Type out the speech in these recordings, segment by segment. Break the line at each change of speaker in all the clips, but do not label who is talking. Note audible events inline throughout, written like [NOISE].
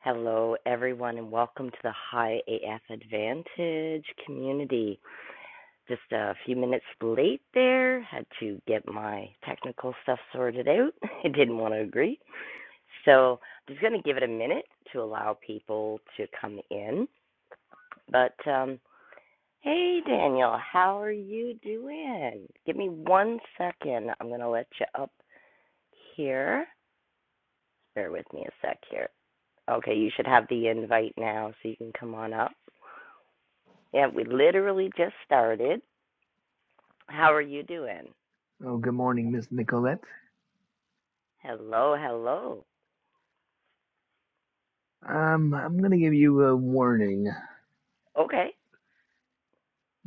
Hello, everyone, and welcome to the High AF Advantage community. Just a few minutes late there, had to get my technical stuff sorted out. [LAUGHS] I didn't want to agree. So, I'm just going to give it a minute to allow people to come in. But, um, hey, Daniel, how are you doing? Give me one second. I'm going to let you up here. Bear with me a sec here. Okay, you should have the invite now so you can come on up. Yeah, we literally just started. How are you doing?
Oh, good morning, Miss Nicolette.
Hello, hello.
Um, I'm gonna give you a warning.
Okay,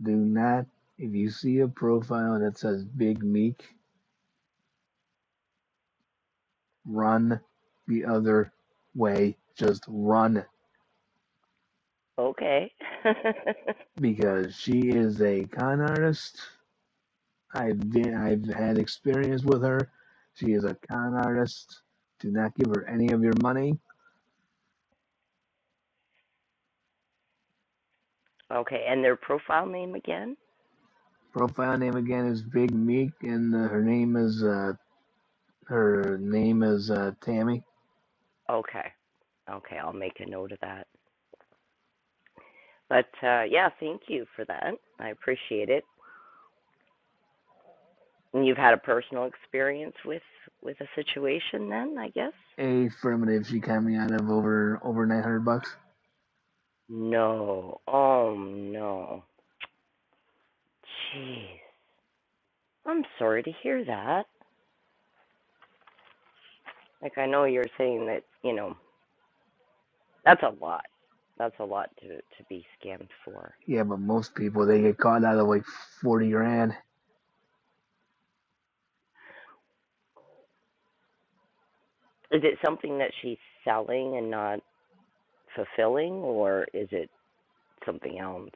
Do not, if you see a profile that says Big Meek, run the other way. Just run
okay. [LAUGHS]
because she is a con artist. I've been, I've had experience with her. She is a con artist. Do not give her any of your money.
okay, and their profile name again?
Profile name again is Big Meek, and uh, her name is uh, her name is uh, Tammy.
Okay, okay, I'll make a note of that. But uh, yeah, thank you for that. I appreciate it. And you've had a personal experience with with a situation then, I guess?
Affirmative, she got me out of over over nine hundred bucks.
No. Oh no. Jeez. I'm sorry to hear that. Like I know you're saying that, you know, That's a lot. That's a lot to to be scammed for.
Yeah, but most people they get caught out of like forty grand.
Is it something that she's selling and not fulfilling, or is it something else?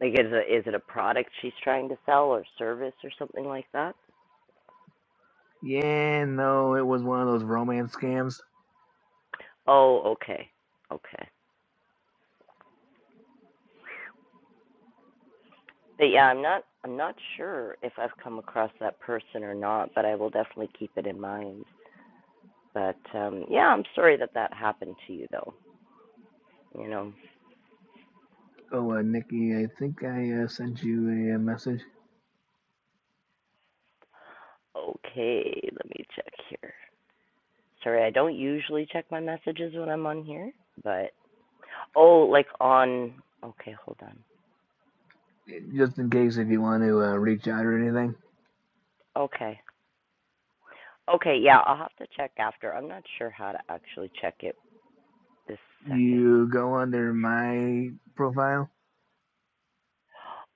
Like, is it is it a product she's trying to sell, or service, or something like that?
Yeah, no, it was one of those romance scams.
Oh, okay, okay. But yeah, I'm not I'm not sure if I've come across that person or not, but I will definitely keep it in mind. But um, yeah, I'm sorry that that happened to you, though. You know.
Oh, uh, Nikki, I think I uh, sent you a, uh message.
Okay, let me check here. Sorry, I don't usually check my messages when I'm on here, but oh, like on. Okay, hold on.
Just in case if you want to uh, reach out or anything,
Okay. Okay, yeah, I'll have to check after. I'm not sure how to actually check it this second.
you go under my profile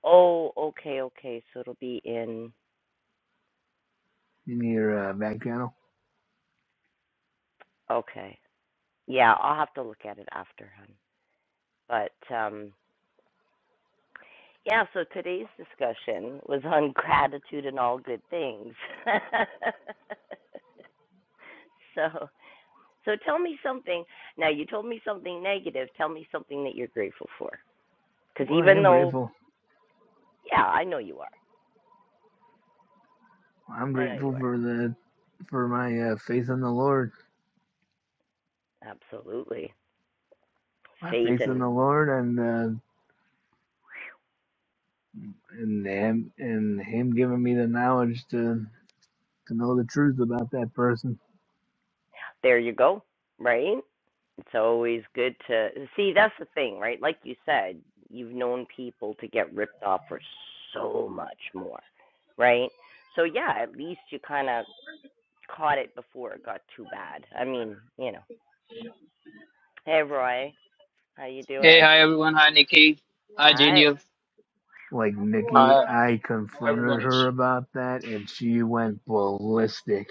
Oh, okay, okay. So it'll be in.
in your uh, back channel.
Okay. Yeah, I'll have to look at it after, hun. But um, yeah, so today's discussion was on [LAUGHS] gratitude and all good things. [LAUGHS] so So tell me something. Now you told me something negative. Tell me something that you're grateful for. Because
Well, I
even
am
though,
grateful.
yeah, I know you are.
I'm
I know you
grateful for
are.
the for my uh, faith in the Lord.
Absolutely.
My
Faith
faith in
and
the Lord and uh, and him and him giving me the knowledge to to know the truth about that person.
there you go. Right. It's always good to see. That's the thing, right? Like you said, you've known people to get ripped off for so much more, right? So yeah, at least you kind of caught it before it got too bad. I mean, you know. Hey, Roy, how you
Hey,
doing?
hi everyone. Hi Nikki. Hi
Hi.
Genius.
Like Nikki,
Hi,
I
how
confronted
everyone is.
her about that, and she went ballistic.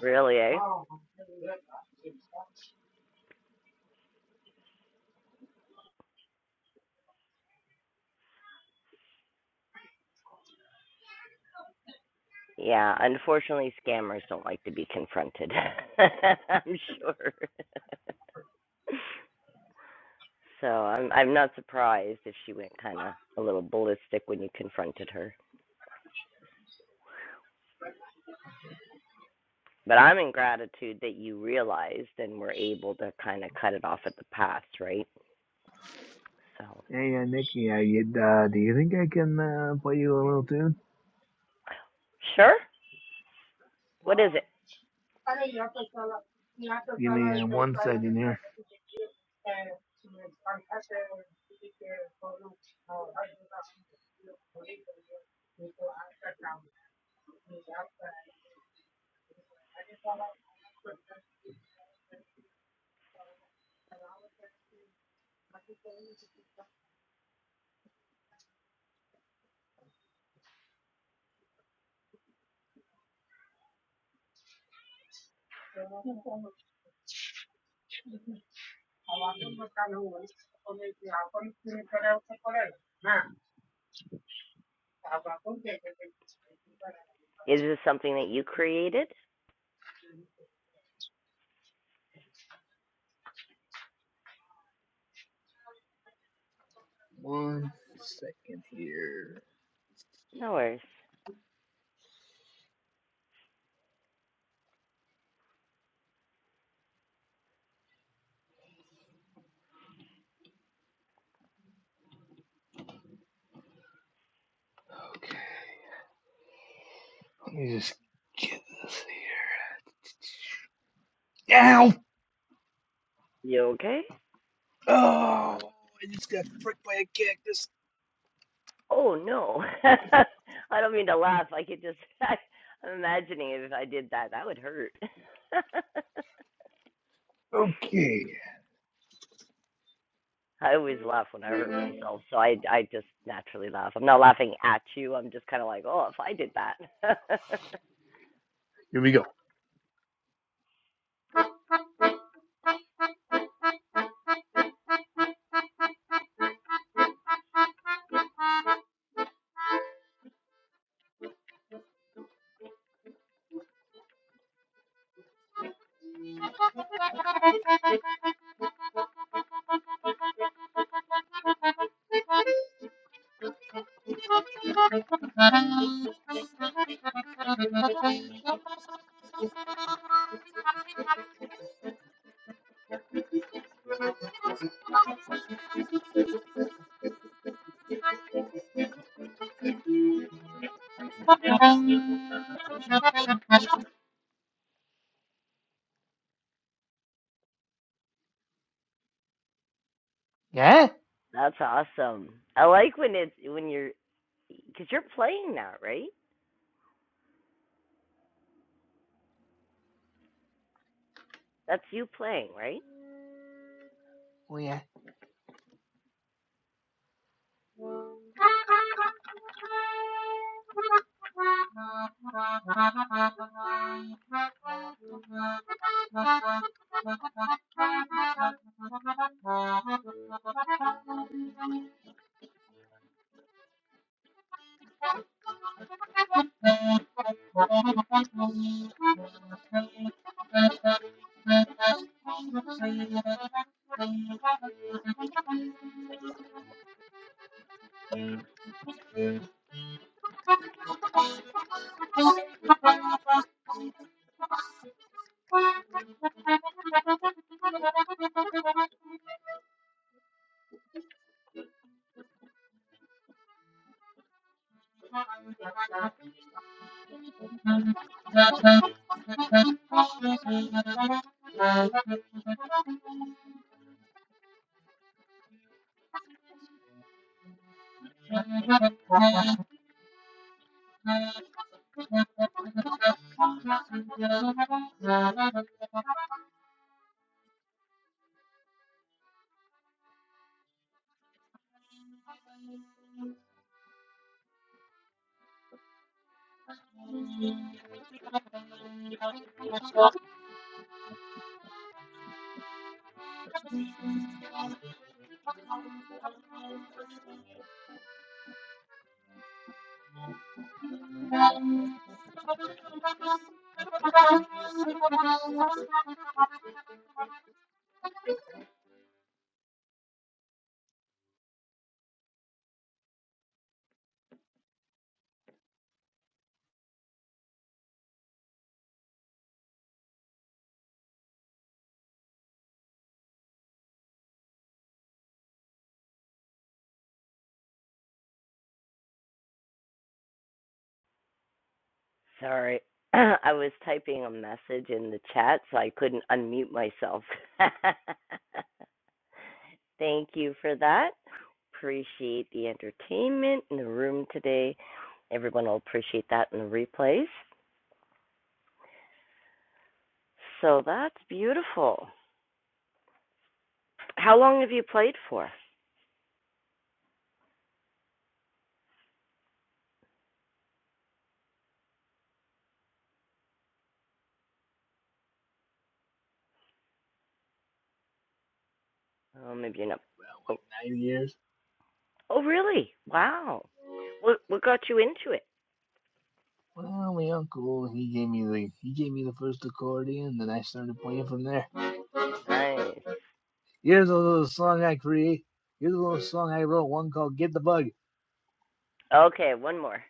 Really, eh? Yeah, unfortunately, scammers don't like to be confronted. [LAUGHS] I'm sure. [LAUGHS] so I'm I'm not surprised if she went kind of a little ballistic when you confronted her. But I'm in gratitude that you realized and were able to kind of cut it off at the pass, right? So
Hey, uh, Nikki, I, uh, do you think I can uh, play you a little tune?
sure. What is it?
Give me uh, one second here.
Is this something that you created?
One second here.
No worries.
Okay, let me just get this here. Ow!
You okay?
Oh, I just got pricked by a cactus.
Oh no. [LAUGHS] I don't mean to laugh. I could just [LAUGHS] I'm imagining it. if I did that, that would hurt. [LAUGHS]
Okay,
I always laugh when I hurt myself, so I I just naturally laugh. I'm not laughing at you. I'm just kind of like, "Oh, if I did that." [LAUGHS]
here we go. Ah,
That's awesome. I like when it's when you're cuz you're playing now, right? That's you playing, right? Sorry. [CLEARS THROAT] I was typing a message in the chat, so I couldn't unmute myself. [LAUGHS] Thank you for that. Appreciate the entertainment in the room today. Everyone will appreciate that in the replays. So that's beautiful. How long have you played for? Oh, maybe you're not. Oh,
Nine years.
oh really? Wow. What what got you into it?
Well, my uncle, he gave me the he gave me the first accordion, then I started playing from there.
Nice.
Here's a little song I create. Here's a little song I wrote, one called "Get the Bug."
Okay, one more.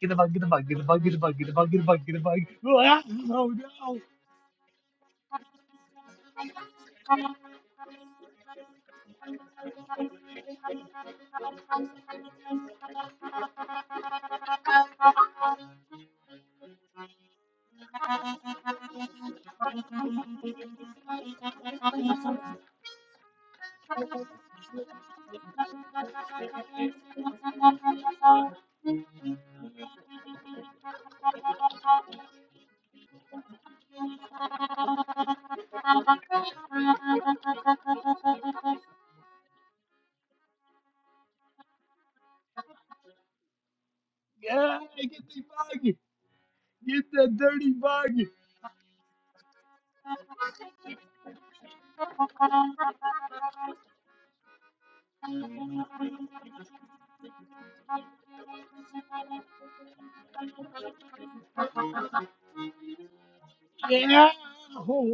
Get the bug, get the bug, get the bug, get the bug, get the bug, get the bug, get the bug. Oh no, no, bug! Get the dirty bug! Oh.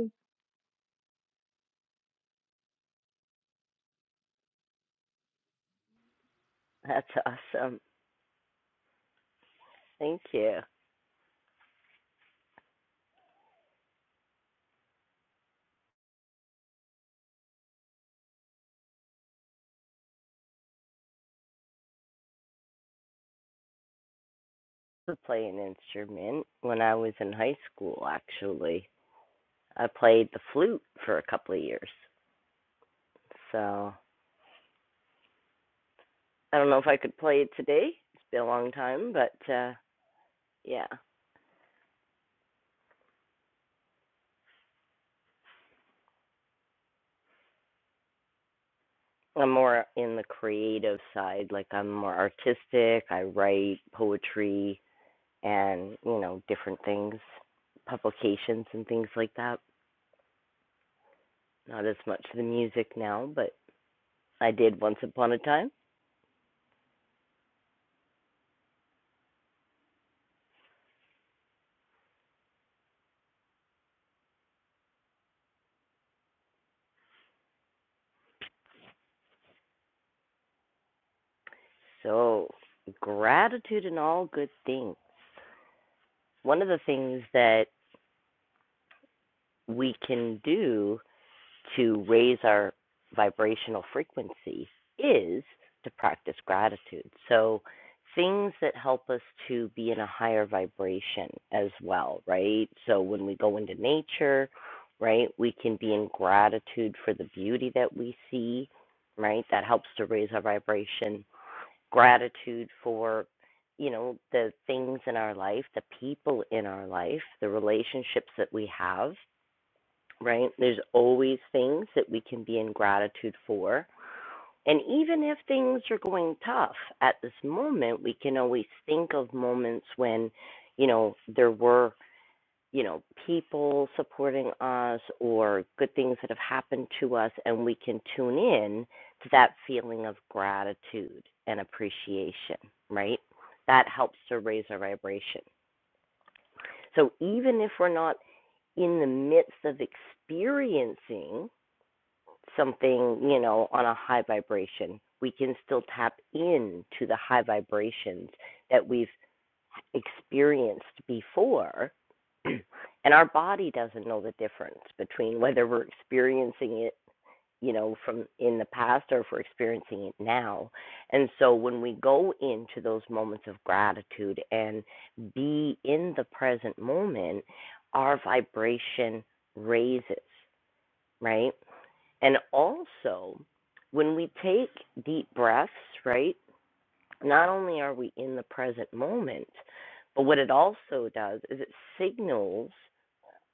That's awesome. Thank you. I to play an instrument when I was in high school. Actually, I played the flute for a couple of years. So I don't know if I could play it today. It's been a long time, but uh, yeah, I'm more in the creative side. Like I'm more artistic. I write poetry and you know different things, publications and things like that. Not as much the music now, but I did once upon a time. So gratitude and all good things. One of the things that we can do to raise our vibrational frequency is to practice gratitude. So, things that help us to be in a higher vibration as well, right? So, when we go into nature, right, we can be in gratitude for the beauty that we see, right? That helps to raise our vibration. Gratitude for, you know, the things in our life, the people in our life, the relationships that we have right? There's always things that we can be in gratitude for. And even if things are going tough at this moment, we can always think of moments when, you know, there were, you know, people supporting us or good things that have happened to us, and we can tune in to that feeling of gratitude and appreciation, right? That helps to raise our vibration. So even if we're not in the midst of experiencing, something, you know, on a high vibration. We can still tap into the high vibrations that we've experienced before. [CLEARS THROAT] and our body doesn't know the difference between whether we're experiencing it, you know, from in the past or if we're experiencing it now. And so when we go into those moments of gratitude and be in the present moment, our vibration raises, right? And also, when we take deep breaths, right, not only are we in the present moment, but what it also does is it signals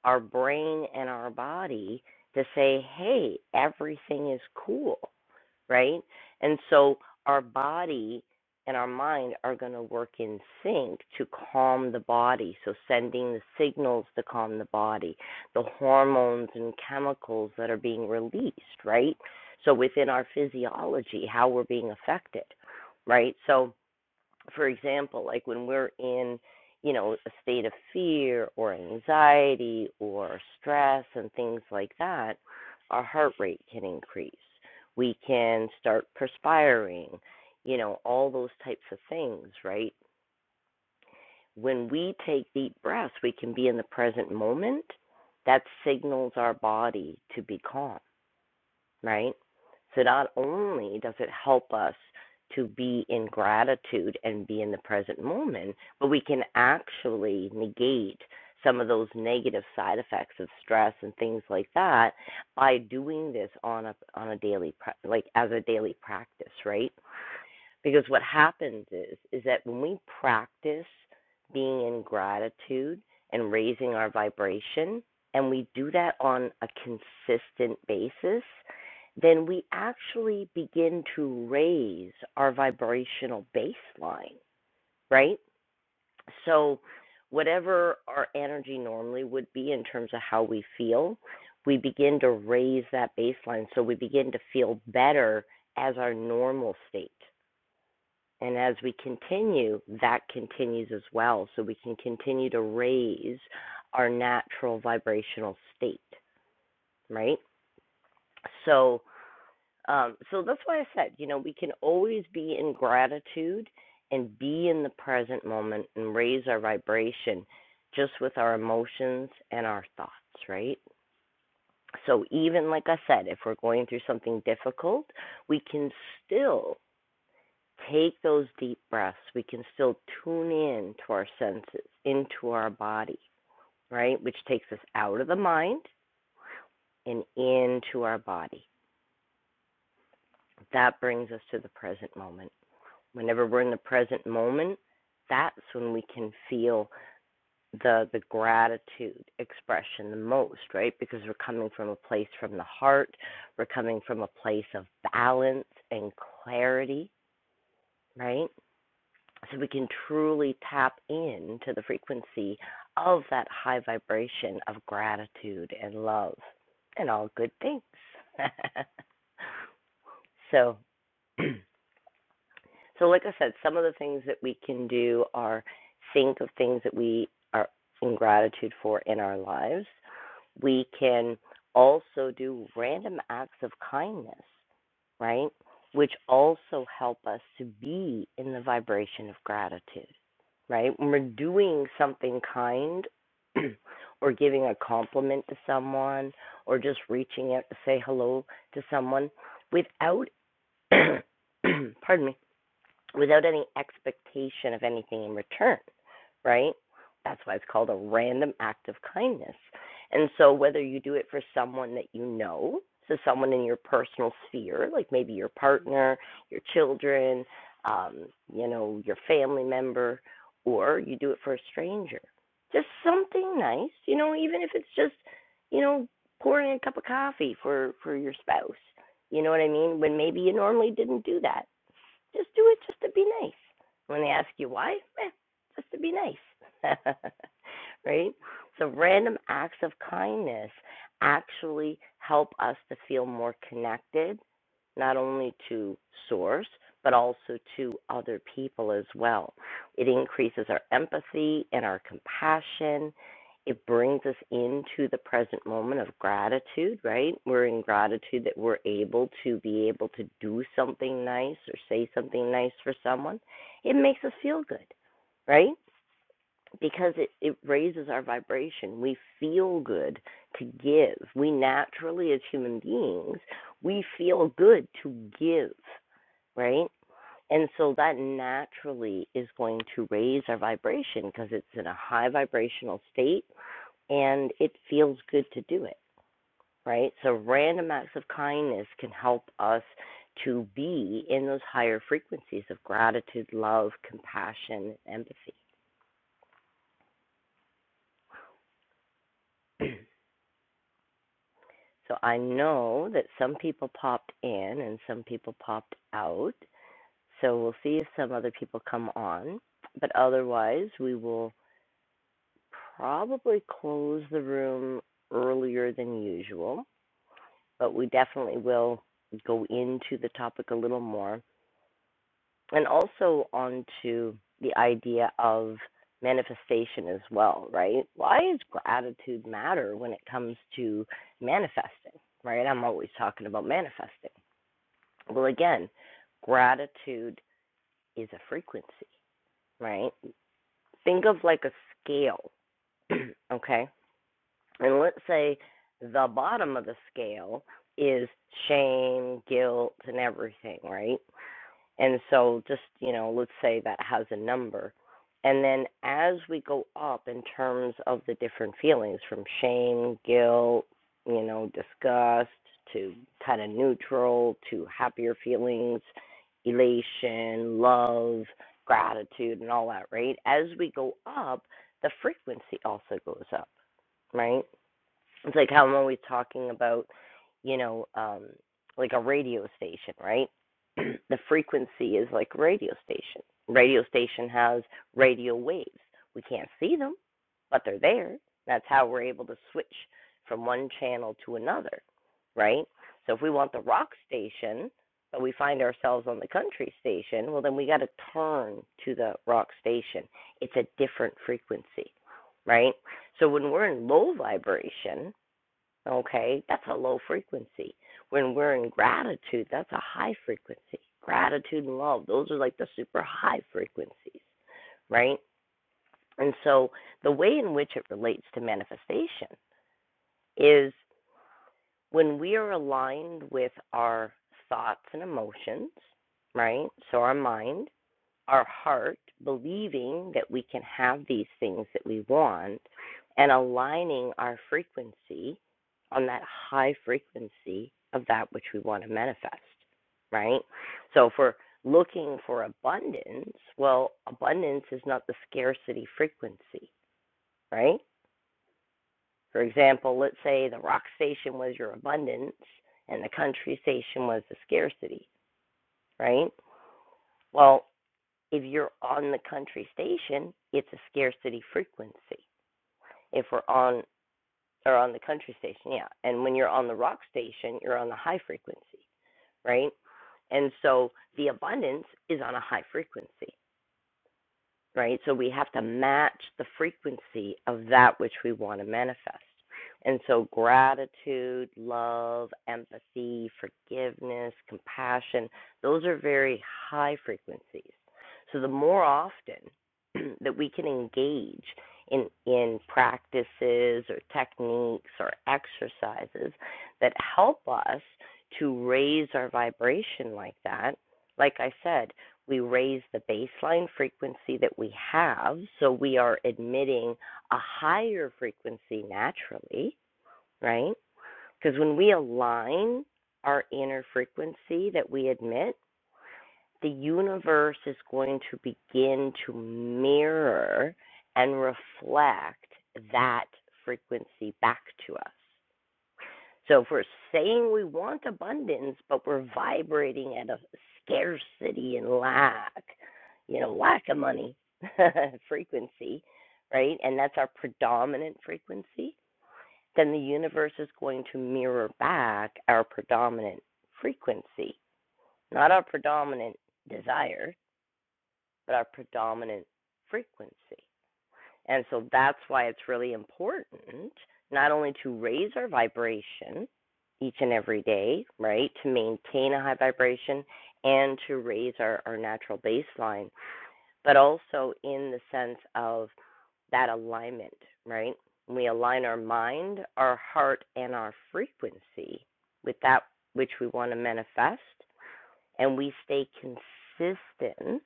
our brain and our body to say, hey, everything is cool right? And so our body and our mind are going to work in sync to calm the body. So, sending the signals to calm the body, the hormones and chemicals that are being released, right? So, within our physiology, how we're being affected, right? So, for example, like when we're in, you know, a state of fear or anxiety or stress and things like that, our heart rate can increase. We can start perspiring, you know, all those types of things, right? When we take deep breaths, we can be in the present moment. That signals our body to be calm right? So not only does it help us to be in gratitude and be in the present moment, but we can actually negate some of those negative side effects of stress and things like that by doing this on a on a daily like as a daily practice, right? Because what happens is is that when we practice being in gratitude and raising our vibration and we do that on a consistent basis, then we actually begin to raise our vibrational baseline, right? So whatever our energy normally would be in terms of how we feel, we begin to raise that baseline so we begin to feel better as our normal state. And as we continue, that continues as well. So we can continue to raise our natural vibrational state, right? So, um, so that's why I said, you know, we can always be in gratitude and be in the present moment and raise our vibration just with our emotions and our thoughts, right? So, even like I said, if we're going through something difficult, we can still Take those deep breaths. We can still tune in to our senses, into our body, right? Which takes us out of the mind and into our body. That brings us to the present moment. Whenever we're in the present moment, that's when we can feel the the gratitude expression the most, right? Because we're coming from a place from the heart, we're coming from a place of balance and clarity, right? so we can truly tap into the frequency of that high vibration of gratitude and love and all good things. [LAUGHS] so [CLEARS THROAT] So, like I said, some of the things that we can do are think of things that we are in gratitude for in our lives. We can also do random acts of kindness, right? Which also help us to be in the vibration of gratitude, right? When we're doing something kind [CLEARS THROAT] or giving a compliment to someone or just reaching out to say hello to someone without, [CLEARS THROAT] pardon me, without any expectation of anything in return, right? That's why it's called a random act of kindness. And so, whether you do it for someone that you know, so someone in your personal sphere, like maybe your partner, your children, um, you know, your family member, or you do it for a stranger, just something nice, you know, even if it's just, you know, pouring a cup of coffee for for your spouse. You know what I mean? When maybe you normally didn't do that just do it just to be nice. When they ask you why, eh, just to be nice. [LAUGHS] right? So, random acts of kindness actually help us to feel more connected, not only to source, but also to other people as well. It increases our empathy and our compassion it brings us into the present moment of gratitude, right? We're in gratitude that we're able to be able to do something nice or say something nice for someone. It makes us feel good, right? Because it, it raises our vibration. We feel good to give. We naturally, as human beings, we feel good to give, right? And so that naturally is going to raise our vibration because it's in a high vibrational state and it feels good to do it, right? So, random acts of kindness can help us to be in those higher frequencies of gratitude, love, compassion, empathy. [CLEARS THROAT] so, I know that some people popped in and some people popped out. So, we'll see if some other people come on. But otherwise, we will probably close the room earlier than usual, but we definitely will go into the topic a little more and also onto the idea of manifestation as well, right? Why does gratitude matter when it comes to manifesting, right? I'm always talking about manifesting. Well, again, gratitude is a frequency, right? Think of like a scale, [CLEARS THROAT] okay? And let's say the bottom of the scale is shame, guilt, and everything, right? And so just, you know, let's say that has a number. And then as we go up in terms of the different feelings from shame, guilt, you know, disgust to kind of neutral to happier feelings, elation, love, gratitude, and all that, right? As we go up, the frequency also goes up, right? It's like how I'm always talking about, you know, um, like a radio station, right? [CLEARS THROAT] the frequency is like radio station. Radio station has radio waves. We can't see them, but they're there. That's how we're able to switch from one channel to another, right? So if we want the rock station, but we find ourselves on the country station, well, then we got to turn to the rock station. It's a different frequency, right? So when we're in low vibration, Okay, that's a low frequency. When we're in gratitude, that's a high frequency. Gratitude and love, those are like the super high frequencies, right? And so the way in which it relates to manifestation is when we are aligned with our thoughts and emotions, right? So our mind, our heart, believing that we can have these things that we want, and aligning our frequency on that high frequency of that which we want to manifest, right? So if we're looking for abundance, well, abundance is not the scarcity frequency, right? For example, let's say the rock station was your abundance and the country station was the scarcity, right? Well, If you're on the country station, it's a scarcity frequency. If we're on or on the country station, yeah. And when you're on the rock station, you're on the high frequency, right? And so the abundance is on a high frequency right? So we have to match the frequency of that which we want to manifest. And so gratitude, love, empathy, forgiveness, compassion, those are very high frequencies. So the more often [CLEARS THROAT] that we can engage in in practices or techniques or exercises that help us to raise our vibration like that, like I said, we raise the baseline frequency that we have, so we are admitting a higher frequency naturally, right? Because when we align our inner frequency that we admit, the universe is going to begin to mirror and reflect that frequency back to us. So if we're saying we want abundance, but we're vibrating at a scarcity and lack, you know, lack of money [LAUGHS] frequency, right? And that's our predominant frequency, then the universe is going to mirror back our predominant frequency, not our predominant desire, but our predominant frequency. And so that's why it's really important not only to raise our vibration each and every day, right, to maintain a high vibration and to raise our, our natural baseline, but also in the sense of that alignment, right? We align our mind, our heart, and our frequency with that which we want to manifest, and we stay consistent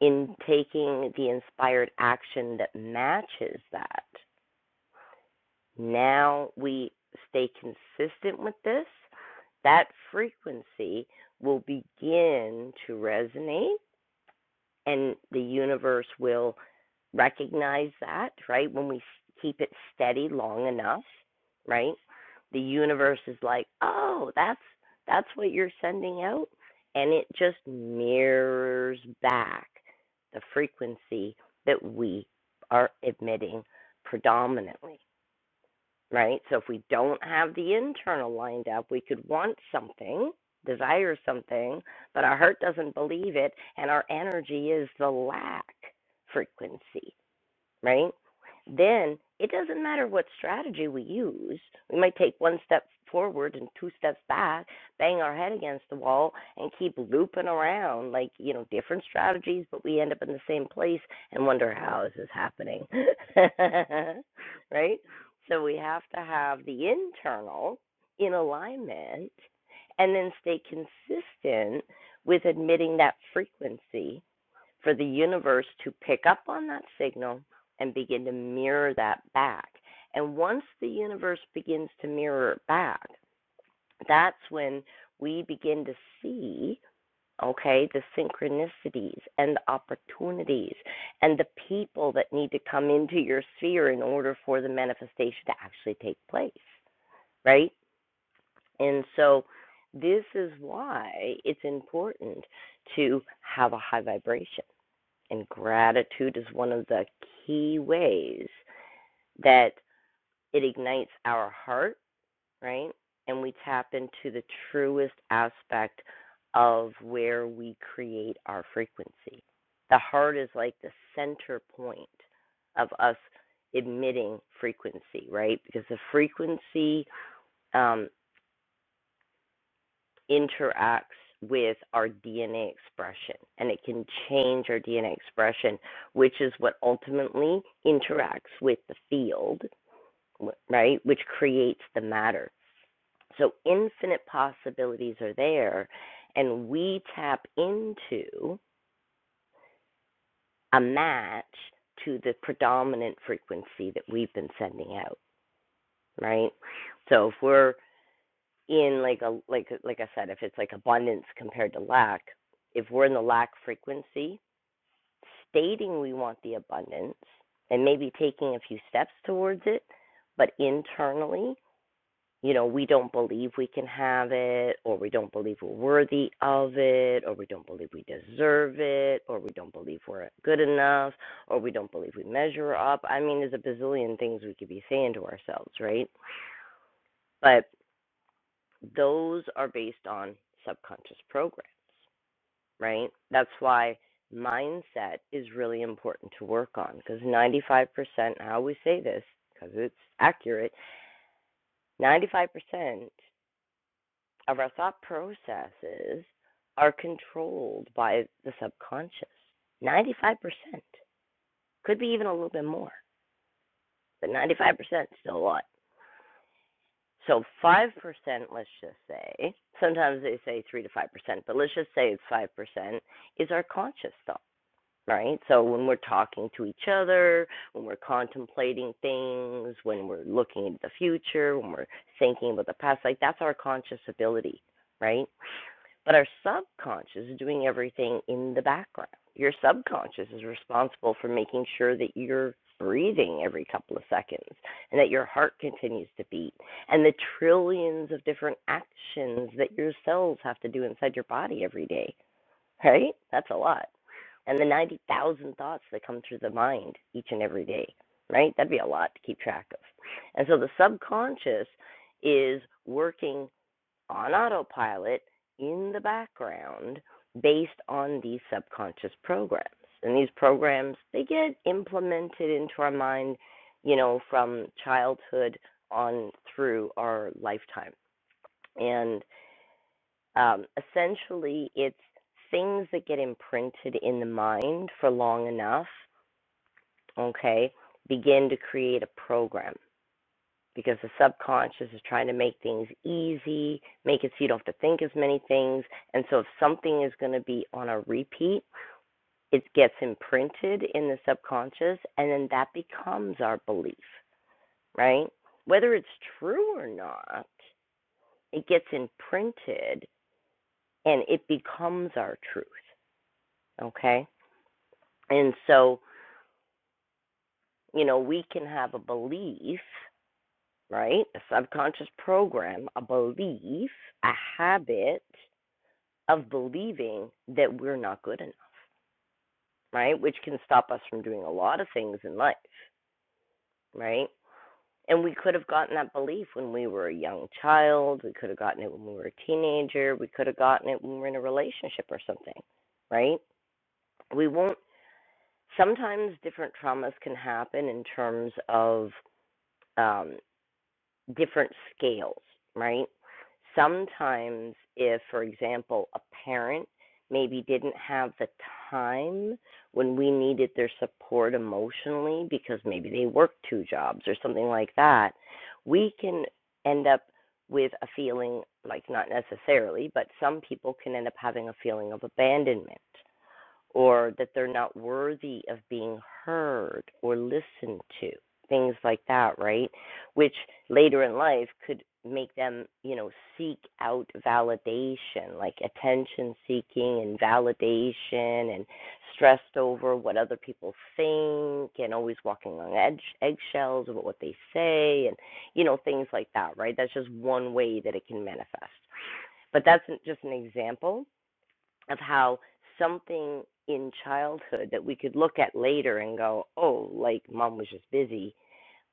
in taking the inspired action that matches that Now we stay consistent with this. That frequency will begin to resonate, and the universe will recognize that, right? When we keep it steady long enough, right? The universe is like, "Oh, that's that's what you're sending out." And it just mirrors back the frequency that we are emitting predominantly right? So if we don't have the internal lined up, we could want something, desire something, but our heart doesn't believe it, and our energy is the lack frequency right? Then it doesn't matter what strategy we use. We might take one step forward and two steps back, bang our head against the wall, and keep looping around like, you know, different strategies, but we end up in the same place and wonder how this is happening, [LAUGHS] right? So we have to have the internal in alignment and then stay consistent with admitting that frequency for the universe to pick up on that signal and begin to mirror that back. And once the universe begins to mirror it back, that's when we begin to see, okay, the synchronicities and the opportunities and the people that need to come into your sphere in order for the manifestation to actually take place, right? And so this is why it's important to have a high vibration and gratitude is one of the key ways that it ignites our heart, right? And we tap into the truest aspect of where we create our frequency. The heart is like the center point of us emitting frequency, right? Because the frequency um, interacts with our DNA expression and it can change our DNA expression, which is what ultimately interacts with the field, right? Which creates the matter. So infinite possibilities are there, and we tap into a match to the predominant frequency that we've been sending out, right? So if we're in like a like like I said, if it's like abundance compared to lack, if we're in the lack frequency, stating we want the abundance and maybe taking a few steps towards it, but internally, you know, we don't believe we can have it, or we don't believe we're worthy of it, or we don't believe we deserve it, or we don't believe we're good enough, or we don't believe we measure up. I mean, there's a bazillion things we could be saying to ourselves, right? But those are based on subconscious programs, right? That's why mindset is really important to work on because 95%, I always say this because it's accurate, 95% of our thought processes are controlled by the subconscious. 95% could be even a little bit more, but 95% is still a lot. So 5%, let's just say, sometimes they say 3 to 5%, but let's just say it's 5% is our conscious thought, right? So when we're talking to each other, when we're contemplating things, when we're looking into the future, when we're thinking about the past, like that's our conscious ability, right? But our subconscious is doing everything in the background. Your subconscious is responsible for making sure that you're breathing every couple of seconds and that your heart continues to beat and the trillions of different actions that your cells have to do inside your body every day, right? That's a lot. And the 90,000 thoughts that come through the mind each and every day, right? That'd be a lot to keep track of. And so the subconscious is working on autopilot in the background based on these subconscious programs. And these programs, they get implemented into our mind, you know, from childhood on through our lifetime. And um, essentially, it's things that get imprinted in the mind for long enough, okay, begin to create a program because the subconscious is trying to make things easy, make it so you don't have to think as many things. And so if something is going to be on a repeat, it gets imprinted in the subconscious and then that becomes our belief, right? Whether it's true or not, it gets imprinted and it becomes our truth, okay? And so, you know, we can have a belief, right? A subconscious program, a belief, a habit, of believing that we're not good enough, right? Which can stop us from doing a lot of things in life, right? And we could have gotten that belief when we were a young child. We could have gotten it when we were a teenager. We could have gotten it when we were in a relationship or something, right? We won't. Sometimes different traumas can happen in terms of um, different scales, right? Sometimes, if, for example, a parent maybe didn't have the time when we needed their support emotionally because maybe they worked two jobs or something like that, we can end up with a feeling, like not necessarily, but some people can end up having a feeling of abandonment or that they're not worthy of being heard or listened to, things like that, right? which later in life could make them, you know, seek out validation, like attention seeking and validation and stressed over what other people think and always walking on edge eggshells about what they say and you know things like that, right? That's just one way that it can manifest. But that's just an example of how something in childhood that we could look at later and go, "Oh, like mom was just busy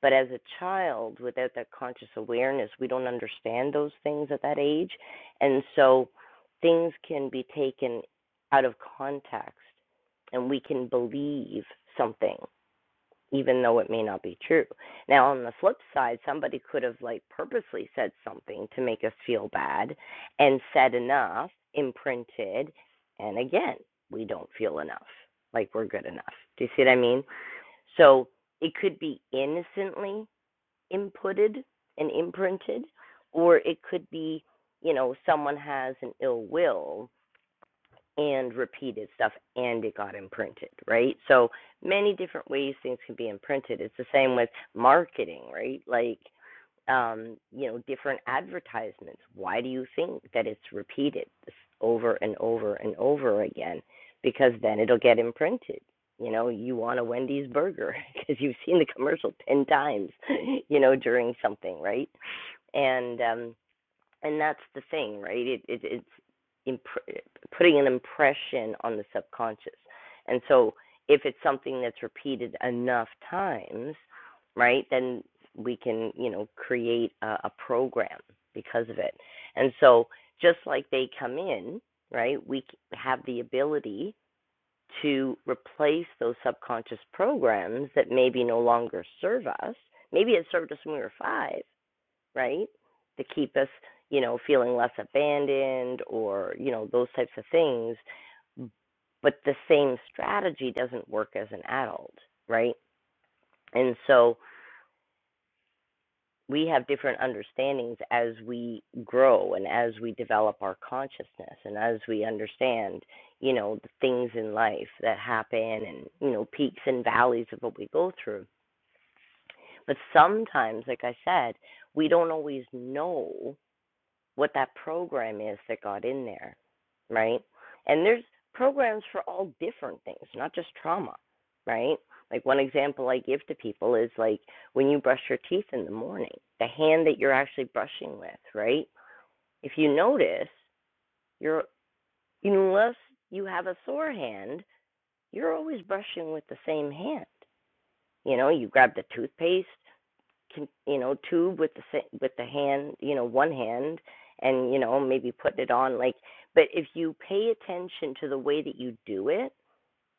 but as a child, without that conscious awareness, we don't understand those things at that age. And so things can be taken out of context and we can believe something, even though it may not be true. Now, on the flip side, somebody could have like purposely said something to make us feel bad and said enough, imprinted, and again, we don't feel enough, like we're good enough. Do you see what I mean? So it could be innocently inputted and imprinted, or it could be, you know, someone has an ill will and repeated stuff and it got imprinted, right? So many different ways things can be imprinted. It's the same with marketing, right? Like um, you know, different advertisements. Why do you think that it's repeated over and over and over again? Because then it'll get imprinted. You know, you want a Wendy's burger [LAUGHS] because you've seen the commercial 10 times, you know, during something, right? And um, and that's the thing, right? It, it it's imp- putting an impression on the subconscious, and so if it's something that's repeated enough times, right, then we can you know create a, a program because of it, and so just like they come in, right, we have the ability to replace those subconscious programs that maybe no longer serve us. Maybe it served us when we were five right? To keep us, you know, feeling less abandoned or, you know, those types of things. But the same strategy doesn't work as an adult, right? And so we have different understandings as we grow and as we develop our consciousness and as we understand, you know, the things in life that happen and, you know, peaks and valleys of what we go through. But sometimes, like I said, we don't always know what that program is that got in there, right? And there's programs for all different things, not just trauma, right? Like one example I give to people is like when you brush your teeth in the morning, the hand that you're actually brushing with, right? If you notice, you're unless you have a sore hand, you're always brushing with the same hand. You know, you grab the toothpaste, you know tube with the with the hand you know one hand and you know maybe putting it on like but if you pay attention to the way that you do it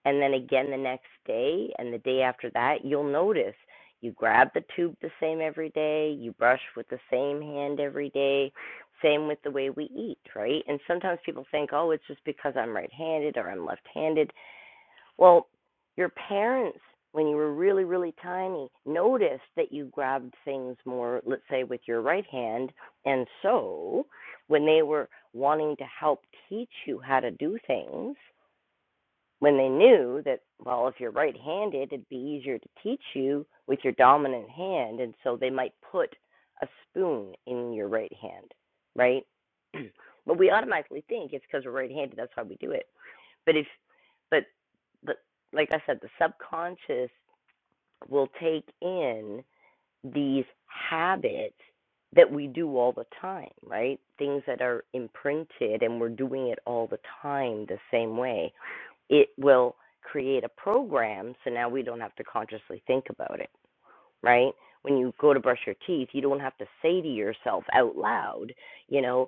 and then again the next day and the day after that you'll notice you grab the tube the same every day you brush with the same hand every day same with the way we eat right and sometimes people think oh it's just because i'm right handed or i'm left handed well, your parents, when you were really, really tiny, noticed that you grabbed things more, let's say, with your right hand. And so, when they were wanting to help teach you how to do things, when they knew that, well, if you're right handed, it'd be easier to teach you with your dominant hand. And so, they might put a spoon in your right hand, right? [CLEARS THROAT] but we automatically think it's because we're right handed, that's why we do it but if but the, like i said the subconscious will take in these habits that we do all the time right things that are imprinted and we're doing it all the time the same way it will create a program so now we don't have to consciously think about it right? When you go to brush your teeth, you don't have to say to yourself out loud, you know,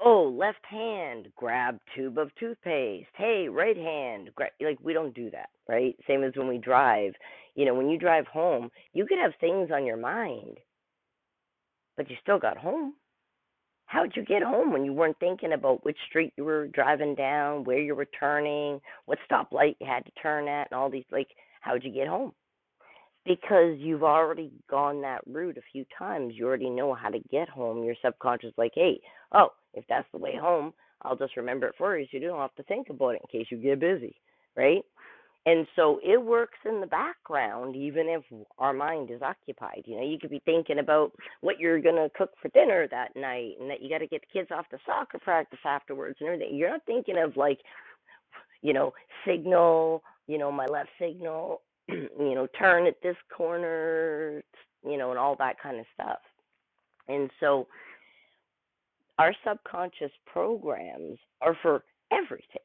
Oh, left hand, grab tube of toothpaste. Hey, right hand, grab. Like, we don't do that, right? Same as when we drive. You know, when you drive home, you could have things on your mind, but you still got home. How'd you get home when you weren't thinking about which street you were driving down, where you were turning, what stoplight you had to turn at, and all these? Like, how'd you get home? because you've already gone that route a few times you already know how to get home your subconscious is like hey oh if that's the way home i'll just remember it for you so you don't have to think about it in case you get busy right and so it works in the background even if our mind is occupied you know you could be thinking about what you're going to cook for dinner that night and that you got to get the kids off to soccer practice afterwards and everything you're not thinking of like you know, signal, you know, my left signal, [CLEARS THROAT] you know, turn at this corner, you know, and all that kind of stuff. And so our subconscious programs are for everything,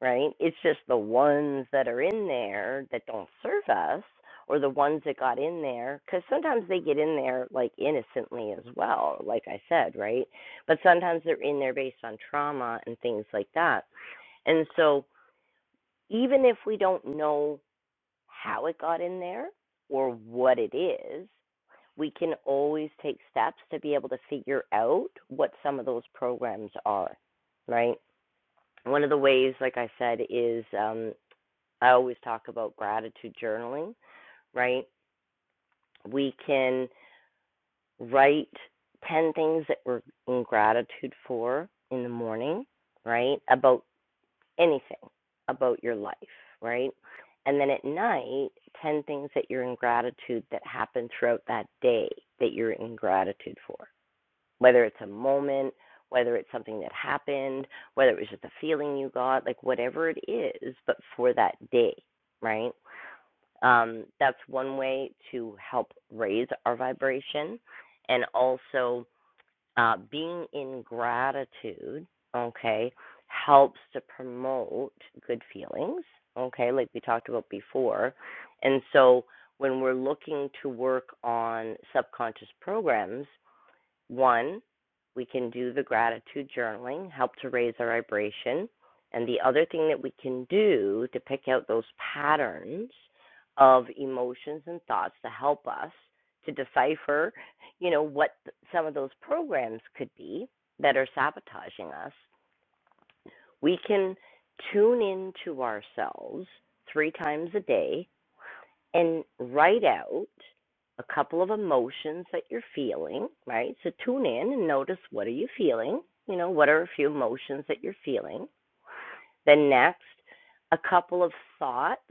right? It's just the ones that are in there that don't serve us or the ones that got in there because sometimes they get in there like innocently as well like i said right but sometimes they're in there based on trauma and things like that and so even if we don't know how it got in there or what it is, we can always take steps to be able to figure out what some of those programs are, right? One of the ways, like I said, is um, I always talk about gratitude journaling, right? We can write 10 things that we're in gratitude for in the morning, right? About anything about your life, right? And then at night, 10 things that you're in gratitude that happened throughout that day that you're in gratitude for, whether it's a moment, whether it's something that happened, whether it was just a feeling you got, like whatever it is, but for that day, right? Um, that's one way to help raise our vibration and also uh, being in gratitude, okay, helps to promote good feelings, okay, like we talked about before. And so when we're looking to work on subconscious programs, one, we can do the gratitude journaling, help to raise our vibration. And the other thing that we can do to pick out those patterns of emotions and thoughts to help us to decipher, you know, what some of those programs could be that are sabotaging us, we can tune into ourselves three times a day and write out a couple of emotions that you're feeling, right? So tune in and notice what are you feeling? You know, what are a few emotions that you're feeling? Then, next, a couple of thoughts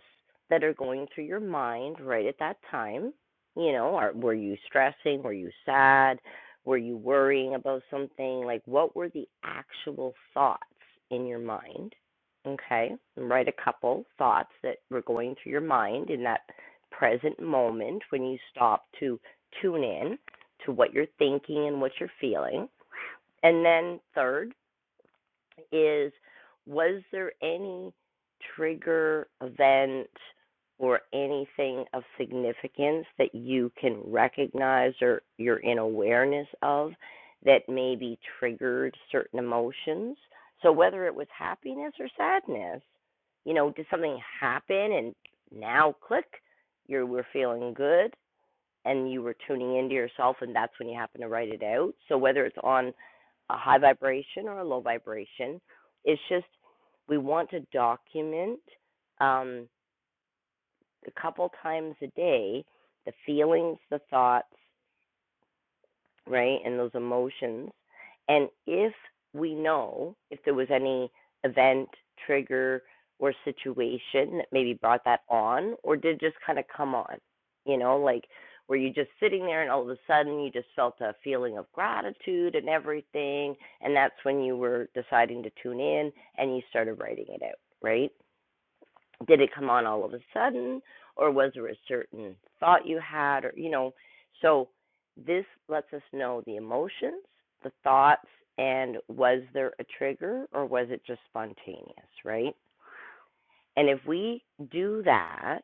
that are going through your mind right at that time. You know, are, were you stressing? Were you sad? Were you worrying about something? Like, what were the actual thoughts in your mind? Okay, and write a couple thoughts that were going through your mind in that present moment when you stop to tune in to what you're thinking and what you're feeling. And then, third, is was there any trigger event or anything of significance that you can recognize or you're in awareness of that maybe triggered certain emotions? So whether it was happiness or sadness, you know, did something happen and now click, you were feeling good and you were tuning into yourself and that's when you happen to write it out so whether it's on a high vibration or a low vibration it's just we want to document um, a couple times a day the feelings the thoughts right? And those emotions. And if we know if there was any event, trigger, or situation that maybe brought that on, or did just kind of come on, you know, like were you just sitting there and all of a sudden you just felt a feeling of gratitude and everything, and that's when you were deciding to tune in and you started writing it out, right? did it come on all of a sudden or was there a certain thought you had or you know so this lets us know the emotions the thoughts and was there a trigger or was it just spontaneous right and if we do that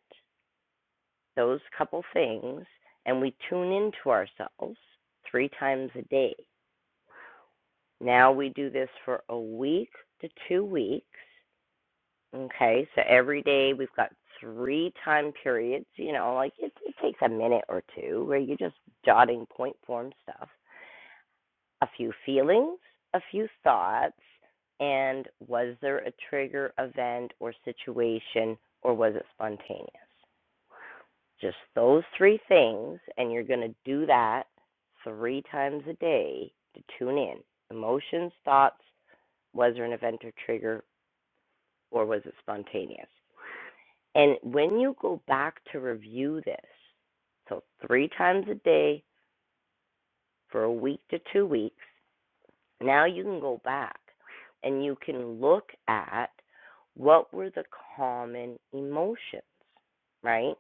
those couple things and we tune into ourselves three times a day now we do this for a week to two weeks Okay, so every day we've got three time periods. You know, like it, it takes a minute or two where you're just jotting point form stuff, a few feelings, a few thoughts, and was there a trigger event or situation or was it spontaneous? Just those three things, and you're going to do that three times a day to tune in emotions, thoughts, was there an event or trigger, or was it spontaneous? And when you go back to review this, so three times a day for a week to two weeks, now you can go back and you can look at what were the common emotions, right?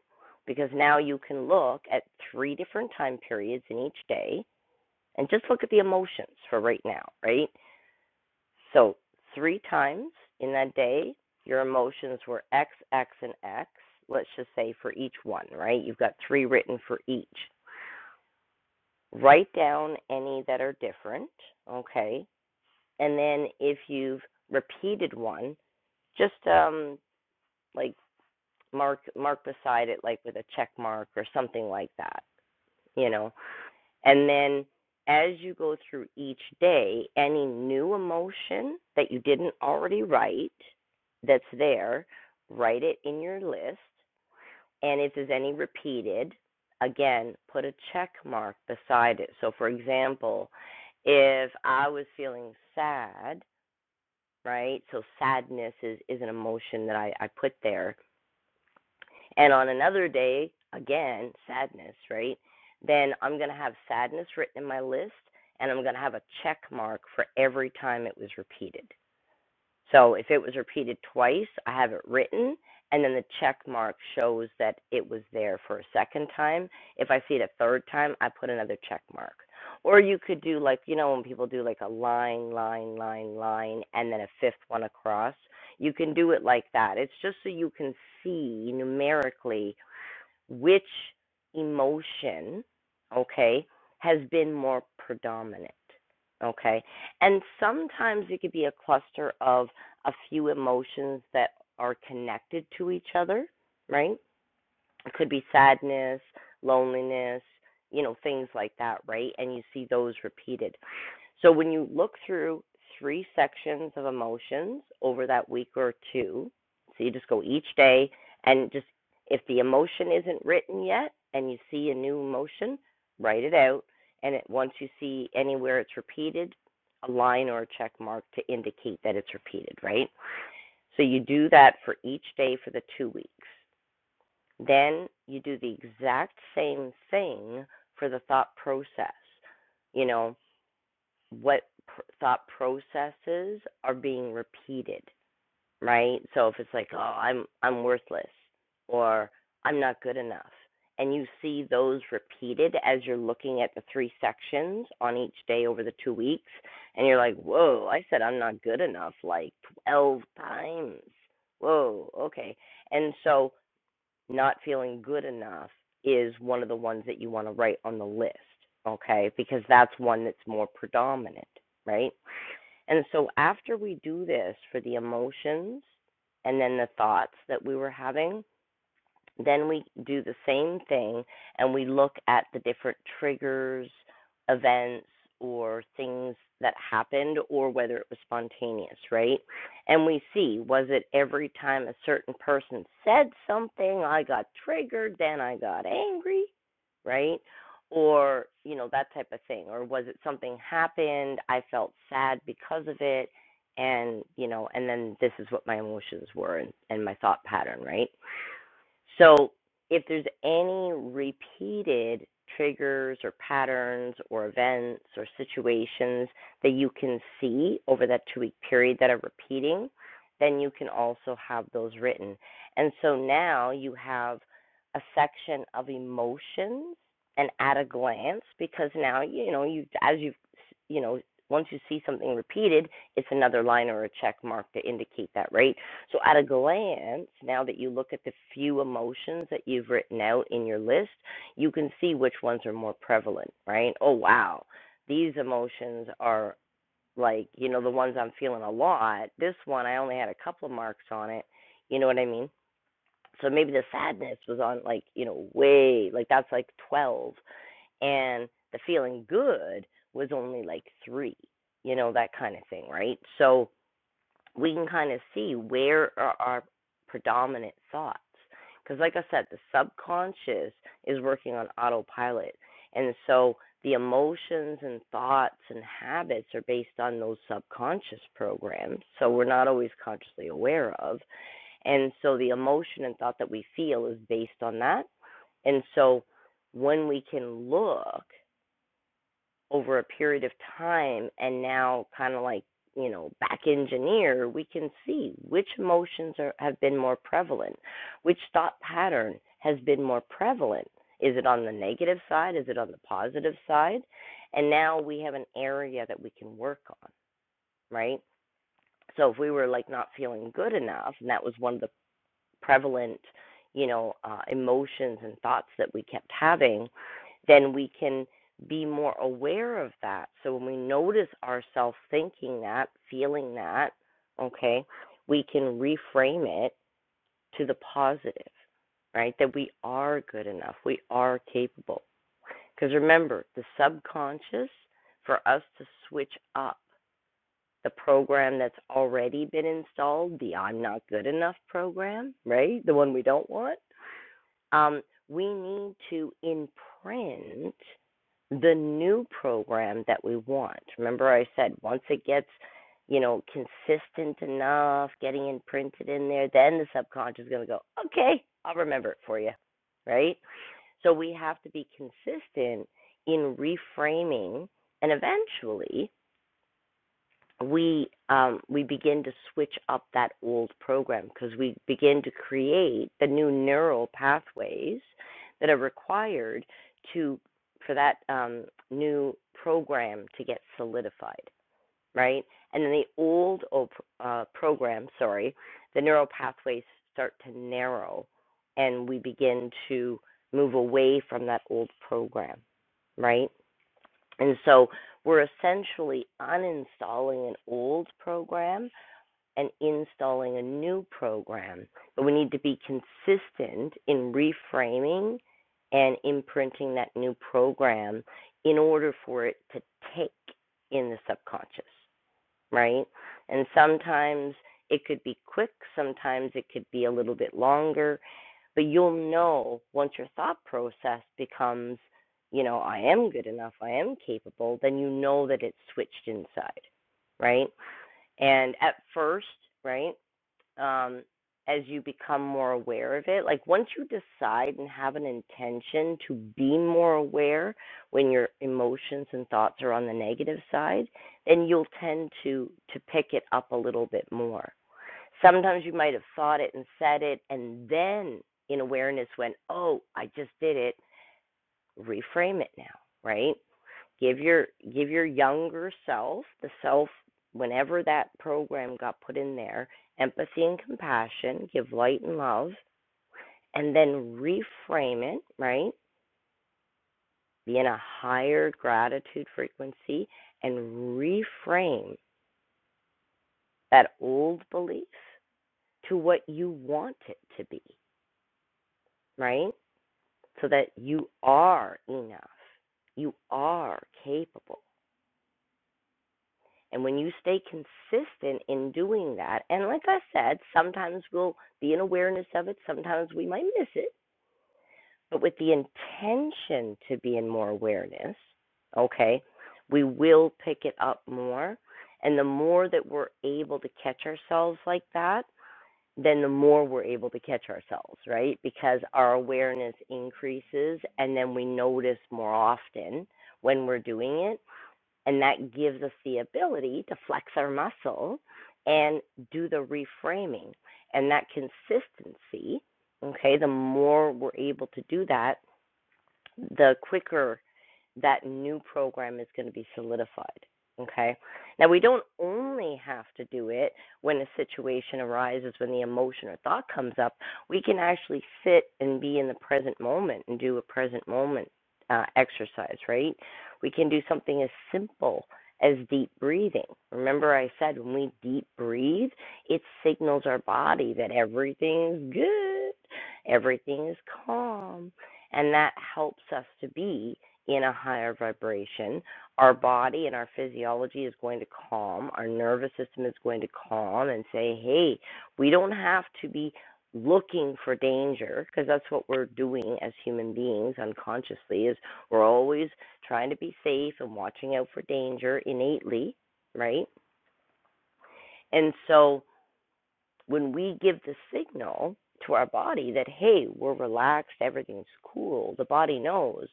Because now you can look at three different time periods in each day and just look at the emotions for right now, right? So three times in that day, your emotions were X, X, and X. Let's just say for each one, right? You've got three written for each. Write down any that are different, okay? And then if you've repeated one, just um like mark mark beside it like with a check mark or something like that, you know. And then as you go through each day, any new emotion that you didn't already write that's there, write it in your list. And if there's any repeated, again, put a check mark beside it. So, for example, if I was feeling sad, right? So, sadness is, is an emotion that I, I put there and on another day, again, sadness, right? Then I'm going to have sadness written in my list and I'm going to have a check mark for every time it was repeated. So if it was repeated twice, I have it written and then the check mark shows that it was there for a second time. If I see it a third time, I put another check mark. Or you could do like, you know, when people do like a line, line, line, line, and then a fifth one across. You can do it like that. It's just so you can see numerically which emotion, okay, has been more predominant, okay? And sometimes it could be a cluster of a few emotions that are connected to each other, right? it could be sadness, loneliness, you know, things like that, right? And you see those repeated. So when you look through three sections of emotions over that week or two, so you just go each day and just if the emotion isn't written yet and you see a new emotion, write it out. And it, once you see anywhere it's repeated, a line or a check mark to indicate that it's repeated, right? So you do that for each day for the two weeks. Then you do the exact same thing for the thought process. You know, what pr- thought processes are being repeated, right? So if it's like, "Oh, I'm I'm worthless," or "I'm not good enough." And you see those repeated as you're looking at the three sections on each day over the two weeks, and you're like, whoa, I said I'm not good enough like 12 times. Whoa, okay. And so not feeling good enough is one of the ones that you want to write on the list, okay? Because that's one that's more predominant, right? And so after we do this for the emotions and then the thoughts that we were having, then we do the same thing and we look at the different triggers, events, or things that happened, or whether it was spontaneous, right? And we see was it every time a certain person said something, I got triggered, then I got angry, right? Or, you know, that type of thing. Or was it something happened, I felt sad because of it, and, you know, and then this is what my emotions were and, and my thought pattern, right? So if there's any repeated triggers or patterns or events or situations that you can see over that two week period that are repeating, then you can also have those written. And so now you have a section of emotions and at a glance because now you know you as you've you know once you see something repeated it's another line or a check mark to indicate that right so, at a glance, now that you look at the few emotions that you've written out in your list, you can see which ones are more prevalent, right? Oh, wow, these emotions are like, you know, the ones I'm feeling a lot. This one, I only had a couple of marks on it. You know what I mean? So, maybe the sadness was on like, you know, way, like that's like 12. And the feeling good was only like three, you know, that kind of thing, right? So, we can kind of see where are our predominant thoughts. Because, like I said, the subconscious is working on autopilot. And so the emotions and thoughts and habits are based on those subconscious programs. So we're not always consciously aware of. And so the emotion and thought that we feel is based on that. And so when we can look over a period of time and now kind of like you know back engineer we can see which emotions are, have been more prevalent which thought pattern has been more prevalent is it on the negative side is it on the positive side and now we have an area that we can work on right so if we were like not feeling good enough and that was one of the prevalent, you know, uh, emotions and thoughts that we kept having, then we can be more aware of that. So when we notice ourselves thinking that, feeling that, okay, we can reframe it to the positive, right? That we are good enough, we are capable. Because remember, the subconscious, for us to switch up the program that's already been installed, the I'm not good enough program, right? The one we don't want um, we need to imprint the new program that we want. Remember, I said once it gets, you know, consistent enough, getting imprinted in there, then the subconscious is going to go, okay, I'll remember it for you, right? So we have to be consistent in reframing and eventually we um, we begin to switch up that old program because we begin to create the new neural pathways that are required to for that um, new program to get solidified, right? And then the old uh, program, sorry, the neural pathways start to narrow, and we begin to move away from that old program, right? And so we're essentially uninstalling an old program and installing a new program. But we need to be consistent in reframing and imprinting that new program in order for it to take in the subconscious right? And sometimes it could be quick, sometimes it could be a little bit longer, but you'll know once your thought process becomes, you know, I am good enough, I am capable, then you know that it's switched inside, right? And at first, right? um, as you become more aware of it. Like once you decide and have an intention to be more aware when your emotions and thoughts are on the negative side, then you'll tend to to pick it up a little bit more. Sometimes you might have thought it and said it, and then in awareness went, "Oh, I just did it." Reframe it now, right? give your give your younger self the self whenever that program got put in there empathy and compassion give light and love and then reframe it right be in a higher gratitude frequency and reframe that old belief to what you want it to be right so that you are enough you are capable And when you stay consistent in doing that, and like I said, sometimes we'll be in awareness of it, sometimes we might miss it, but with the intention to be in more awareness, okay, we will pick it up more. And the more that we're able to catch ourselves like that, then the more we're able to catch ourselves, right? Because our awareness increases and then we notice more often when we're doing it and that gives us the ability to flex our muscle and do the reframing. And that consistency, okay, the more we're able to do that, the quicker that new program is going to be solidified. Okay. Now, we don't only have to do it when a situation arises, when the emotion or thought comes up. We can actually sit and be in the present moment and do a present moment uh, exercise, right? We can do something as simple as deep breathing. Remember, I said when we deep breathe, it signals our body that everything's good, everything is calm, and that helps us to be in a higher vibration, our body and our physiology is going to calm, our nervous system is going to calm and say, hey, we don't have to be looking for danger because that's what we're doing as human beings unconsciously is we're always trying to be safe and watching out for danger innately right and so when we give the signal to our body that, hey, we're relaxed, everything's cool, the body knows,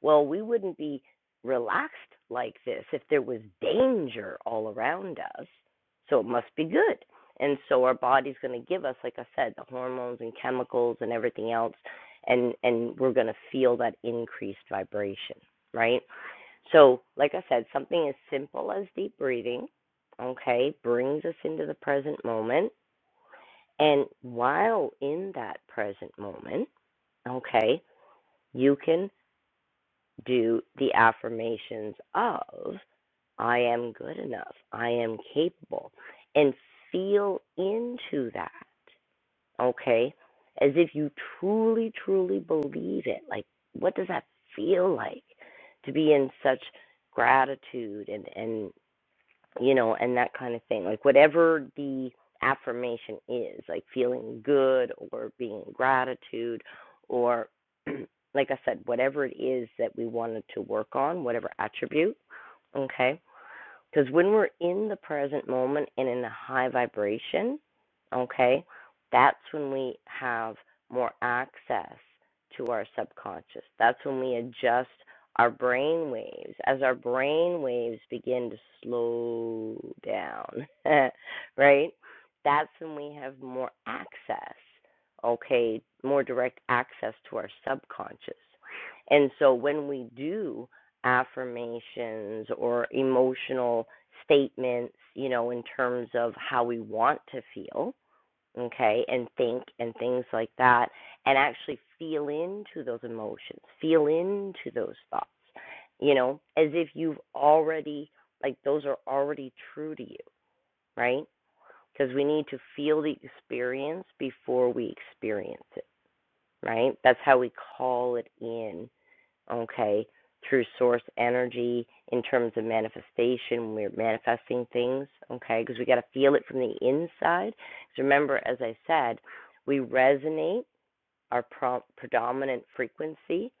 well, we wouldn't be relaxed like this if there was danger all around us. So it must be good. And so our body's going to give us, like I said, the hormones and chemicals and everything else, and, and we're going to feel that increased vibration, right? So, like I said, something as simple as deep breathing, okay, brings us into the present moment and while in that present moment, okay, you can do the affirmations of I am good enough, I am capable, and feel into that, okay, as if you truly, truly believe it. Like, what does that feel like to be in such gratitude and, and you know, and that kind of thing. Like whatever the affirmation is, like feeling good or being in gratitude or [CLEARS THROAT] like I said, whatever it is that we wanted to work on, whatever attribute, okay? Because when we're in the present moment and in a high vibration, okay, that's when we have more access to our subconscious. That's when we adjust our brain waves as our brain waves begin to slow down, [LAUGHS] right? That's when we have more access, okay, more direct access to our subconscious. And so when we do, affirmations or emotional statements, you know, in terms of how we want to feel, okay, and think and things like that, and actually feel into those emotions, feel into those thoughts, you know, as if you've already, like, those are already true to you, right? Because we need to feel the experience before we experience it, right? That's how we call it in okay, through source energy in terms of manifestation. We're manifesting things, okay, because we got to feel it from the inside. Because remember, as I said, we resonate our pro- predominant frequency,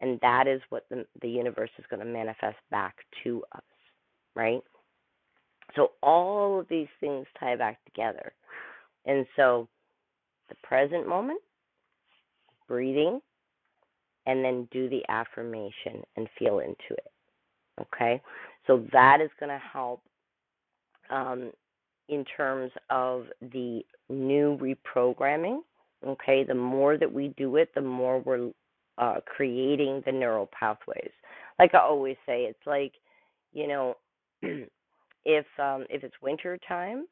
and that is what the, the universe is going to manifest back to us, right? So all of these things tie back together. And so the present moment, breathing, and then do the affirmation and feel into it. Okay, so that is going to help um, in terms of the new reprogramming. Okay, the more that we do it, the more we're uh, creating the neural pathways. Like I always say, it's like, you know, [CLEARS THROAT] if um, if it's winter time,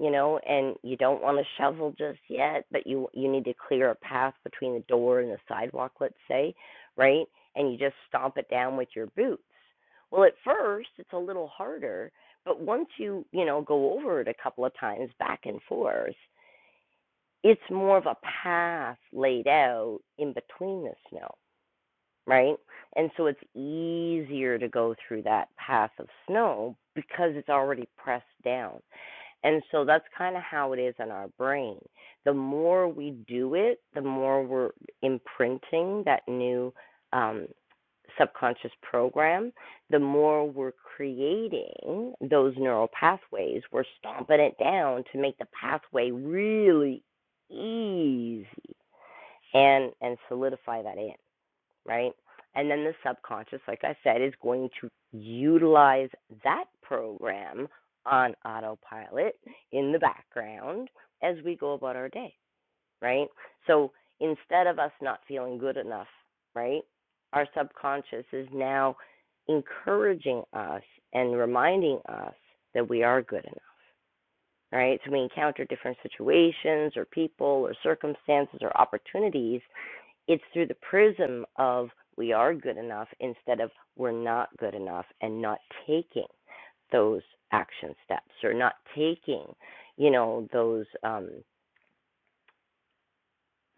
you know, and you don't want to shovel just yet, but you you need to clear a path between the door and the sidewalk, let's say, right? And you just stomp it down with your boots. Well, at first it's a little harder but once you, you know, go over it a couple of times back and forth, it's more of a path laid out in between the snow, right? And so it's easier to go through that path of snow because it's already pressed down. And so that's kind of how it is in our brain. The more we do it, the more we're imprinting that new um, subconscious program, the more we're creating those neural pathways. We're stomping it down to make the pathway really easy and, and solidify that in right? And then the subconscious, like I said, is going to utilize that program on autopilot in the background as we go about our day, right? So instead of us not feeling good enough, right, our subconscious is now encouraging us and reminding us that we are good enough, right? So we encounter different situations or people or circumstances or opportunities it's through the prism of we are good enough instead of we're not good enough and not taking those action steps or not taking, you know, those. Um,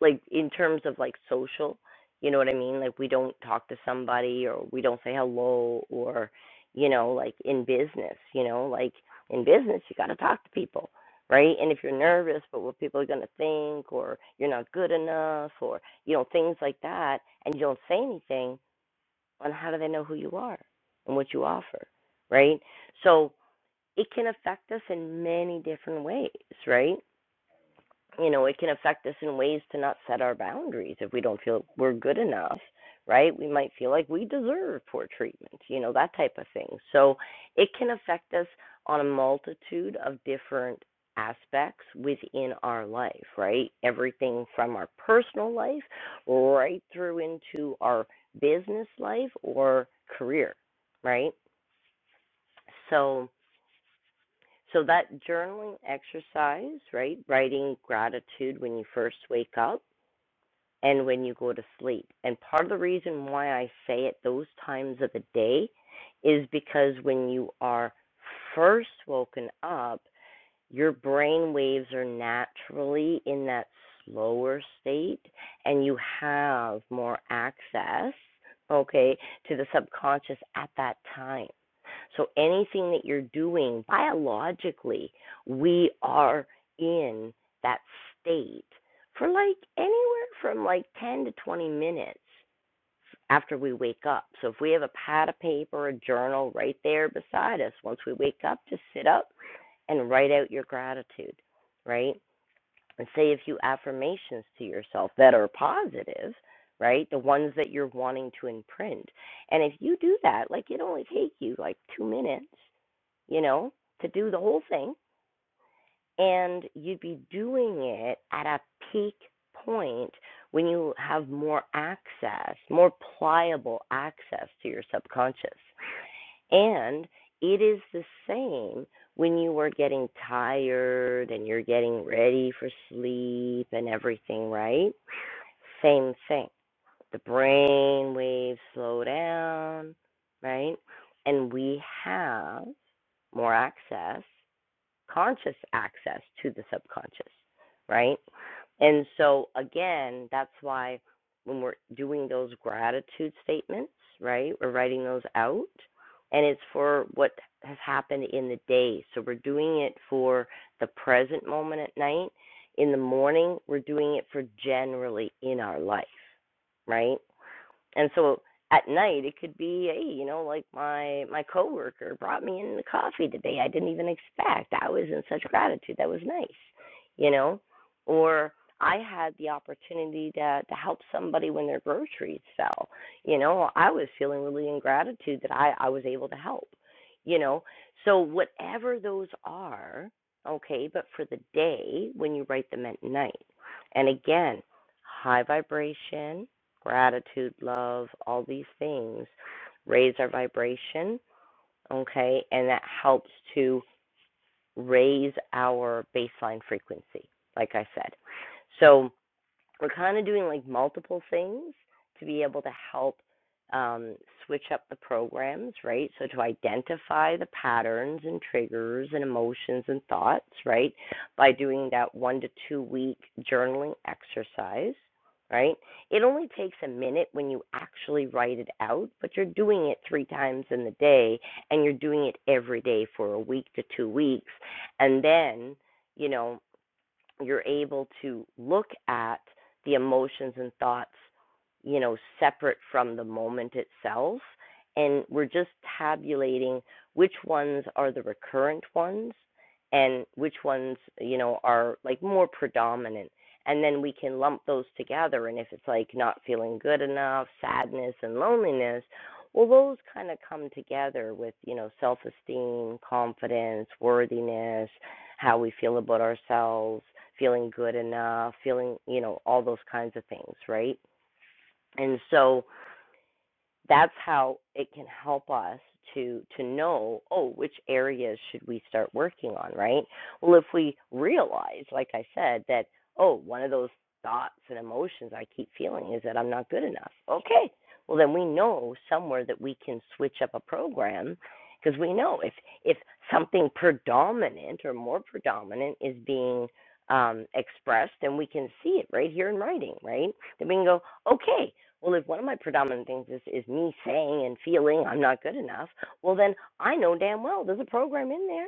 like in terms of like social you know what i mean like we don't talk to somebody or we don't say hello or you know like in business you know like in business you got to talk to people right and if you're nervous but what people are going to think or you're not good enough or you know things like that and you don't say anything on how do they know who you are and what you offer right so it can affect us in many different ways right you know, it can affect us in ways to not set our boundaries if we don't feel we're good enough, right? We might feel like we deserve poor treatment, you know, that type of thing. So it can affect us on a multitude of different aspects within our life, right? Everything from our personal life right through into our business life or career, right? So so that journaling exercise, right? Writing gratitude when you first wake up and when you go to sleep. And part of the reason why I say it those times of the day is because when you are first woken up, your brain waves are naturally in that slower state and you have more access, okay, to the subconscious at that time. So anything that you're doing biologically, we are in that state for like anywhere from like 10 to 20 minutes after we wake up. So if we have a pad of paper, a journal right there beside us, once we wake up, just sit up and write out your gratitude, right? And say a few affirmations to yourself that are positive, right? The ones that you're wanting to imprint. And if you do that, like it only takes you like 2 minutes you know, to do the whole thing. And you'd be doing it at a peak point when you have more access, more pliable access to your subconscious. And it is the same when you are getting tired and you're getting ready for sleep and everything, right? Same thing. The brain waves slow down, right? And we have more access conscious access to the subconscious, right? And so, again, that's why when we're doing those gratitude statements, right, we're writing those out and it's for what has happened in the day. So, we're doing it for the present moment at night. In the morning, we're doing it for generally in our life, right? And so at night it could be, hey, you know, like my my coworker brought me in the coffee today. I didn't even expect. I was in such gratitude. That was nice, you know. Or I had the opportunity to to help somebody when their groceries fell. You know, I was feeling really in gratitude that I I was able to help. You know, so whatever those are, okay. But for the day when you write them at night, and again, high vibration gratitude, love, all these things raise our vibration, okay? And that helps to raise our baseline frequency, like I said. So, we're kind of doing like multiple things to be able to help um, switch up the programs, right? So to identify the patterns and triggers and emotions and thoughts, right? By doing that one to two week journaling exercise, right? It only takes a minute when you actually write it out, but you're doing it three times in the day and you're doing it every day for a week to two weeks. And then, you know, you're able to look at the emotions and thoughts, you know, separate from the moment itself. And we're just tabulating which ones are the recurrent ones and which ones, you know, are like more predominant. And then we can lump those together. And if it's like not feeling good enough, sadness, and loneliness, well, those kind of come together with, you know, self esteem, confidence, worthiness, how we feel about ourselves, feeling good enough, feeling, you know, all those kinds of things, right? And so that's how it can help us to to know oh which areas should we start working on right well if we realize like i said that oh one of those thoughts and emotions i keep feeling is that i'm not good enough okay well then we know somewhere that we can switch up a program because we know if if something predominant or more predominant is being um, expressed, then we can see it right here in writing, right? Then we can go, okay, well, if one of my predominant things is, is me saying and feeling I'm not good enough, well, then I know damn well there's a program in there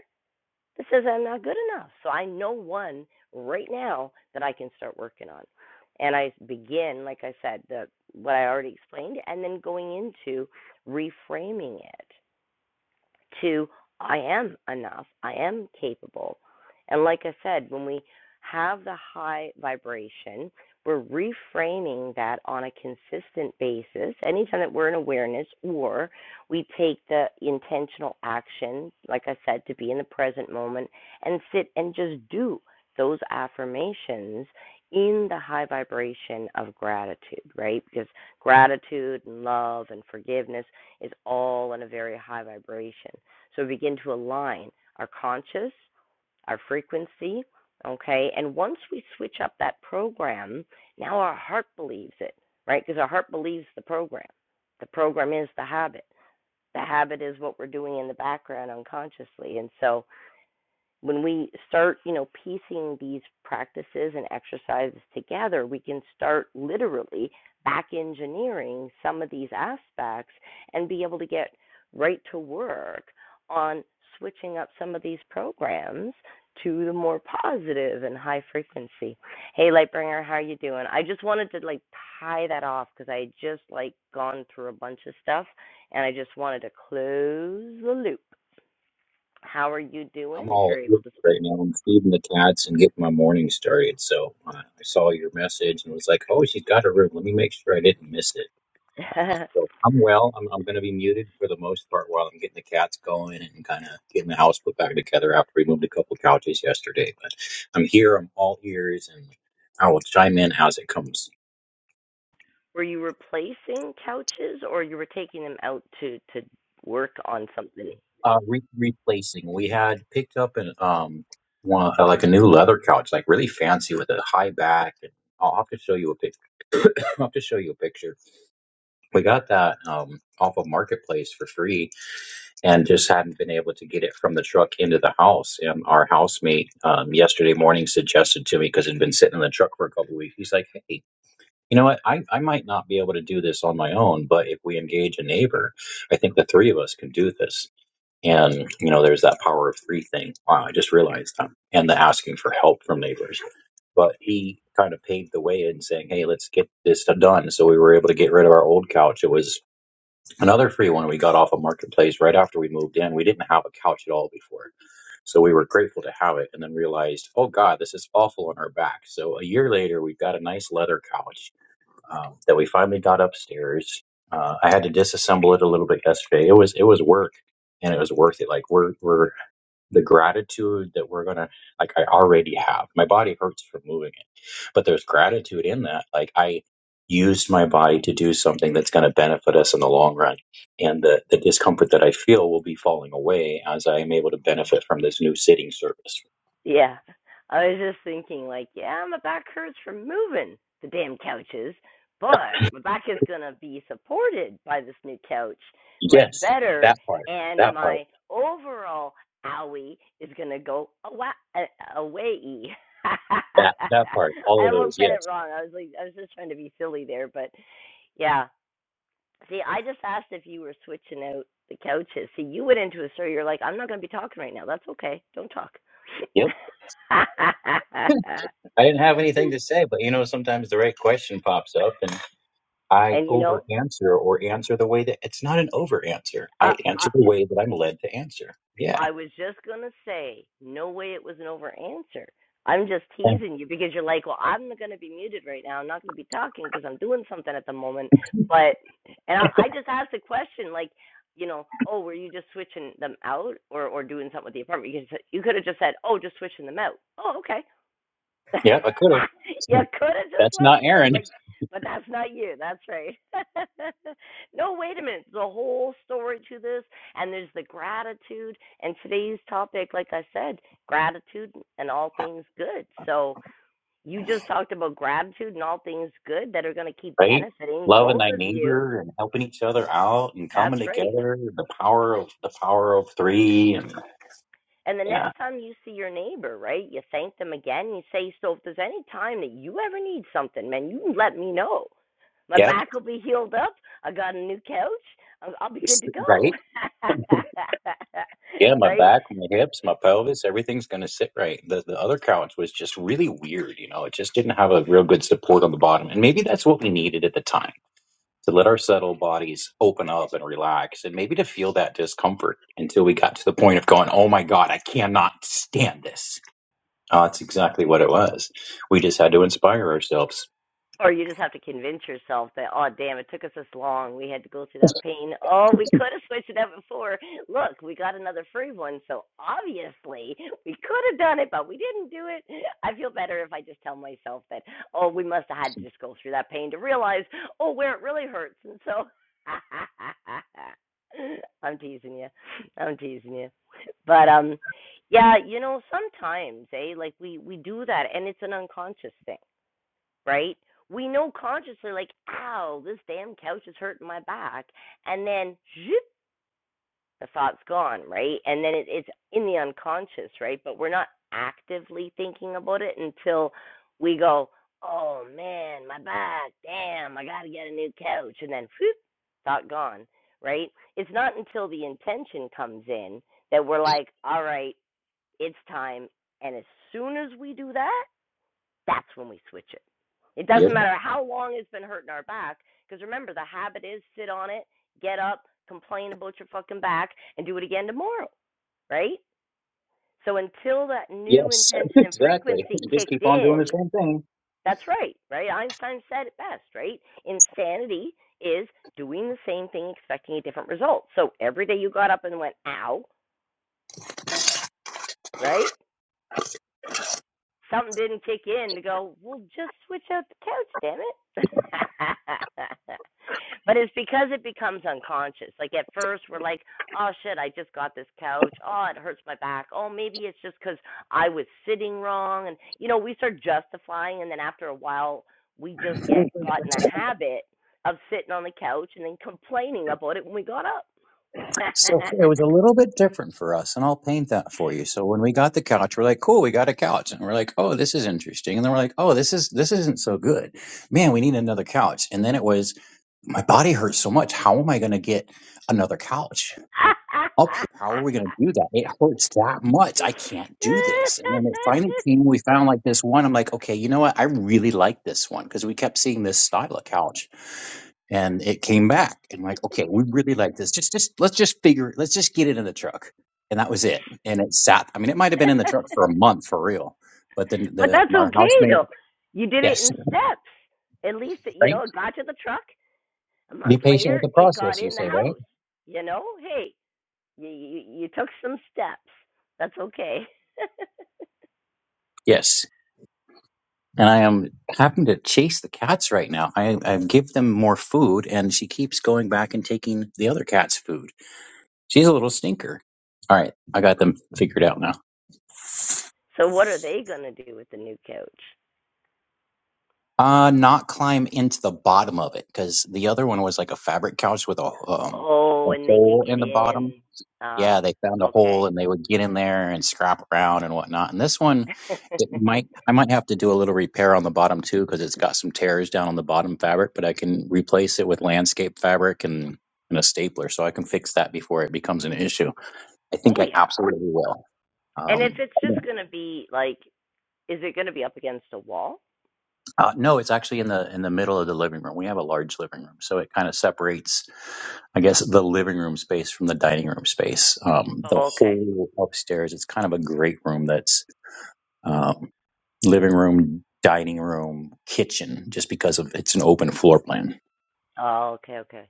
that says I'm not good enough. So I know one right now that I can start working on. And I begin, like I said, the what I already explained, and then going into reframing it to I am enough, I am capable. And like I said, when we have the high vibration, we're reframing that on a consistent basis. Anytime that we're in awareness or we take the intentional action, like I said, to be in the present moment and sit and just do those affirmations in the high vibration of gratitude, right? Because gratitude and love and forgiveness, is all on a very high vibration. So begin to align our conscious, our frequency, okay? And once we switch up that program, now our heart believes it, right? Because our heart believes the program. The program is the habit. The habit is what we're doing in the background unconsciously. And so when we start, you know, piecing these practices and exercises together, we can start literally back engineering some of these aspects and be able to get right to work on switching up some of these programs to the more positive and high frequency. Hey, Lightbringer, how are you doing? I just wanted to like tie that off because I just like gone through a bunch of stuff and I just wanted to close the loop. How are you doing?
I'm
If
all
you're
ears
able to speak.
right now. I'm feeding the cats and getting my morning started. So uh, I saw your message and was like, "Oh, she's got a room. Let me make sure I didn't miss it." Uh,
[LAUGHS]
so I'm well. I'm, I'm going to be muted for the most part while I'm getting the cats going and kind of getting the house put back together after we moved a couple couches yesterday. But I'm here. I'm all ears, and I will chime in as it comes.
were you replacing couches or you were taking them out to to work on something?
uh, re- replacing. We had picked up an um one uh, like a new leather couch, like really fancy with a high back. And I'll have to show you a picture. [COUGHS] I'll have to show you a picture. We got that um off of marketplace for free, and just hadn't been able to get it from the truck into the house. And our housemate um, yesterday morning suggested to me because it had been sitting in the truck for a couple of weeks. He's like, "Hey, you know what? I I might not be able to do this on my own, but if we engage a neighbor, I think the three of us can do this." and you know there's that power of three thing wow i just realized that. and the asking for help from neighbors but he kind of paved the way in saying hey let's get this done so we were able to get rid of our old couch it was another free one we got off a marketplace right after we moved in we didn't have a couch at all before so we were grateful to have it and then realized oh god this is awful on our back so a year later we've got a nice leather couch um, that we finally got upstairs uh, i had to disassemble it a little bit yesterday it was it was work and it was worth it. Like we're we're the gratitude that we're gonna like i already have my body hurts from moving it but there's gratitude in that like i used my body to do something that's going to benefit us in the long run and the, the discomfort that i feel will be falling away as i am able to benefit from this new sitting service
Yeah. I was just thinking like, yeah, my back hurts from moving the damn couches, but my back is going to be supported by this new couch much
yes
better
that part
and
that part
my overall owie is going to go awa- a- away. [LAUGHS]
that that part all
I
of
almost
those
said it
yes
wrong. I was like I was just trying to be silly there, but yeah. See, I just asked if you were switching out the couches. See, you went into a story. You're like, I'm not going to be talking right now. That's okay. Don't talk.
yep
[LAUGHS]
i didn't have anything to say but you know sometimes the right question pops up and. I
and you know,
over answer or answer the way that it's not an over answer.
I,
I
I
answer the way that I'm led to answer. Yeah.
I was just gonna say, no way it was an over answer. I'm just
And,
teasing you because you're like, well, I'm not gonna be muted right now. I'm not gonna be talking because I'm doing something at the moment. But and I, I just asked a question like. You know, oh, were you just switching them out, or or doing something with the apartment? You could you could have just said, oh, just switching them out. Oh, okay
yep, I could have.
[LAUGHS] you could have just
That's
left
not
it there,
Aaron,
but but that's not you. That's right. [LAUGHS] no, wait a minute. The whole story to this, and there's the gratitude, and today's topic, like I said, gratitude and all things good. So you just talked about gratitude and all things good that are going to keep
right?
benefiting
Loving
both
thy
of you.
neighbor and helping each other out and
That's
coming
right.
together, the power of the power of three and
And the next
yeah.
time you see your neighbor, right, you thank them again. You say, so if there's any time that you ever need something, man, you let me know. My
Yep.
back will be healed up. I got a new couch. I'll, I'll be good
it's-
to go.
Right.
[LAUGHS]
Yeah, my
right?
back, my hips, my pelvis, everything's gonna sit right. The the other couch was just really weird, you know, it just didn't have a real good support on the bottom. And maybe that's what we needed at the time to let our settled bodies open up and relax and maybe to feel that discomfort until we got to the point of going, oh my God, I cannot stand this. Uh, that's exactly what it was. We just had to inspire ourselves.
Or you just have to convince yourself that, oh, damn, it took us this long. We had to go through that pain. Oh, we could have switched it up before. Look, we got another free one. So obviously, we could have done it, but we didn't do it. I feel better if I just tell myself that, oh, we must have had to just go through that pain to realize, oh, where it really hurts. And so [LAUGHS] I'm teasing you. I'm teasing you. But, um, yeah, you know, sometimes, eh, like we we do that, and it's an unconscious thing right? We know consciously, like, ow, this damn couch is hurting my back. And then zhoop, the thought's gone, right? And then it, it's in the unconscious, right? But we're not actively thinking about it until we go, oh man, my back, damn, I got to get a new couch. And then whoop, thought gone, right? It's not until the intention comes in that we're like, all right, it's time. And as soon as we do that, that's when we switch it. It
Yep.
doesn't matter how long it's been hurting our back, because remember, the habit is sit on it, get up, complain about your fucking back, and do it again tomorrow, right? So until that new
Yes, [LAUGHS]
intention and
exactly.
frequency
You just
kicked
keep on doing
in,
the same thing.
that's right, right? Einstein said it best, right? Insanity is doing the same thing, expecting a different result. So every day you got up and went, ow, right? something didn't kick in to go, well, just switch out the couch, damn it. [LAUGHS] but it's because it becomes unconscious. Like at first, we're like, oh shit, I just got this couch. Oh, it hurts my back. Oh, maybe it's just because I was sitting wrong. And, you know, we start justifying. And then after a while, we just get got in a habit of sitting on the couch and then complaining about it when we got up.
So it was a little bit different for us, and I'll paint that for you. So when we got the couch, we're like, "Cool, we got a couch," and we're like, "Oh, this is interesting," and then we're like, "Oh, this is this isn't so good, man. We need another couch." And then it was my body hurts so much. How am I going to get another couch up here? How are we going to do that? It hurts that much. I can't do this. And then it finally came, we found like this one. I'm like, okay, you know what? I really like this one because we kept seeing this style of couch and it came back. And I'm like, okay, we really like this. Just, just, let's just figure, it. let's just get it in the truck. And that was it. And it sat, I mean, it might have been in
[LAUGHS]
the
[LAUGHS]
truck for a month for real. But then
But
the,
that's
our
okay
housemate,
though. You did it
yes,
in steps. At least it, you
right?
know it got to the truck. A
Be
month
patient with
later,
the
it got
process, you
in the
say, right?
house. You know, hey, you you, you took some steps. That's okay.
Yes. and I am having to chase the cats right now. I, I give them more food, and she keeps going back and taking the other cat's food. She's a little stinker. All right, I got them figured out now.
[LAUGHS] so what are they gonna do with the new couch?
Uh, not climb into the bottom of it because the other one was like a fabric couch with a um a
Oh, and they could
hole
get
in the bottom.
in. Uh,
yeah, they found a hole
okay.
and they would get in there and scrap around and whatnot. And this one,
[LAUGHS]
it might I might have to do a little repair on the bottom too because it's got some tears down on the bottom fabric, but I can replace it with landscape fabric and and a stapler, so I can fix that before it becomes an issue. I
oh
think I
yeah.
absolutely will.
And if
Um,
it's just gonna be like, is it gonna be up against a wall?
uh, no, it's actually in the in the middle of the living room. We have a large living room, so it kind of separates, I guess, the living room space from the dining room space. Um, the
Oh, okay.
whole upstairs, it's kind of a great room that's um, living room, dining room, kitchen, just because of it's an open floor plan.
Oh, okay, okay.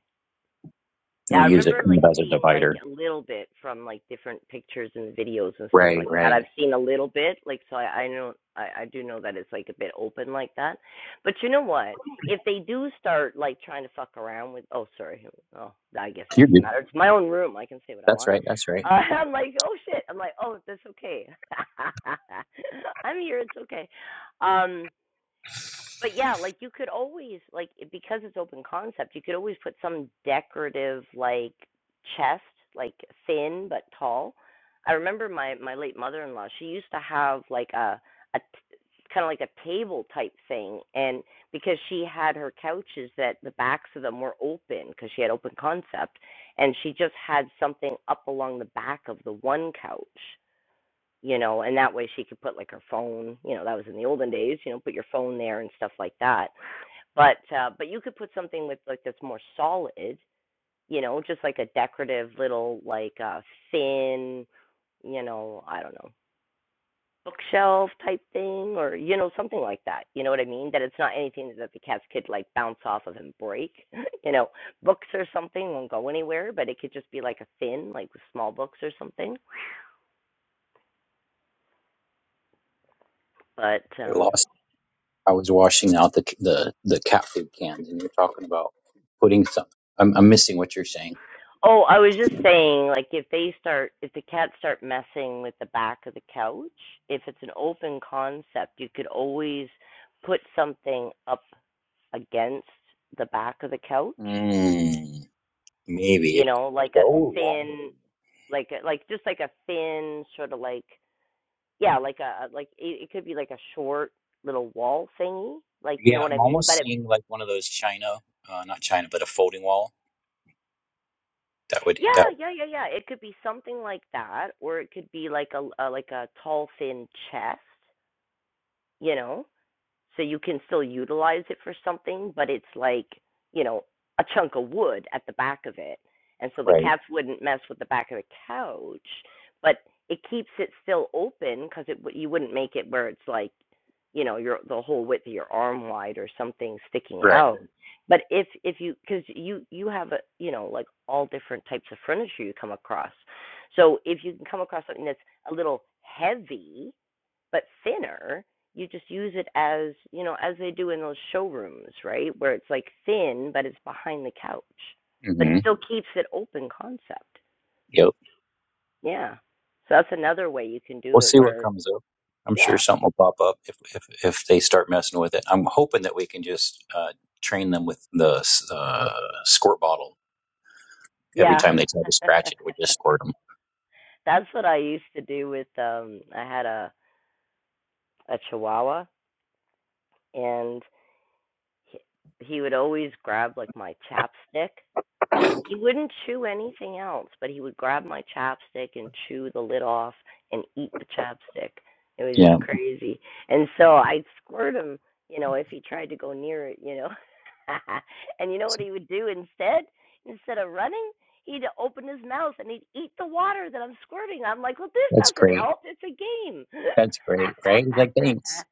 And
Yeah, I
we use it
remember
kind
like
of as a
seeing like
divider.
a little bit from like different pictures and videos and stuff
Right,
like that.
right.
I've seen a little bit, like so I, I know I, I do know that it's like a bit open like that. But you know what? If they do start like trying to fuck around with oh sorry, oh I guess it
You're
doesn't
good.
matter. It's my own room. I can say what I
That's
want.
right.
[LAUGHS]
That's right.
Uh, I'm like, oh shit. I'm like, oh that's okay. [LAUGHS] I'm here, it's okay. Um but yeah, like you could always like because it's open concept, you could always put some decorative like chest, like thin but tall. I remember my my late mother-in-law, she used to have like a a t- kind of like a table type thing and because she had her couches that the backs of them were open because she had open concept and she just had something up along the back of the one couch you know, and that way she could put like her phone, you know, that was in the olden days, you know, put your phone there and stuff like that. But uh but you could put something with like that's more solid, you know, just like a decorative little like a uh thin, you know, I don't know, bookshelf type thing or you know, something like that. You know what I mean? That it's not anything that the cats could like bounce off of and break. [LAUGHS] you know, books or something won't go anywhere, but it could just be like a thin, like with small books or something. But
I
um
lost. I was washing out the the the cat food cans, and you're talking about putting some. I'm, I'm missing what you're saying.
Oh, I was just saying, like if they start, if the cats start messing with the back of the couch, if it's an open concept, you could always put something up against the back of the couch,
Mm, maybe
you
it's
know, like a
so long.
thin, like a- like just like a thin sort of like yeah, like a like it, it could be like a short little wall thingy, like you know
Yeah,
what I
I'm
mean?
almost
But it
seeing like one of those China, uh, not China, but a folding wall. That would that
yeah, yeah, yeah, yeah. It could be something like that, or it could be like a, a like a tall thin chest you know, so you can still utilize it for something, but it's like, you know, a chunk of wood at the back of it. And so the
right,
cats wouldn't mess with the back of the couch, but it keeps it still open because it you wouldn't make it where it's like, you know, your the whole width of your arm wide or something sticking
right.
out. But if if you because you you have a you know like all different types of furniture you come across, so if you can come across something that's a little heavy, but thinner you just use it as you know as they do in those showrooms right where it's like thin but it's behind the couch but it
Mm-hmm.
still keeps it open concept
Yep.
yeah so that's another way you can do
We'll
it
see what
where
comes up. I'm sure
yeah
something will pop up if if, if they start messing with it. I'm hoping that we can just uh, train them with the uh, squirt bottle. Every
yeah
time they try to
[LAUGHS]
scratch it, we just squirt them.
that's what i used to do with um i had a a chihuahua and he, he would always grab like my chapstick He wouldn't chew anything else, but he would grab my chapstick and chew the lid off and eat the chapstick. It was
Yeah,
just crazy. And so I'd squirt him, you know, if he tried to go near it, you know. [LAUGHS] and you know what he would do instead? Instead of running, he'd open his mouth and he'd eat the water that I'm squirting. I'm like, well, this
that's
doesn't
great.
help. It's a game.
That's great, right? He's like, thanks.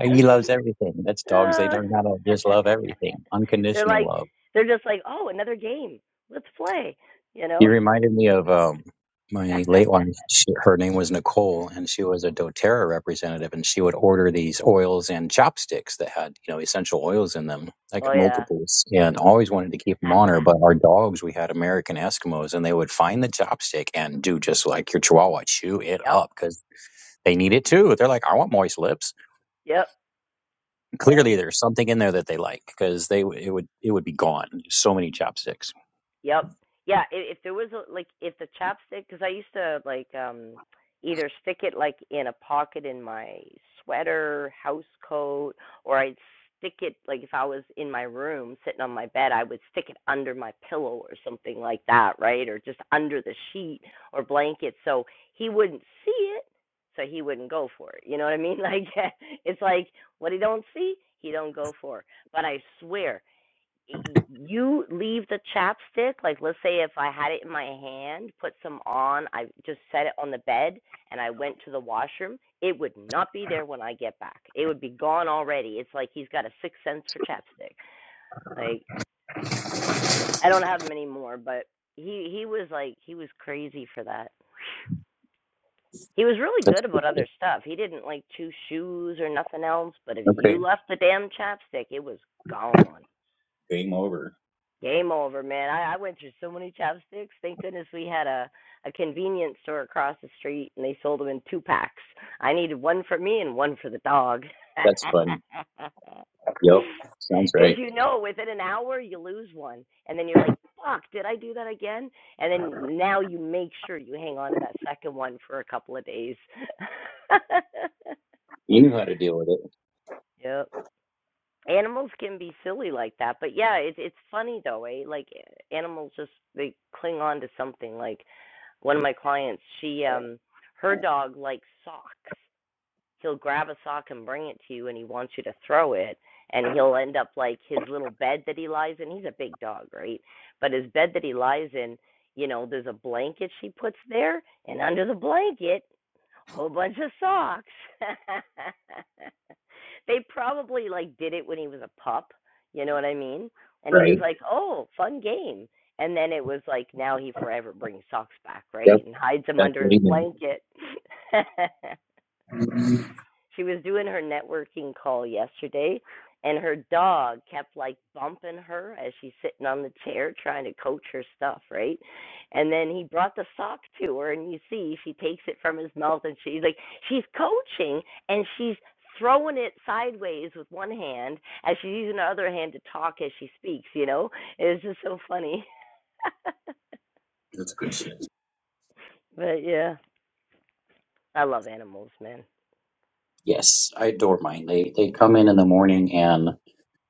He
[LAUGHS]
loves everything. That's dogs. They
Uh,
learn how to just
[LAUGHS]
love everything,
they're
unconditional
like
love.
they're just like, "Oh, another game. Let's play." You
You
know?
reminded me of um,
[LAUGHS]
my late wife. She, her name was Nicole, and she was a DoTerra representative, and she would order these oils and chopsticks that had, you know, essential oils in them, like
oh yeah.
multiples, and always wanted to keep them on her.
[LAUGHS]
But our dogs, we had American Eskimos, and they would find the chopstick and do just like your Chihuahua, chew it
yep.
up because they need it too. They're like, I want moist lips.
Yep. Yep.
Clearly, there's something in there that they like because they it would it would be gone. So many chopsticks.
Yep. Yeah. If, if there was a, like if the chapstick, because I used to like um either stick it like in a pocket in my sweater, house coat, or I'd stick it like if I was in my room sitting on my bed, I would stick it under my pillow or something like that, right? Or just under the sheet or blanket, so he wouldn't see it, so he wouldn't go for it. You know what I mean? Like [LAUGHS] it's like what he don't see, he don't go for. But I swear you leave the chapstick like let's say if i had it in my hand put some on i just set it on the bed and i went to the washroom it would not be there when i get back it would be gone already it's like he's got a sixth sense for chapstick like i don't have them anymore but he he was like he was crazy for that he was really
That's
good about other stuff he didn't like chew shoes or nothing else but if
okay.
you left the damn chapstick it was gone
Game over.
Game over, man. I, I went through so many chapsticks. Thank goodness we had a, a convenience store across the street and they sold them in two packs. I needed one for me and one for the dog.
That's fun.
[LAUGHS]
Yep. Sounds
Because
right.
you know, within an hour, you lose one. And then you're like, fuck, did I do that again? And then now you make sure you hang on to that second one for a couple of days. [LAUGHS]
You knew how to deal with it.
yep. Animals can be silly like that, but yeah, it's it's funny though, eh? Like animals just they cling on to something. Like one of my clients, she um her dog likes socks, he'll grab a sock and bring it to you and he wants you to throw it and he'll end up like his little bed that he lies in he's a big dog right but his bed that he lies in you know there's a blanket she puts there and under the blanket a whole bunch of socks [LAUGHS] they probably like did it when he was a pup you know what i mean and he was
Right.
like oh fun game and then it was like now he forever brings socks back
Yep.
right and hides them
That's
under
what
his
he knew.
blanket [LAUGHS] She was doing her networking call yesterday, and her dog kept like bumping her as she's sitting on the chair trying to coach her stuff, right? And then he brought the sock to her, and you see she takes it from his mouth, and she's like, she's coaching, and she's throwing it sideways with one hand as she's using the other hand to talk as she speaks. You know, it's just so funny. [LAUGHS]
That's good shit.
but yeah, I love animals, man.
Yes. I adore mine. They they come in in the morning and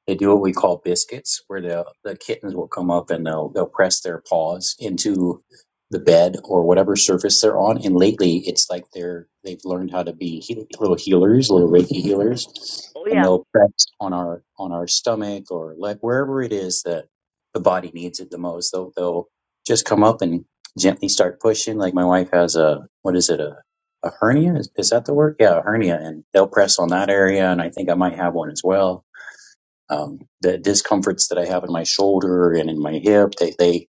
They do what we call biscuits, where the the kittens will come up and they'll they'll press their paws into the bed or whatever surface they're on. And lately, it's like they're they've learned how to be heal, little healers, little Reiki healers,
Oh
and
yeah.
they'll press on our on our stomach or leg, wherever it is that the body needs it the most. They'll they'll just come up and gently start pushing. Like my wife has a what is it a a hernia? Is, is that the word? Yeah, a hernia, and they'll press on that area, and I think I might have one as well um, the discomforts that I have in my shoulder and in my hip, they, they,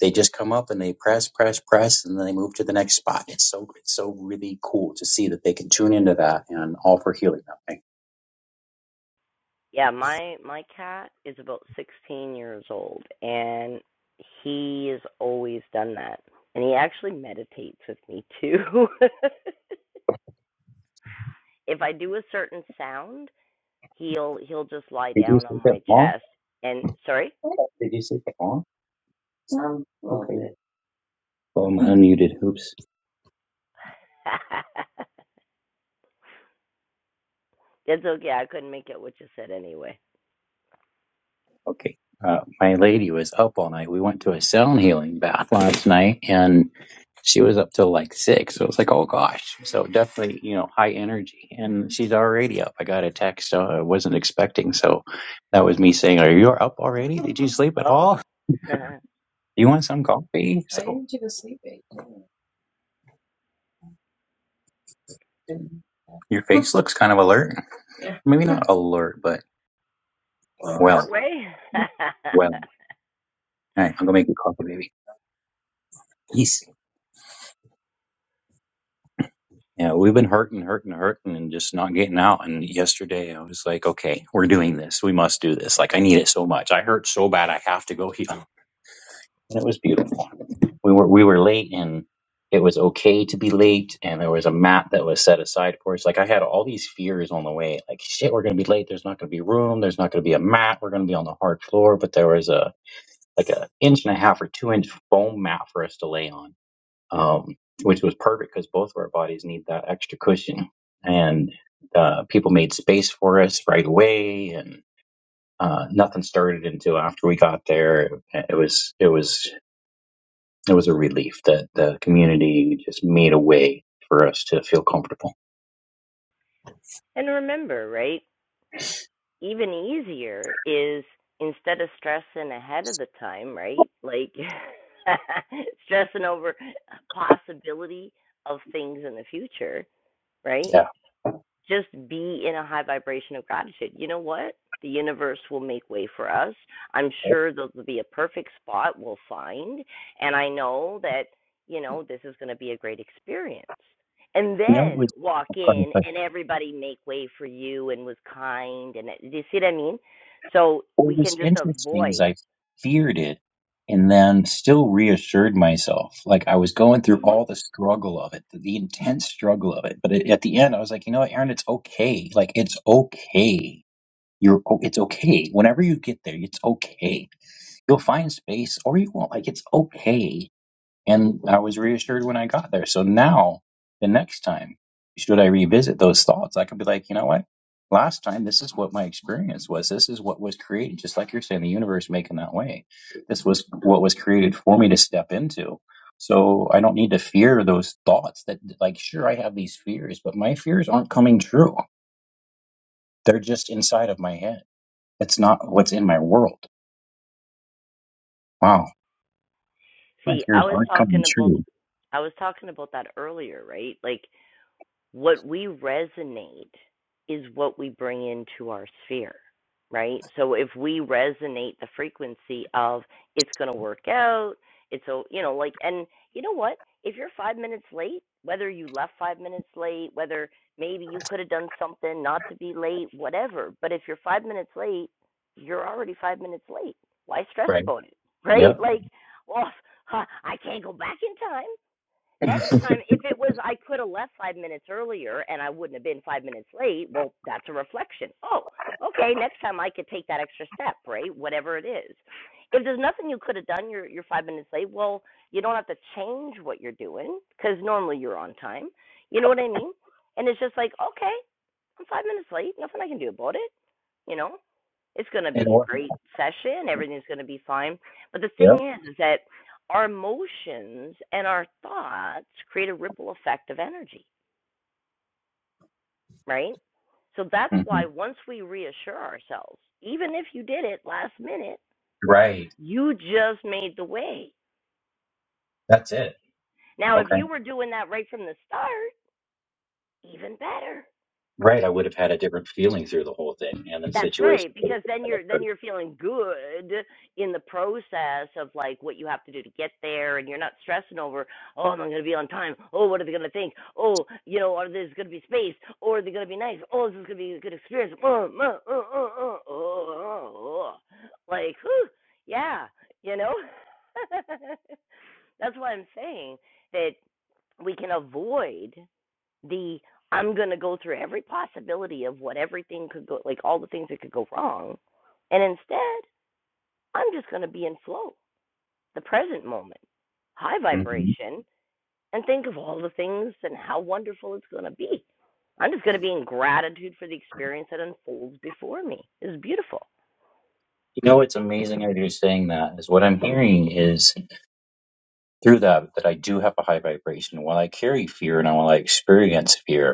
they just come up and they press, press, press, and then they move to the next spot. It's so, it's so really cool to see that they can tune into that and offer healing that way.
Yeah, my my cat is about 16 years old and he has always done that. And he actually meditates with me too. [LAUGHS] if I do a certain sound, he'll he'll just lie
Did you
down
say
on
that
my
long?
chest and sorry.
Did you say that long? Um, okay. Well, I'm unmuted. Oops.
[LAUGHS] That's okay. I couldn't make out what you said anyway.
Okay. Uh, my lady was up all night. We went to a sound healing bath last night and she was up till like six. So it was like, oh gosh. So definitely, you know, high energy. And she's already up. I got a text uh, I wasn't expecting. So that was me saying, Are you up already? Did you sleep at
Oh,
all?
[LAUGHS]
You want some coffee? So Your face looks kind of alert. Maybe not [LAUGHS] alert, but well,
partway. [LAUGHS]
well. All right, I'm going to make you coffee, baby. Yes. Yeah, we've been hurting, hurting, hurting, and just not getting out. And yesterday, I was like, "Okay, we're doing this. We must do this. Like, I need it so much. I hurt so bad. I have to go heal." And it was beautiful. We were we were late, and it was okay to be late. And there was a mat that was set aside for us. Like, I had all these fears on the way. Like, shit, we're gonna be late. There's not gonna be room. There's not gonna be a mat. We're gonna be on the hard floor. But there was a like an inch and a half or two inch foam mat for us to lay on um, which was perfect because both of our bodies need that extra cushion. And uh, people made space for us right away, and uh, nothing started until after we got there. It was it was it was a relief that the community just made a way for us to feel comfortable.
and remember, right? even easier is instead of stressing ahead of the time, right? Like [LAUGHS] stressing over possibility of things in the future, right?
Yeah,
just be in a high vibration of gratitude. You know what? The universe will make way for us. I'm sure there'll be a perfect spot we'll find. And I know that, you know, this is going to be a great experience. And
no, it
then walk
was.
in and everybody make way for you and was kind. And uh, do you see what I mean? So
Well, it
we
was
can just
interesting is
avoid.
I feared it and then still reassured myself. Like I was going through
hmm
all the struggle of it, the, the intense struggle of it. But at at the end, I was like, you know what, Aaron, it's okay. Like it's okay. You're, o- it's okay. Whenever you get there, it's okay. You'll find space or you won't. Like it's okay and I was reassured when I got there. So now, the next time, should I revisit those thoughts, I could be like, you know what? Last time, this is what my experience was. This is what was created. Just like you're saying, the universe making that way. This was what was created for me to step into. So I don't need to fear those thoughts that, like, sure, I have these fears, but my fears aren't coming true. They're just inside of my head. It's not what's in my world. Wow. My
See, I
fears
was
aren't coming
talking about
true.
I was talking about that earlier, right? Like what we resonate is what we bring into our sphere, right? So if we resonate the frequency of it's going to work out, it's a, you know, like, and you know what? If you're five minutes late, whether you left five minutes late, whether maybe you could have done something not to be late, whatever, but if you're five minutes late, you're already five minutes late. Why stress
Right.
about it, [LAUGHS] right?
Yep.
Like, well, [LAUGHS] I can't go back in time.
[LAUGHS] and
Next time, if it was I could have left five minutes earlier and I wouldn't have been five minutes late, well, that's a reflection. Oh, okay, next time I could take that extra step, right? Whatever it is. If there's nothing you could have done, you're, you're five minutes late, well, you don't have to change what you're doing because normally you're on time. You know what I mean? And it's just like, okay, I'm five minutes late, nothing I can do about it you know it's going to be a
what?
great session everything's going to be fine but the thing
Yep.
is is that our emotions and our thoughts create a ripple effect of energy right so that's
Mhm.
why once we reassure ourselves even if you did it last minute
Right.
you just made the way
That's it.
now if
Okay.
you were doing that right from the start even better
Right. I would have had a different feeling through the whole thing and the
That's right,
situation. would
because then
have
you're then you're
been
feeling good in the process of like what you have to do to get there, and you're not stressing over, oh, am I going to be on time? Oh, what are they going to think? Oh, you know, are there's going to be space? Or are they going to be nice? Oh, is this going to be a good experience? Oh, oh, oh, oh, oh, oh, oh. like, whew, yeah, you know. [LAUGHS] That's why I'm saying that we can avoid the I'm going to go through every possibility of what everything could go, like all the things that could go wrong. And instead, I'm just going to be in flow, the present moment, high
different. Mhm.
vibration, and think of all the things and how wonderful it's going to be. I'm just going to be in gratitude for the experience that unfolds before me. It's beautiful.
You know, it's amazing how you're saying that is what I'm hearing is through that, that I do have a high vibration. While I carry fear and while I experience fear,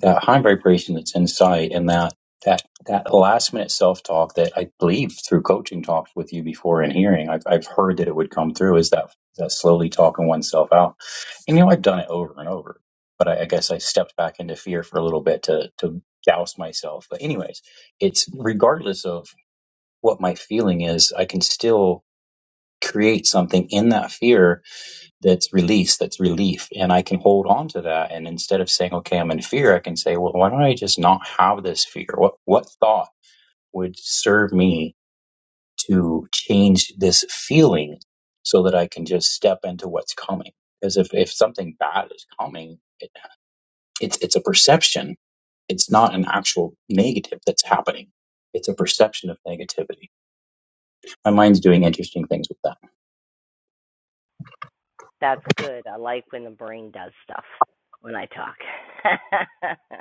that high vibration that's inside and that that that last minute self talk that I believe through coaching talks with you before and hearing I've I've heard that it would come through is that that slowly talking oneself out. And you know I've done it over and over, but I, I guess I stepped back into fear for a little bit to to douse myself. But anyways, it's regardless of what my feeling is, I can still create something in that fear that's release, that's relief. And I can hold on to that. And instead of saying, okay, I'm in fear, I can say, well, why don't I just not have this fear? What, what thought would serve me to change this feeling so that I can just step into what's coming? Because if, if something bad is coming, it, it's, it's a perception. It's not an actual negative that's happening. It's a perception of negativity. My mind's doing interesting things with that.
That's good. I like when the brain does stuff when I talk. [LAUGHS]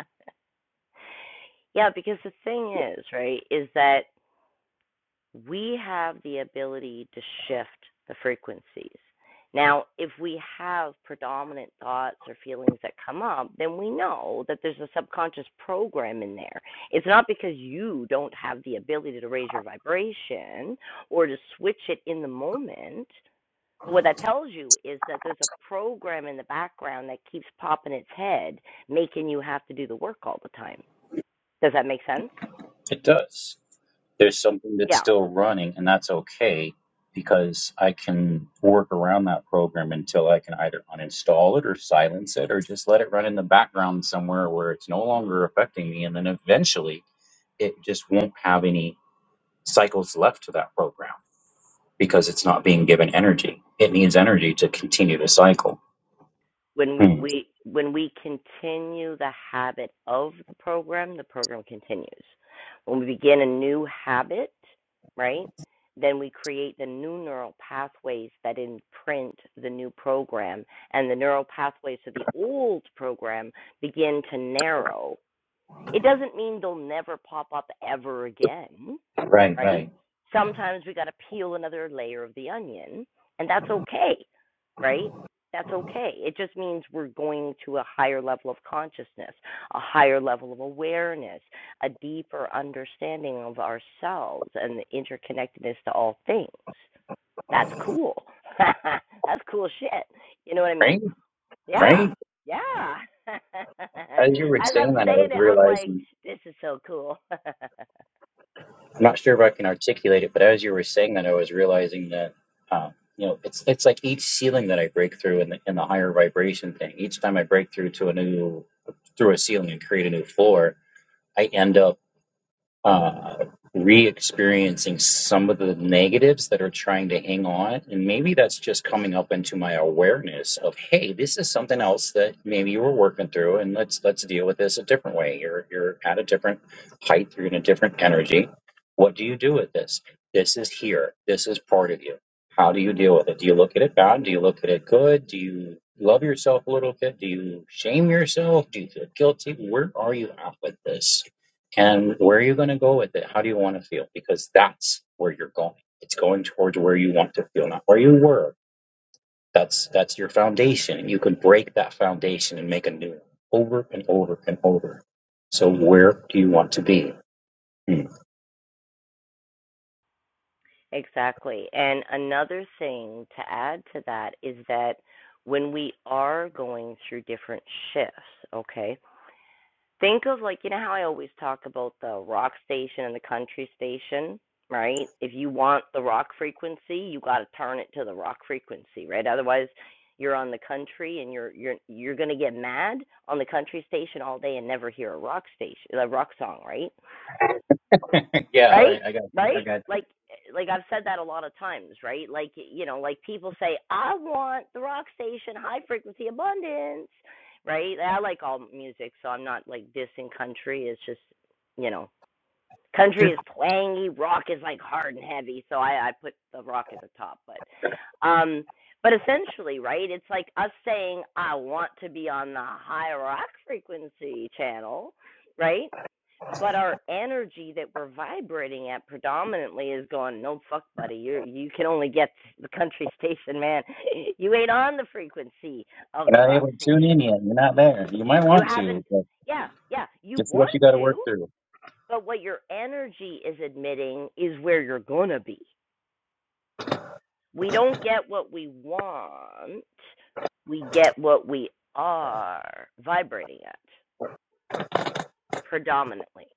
yeah, because the thing is, right, is that we have the ability to shift the frequencies. Now, if we have predominant thoughts or feelings that come up, then we know that there's a subconscious program in there. It's not because you don't have the ability to raise your vibration or to switch it in the moment. But what that tells you is that there's a program in the background that keeps popping its head, making you have to do the work all the time. Does that make sense?
It does. There's something that's
Yeah.
still running, and that's okay because I can work around that program until I can either uninstall it or silence it or just let it run in the background somewhere where it's no longer affecting me. And then eventually it just won't have any cycles left to that program because it's not being given energy. It needs energy to continue to cycle.
when we,
Hmm.
we when we continue the habit of the program, the program continues. When we begin a new habit, right, then we create the new neural pathways that imprint the new program, and the neural pathways to the old program begin to narrow. It doesn't mean they'll never pop up ever again,
Right,
right?
right.
Sometimes we got to peel another layer of the onion, and that's okay, right? That's okay. It just means we're going to a higher level of consciousness, a higher level of awareness, a deeper understanding of ourselves and the interconnectedness to all things. That's cool. [LAUGHS] that's cool shit. You know what I mean?
Right,
Yeah.
right.
Yeah. [LAUGHS]
As you were
As
saying
I'm
that, I was
saying it, I'm like,
realizing.
this is so cool. [LAUGHS]
I'm not sure if I can articulate it, but as you were saying that, I was realizing that uh, you know it's it's like each ceiling that I break through in the in the higher vibration thing. Each time I break through to a new through a ceiling and create a new floor, I end up uh, re-experiencing some of the negatives that are trying to hang on and maybe that's just coming up into my awareness of hey this is something else that maybe you were working through and let's let's deal with this a different way you're you're at a different height you're in a different energy what do you do with this this is here this is part of you how do you deal with it do you look at it bad do you look at it good do you love yourself a little bit do you shame yourself do you feel guilty where are you at with this and where are you going to go with it? How do you want to feel? Because that's where you're going. It's going towards where you want to feel, not where you were. That's that's your foundation, you can break that foundation and make a new one over and over and over. So where do you want to be? Hmm.
Exactly. And another thing to add to that is that when we are going through different shifts, okay, think of like, you know how I always talk about the rock station and the country station, right? If you want the rock frequency, you got to turn it to the rock frequency, right? Otherwise, you're on the country and you're you're you're going to get mad on the country station all day and never hear a rock station a rock song, right?
All
right
right, I got
right like like i've said that a lot of times right like you know like people say i want the rock station high frequency abundance right i like all music so i'm not like dissing country it's just you know country
you.
is twangy rock is like hard and heavy so i i put the rock at the top but um but essentially right it's like us saying i want to be on the high rock frequency channel right but our energy that we're vibrating at predominantly is going no fuck buddy you you can only get [LAUGHS] the country station man [LAUGHS] you ain't on the frequency of
You're
the
not
rock
able to tune
station
in yet. You're not there. You might
you
want
haven't
to, but
yeah yeah you
it's
want
what you got to
to
work through.
but what your energy is admitting is where you're going to be we don't get what we want we get what we are vibrating at predominantly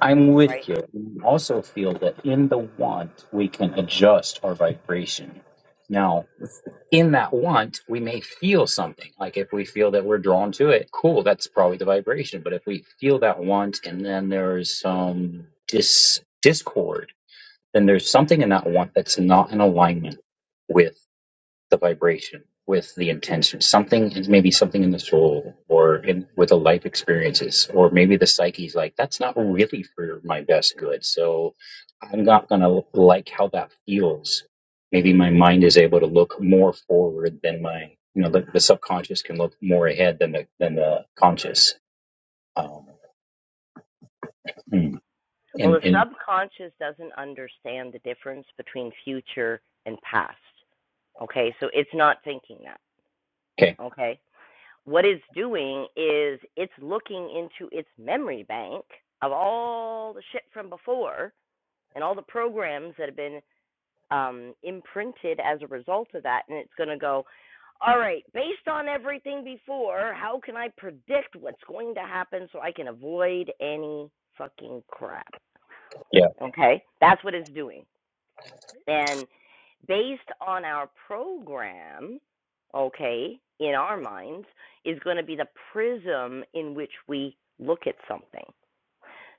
I'm
right
with you. I also feel that in the want we can adjust our vibration. Now. in that want, we may feel something. Like if we feel that we're drawn to it, cool, that's probably the vibration. But if we feel that want and then there's some dis- discord, then there's something in that want that's not in alignment with the vibration with the intention something maybe something in the soul or in with the life experiences or maybe the psyche's like that's not really for my best good so i'm not going to like how that feels maybe my mind is able to look more forward than my you know the, the subconscious can look more ahead than the than the conscious um hmm.
Well, the
and and
subconscious doesn't understand the difference between future and past. Okay, so it's not thinking that.
okay
Okay, what it's doing is it's looking into its memory bank of all the shit from before and all the programs that have been um, imprinted as a result of that, and it's going to go, all right, based on everything before, how can I predict what's going to happen so I can avoid any fucking crap?
yeah
Okay, that's what it's doing. And based on our program, okay, in our minds, is going to be the prism in which we look at something.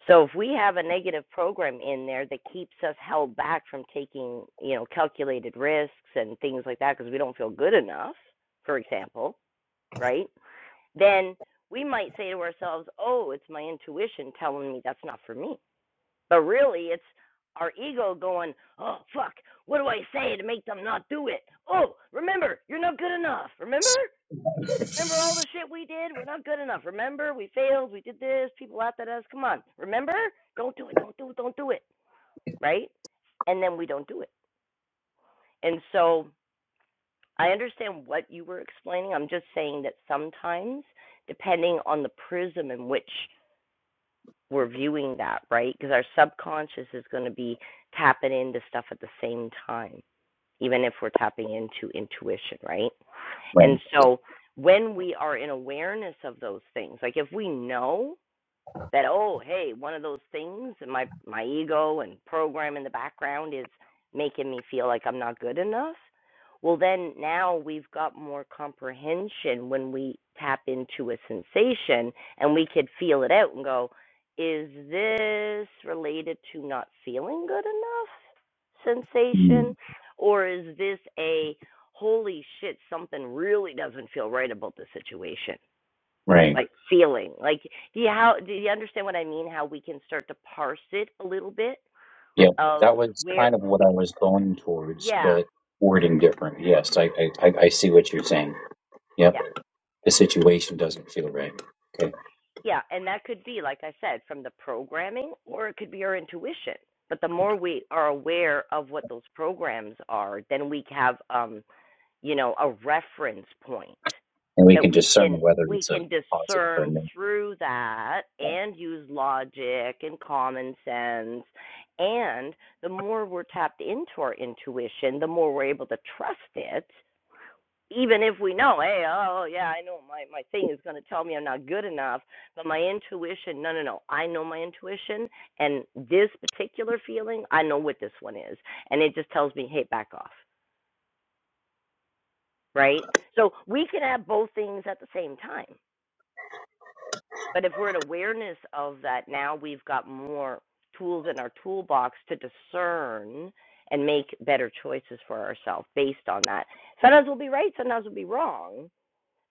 So if we have a negative program in there that keeps us held back from taking, you know, calculated risks and things like that because we don't feel good enough, for example, right? Then we might say to ourselves, "Oh, it's my intuition telling me that's not for me." But really, it's our ego going, oh, fuck, what do I say to make them not do it? Oh, remember, you're not good enough. Remember? Remember all the shit we did? We're not good enough. Remember? We failed. We did this. People laughed at us. Come on. Remember? Don't do it. Don't do it. Don't do it. Right? And then we don't do it. And so I understand what you were explaining. I'm just saying that sometimes, depending on the prism in which we're viewing that, right? Because our subconscious is going to be tapping into stuff at the same time, even if we're tapping into intuition, right?
right
And so when we are in awareness of those things, like if we know that oh hey one of those things and my my ego and program in the background is making me feel like i'm not good enough well then now we've got more comprehension when we tap into a sensation and we could feel it out and go is this related to not feeling good enough sensation
Hmm.
or is this a holy shit something really doesn't feel right about the situation
right
like feeling like do you how do you understand what i mean how we can start to parse it a little bit
Yeah,
of
that was
where
kind of what I was going towards,
yeah
but wording different. Yes, I, I, I I see what you're saying. Yep,
yeah
the situation doesn't feel right. Okay,
yeah and that could be like i said from the programming or it could be our intuition but the more we are aware of what those programs are then we have um you know a reference point
and we
that
can
we
discern
can
whether
we
it's a
can
positive or a
discern
negative.
through that
Yeah,
and use logic and common sense and the more we're tapped into our intuition the more we're able to trust it even if we know hey oh yeah i know my my thing is going to tell me i'm not good enough but my intuition no no no i know my intuition and this particular feeling i know what this one is and it just tells me hey back off right so we can have both things at the same time But if we're in awareness of that, now we've got more tools in our toolbox to discern and make better choices for ourselves based on that. Sometimes we'll be right, sometimes we'll be wrong.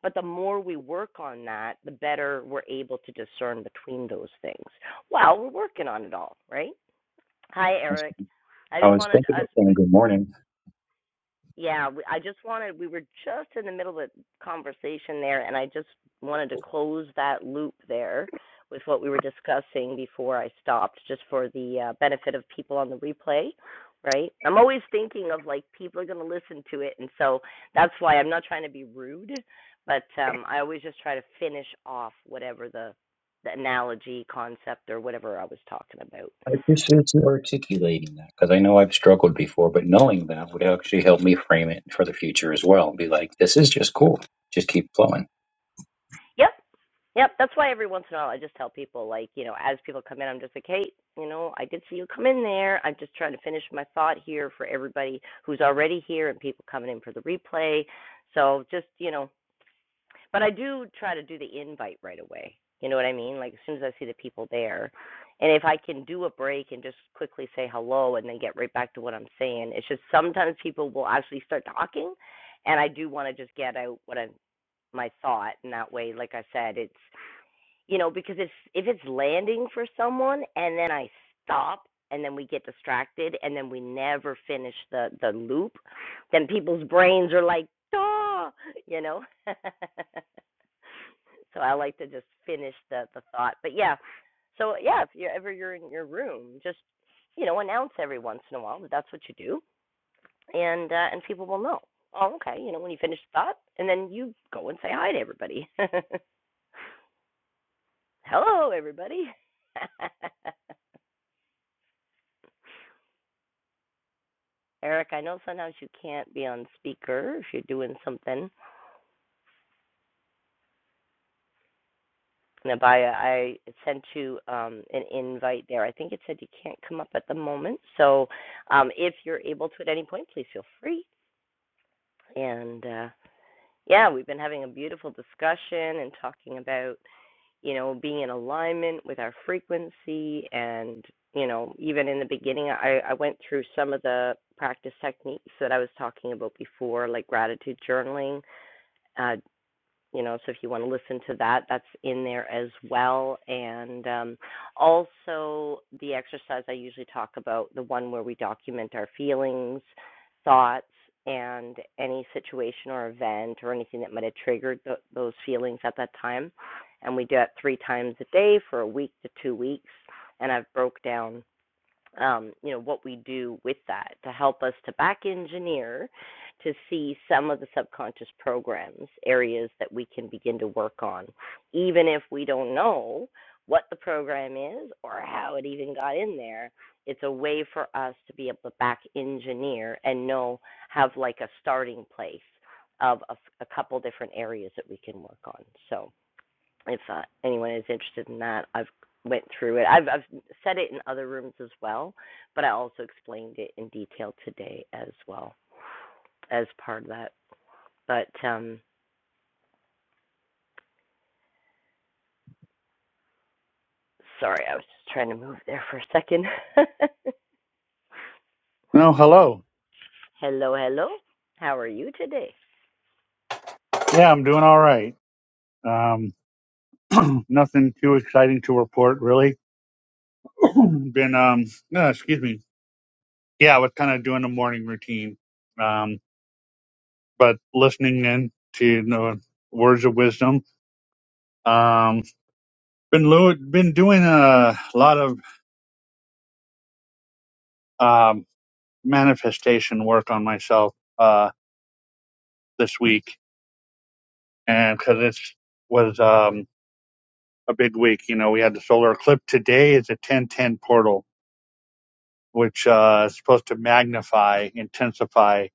But the more we work on that, the better we're able to discern between those things. Well, we're working on it all, right? Hi,
that's
Eric.
good.
I
I
just
was
wanted
thinking of
us,
saying good morning.
yeah, we, I just wanted, we were just in the middle of a conversation there, and I just wanted to close that loop there with what we were discussing before I stopped, just for the uh, benefit of people on the replay, right? I'm always thinking of like people are going to listen to it, and so that's why I'm not trying to be rude, but um, I always just try to finish off whatever the the analogy, concept, or whatever I was talking about.
I appreciate you articulating that because I know I've struggled before, but knowing that would actually help me frame it for the future as well. Be like, this is just cool. Just keep flowing.
Yep, Yep, that's why every once in a while I just tell people, like, you know, as people come in, I'm just like, hey, you know, I did see you come in there. I'm just trying to finish my thought here for everybody who's already here and people coming in for the replay. So just, you know, but I do try to do the invite right away. You know what I mean? Like, as soon as I see the people there. And if I can do a break and just quickly say hello and then get right back to what I'm saying, it's just sometimes people will actually start talking. And I do want to just get out what I'm, my thought. And that way, like I said, it's, you know because if if it's landing for someone and then i stop and then we get distracted and then we never finish the the loop then people's brains are like duh you know [LAUGHS] so i like to just finish the the thought but yeah so yeah if you're ever you're in your room just you know announce every once in a while that that's what you do and uh, and people will know oh okay you know when you finish the thought and then you go and say hi to everybody [LAUGHS] hello everybody [LAUGHS] Eric, I know sometimes you can't be on speaker if you're doing something. And Abaya, I sent you um, an invite there. I think it said you can't come up at the moment. So um, if you're able to at any point, please feel free. And uh, yeah, we've been having a beautiful discussion and talking about, you know, being in alignment with our frequency. And, you know, even in the beginning, I, I went through some of the practice techniques that I was talking about before, like gratitude journaling uh, you know so if you want to listen to that that's in there as well and um, also the exercise i usually talk about the one where we document our feelings thoughts and any situation or event or anything that might have triggered th- those feelings at that time and we do it three times a day for a week to two weeks and i've broke down um, you know what we do with that to help us to back engineer to see some of the subconscious programs areas that we can begin to work on even if we don't know what the program is or how it even got in there it's a way for us to be able to back engineer and know have like a starting place of a, a couple different areas that we can work on So if uh, anyone is interested in that, I've went through it. I've, I've said it in other rooms as well, but I also explained it in detail today as well as part of that. But um, sorry, I was just trying to move there for a second. [LAUGHS]
No, hello.
hello, hello. How are you today?
Yeah, I'm doing all right. Um, [CLEARS THROAT] nothing too exciting to report, really. [CLEARS THROAT] Been, um, no, excuse me. Yeah, I was kind of doing a morning routine, um, but listening in to you know, words of wisdom. Um, been lo- been doing a lot of um, manifestation work on myself uh, this week, and because it's was um, a big week. You know, we had the solar eclipse today. It's a ten ten portal which uh, is supposed to magnify, intensify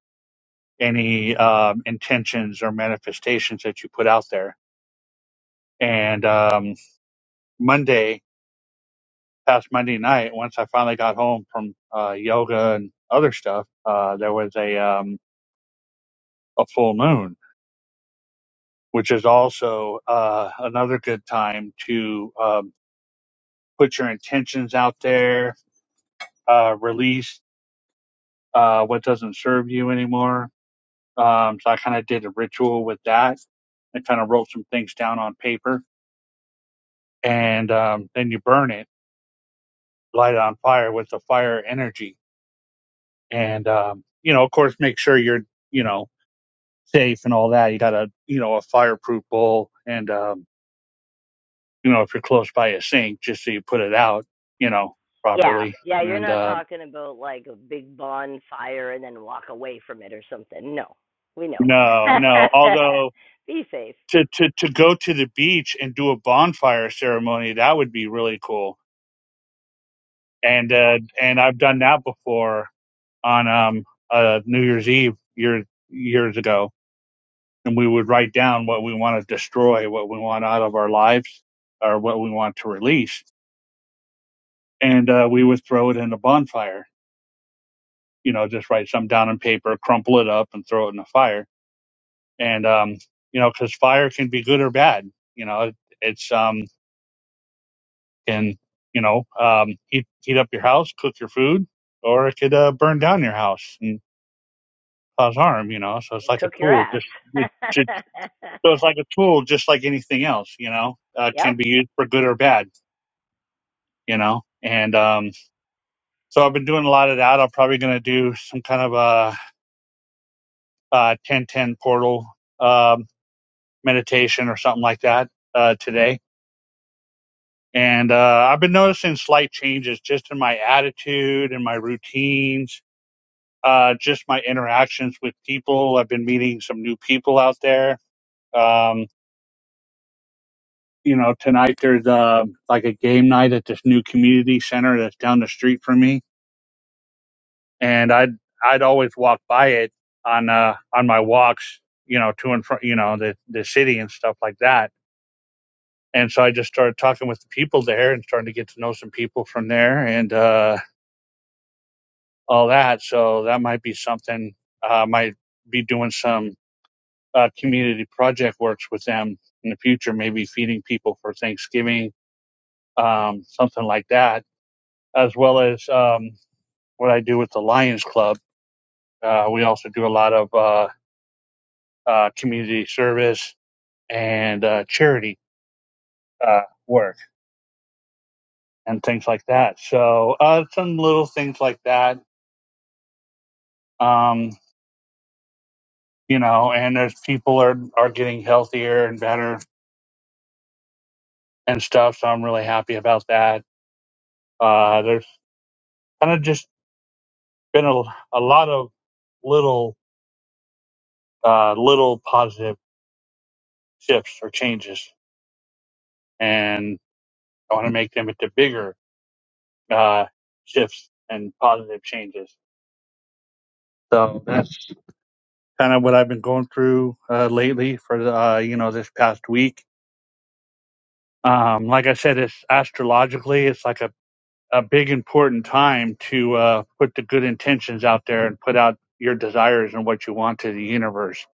any um, intentions or manifestations that you put out there. And um, Monday, past Monday night, once I finally got home from uh, yoga and other stuff, uh, there was a um, a full moon, which is also uh, another good time to um, put your intentions out there, uh, release uh, what doesn't serve you anymore Um, so I kind of did a ritual with that. I kind of wrote some things down on paper, and um, then you burn it, light it on fire with the fire energy, and um, you know, of course, make sure you're you know safe and all that. You got a you know a fireproof bowl, and um, you know if you're close by a sink, just so you put it out, you know,
Yeah,
properly.
yeah. You're
And
not
uh,
talking about like a big bonfire and then walk away from it or something. No, we know.
no,
[LAUGHS]
no, although
Be safe.
to to to go to the beach and do a bonfire ceremony, that would be really cool and uh, and I've done that before on um, uh, New Year's Eve years years ago, and we would write down what we want to destroy, what we want out of our lives, or what we want to release, and uh, we would throw it in a bonfire. You know, just write some down on paper, crumple it up, and throw it in the fire. And um, you know, because fire can be good or bad. You know, it, it's um can you know um heat heat up your house, cook your food, or it could uh, burn down your house. and cause harm, you know. So it's like a
Cook your
tool,
ass.
just it, it, so it's like
[LAUGHS]
a tool, just like anything else, you know. Uh,
yep.
can be used for good or bad, you know. And um, so I've been doing a lot of that. I'm probably going to do some kind of a, uh 1010 portal um, meditation or something like that uh, today. And uh, I've been noticing slight changes just in my attitude and my routines, uh, just my interactions with people. I've been meeting some new people out there. Um, you know, tonight there's uh like a game night at this new community center that's down the street from me, and I'd I'd always walk by it on uh on my walks, you know, to and from you know the the city and stuff like that. And so I just started talking with the people there and starting to get to know some people from there and uh all that. So that might be something uh might be doing some uh community project works with them in the future, maybe feeding people for Thanksgiving, um, something like that as well as um, what I do with the Lions Club. Uh, we also do a lot of uh, uh, community service and uh, charity uh, work and things like that. So uh, some little things like that, um, you know. And there's people are are getting healthier and better and stuff. So I'm really happy about that. Uh, there's kind of just been a, a lot of little uh, little positive shifts or changes, and I want to make them into bigger uh, shifts and positive changes. So that's kind of what I've been going through uh, lately for the, uh, you know this past week. Um, like I said, it's astrologically, it's like a, a big important time to uh, put the good intentions out there and put out your desires and what you want to the universe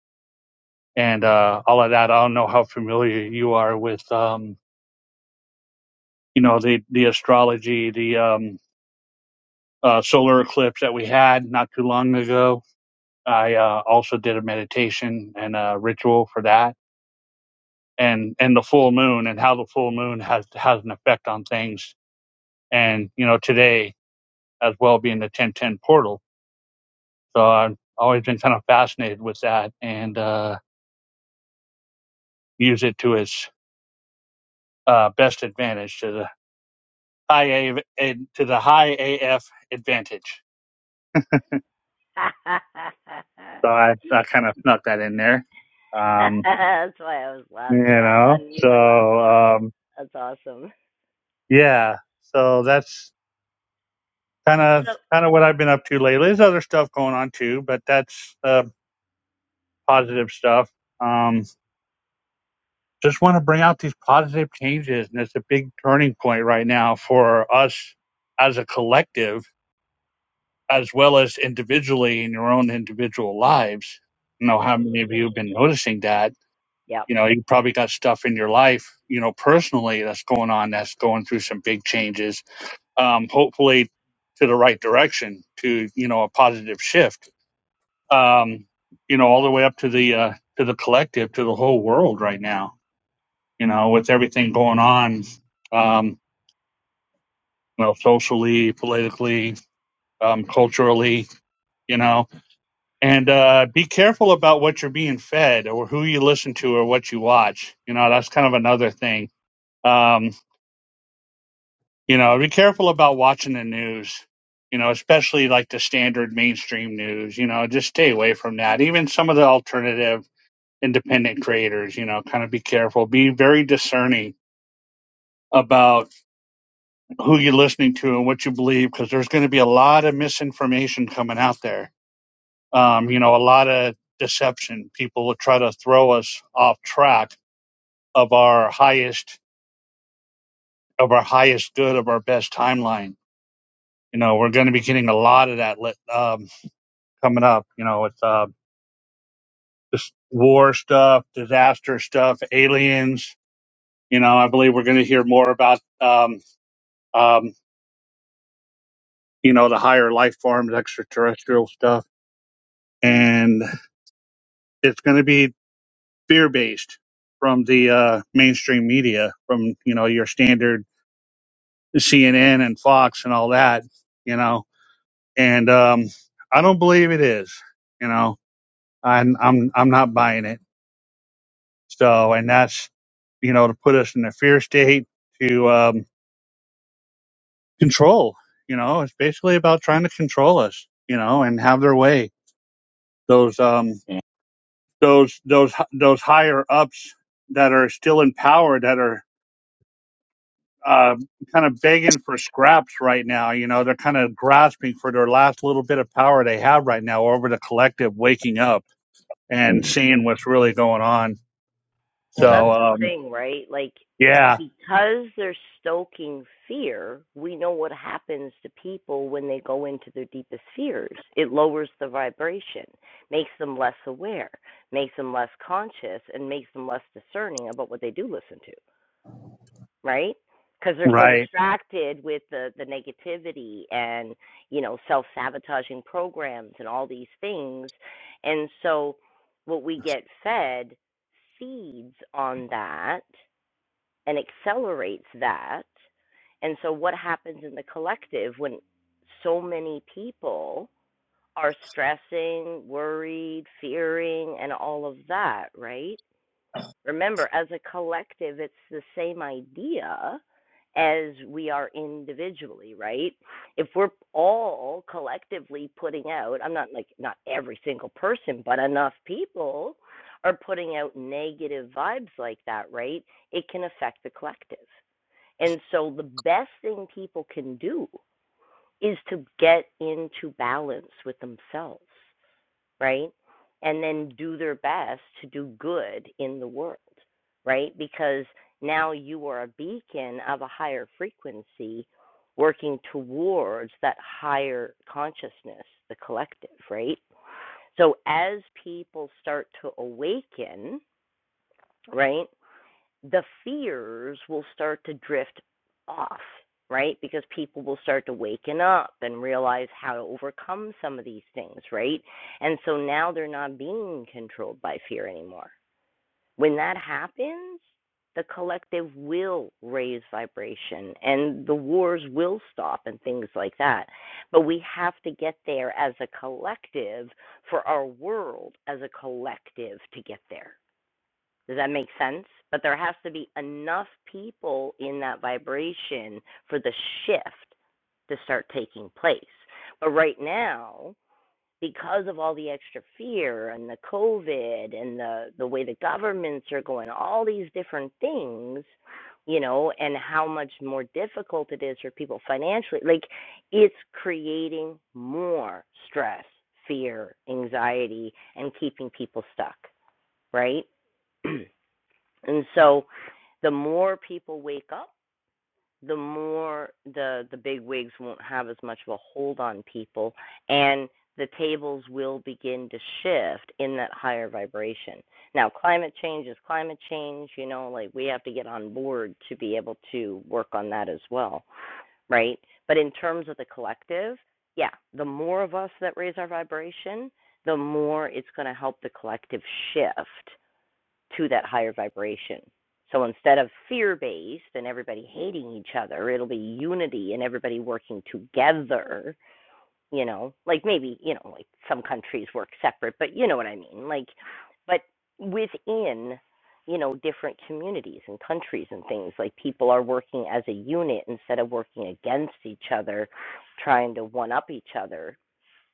and uh, all of that. I don't know how familiar you are with um, you know the the astrology, the um, uh, solar eclipse that we had not too long ago I uh, also did a meditation and a ritual for that, and and the full moon and how the full moon has has an effect on things, and you know today as well being the ten ten portal. So I've always been kind of fascinated with that and uh, use it to its uh, best advantage to the high A, A- to the high AF advantage.
[LAUGHS] That's
So I, I kind of snuck that in there, um,
why I was
you
laughing. I
know.
unmute to laugh.
So um,
That's awesome.
yeah, so that's. kind of
No,
kind of what I've been up to lately. There's other stuff going on too, but that's uh, positive stuff. Um, just want to bring out these positive changes, and it's a big turning point right now for us as a collective, as well as individually in your own individual lives. I don't know how many of
Absolutely.
you have been noticing that.
Yep.
You know, you probably got stuff in your life, you know, personally that's going on, that's going through some big changes. Um, hopefully, to the right direction, to you know, a positive shift um, you know, all the way up to the uh, to the collective, to the whole world right now. You know, with everything going on, um, you know, socially, politically, um, culturally, you know, and uh, be careful about what you're being fed or who you listen to or what you watch. You know, that's kind of another thing. Um, you know, be careful about watching the news. You know, especially like the standard mainstream news. You know, just stay away from that. Even some of the alternative. independent creators, you know, kind of be careful, be very discerning about who you're listening to and what you believe, because there's going to be a lot of misinformation coming out there. Um, you know, a lot of deception. People will try to throw us off track of our highest, of our highest good, of our best timeline. You know, we're going to be getting a lot of that lit, um, coming up. You know, with uh, this war stuff, disaster stuff, aliens. You know, I believe we're going to hear more about um, um, you know, the higher life forms, extraterrestrial stuff. And it's going to be fear based from the uh, mainstream media, from, you know, your standard CNN and Fox and all that, you know. And um, I don't believe it is, you know, I'm, I'm, I'm not buying it. So, and that's, you know, to put us in a fear state to um, control, you know, it's basically about trying to control us, you know, and have their way. Those, um,
Yeah.
those those those higher ups that are still in power that are uh, kind of begging for scraps right now. You know, they're kind of grasping for their last little bit of power they have right now over the collective waking up and seeing what's really going on.
Well,
Mm.
that's
So,
the
um,
thing, right? Like,
yeah,
because they're stoking fear, we know what happens to people when they go into their deepest fears. It lowers the vibration, makes them less aware, makes them less conscious, and makes them less discerning about what they do listen to. right? Because they're so
right,
distracted with the, the negativity and, you know, self sabotaging programs and all these things. And so what we get fed feeds on that and accelerates that. And so what happens in the collective when so many people are stressing, worried, fearing, and all of that, right? Remember, as a collective, it's the same idea as we are individually, right? If we're all collectively putting out, I'm not like not every single person, but enough people are putting out negative vibes like that, right? It can affect the collective. And so the best thing people can do is to get into balance with themselves right? And then do their best to do good in the world, right? Because now you are a beacon of a higher frequency working towards that higher consciousness, the collective, right? So as people start to awaken, right, the fears will start to drift off, right? Because people will start to waken up and realize how to overcome some of these things, right? And so now they're not being controlled by fear anymore. When that happens, the collective will raise vibration and the wars will stop and things like that. But we have to get there as a collective for our world as a collective to get there. Does that make sense? But there has to be enough people in that vibration for the shift to start taking place. But right now, because of all the extra fear and the COVID and the, the way the governments are going, all these different things, you know, and how much more difficult it is for people financially, like it's creating more stress, fear, anxiety, and keeping people stuck, right? [CLEARS THROAT] And so the more people wake up, the more the the big wigs won't have as much of a hold on people and the tables will begin to shift in that higher vibration. Now climate change is climate change, you know, like we have to get on board to be able to work on that as well, right? But in terms of the collective, yeah, the more of us that raise our vibration, the more it's going to help the collective shift to that higher vibration. So instead of fear based and everybody hating each other, it'll be unity and everybody working together, you know, like maybe, you know, like some countries work separate, but you know what I mean. Like, but within, you know, different communities and countries and things, like people are working as a unit instead of working against each other, trying to one up each other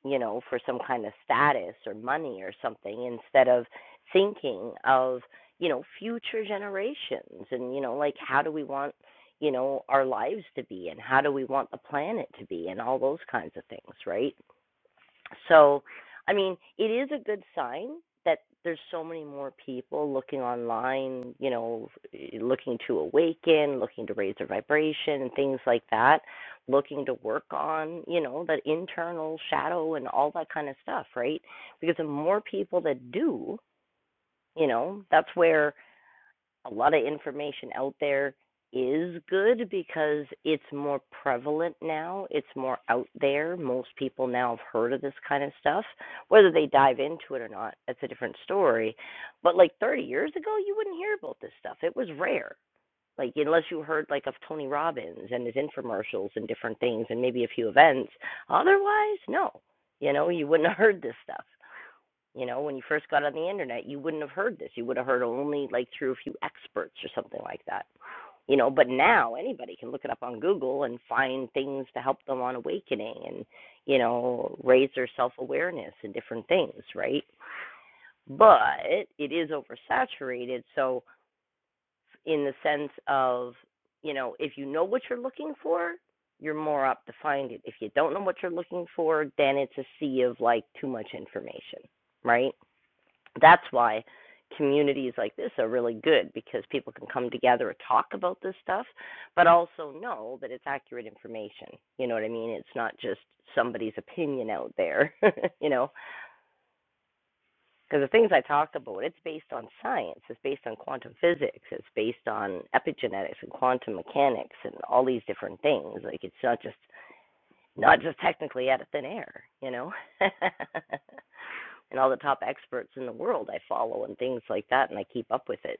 you know, for some kind of status or money or something instead of thinking of, you know, future generations and, you know, like how do we want, you know, our lives to be and how do we want the planet to be and all those kinds of things, right? So, I mean, it is a good sign that there's so many more people looking online, you know, eh, looking to awaken, looking to raise their vibration and things like that, looking to work on, you know, that internal shadow and all that kind of stuff, right? Because the more people that do, you know, that's where a lot of information out there is good because it's more prevalent now. It's more out there. Most people now have heard of this kind of stuff. Whether they dive into it or not, that's a different story. But like 30 years ago, you wouldn't hear about this stuff. It was rare. Like unless you heard like of Tony Robbins and his infomercials and different things and maybe a few events. Otherwise, no. You know, you wouldn't [LAUGHS] have heard this stuff. You know, when you first got on the internet, you wouldn't have heard this. You would have heard only like through a few experts or something like that. You know, but now anybody can look it up on Google and find things to help them on awakening and, you know, raise their self awareness and different things, right? But it is oversaturated. So, in the sense of, you know, if you know what you're looking for, you're more up to find it. If you don't know what you're looking for, then it's a sea of like too much information, right? That's why communities like this are really good because people can come together and talk about this stuff, but also know that it's accurate information. You know what I mean? It's not just somebody's opinion out there, [LAUGHS] you know? Because the things I talk about, it's based on science, it's based on quantum physics, it's based on epigenetics and quantum mechanics and all these different things. Like, it's not just not just technically out of thin air, you know. [LAUGHS] and all the top experts in the world I follow and things like that and I keep up with it.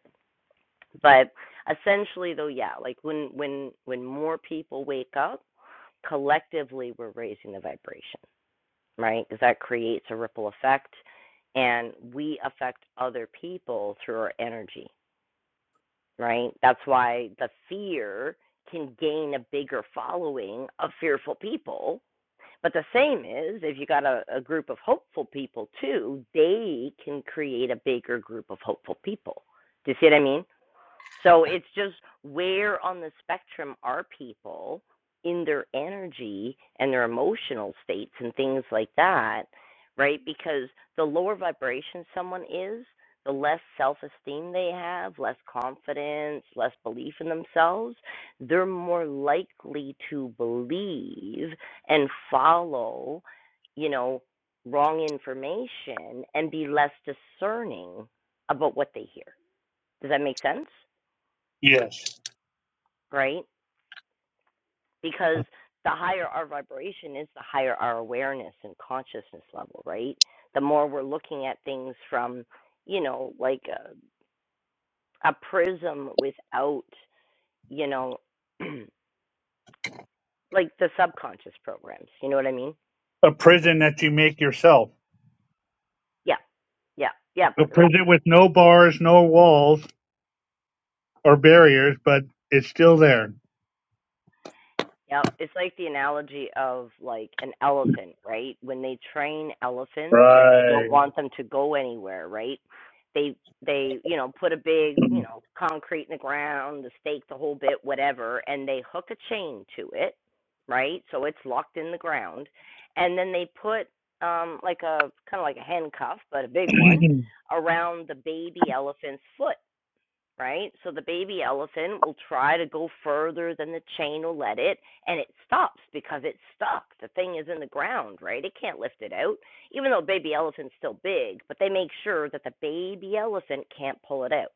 But essentially though, yeah, like when when when more people wake up, collectively we're raising the vibration, right? Because that creates a ripple effect and we affect other people through our energy, right? That's why the fear can gain a bigger following of fearful people but the same is if you got a, a group of hopeful people too, they can create a bigger group of hopeful people. Do you see what I mean? So it's just where on the spectrum are people in their energy and their emotional states and things like that, right? Because the lower vibration someone is, the less self esteem they have, less confidence, less belief in themselves, they're more likely to believe and follow, you know, wrong information and be less discerning about what they hear. Does that make sense?
yes,
right? Because the higher our vibration is, the higher our awareness and consciousness level, right? The more we're looking at things from, you know, like a, a prism without, you know, [CLEARS THROAT] like the subconscious programs. You know what I mean?
a prison that you make yourself,
Yeah, yeah, yeah.
a
But like
prison with no bars, no walls or barriers, but it's still there.
Yep, it's like the analogy of like an elephant, right? When they train elephants and they don't
Right.
want them to go anywhere, right? They they, you know, put a big,
[CLEARS THROAT]
you know, concrete in the ground, the stake, the whole bit, whatever, and they hook a chain to it, right? So it's locked in the ground. And then they put um like a kind of like a handcuff, but a big one around the baby elephant's foot right? So the baby elephant will try to go further than the chain will let it, and it stops because it's stuck. The thing is in the ground, right? It can't lift it out, even though baby elephant's still big, but they make sure that the baby elephant can't pull it out.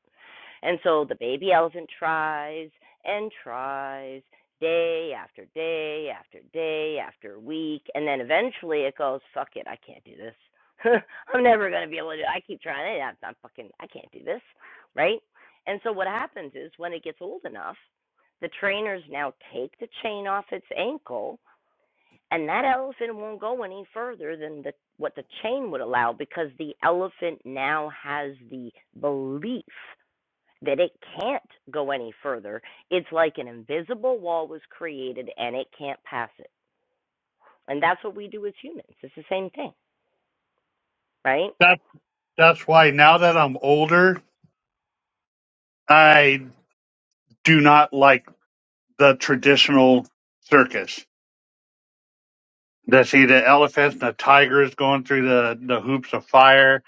And so the baby elephant tries and tries day after day after day after week. And then eventually it goes, fuck it, I can't do this. [LAUGHS] I'm never going to be able to do it. I keep trying it. I'm, I'm fucking, I can't do this. Right? And so what happens is when it gets old enough, the trainers now take the chain off its ankle and that elephant won't go any further than the, what the chain would allow because the elephant now has the belief that it can't go any further. It's like an invisible wall was created and it can't pass it. And that's what we do as humans. It's the same thing, right?
that's that's why now that I'm older. I do not like the traditional circus. To see the elephants and the tigers going through the, the hoops of fire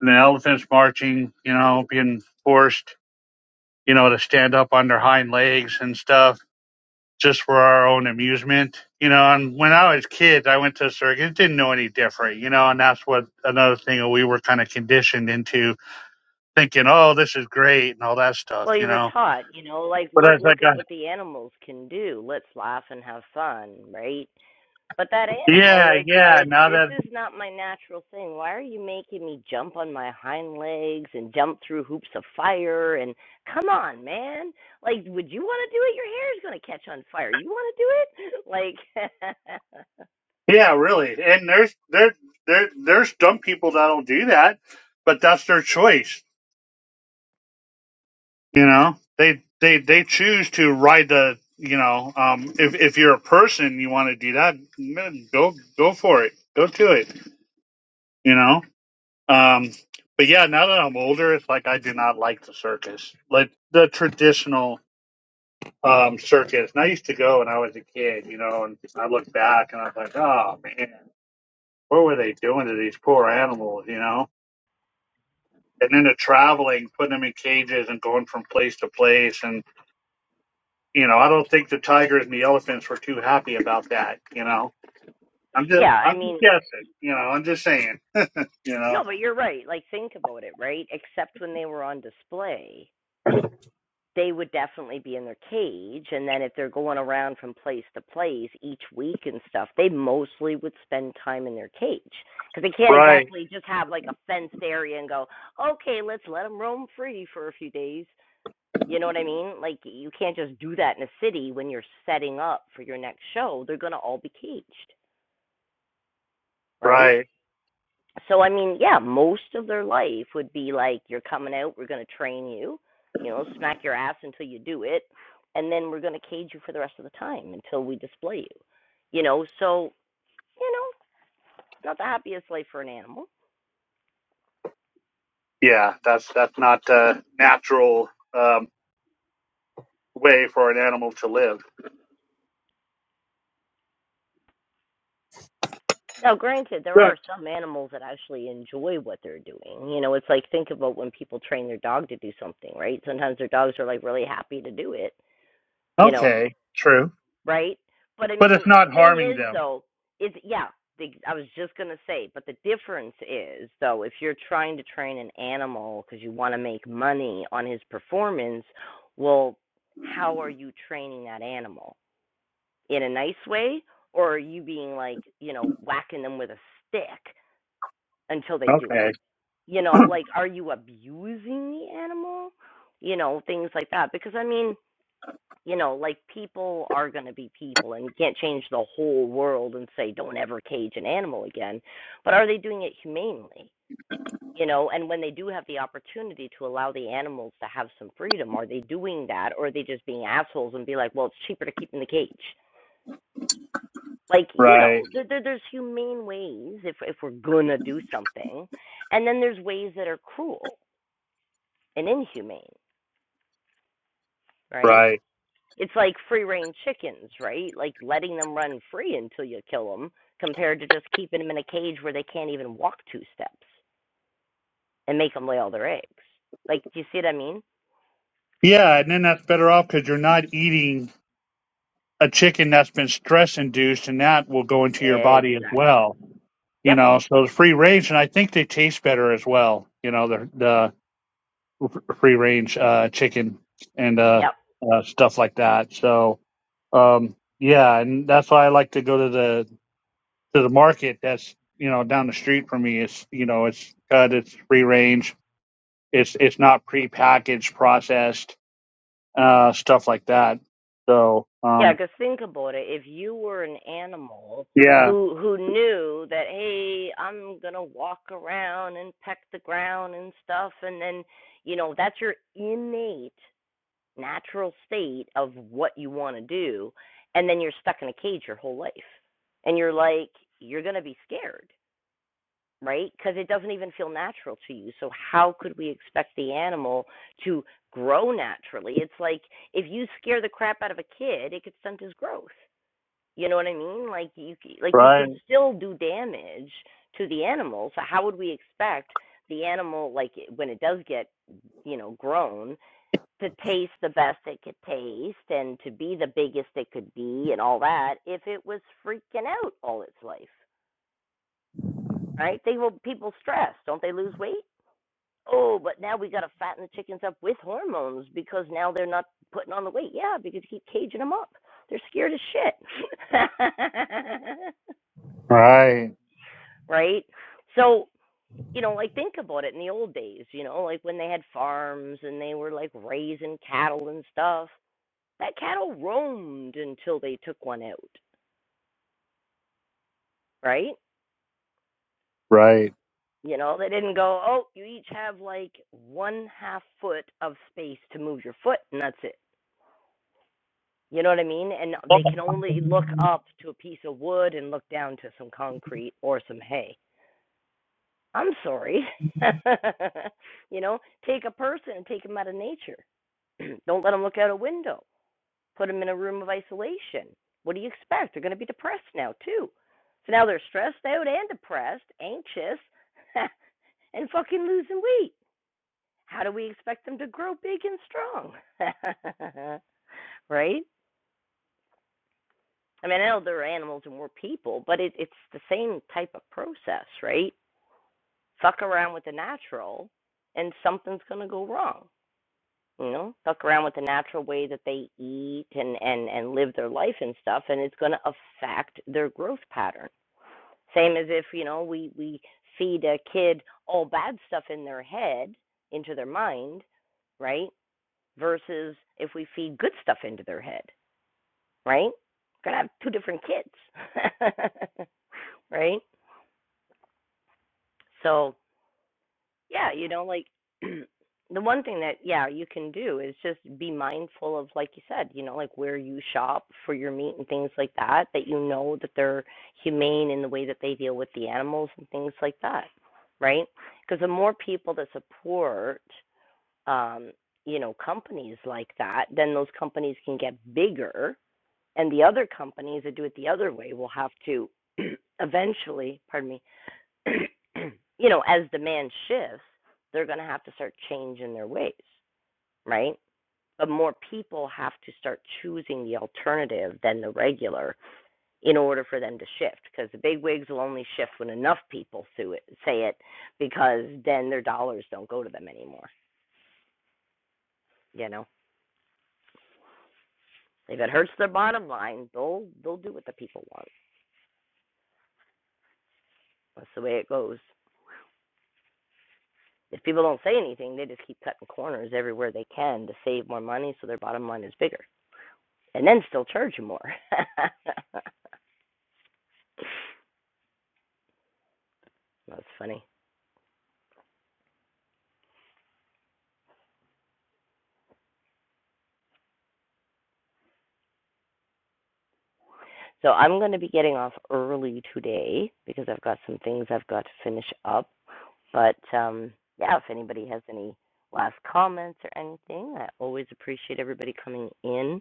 and the elephants marching, you know, being forced, you know, to stand up on their hind legs and stuff just for our own amusement. You know, and when I was kids, I went to a circus, didn't know any different, you know, and that's what another thing that we were kind of conditioned into thinking, oh, this is great and all that stuff,
Well, you
you
were
know.
taught, you know, like
But
look
as I
look at
got
what the animals can do. Let's laugh and have fun, right? But that animal
yeah,
is
yeah.
like,
Now
this
that
is not my natural thing. Why are you making me jump on my hind legs and jump through hoops of fire? And come on, man. Like, would you want to do it? Your hair is going to catch on fire. You want to do it? Like,
Yeah, really. And there's there there there's dumb people that'll do that, but that's their choice. You know, they they they choose to ride the. You know, um, if if you're a person, you want to do that, man, go go for it, go to it. You know, um, but yeah, now that I'm older, it's like I do not like the circus, like the traditional um circus. And I used to go when I was a kid, you know, and I look back and I was like, oh man, what were they doing to these poor animals? You know, and then the traveling, putting them in cages and going from place to place. And you know, I don't think the tigers and the elephants were too happy about that. You know, I'm
[LAUGHS]
just,
yeah, I
I'm
mean,
just guessing. You know, I'm just saying. You know,
no, but you're right. Like, think about it, right? Except when they were on display they would definitely be in their cage and then if they're going around from place to place each week and stuff they mostly would spend time in their cage because they can't
right,
exactly just have like a fenced area and go okay let's let them roam free for a few days you know what i mean like you can't just do that in a city when you're setting up for your next show they're going to all be caged right
right,
so I mean, yeah, most of their life would be like, you're coming out, we're going to train you, you know, smack your ass until you do it, and then we're going to cage you for the rest of the time until we display you, you know. So you know, not the happiest life for an animal.
yeah. That's that's not a natural um, way for an animal to live.
Now, granted, there
Good.
are some animals that actually enjoy what they're doing. You know, it's like think about when people train their dog to do something, right? Sometimes their dogs are like really happy to do it, you know,
Okay. True.
right? But I
But
mean,
it's
the
not
thing
harming
is,
them.
though, is yeah, the, I was just gonna say, but the difference is, though, if you're trying to train an animal because you want to make money on his performance, well, how are you training that animal in a nice way, or are you being like, you know, whacking them with a stick until they do it?
Okay.
You
[CLEARS THROAT]
know, like, are you abusing the animal? You know, things like that. Because I mean, you know, like people are going to be people, and you can't change the whole world and say don't ever cage an animal again. But are they doing it humanely? You know, and when they do have the opportunity to allow the animals to have some freedom, are they doing that, or are they just being assholes and be like, well, it's cheaper to keep in the cage? Like, you
Right.
know, there, there, there's humane ways if if we're gonna do something, and then there's ways that are cruel and inhumane, right?
Right.
it's like free range chickens, right? Like letting them run free until you kill them, compared to just keeping them in a cage where they can't even walk two steps and make them lay all their eggs. Like, do you see what I mean?
Yeah, and then that's better off because you're not eating a chicken that's been stress induced and that will go into your body as
Exactly.
well. You
Yep.
know, so the free range and I think they taste better as well. You know, the the free range uh, chicken and uh,
Yep.
uh, stuff like that. So um, yeah, and that's why I like to go to the to the market that's you know down the street from me. It's you know it's cut, it's free range, it's it's not prepackaged, processed uh, stuff like that. So
Yeah,
um,
because think about it. If you were an animal
yeah,
who who knew that, hey, I'm gonna walk around and peck the ground and stuff, and then you know that's your innate natural state of what you want to do and then you're stuck in a cage your whole life and you're like you're going to be scared right because it doesn't even feel natural to you so how could we expect the animal to grow naturally it's like if you scare the crap out of a kid it could stunt his growth you know what i mean like you like you
right,
can still do damage to the animal so how would we expect the animal like when it does get you know grown to taste the best it could taste and to be the biggest it could be and all that if it was freaking out all its life, right? They will people stress, don't they lose weight? Oh, but now we got to fatten the chickens up with hormones because now they're not putting on the weight. Yeah, because you keep caging them up. They're scared as shit.
right.
[LAUGHS] right? So, you know, like think about it in the old days, you know, like when they had farms and they were like raising cattle and stuff that cattle roamed until they took one out, right?
Right.
You know, they didn't go, oh, you each have like one half foot of space to move your foot, and that's it. You know what I mean? And
Well,
they can only look up to a piece of wood and look down to some concrete or some hay. I'm sorry. [LAUGHS] you know, take a person and take them out of nature. [CLEARS THROAT] Don't let them look out a window. put them in a room of isolation. What do you expect? They're going to be depressed now, too. So now they're stressed out and depressed, anxious, [LAUGHS] and fucking losing weight. How do we expect them to grow big and strong? [LAUGHS] right? I mean, I know there are animals and we're people, but it, it's the same type of process, right? Fuck around with the natural, and something's going to go wrong. You know, fuck around with the natural way that they eat and and and live their life and stuff, and it's going to affect their growth pattern. Same as if, you know, we, we feed a kid all bad stuff in their head, into their mind, right? Versus if we feed good stuff into their head, right? Gonna have two different kids, [LAUGHS] right? So Yeah, you know, like [CLEARS THROAT] the one thing that yeah, you can do is just be mindful of like you said, you know, like where you shop for your meat and things like that that you know that they're humane in the way that they deal with the animals and things like that, right? Because the more people that support um, you know, companies like that, then those companies can get bigger and the other companies that do it the other way will have to [CLEARS THROAT] eventually, pardon me, [CLEARS THROAT] you know, as demand shifts, they're going to have to start changing their ways, right? But more people have to start choosing the alternative than the regular in order for them to shift because the big wigs will only shift when enough people sue it, say it because then their dollars don't go to them anymore, you know? If it hurts their bottom line, they'll they'll do what the people want. That's the way it goes. If people don't say anything, they just keep cutting corners everywhere they can to save more money so their bottom line is bigger. and then still charge you more. [LAUGHS] That's funny. So I'm going to be getting off early today because I've got some things I've got to finish up. But um, yeah, if anybody has any last comments or anything, I always appreciate everybody coming in.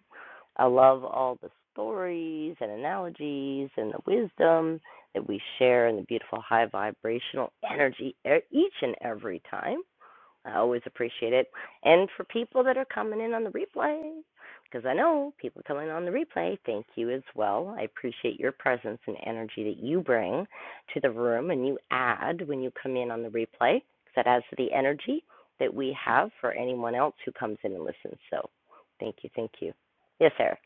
I love all the stories and analogies and the wisdom that we share and the beautiful high vibrational energy e- each and every time. I always appreciate it. And for people that are coming in on the replay, because I know people coming on the replay, thank you as well. I appreciate your presence and energy that you bring to the room and you add when you come in on the replay, because that adds to the energy that we have for anyone else who comes in and listens. So thank you, thank you. Yes, Eric.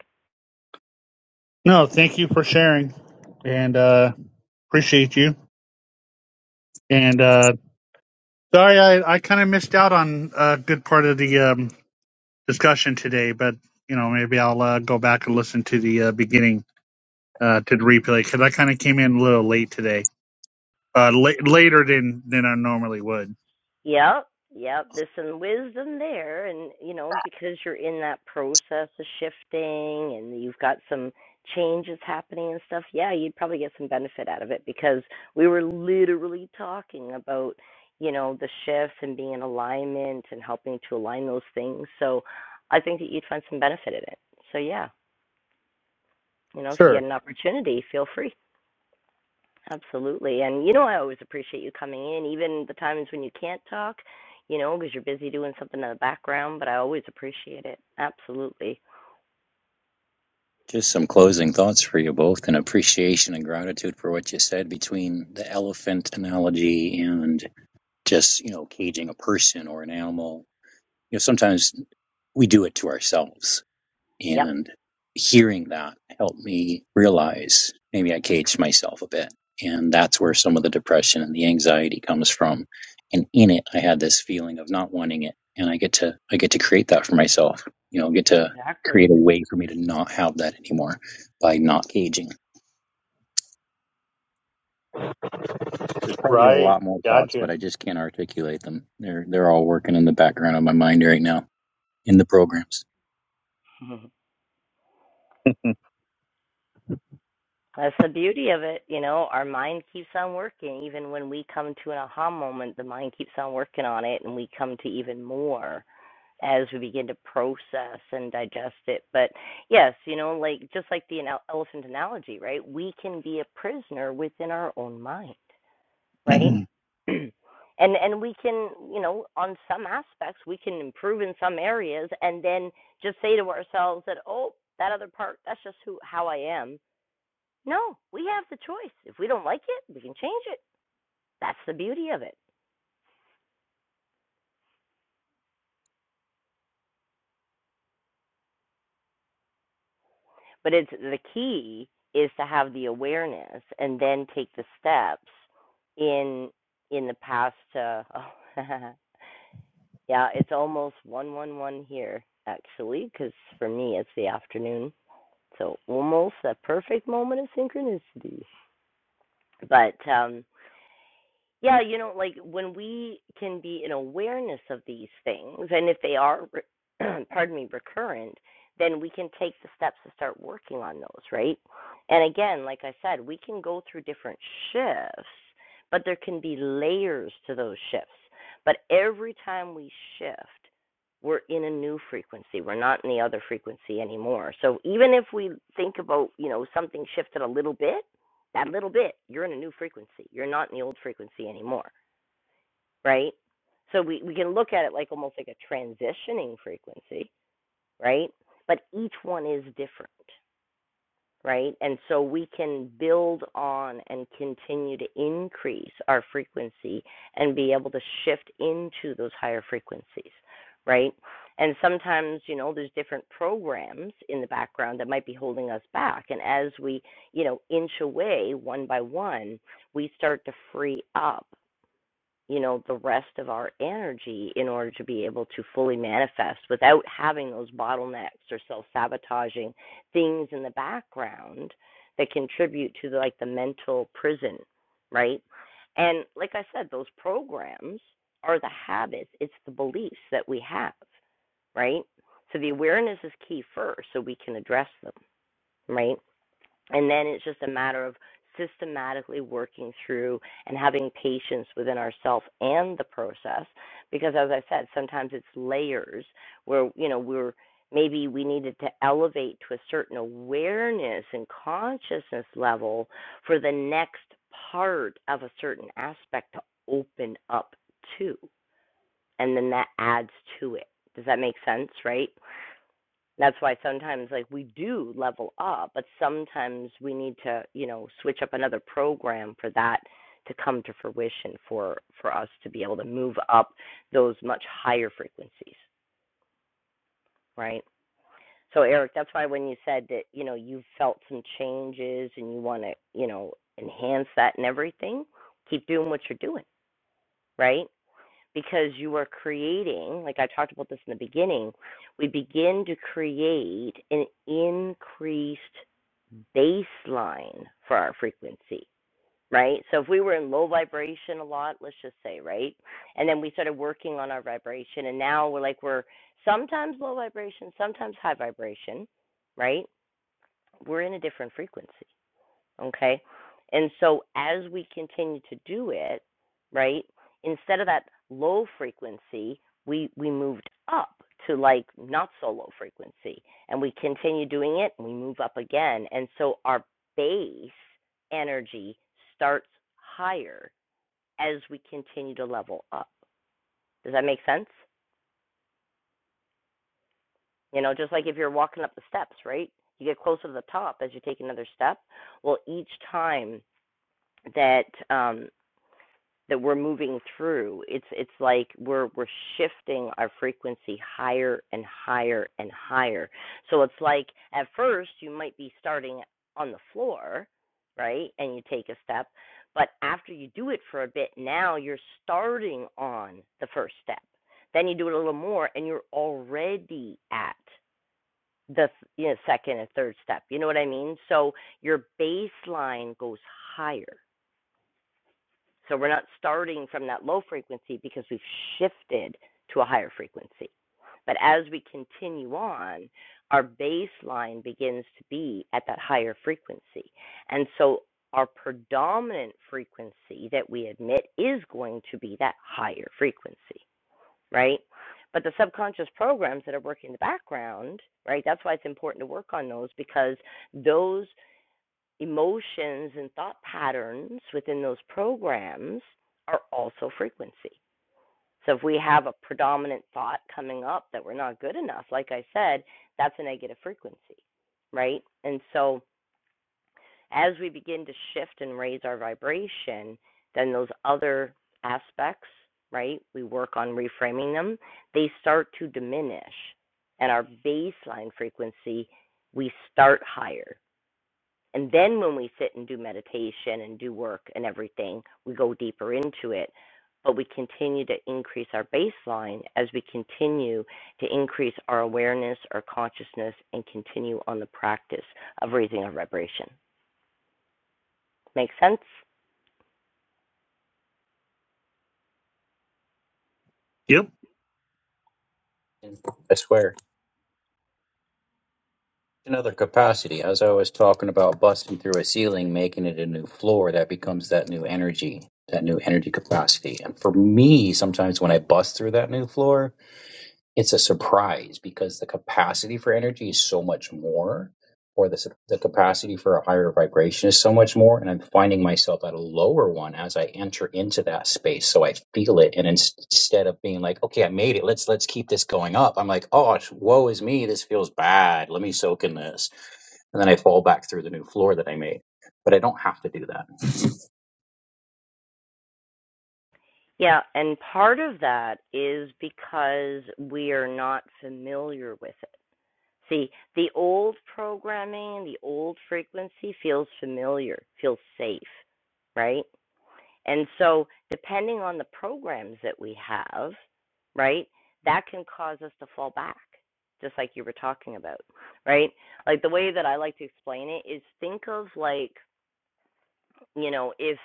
No, thank you for sharing, and uh, appreciate you. And uh, sorry, I, I kind of missed out on a good part of the um, discussion today, but you know maybe I'll uh, go back and listen to the uh, beginning uh, to the replay because I kind of came in a little late today, uh, la- later than than I normally would.
Yep, yep. There's some wisdom there, and you know because you're in that process of shifting, and you've got some changes happening and stuff. Yeah, you'd probably get some benefit out of it because we were literally talking about you know the shifts and being in alignment and helping to align those things. So I think that you'd find some benefit in it. So yeah, you know if you
Sure.
get an opportunity, feel free. Absolutely. And you know, I always appreciate you coming in, even the times when you can't talk, you know, because you're busy doing something in the background, but I always appreciate it. Absolutely.
Just some closing thoughts for you both and appreciation and gratitude for what you said between the elephant analogy and just, you know, caging a person or an animal. You know, sometimes we do it to ourselves.
Yep.
And hearing that helped me realize maybe I caged myself a bit. And that's where some of the depression and the anxiety comes from. And in it, I had this feeling of not wanting it. And I get to, I get to create that for myself, you know, get to create
Exactly.
a way for me to not have that anymore by not caging. There's probably a
Right.
lot more thoughts, but
Gotcha.
I just can't articulate them. They're, they're all working in the background of my mind right now. in the programs
[LAUGHS] That's the beauty of it. You know, our mind keeps on working. Even when we come to an aha moment, the mind keeps on working on it and we come to even more as we begin to process and digest it. But yes, you know, like just like the elephant analogy, right? We can be a prisoner within our own mind right?
[CLEARS THROAT]
[CLEARS THROAT] and and we can, you know, on some aspects we can improve in some areas and then just say to ourselves that, oh, that other part, that's just who how I am. No, we have the choice. If we don't like it, we can change it. That's the beauty of it. But it's the key is to have the awareness and then take the steps in in the past to oh, [LAUGHS] yeah, it's almost one one one here actually, because for me it's the afternoon So almost a perfect moment of synchronicity. But um, yeah, you know, like when we can be in awareness of these things, and if they are, re- [CLEARS THROAT] pardon me, recurrent, then we can take the steps to start working on those, right? And again, like I said, we can go through different shifts, but there can be layers to those shifts. But every time we shift, we're in a new frequency. We're not in the other frequency anymore. So even if we think about, you know, something shifted a little bit, that little bit, you're in a new frequency. You're not in the old frequency anymore, right? So we, we can look at it like almost like a transitioning frequency, right? But each one is different right? And so we can build on and continue to increase our frequency and be able to shift into those higher frequencies, right? And sometimes, you know, there's different programs in the background that might be holding us back. And as we, you know, inch away one by one, we start to free up you know the rest of our energy in order to be able to fully manifest without having those bottlenecks or self-sabotaging things in the background that contribute to the, like the mental prison right and like i said those programs are the habits it's the beliefs that we have right so the awareness is key first so we can address them right and then it's just a matter of systematically working through and having patience within ourselves and the process. Because as I said, sometimes it's layers where, you know, we're maybe we needed to elevate to a certain awareness and consciousness level for the next part of a certain aspect to open up to. And then that adds to it. Does that make sense, right? that's why sometimes like we do level up but sometimes we need to you know switch up another program for that to come to fruition for for us to be able to move up those much higher frequencies right so eric that's why when you said that you know you felt some changes and you want to you know enhance that and everything keep doing what you're doing right because you are creating, like I talked about this in the beginning, we begin to create an increased baseline for our frequency, right? So if we were in low vibration a lot, let's just say, right? And then we started working on our vibration, and now we're like, we're sometimes low vibration, sometimes high vibration, right? We're in a different frequency okay and so as we continue to do it right instead of that low frequency we we moved up to like not so low frequency and we continue doing it and we move up again and so our base energy starts higher as we continue to level up does that make sense you know just like if you're walking up the steps right you get closer to the top as you take another step well each time that um, that we're moving through. It's it's like we're we're shifting our frequency higher and higher and higher. So it's like at first you might be starting on the floor, right? And you take a step, but after you do it for a bit, now you're starting on the first step. Then you do it a little more and you're already at the you know, second and third step. You know what I mean? So your baseline goes higher so we're not starting from that low frequency because we've shifted to a higher frequency. But as we continue on, our baseline begins to be at that higher frequency. And so our predominant frequency that we emit is going to be that higher frequency, right? But the subconscious programs that are working in the background, right? That's why it's important to work on those because those emotions and thought patterns within those programs are also frequency. So if we have a predominant thought coming up that we're not good enough, like I said, that's a negative frequency, right? And so as we begin to shift and raise our vibration, then those other aspects, right? We work on reframing them, they start to diminish. And our baseline frequency, we start higher and then when we sit and do meditation and do work and everything, we go deeper into it. But we continue to increase our baseline as we continue to increase our awareness, our consciousness, and continue on the practice of raising our vibration. Make sense?
yep.
i swear Another capacity, as I was talking about busting through a ceiling, making it a new floor, that becomes that new energy, that new energy capacity. And for me, sometimes when I bust through that new floor, it's a surprise because the capacity for energy is so much more, or the, the capacity for a higher vibration is so much more. And I'm finding myself at a lower one as I enter into that space. So I feel it. And ins- instead of being like, okay, I made it. Let's, let's keep this going up. I'm like, oh, woe is me. This feels bad. Let me soak in this. And then I fall back through the new floor that I made, but I don't have to do that.
Yeah, and part of that is because we are not familiar with it. See, the old programming, the old frequency feels familiar, feels safe, right? And so, depending on the programs that we have, right, that can cause us to fall back, just like you were talking about, right? Like the way that I like to explain it is think of like, you know, if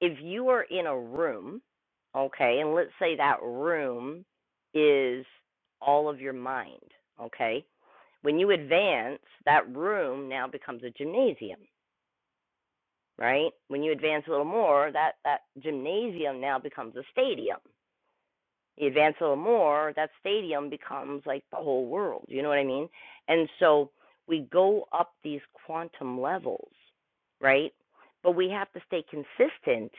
if you are in a room, okay, and let's say that room is all of your mind, okay? When you advance, that room now becomes a gymnasium, right? When you advance a little more, that that gymnasium now becomes a stadium you advance a little more, that stadium becomes like the whole world. You know what I mean? And so we go up these quantum levels, right? But we have to stay consistent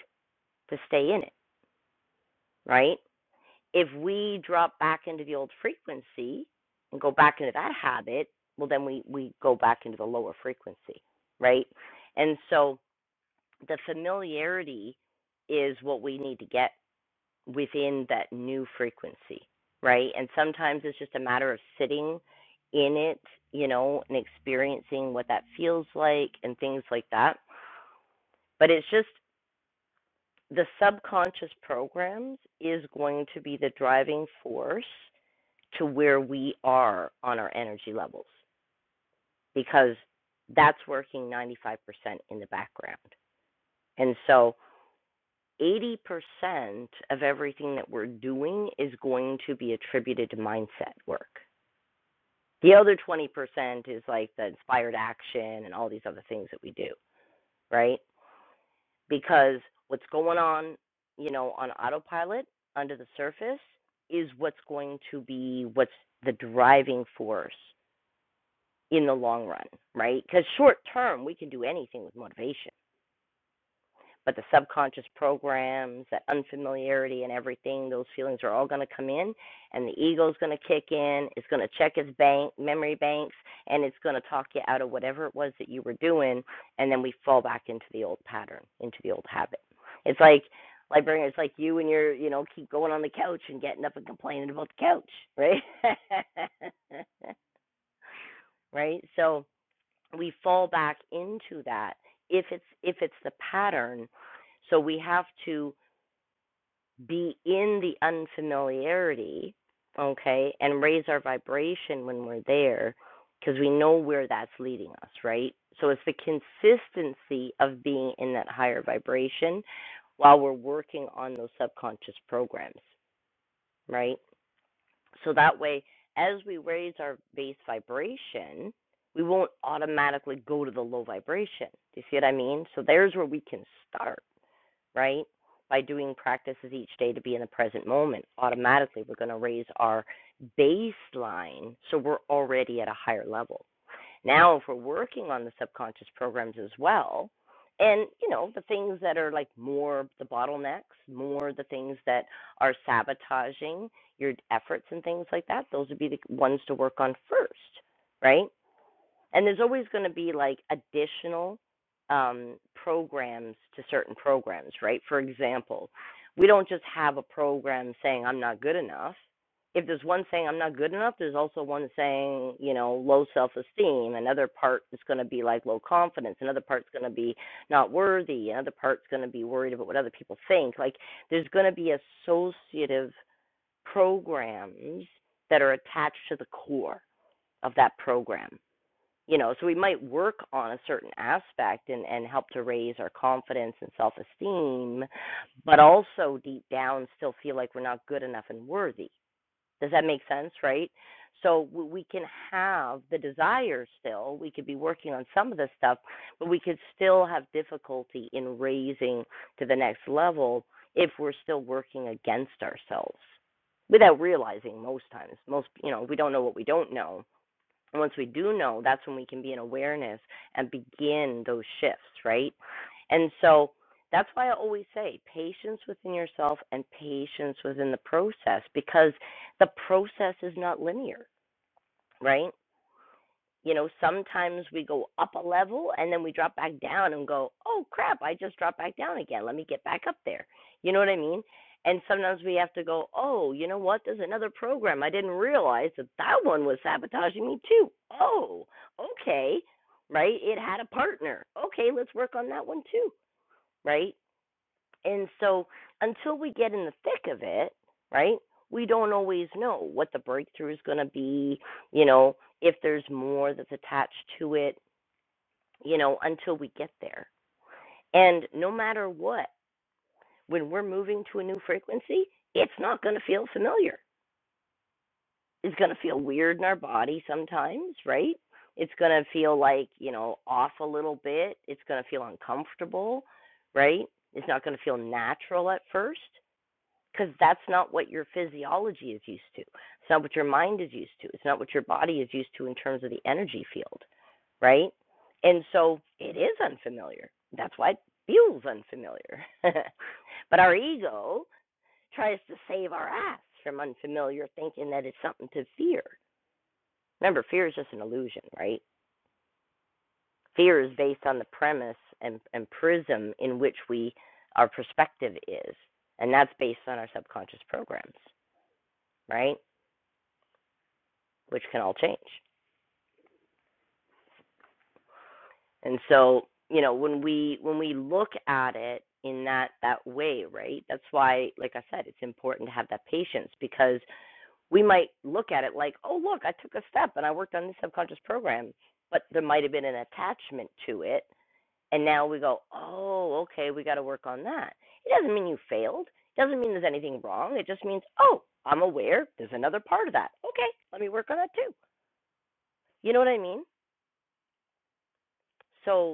to stay in it, right? If we drop back into the old frequency and go back into that habit, well, then we, we go back into the lower frequency, right? And so the familiarity is what we need to get within that new frequency, right? And sometimes it's just a matter of sitting in it, you know, and experiencing what that feels like and things like that. But it's just the subconscious programs is going to be the driving force to where we are on our energy levels because that's working 95% in the background. And so 80% of everything that we're doing is going to be attributed to mindset work. The other 20% is like the inspired action and all these other things that we do, right? Because what's going on, you know, on autopilot under the surface is what's going to be what's the driving force in the long run, right? Because short term, we can do anything with motivation but the subconscious programs, that unfamiliarity and everything, those feelings are all going to come in, and the ego's going to kick in. It's going to check its bank memory banks, and it's going to talk you out of whatever it was that you were doing, and then we fall back into the old pattern, into the old habit. It's like librarian. It's like you and your, you know, keep going on the couch and getting up and complaining about the couch, right? [LAUGHS] right. So we fall back into that if it's if it's the pattern so we have to be in the unfamiliarity okay and raise our vibration when we're there because we know where that's leading us right so it's the consistency of being in that higher vibration while we're working on those subconscious programs right so that way, as we raise our base vibration, we won't automatically go to the low vibration. Do you see what I mean? So there's where we can start, right? By doing practices each day to be in the present moment, automatically we're going to raise our baseline so we're already at a higher level. Now, if we're working on the subconscious programs as well, and you know the things that are like more the bottlenecks, more the things that are sabotaging your efforts and things like that, those would be the ones to work on first, right? and there's always going to be like additional um, programs to certain programs, right? For example, we don't just have a program saying I'm not good enough. If there's one saying I'm not good enough, there's also one saying, you know, low self esteem. Another part is going to be like low confidence. Another part's going to be not worthy. Another part's going to be worried about what other people think. Like there's going to be associative programs that are attached to the core of that program you know so we might work on a certain aspect and and help to raise our confidence and self-esteem but also deep down still feel like we're not good enough and worthy does that make sense right so we can have the desire still we could be working on some of this stuff but we could still have difficulty in raising to the next level if we're still working against ourselves without realizing most times most you know we don't know what we don't know and once we do know, that's when we can be in awareness and begin those shifts, right? And so that's why I always say patience within yourself and patience within the process because the process is not linear, right? you know, sometimes we go up a level and then we drop back down and go, oh crap, I just dropped back down again. Let me get back up there. You know what I mean? And sometimes we have to go, oh, you know what? There's another program. I didn't realize that that one was sabotaging me too. Oh, okay. Right? It had a partner. Okay, let's work on that one too. Right? And so until we get in the thick of it, right, we don't always know what the breakthrough is going to be, you know, if there's more that's attached to it, you know, until we get there. And no matter what, when we're moving to a new frequency, it's not going to feel familiar. It's going to feel weird in our body sometimes, right? It's going to feel like, you know, off a little bit. It's going to feel uncomfortable, right? It's not going to feel natural at first because that's not what your physiology is used to. It's not what your mind is used to. It's not what your body is used to in terms of the energy field, right? And so it is unfamiliar. That's why it feels unfamiliar. [LAUGHS] but our ego tries to save our ass from unfamiliar, thinking that it's something to fear. Remember, fear is just an illusion, right? Fear is based on the premise and, and prism in which we our perspective is, and that's based on our subconscious programs, right? which can all change. And so, you know, when we when we look at it in that that way, right? That's why like I said, it's important to have that patience because we might look at it like, "Oh, look, I took a step and I worked on this subconscious program." But there might have been an attachment to it, and now we go, "Oh, okay, we got to work on that." It doesn't mean you failed. It doesn't mean there's anything wrong. It just means, "Oh, I'm aware there's another part of that. Okay, let me work on that too." You know what I mean? So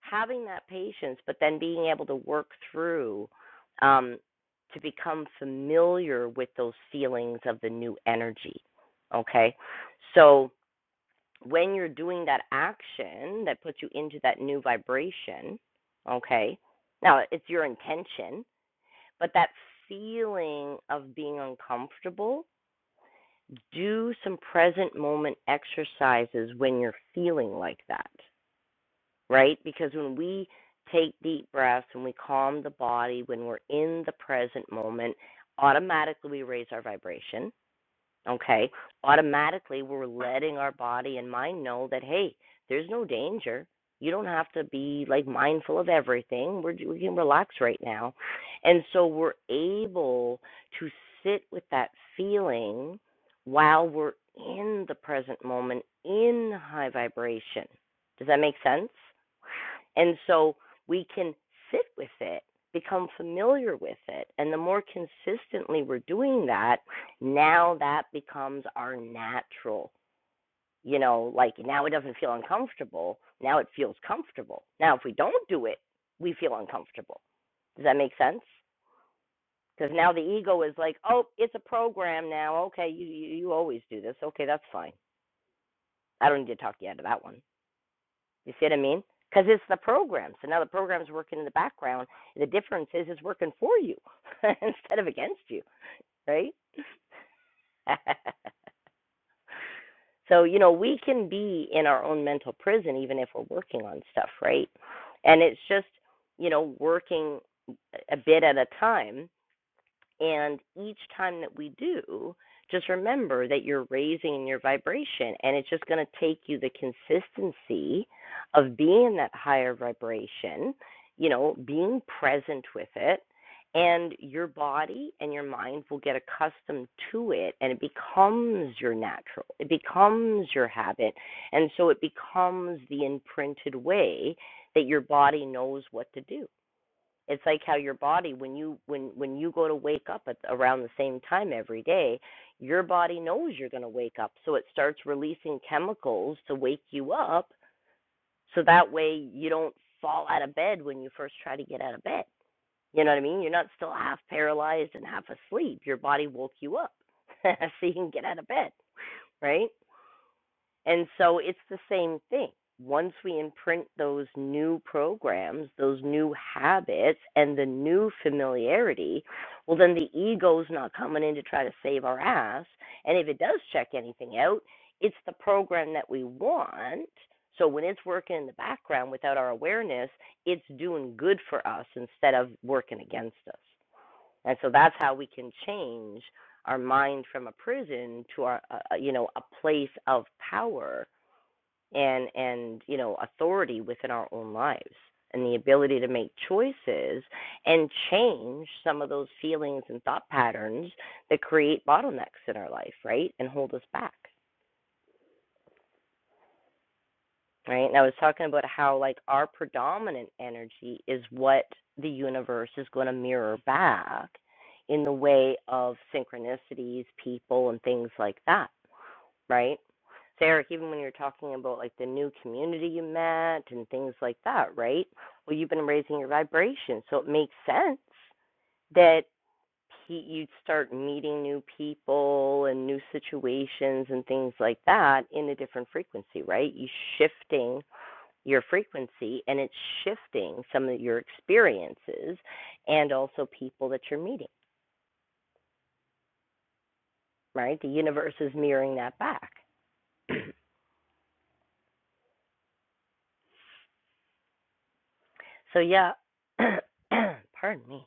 having that patience, but then being able to work through um, to become familiar with those feelings of the new energy. Okay. So when you're doing that action that puts you into that new vibration, okay, now it's your intention, but that feeling of being uncomfortable, do some present moment exercises when you're feeling like that right? Because when we take deep breaths, when we calm the body, when we're in the present moment, automatically we raise our vibration okay, automatically we're letting our body and mind know that, hey, there's no danger. You don't have to be like mindful of everything. We're, we can relax right now. And so we're able to sit with that feeling while we're in the present moment in high vibration. Does that make sense? And so we can sit with it, become familiar with it. And the more consistently we're doing that, now that becomes our natural, you know, like now it doesn't feel uncomfortable. Now it feels comfortable. Now, if we don't do it, we feel uncomfortable. Does that make sense? Because now the ego is like, oh, it's a program now. Okay, you, you, you always do this. Okay, that's fine. I don't need to talk you out of that one. You see what I mean? Because it's the program. So now the program's working in the background. The difference is it's working for you [LAUGHS] instead of against you, right? [LAUGHS] So, you know, we can be in our own mental prison even if we're working on stuff, right? And it's just, you know, working a bit at a time and each time that we do, just remember that you're raising your vibration, and it's just going to take you the consistency of being in that higher vibration, you know, being present with it, and your body and your mind will get accustomed to it, and it becomes your natural, it becomes your habit, and so it becomes the imprinted way that your body knows what to do it's like how your body when you when when you go to wake up at around the same time every day your body knows you're going to wake up so it starts releasing chemicals to wake you up so that way you don't fall out of bed when you first try to get out of bed you know what i mean you're not still half paralyzed and half asleep your body woke you up [LAUGHS] so you can get out of bed right and so it's the same thing. Once we imprint those new programs, those new habits, and the new familiarity, well, then the ego's not coming in to try to save our ass. And if it does check anything out, it's the program that we want. So when it's working in the background without our awareness, it's doing good for us instead of working against us. And so that's how we can change our mind from a prison to our, uh, uh, you know, a place of power and and you know authority within our own lives and the ability to make choices and change some of those feelings and thought patterns that create bottlenecks in our life right and hold us back right? And I was talking about how like our predominant energy is what the universe is going to mirror back in the way of synchronicities, people and things like that, right? So Eric, even when you're talking about like the new community you met and things like that, right? Well, you've been raising your vibration, so it makes sense that you'd start meeting new people and new situations and things like that in a different frequency, right? You are shifting your frequency and it's shifting some of your experiences and also people that you're meeting, right? The universe is mirroring that back. [CLEARS THROAT] so, yeah, [CLEARS THROAT] pardon me.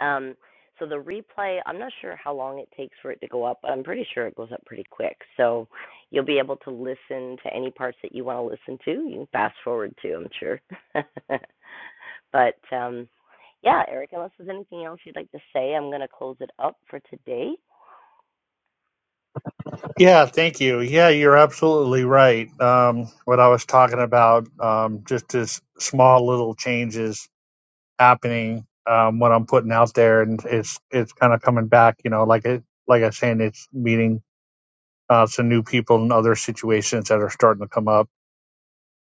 Um, so, the replay, I'm not sure how long it takes for it to go up, but I'm pretty sure it goes up pretty quick. So, you'll be able to listen to any parts that you want to listen to. You can fast forward to, I'm sure. [LAUGHS] but, um, yeah, Eric, unless there's anything else you'd like to say, I'm going to close it up for today.
Yeah, thank you. Yeah, you're absolutely right. Um, what I was talking about, um, just as small little changes happening, um, what I'm putting out there, and it's it's kind of coming back. You know, like it, like I was saying, it's meeting uh, some new people and other situations that are starting to come up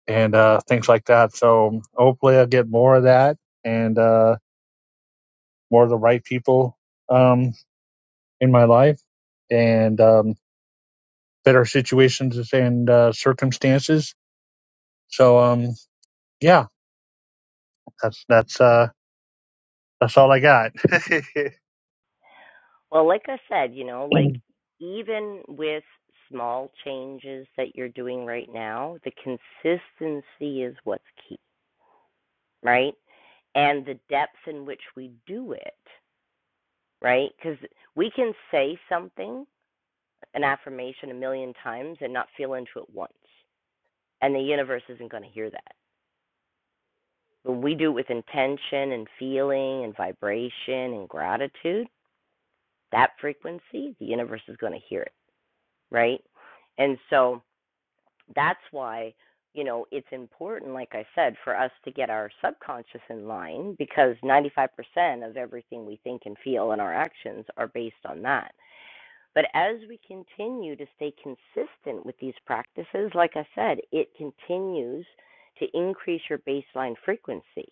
and uh, things like that. So hopefully, I'll get more of that and uh, more of the right people um, in my life and um, better situations and uh, circumstances. So, um, yeah, that's that's uh that's all I got.
Well, like I said, you know, like
[LAUGHS]
even with small changes that you're doing right now, the consistency is what's key, right? And the depth in which we do it, right? Because we can say something, an affirmation, a million times and not feel into it once. And the universe isn't going to hear that. When we do it with intention and feeling and vibration and gratitude, that frequency, the universe is going to hear it, right? And so, that's why you know it's important like i said for us to get our subconscious in line because 95% of everything we think and feel and our actions are based on that but as we continue to stay consistent with these practices like i said it continues to increase your baseline frequency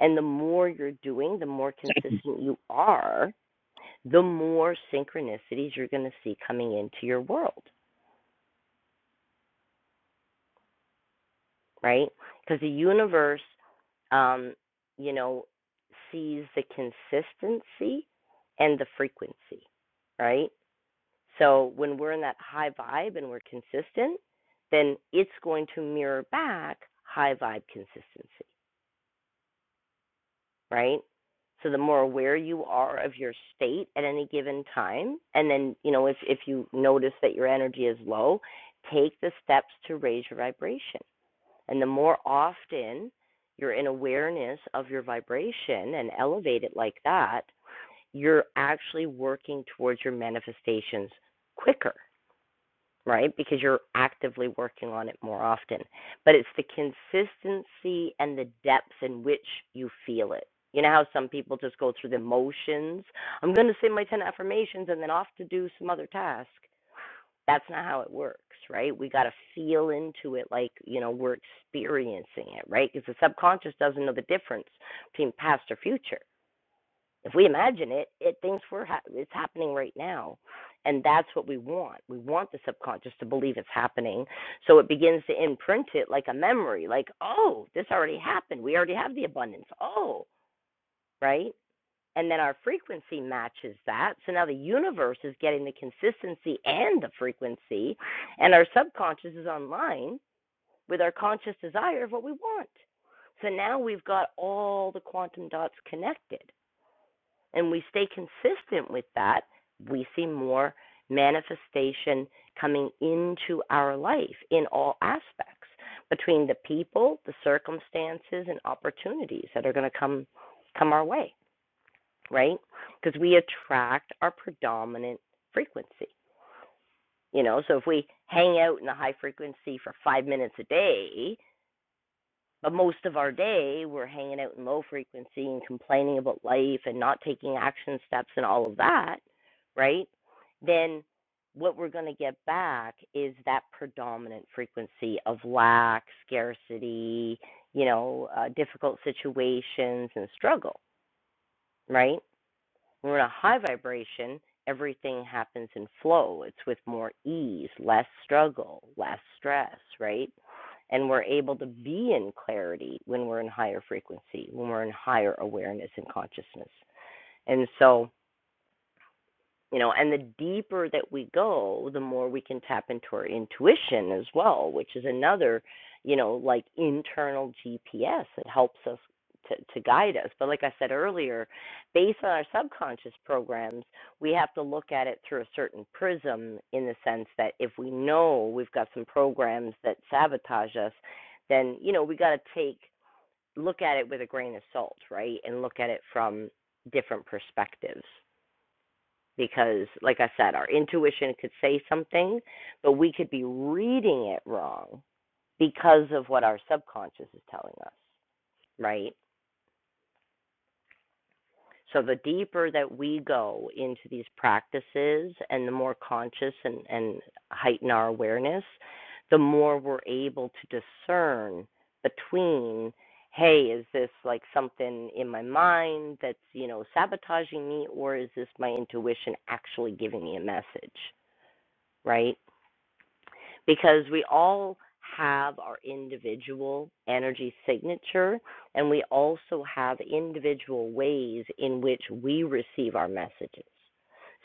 and the more you're doing the more consistent you are the more synchronicities you're going to see coming into your world right? Because the universe, um, you know, sees the consistency and the frequency, right? So when we're in that high vibe and we're consistent, then it's going to mirror back high vibe consistency, right? So the more aware you are of your state at any given time, and then you know if if you notice that your energy is low, take the steps to raise your vibration and the more often you're in awareness of your vibration and elevate it like that, you're actually working towards your manifestations quicker, right? Because you're actively working on it more often. But it's the consistency and the depth in which you feel it. You know how some people just go through the motions? I'm going to say my 10 affirmations and then off to do some other task that's not how it works, right? We got to feel into it like, you know, we're experiencing it, right? Because the subconscious doesn't know the difference between past or future. If we imagine it, it thinks we're ha- it's happening right now. And that's what we want. We want the subconscious to believe it's happening. So it begins to imprint it like a memory, like, oh, this already happened. We already have the abundance. Oh, right? and then our frequency matches that. So now the universe is getting the consistency and the frequency, and our subconscious is online with our conscious desire of what we want. So now we've got all the quantum dots connected, and we stay consistent with that. We see more manifestation coming into our life in all aspects between the people, the circumstances, and opportunities that are going to come come our way right? Because we attract our predominant frequency. You know, so if we hang out in the high frequency for five minutes a day, but most of our day we're hanging out in low frequency and complaining about life and not taking action steps and all of that, right? Then what we're going to get back is that predominant frequency of lack, scarcity, you know, uh, difficult situations and struggle, right? When we're in a high vibration, everything happens in flow. It's with more ease, less struggle, less stress, right? And we're able to be in clarity when we're in higher frequency, when we're in higher awareness and consciousness. And so, you know and the deeper that we go the more we can tap into our intuition as well which is another you know like internal gps that helps us to, to guide us but like i said earlier based on our subconscious programs we have to look at it through a certain prism in the sense that if we know we've got some programs that sabotage us then you know we got to take look at it with a grain of salt right and look at it from different perspectives because like i said our intuition could say something but we could be reading it wrong because of what our subconscious is telling us right so the deeper that we go into these practices and the more conscious and, and heighten our awareness the more we're able to discern between hey is this like something in my mind that's you know sabotaging me or is this my intuition actually giving me a message right because we all have our individual energy signature and we also have individual ways in which we receive our messages.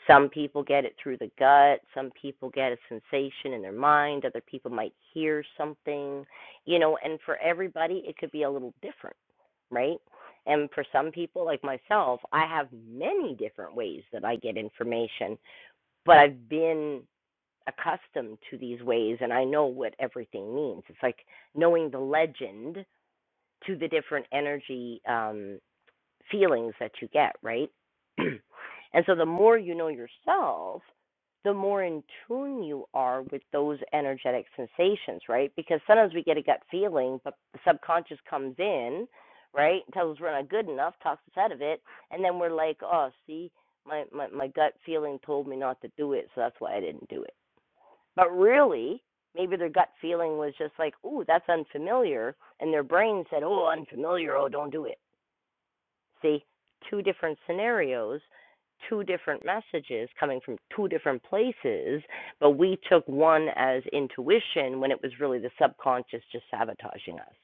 Some people get it through the gut, some people get a sensation in their mind, other people might hear something, you know, and for everybody it could be a little different, right? And for some people like myself, I have many different ways that I get information, but I've been accustomed to these ways and I know what everything means. It's like knowing the legend to the different energy um, feelings that you get, right? [CLEARS THROAT] and so the more you know yourself, the more in tune you are with those energetic sensations, right? Because sometimes we get a gut feeling, but the subconscious comes in, right? Tells us we're not good enough, talks us out of it, and then we're like, oh, see, my, my, my gut feeling told me not to do it, so that's why I didn't do it but really, maybe their gut feeling was just like, ooh, that's unfamiliar. And their brain said, oh, unfamiliar, oh, don't do it. See, two different scenarios, two different messages coming from two different places, but we took one as intuition when it was really the subconscious just sabotaging us.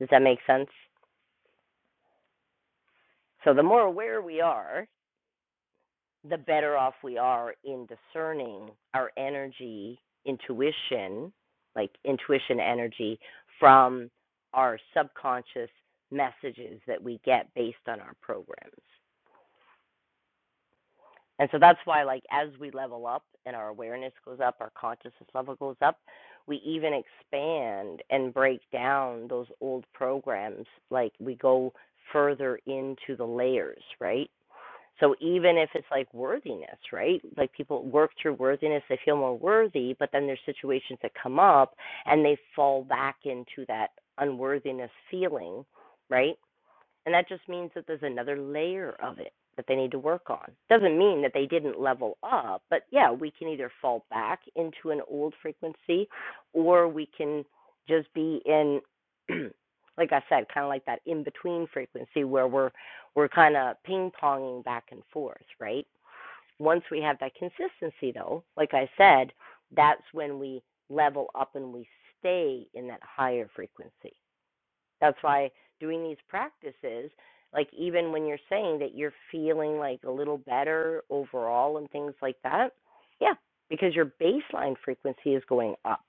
Does that make sense? So the more aware we are, the better off we are in discerning our energy, intuition, like intuition energy, from our subconscious messages that we get based on our programs. And so that's why, like, as we level up and our awareness goes up, our consciousness level goes up, we even expand and break down those old programs. Like, we go further into the layers, right? So even if it's like worthiness, right? Like people work through worthiness, they feel more worthy, but then there's situations that come up and they fall back into that unworthiness feeling, right? And that just means that there's another layer of it that they need to work on. Doesn't mean that they didn't level up, but yeah, we can either fall back into an old frequency or we can just be in [CLEARS THROAT] like I said, kind of like that in between frequency where we're we're kind of ping-ponging back and forth, right? Once we have that consistency though, like I said, that's when we level up and we stay in that higher frequency. That's why doing these practices, like even when you're saying that you're feeling like a little better overall and things like that, yeah, because your baseline frequency is going up.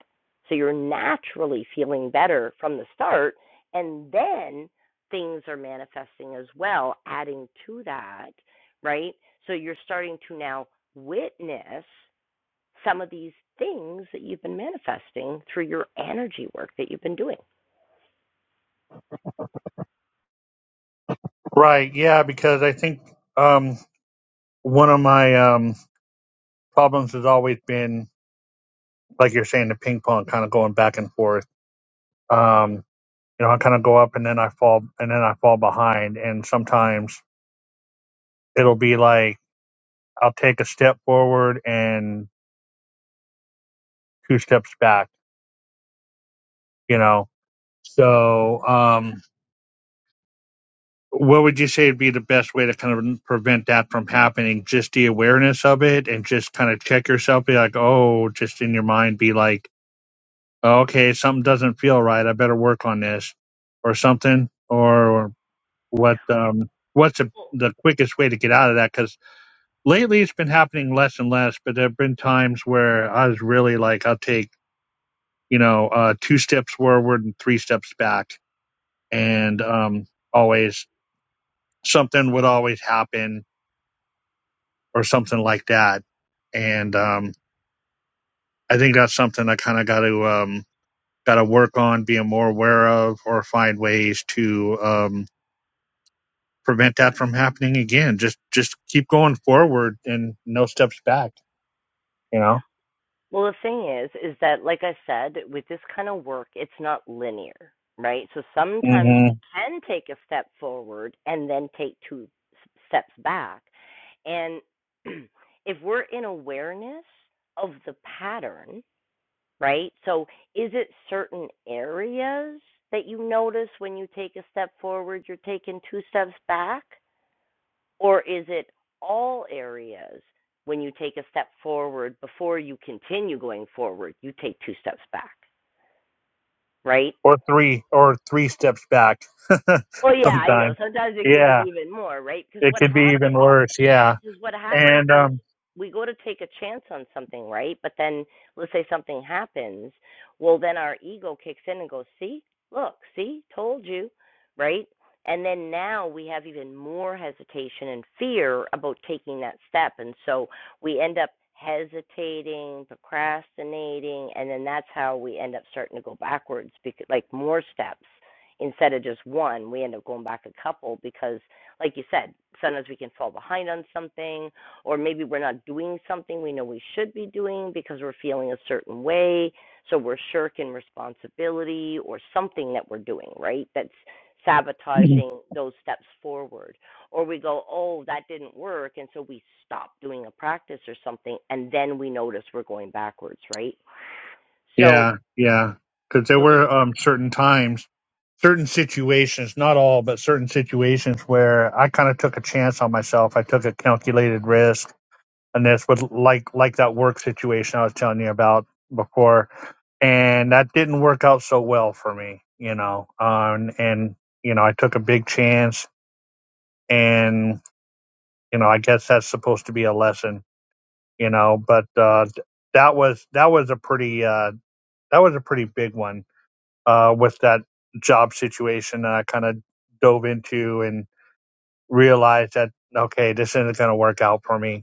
So you're naturally feeling better from the start, and then things are manifesting as well, adding to that, right? So you're starting to now witness some of these things that you've been manifesting through your energy work that you've been doing.
right, yeah, because I think um one of my um problems has always been like you're saying the ping pong kind of going back and forth. Um you know, I kind of go up and then I fall and then I fall behind and sometimes it'll be like I'll take a step forward and two steps back, you know. So, um what would you say would be the best way to kind of prevent that from happening? Just the awareness of it and just kind of check yourself, be like, oh, just in your mind, be like, oh, okay, something doesn't feel right. I better work on this or something. Or what, um, what's the the quickest way to get out of that? Cause lately it's been happening less and less, but there have been times where I was really like, I'll take, you know, uh, two steps forward and three steps back. And, um, always something would always happen or something like that. And um, I think that's something I kind of got to um, got to work on being more aware of, or find ways to um, prevent that from happening again. Just just keep going forward and no steps back. You know,
Well, the thing is, is that, like I said, with this kind of work, it's not linear, right? So sometimes
hmm
we can take a step forward and then take two steps back. And [CLEARS THROAT] if we're in awareness of the pattern, right? So is it certain areas that you notice when you take a step forward, you're taking two steps back? Or is it all areas when you take a step forward before you continue going forward, you take two steps back, right?
or three or three steps back. [LAUGHS]
Well, yeah, I know.
Sometimes,
Sometimes it can be
yeah,
even more, right? Because
it
what
could be even
happens
worse. Yeah,
because what happens
and
is
um,
we go to take a chance on something, right? But then let's say something happens, well then our ego kicks in and goes, "See? Look, see? Told you." Right? And then now we have even more hesitation and fear about taking that step. And so we end up hesitating, procrastinating, and then that's how we end up starting to go backwards because like more steps instead of just one, we end up going back a couple because like you said, sometimes we can fall behind on something, or maybe we're not doing something we know we should be doing because we're feeling a certain way. So we're shirking responsibility or something that we're doing, right? That's sabotaging those steps forward. Or we go, oh, that didn't work. And so we stop doing a practice or something. And then we notice we're going backwards, right? So,
Yeah, yeah. Because there
so the
were um, certain times, certain situations, not all, but certain situations where I kind of took a chance on myself. I took a calculated risk, and this was like like that work situation I was telling you about before, and that didn't work out so well for me, you know. Um, and you know, I took a big chance, and you know, I guess that's supposed to be a lesson, you know. But uh, th- that was that was a pretty uh, that was a pretty big one uh, with that job situation and I kind of dove into and realized that okay, this isn't going to work out for me.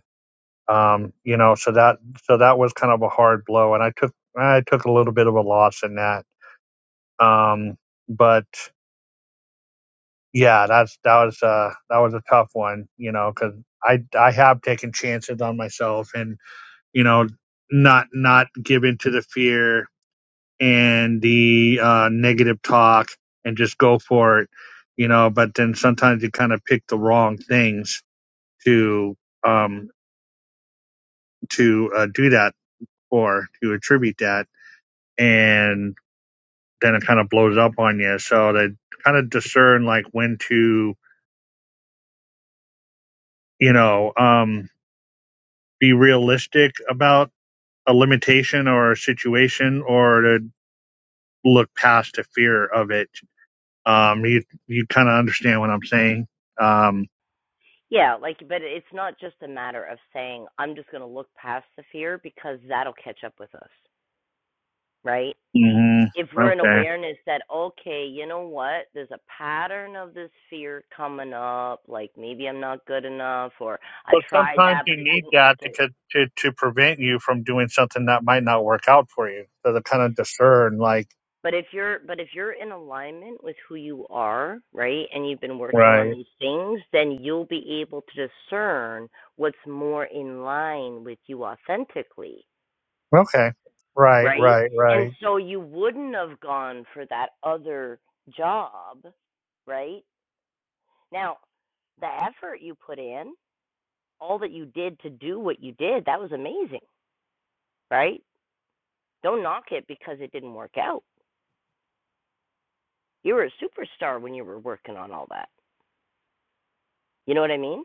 Um, you know, so that so that was kind of a hard blow, and I took I took a little bit of a loss in that. Um, but yeah, that's that was uh that was a tough one, you know, because I I have taken chances on myself and you know not not give in to the fear and the uh, negative talk and just go for it, you know. But then sometimes you kind of pick the wrong things to um, to uh, do that for to attribute that, and then it kind of blows up on you. So to kind of discern like when to you know um, be realistic about a limitation or a situation, or to look past the fear of it. Um, you you kind of understand what I'm saying. Um,
Yeah, like, but it's not just a matter of saying, I'm just going to look past the fear because that'll catch up with us, right?
hmm
If we're in
Okay.
awareness that, okay, you know what, there's a pattern of this fear coming up, like maybe I'm not good enough or I
But
tried
sometimes
that,
you
but it
need
didn't work
that
out.
to, co- to to prevent you from doing something that might not work out for you. So to kind of discern, like,
But if you're but if you're in alignment with who you are, right, and you've been working on
right,
these things, then you'll be able to discern what's more in line with you authentically
okay, right,
right?
right,
And
right,
so you wouldn't have gone for that other job, right? Now, the effort you put in, all that you did to do what you did, that was amazing, right? Don't knock it because it didn't work out. You were a superstar when you were working on all that. You know what I mean?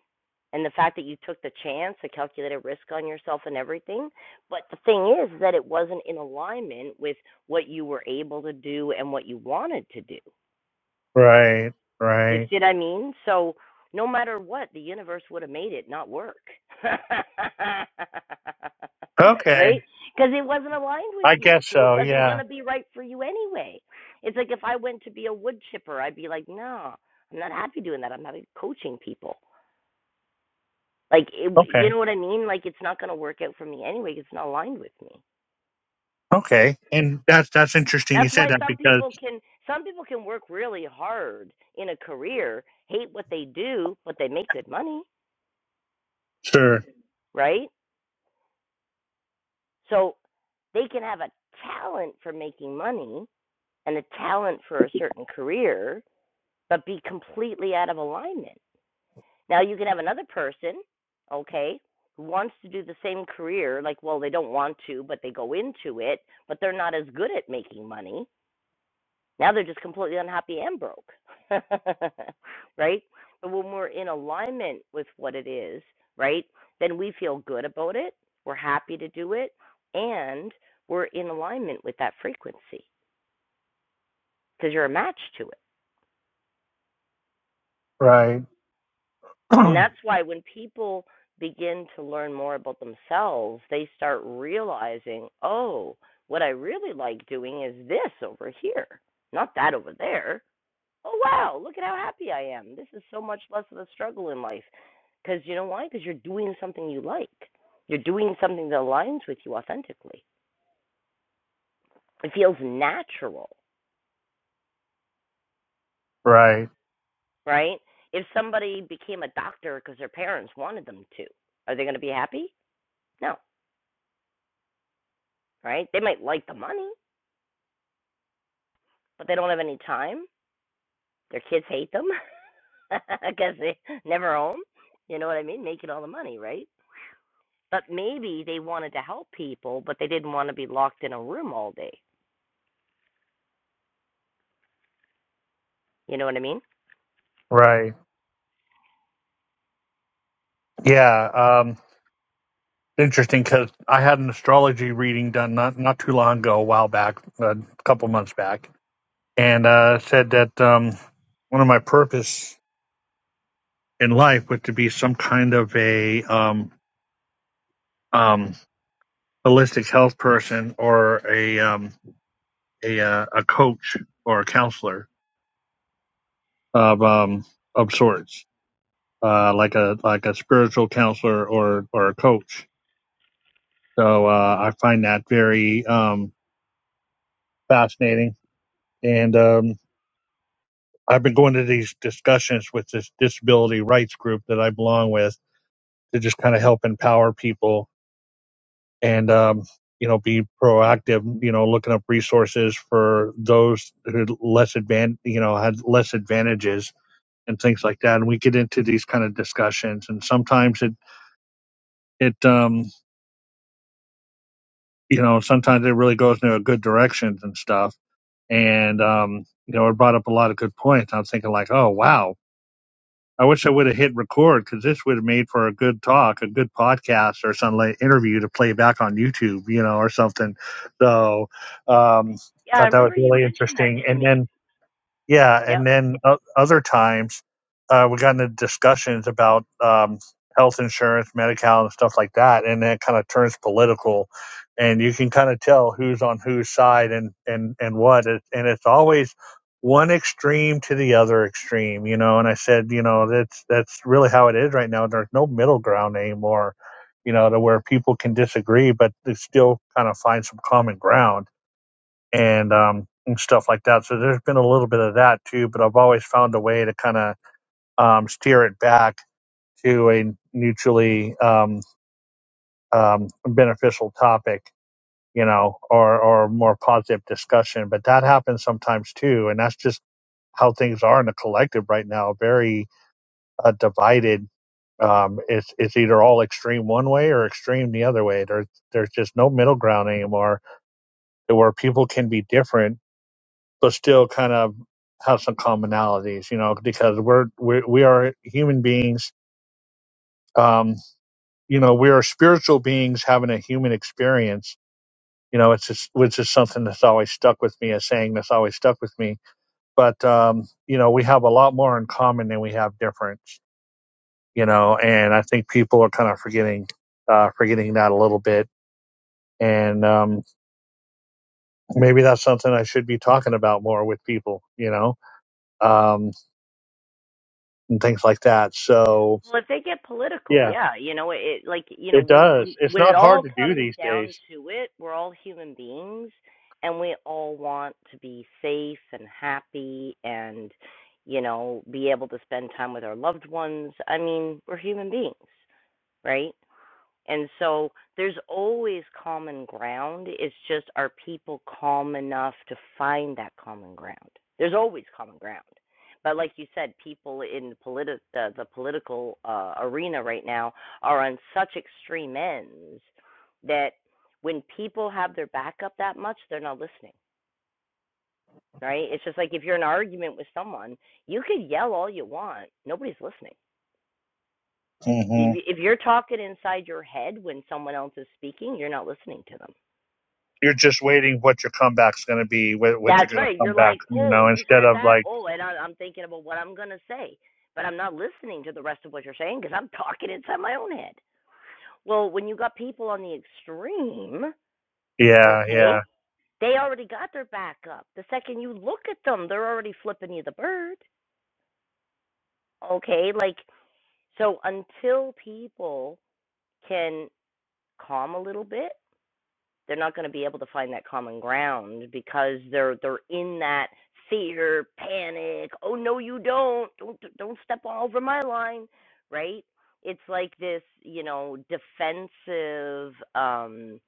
And the fact that you took the chance, the calculated risk on yourself and everything. But the thing is that it wasn't in alignment with what you were able to do and what you wanted to do
right,
You
right.
see what I mean? So no matter what, the universe would have made it not work. [LAUGHS] right?
Okay,
Because it wasn't aligned with
I
you.
guess
So it
so.
wasn't going
Yeah.
to be right for you anyway. It's like if I went to be a wood chipper, I'd be like, no, I'm not happy doing that. I'm happy coaching people. Like, it,
Okay.
you know what I mean? Like, it's not going to work out for me anyway. It's not aligned with me.
Okay. And that's that's interesting. You
That's
said
why
that
some
because
people can some people can work really hard in a career, hate what they do, but they make good money,
sure.
right? So they can have a talent for making money and a talent for a certain career, but be completely out of alignment. Now you can have another person, okay, who wants to do the same career, like well they don't want to, but they go into it, but they're not as good at making money now they're just completely unhappy and broke, [LAUGHS] right? But when we're in alignment with what it is, right, then we feel good about it. We're happy to do it, and we're in alignment with that frequency because you're a match to it.
Right.
And
[CLEARS THROAT]
that's why when people begin to learn more about themselves, they start realizing, oh, what I really like doing is this over here, not that over there oh wow, look at how happy I am. This is so much less of a struggle in life. Because you know why? Because you're doing something you like. You're doing something that aligns with you authentically. It feels natural,
right.
right? If somebody became a doctor because their parents wanted them to, are they going to be happy? No, right? They might like the money, but they don't have any time. Their kids hate them because [LAUGHS] they never home. You know what I mean? Making all the money, right? But maybe they wanted to help people, but they didn't want to be locked in a room all day You know what I mean?
Right. Yeah. Um. Interesting because I had an astrology reading done not not too long ago, a while back, a couple months back and uh, said that um, one of my purpose in life was to be some kind of a um, um, holistic health person or a um, a, uh, a coach or a counselor of um, of sorts, uh, like a like a spiritual counselor or or a coach. So uh, I find that very um, fascinating, and um, I've been going to these discussions with this disability rights group that I belong with to just kind of help empower people and um, you know be proactive you know looking up resources for those who less advan you know had less advantages and things like that and we get into these kind of discussions and sometimes it it um you know sometimes it really goes in a good directions and stuff and um you know it brought up a lot of good points i'm thinking like oh wow I wish I would have hit record because this would have made for a good talk, a good podcast, or some like interview to play back on YouTube, you know, or something. So, um,
Yeah, I
thought that was
remember you
really
mentioned that
interesting.
to
And
me.
then yeah
Yep.
and then o other times uh, we got into discussions about um, health insurance medical and stuff like that and that kind of turns political and you can kind of tell who's on whose side and and and what It- and it's always one extreme to the other extreme you know and i said you know that's that's really how it is right now there's no middle ground anymore you know to where people can disagree but they still kind of find some common ground and um, and stuff like that. So there's been a little bit of that too, but I've always found a way to kind of um, steer it back to a mutually um, um, beneficial topic, you know, or or more positive discussion. But that happens sometimes too, and that's just how things are in the collective right now. Very uh, divided. Um, it's it's either all extreme one way or extreme the other way. There's there's just no middle ground anymore where people can be different but still kind of have some commonalities, you know, because we're, we're we are human beings. Um, you know, we are spiritual beings having a human experience. You know, it's just, which is something that's always stuck with me, a saying that's always stuck with me. But um, you know, we have a lot more in common than we have difference. You know, and I think people are kind of forgetting uh, forgetting that a little bit. And um, maybe that's something I should be talking about more with people. You know, um, and things like that. So
Well, if they get political,
yeah.
yeah, you know, it like you know
It
when
does.
when
It's
when it
not hard
all
to do
comes
these
down
days.
to it, we're all human beings, and we all want to be safe and happy and you know be able to spend time with our loved ones. I mean, we're human beings, right? And so there's always common ground. It's just are people calm enough to find that common ground? There's always common ground. But like you said, people in politi- the, the political uh, arena right now are on such extreme ends that when people have their back up that much, they're not listening, right? It's just like if you're in an argument with someone, you could yell all you want, nobody's listening. If
hmm
if you're talking inside your head when someone else is speaking, you're not listening to them.
You're just waiting what your comeback's going to be, what, what you're
That's
going to
right.
come
You're
back,
like,
you
oh,
know,
you
instead
said
of
that.
like,
Oh, and I, I'm thinking about what I'm going to say, but I'm not listening to the rest of what you're saying because I'm [LAUGHS] talking inside my own head. Well, when you got people on the extreme,
yeah,
okay,
yeah,
they already got their back up. The second you look at them, they're already flipping you the bird. Okay, like, so until people can calm a little bit, they're not going to be able to find that common ground because they're they're in that fear, panic. Oh no, you don't. Don't don't step all over my line, right? It's like this, you know, defensive um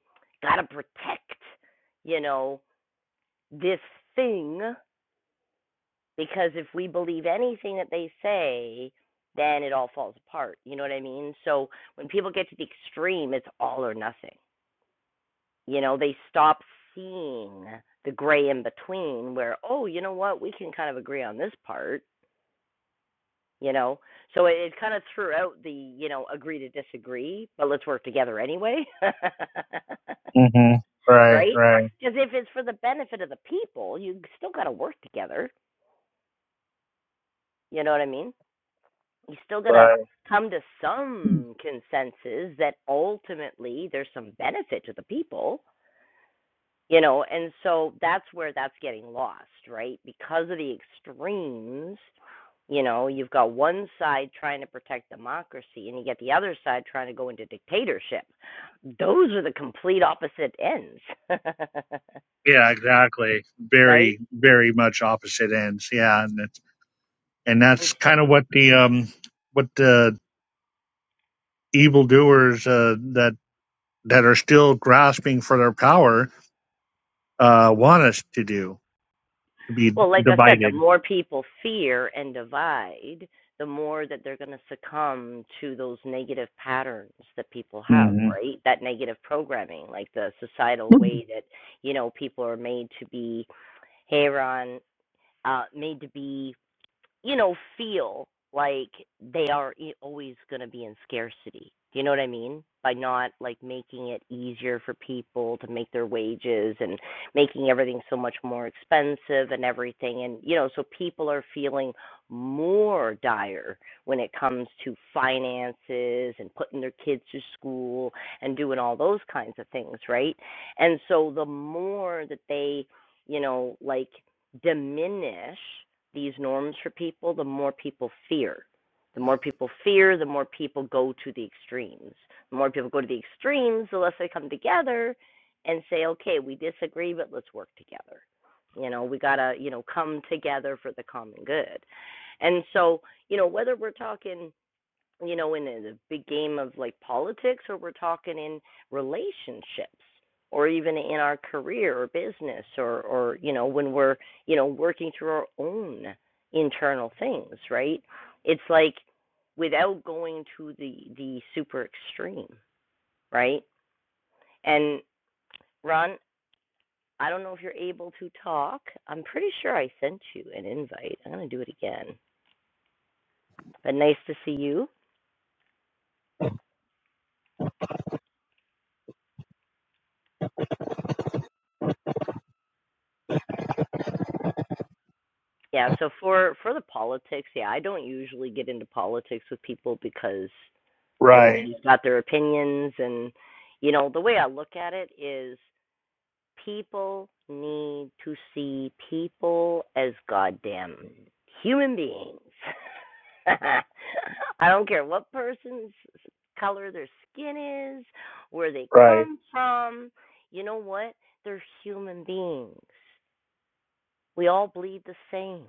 got to protect, you know, this thing because if we believe anything that they say, then it all falls apart. You know what I mean? So when people get to the extreme, it's all or nothing you know, they stop seeing the gray in between where, oh, you know what, we can kind of agree on this part, you know. So it, it kind of threw out the, you know, agree to disagree, but let's work together anyway. [LAUGHS]
hmm right,
right?
right,
Because if it's for the benefit of the people, you still got to work together. You know what I mean? You still got to
right.
come to some consensus that ultimately there's some benefit to the people you know and so that's where that's getting lost right because of the extremes you know you've got one side trying to protect democracy and you get the other side trying to go into dictatorship those are the complete opposite ends [LAUGHS]
Yeah, exactly.
right
Very, very much opposite ends. Yeah. And, it's, and that's
and
kind of what the, um, what the evildoers, uh, that, that are still grasping for their power, uh, want us to do, to be
Well, like I said, the
divided.
more people fear and divide, the more that they're going to succumb to those negative patterns that people have,
hmm
right? That negative programming, like the societal
[CLEARS THROAT]
way that, you know, people are made to be, hey, Ron, uh, made to be you know, feel like they are i- always going to be in scarcity. Do you know what I mean? By not like making it easier for people to make their wages and making everything so much more expensive and everything. And, you know, so people are feeling more dire when it comes to finances and putting their kids to school and doing all those kinds of things, right? And so the more that they, you know, like diminish these norms for people, the more people fear. The more people fear, the more people go to the extremes. The more people go to the extremes, the less they come together and say, okay, we disagree, but let's work together. You know, we got to, you know, come together for the common good. And so, you know, whether we're talking you know, in the big game of like politics, or we're talking in relationships, or even in our career or business, or or you know, when we're you know working through our own internal things, right? It's like without going to the the super extreme, right? And Ron, I don't know if you're able to talk. I'm pretty sure I sent you an invite. I'm gonna do it again. But nice to see you. Yeah, so for for the politics, yeah, I don't usually get into politics with people because
Right,
everybody's got their opinions and you know, the way I look at it is people need to see people as goddamn human beings. [LAUGHS] I don't care what person's color their skin is, where they
right,
come from. You know what? They're human beings. We all bleed the same.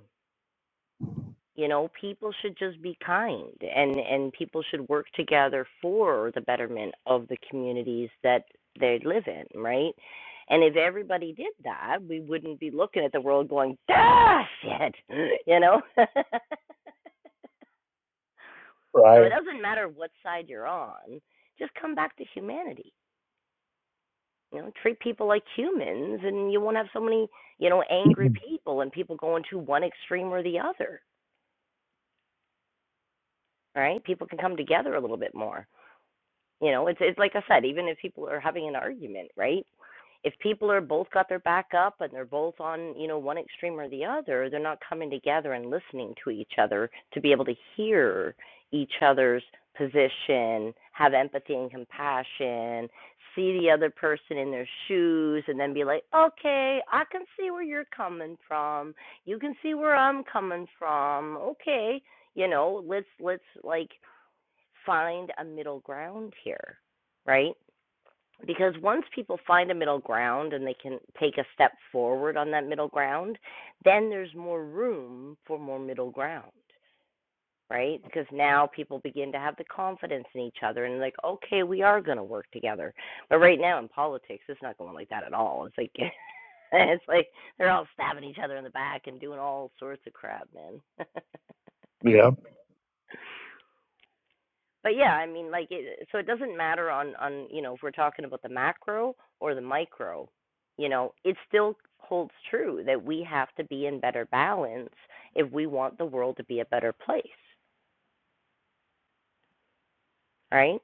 you know people should just be kind and and people should work together for the betterment of the communities that they live in right and if everybody did that we wouldn't be looking at the world going ah shit [LAUGHS] you know [LAUGHS] so it
right.
doesn't matter what side you're on just come back to humanity you know treat people like humans and you won't have so many you know angry people and people going to one extreme or the other right people can come together a little bit more You know, it's it's like I said, even if people are having an argument, right? If people are both got their back up and they're both on, you know, one extreme or the other, they're not coming together and listening to each other to be able to hear each other's position, have empathy and compassion, see the other person in their shoes and then be like, "Okay, I can see where you're coming from. You can see where I'm coming from. Okay, you know, let's let's like find a middle ground here, right? Because once people find a middle ground and they can take a step forward on that middle ground, then there's more room for more middle ground, right? Because now people begin to have the confidence in each other and like, okay, we are going to work together. But right now in politics, it's not going like that at all. It's like [LAUGHS] it's like they're all stabbing each other in the back and doing all sorts of crap, man. [LAUGHS]
Yeah.
but yeah, I mean, like, it, so it doesn't matter on on you know if we're talking about the macro or the micro, you know, it still holds true that we have to be in better balance if we want the world to be a better place, right?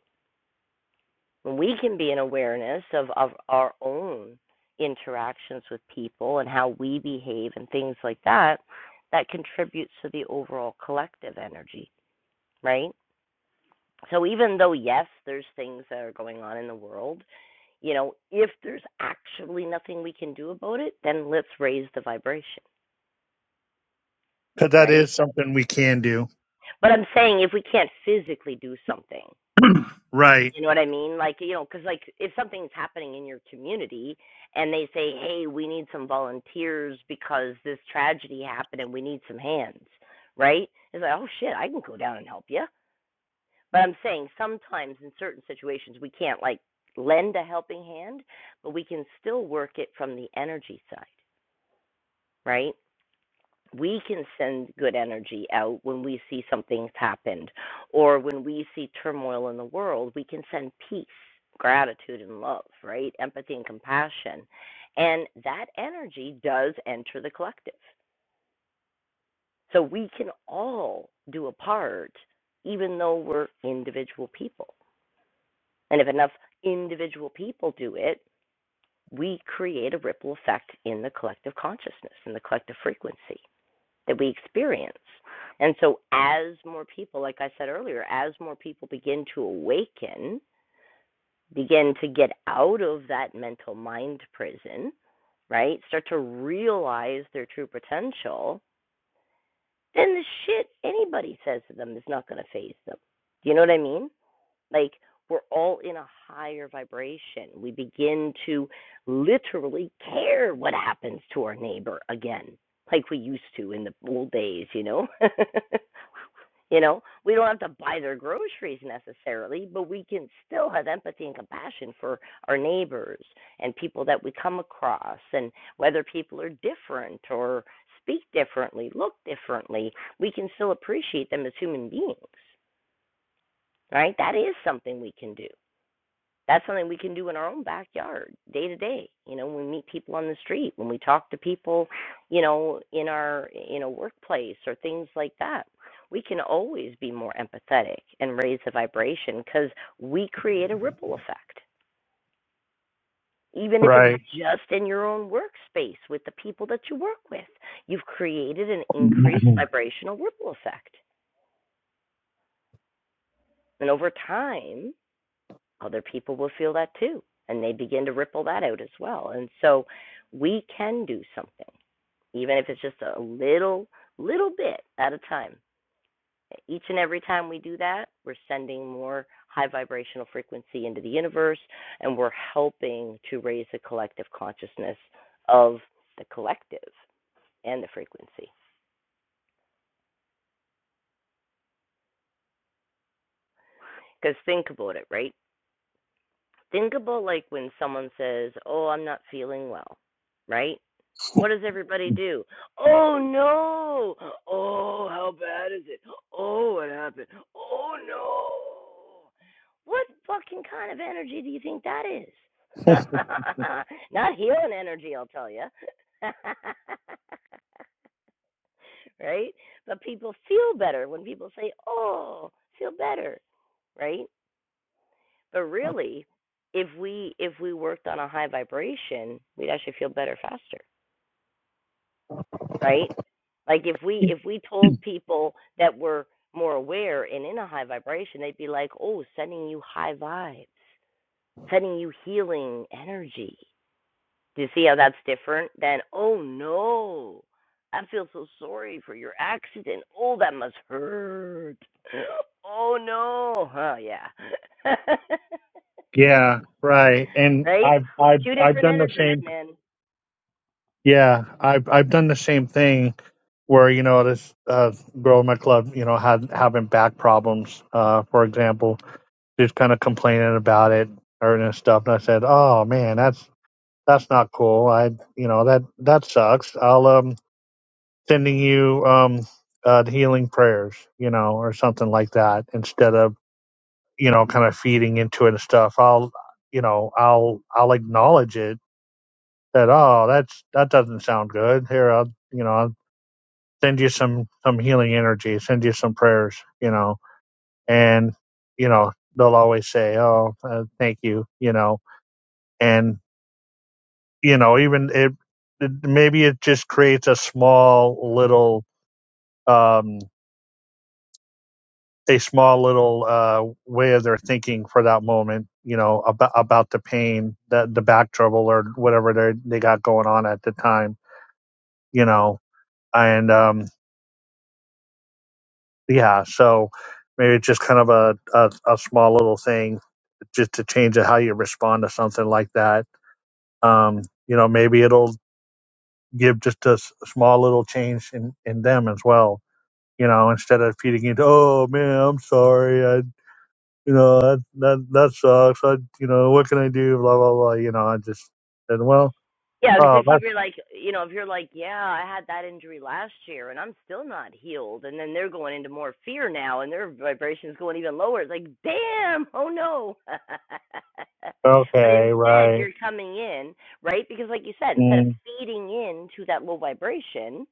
When we can be in awareness of of our own interactions with people and how we behave and things like that, that contributes to the overall collective energy, right? So even though yes, there's things that are going on in the world You know, if there's actually nothing we can do about it, then let's raise the vibration,
Because that
right?
is something we can do.
But I'm saying if we can't physically do something,
Right.
you know what I mean? Like, you know, because like if something's happening in your community and they say, hey, we need some volunteers because this tragedy happened and we need some hands, right? It's like, oh shit, I can go down and help you. But I'm saying sometimes in certain situations we can't like lend a helping hand, but we can still work it from the energy side, right? we can send good energy out when we see something's happened or when we see turmoil in the world we can send peace gratitude and love right empathy and compassion and that energy does enter the collective so we can all do a part even though we're individual people and if enough individual people do it we create a ripple effect in the collective consciousness in the collective frequency that we experience. And so, as more people, like I said earlier, as more people begin to awaken, begin to get out of that mental mind prison, right? Start to realize their true potential, then the shit anybody says to them is not going to phase them. Do you know what I mean? Like we're all in a higher vibration. We begin to literally care what happens to our neighbor again, like we used to in the old days, you know? [LAUGHS] you know, we don't have to buy their groceries necessarily, but we can still have empathy and compassion for our neighbors and people that we come across and whether people are different or speak differently, look differently, we can still appreciate them as human beings. Right? That is something we can do that's something we can do in our own backyard day to day you know when we meet people on the street when we talk to people you know in our in a workplace or things like that we can always be more empathetic and raise the vibration because we create a ripple effect even if it's
Right.
just in your own workspace with the people that you work with you've created an increased vibrational ripple effect and over time other people will feel that too and they begin to ripple that out as well and so we can do something even if it's just a little little bit at a time each and every time we do that we're sending more high vibrational frequency into the universe and we're helping to raise the collective consciousness of the collective and the frequency because think about it right think about like when someone says oh i'm not feeling well right What does everybody
[LAUGHS]
do? Oh no! Oh, how bad is it? Oh, what happened? Oh no! What fucking kind of energy do you think that is? [LAUGHS] Not healing energy, I'll tell you. [LAUGHS] right? But people feel better when people say, "Oh, feel better." Right? But really, if we if we worked on a high vibration, we'd actually feel better faster right? Like if we if we told people that were more aware and in a high vibration, they'd be like, "Oh, sending you high vibes, sending you healing energy." Do you see how that's different than, "Oh no, I feel so sorry for your accident. Oh, that must hurt. [GASPS] Oh no, oh yeah." [LAUGHS]
yeah. Right. And
right?
I've I've
Two
I've
different
done the
energies,
same.
man.
Yeah. I've I've done the same thing where you know this uh, girl in my club you know had having back problems. Uh, for example, just kind of complaining about it or and stuff. And I said, oh man, that's that's not cool. I you know that that sucks. I'll um sending you um, uh, the healing prayers, you know, or something like that, instead of you know, kind of feeding into it and stuff. I'll, you know, I'll I'll acknowledge it that oh, that's that doesn't sound good. Here, I'll you know, I'll send you some some healing energy, send you some prayers, you know, and you know, they'll always say oh, uh, thank you, you know, and you know, even it, it maybe it just creates a small little um. a small little uh, way of their thinking for that moment, you know, about about the pain, the the back trouble, or whatever they they got going on at the time, you know, and um, yeah, so maybe it's just kind of a, a a small little thing just to change how you respond to something like that. Um, you know, maybe it'll give just a s- small little change in in them as well. You know, instead of feeding into, oh man, I'm sorry, I you know, that, that, that sucks. I, you know, what can I do? Blah, blah, blah. You know, I just said, well,
Yeah, because
oh,
if you
that's
were like, you know, if you're like, yeah, I had that injury last year and I'm still not healed, and then they're going into more fear now and their vibration's going even lower, it's like, damn, oh no. [LAUGHS] but
okay.
instead,
Right.
you're coming in, right? Because, like you said, instead of
Mm.
feeding into that low vibration,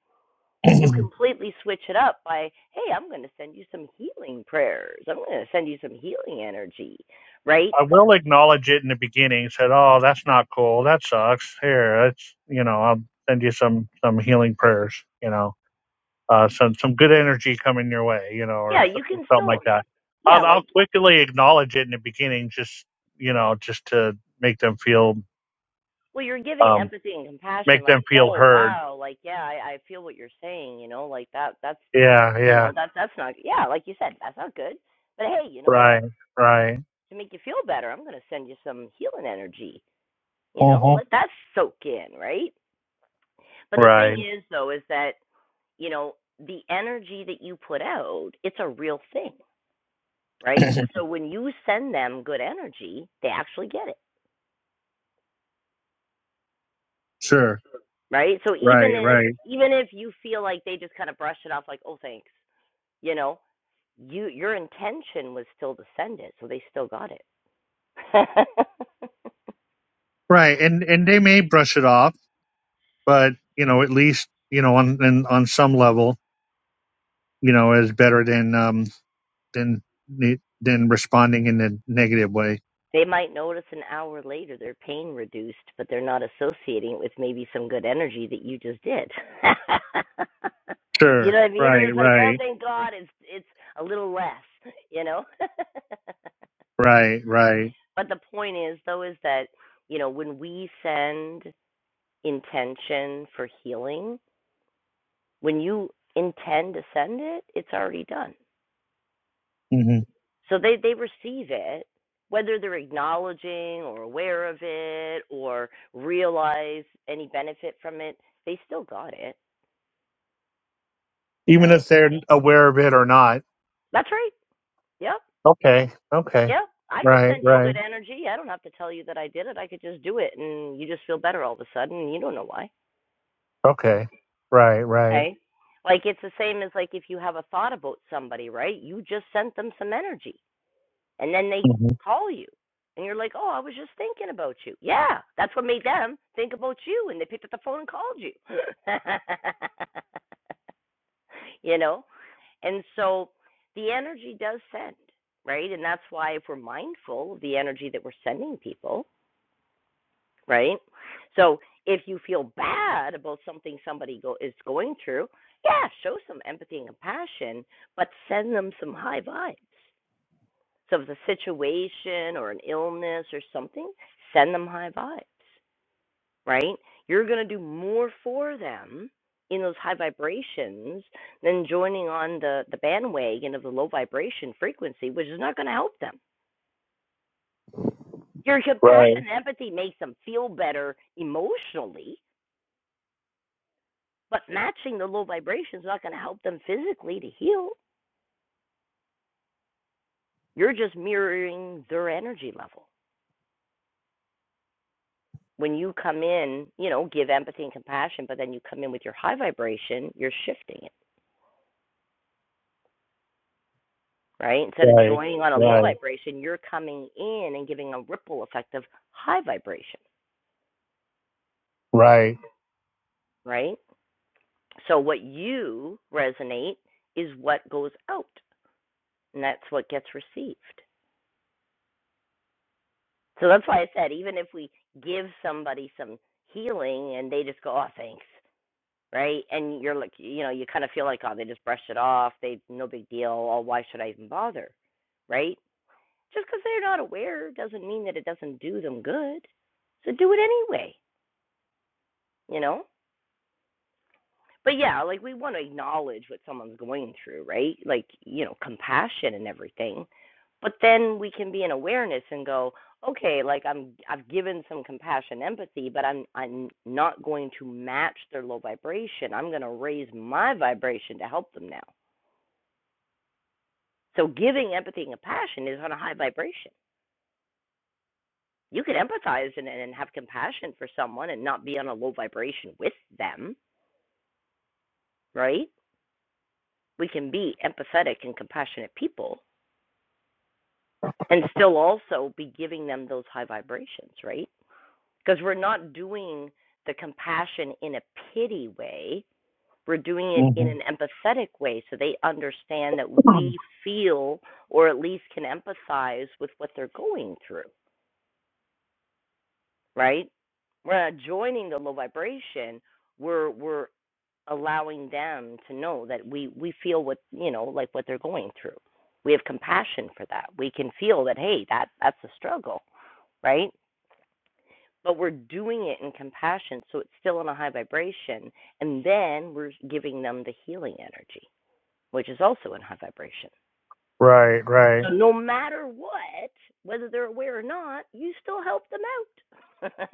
[CLEARS THROAT]
you
I
completely switch it up by, hey, I'm going to send you some healing prayers. I'm going to send you some healing energy, right?
will acknowledge it in the beginning. Said, oh, that's not cool. That sucks. Here, it's, you know, I'll send you some, some healing prayers, you know, uh, some, some good energy coming your way, you know, or
Yeah,
so-
you can
something
still,
like that.
yeah,
I'll, I'll
like
quickly acknowledge it in the beginning, just, you know, just to make them feel,
Well, you're giving
um,
empathy and compassion,
make
like,
them feel
oh
heard.
wow, like yeah, I, I feel what you're saying, you know, like that that's
Yeah.
you
yeah.
know, that that's not yeah, like you said, that's not good. But hey, you know what?
Right, right.
To make you feel better, I'm gonna send you some healing energy, you know,
Uh-huh.
let that soak in, right? But the thing
Right.
is though, is that, you know, the energy that you put out, it's a real thing, right?
[LAUGHS] [CLEARS THROAT]
So when you send them good energy, they actually get it.
Sure.
Right? So even
Right,
if
right.
even if you feel like they just kind of brush it off like, oh thanks you know you your intention was still to send it so they still got it [LAUGHS]
Right. And and they may brush it off, but you know, at least, you know, on and on some level, you know, is better than um than ne- than responding in a negative way.
they might notice an hour later their pain reduced but they're not associating it with maybe some good energy that you just did [LAUGHS] do you
Sure.
know what i mean they're
Right,
just like oh
right.
thank god it's it's a little less you know [LAUGHS]
Right, right.
but the point is though is that you know when we send intention for healing when you intend to send it it's already done
hmm
So they they receive it, whether they're acknowledging or aware of it or realize any benefit from it. They still got it,
Even
right?
if they're aware of it or not.
That's right. Yep.
Okay. Okay.
Yep. I could
Right,
send you
right.
good energy. I don't have to tell you that I did it. I could just do it, and you just feel better all of a sudden. And you don't know why.
Okay. Right, right.
Okay. Like it's the same as like if you have a thought about somebody, right? You just sent them some energy and then they
hmm
call you and you're like, "Oh, I was just thinking about you." Yeah, that's what made them think about you and they picked up the phone and called you. [LAUGHS] you know? And so the energy does send, right? And that's why if we're mindful of the energy that we're sending people, right? So if you feel bad about something somebody go, is going through, yeah, show some empathy and compassion, but send them some high vibes. So if it's a situation or an illness or something, send them high vibes, right? You're going to do more for them in those high vibrations than joining on the, the bandwagon of the low vibration frequency, which is not going to help them. Your
Right,
compassion and empathy makes them feel better emotionally, but matching the low vibration is not going to help them physically to heal. You're just mirroring their energy level. when you come in, you know, give empathy and compassion, but then you come in with your high vibration, you're shifting it, right? Instead of
right.
joining on a low
Right,
vibration, you're coming in and giving a ripple effect of high vibration,
right.
right? So what you resonate is what goes out, and that's what gets received. So that's why I said, even if we give somebody some healing and they just go, oh, thanks, right? And you're like, you know, you kind of feel like, oh, they just brushed it off. They, no big deal. Oh, why should I even bother? right? Just because 'cause they're not aware doesn't mean that it doesn't do them good. So do it anyway, you know? But yeah, like we want to acknowledge what someone's going through, right? Like, you know, compassion and everything. But then we can be in awareness and go, okay, like I'm I've given some compassion, empathy, but I'm I'm not going to match their low vibration. I'm going to raise my vibration to help them now. So giving empathy and compassion is on a high vibration you could empathize and, and have compassion for someone and not be on a low vibration with them, right? We can be empathetic and compassionate people and still also be giving them those high vibrations, right? Because we're not doing the compassion in a pity way. We're doing it in
hmm
an empathetic way so they understand that
[CLEARS THROAT]
we feel or at least can empathize with what they're going through, right? We're not joining the low vibration. We're we're allowing them to know that we we feel what you know like what they're going through we have compassion for that we can feel that hey that that's a struggle right but we're doing it in compassion so it's still in a high vibration and then we're giving them the healing energy which is also in high vibration
Right,
so
right,
no matter what whether they're aware or not you still help them out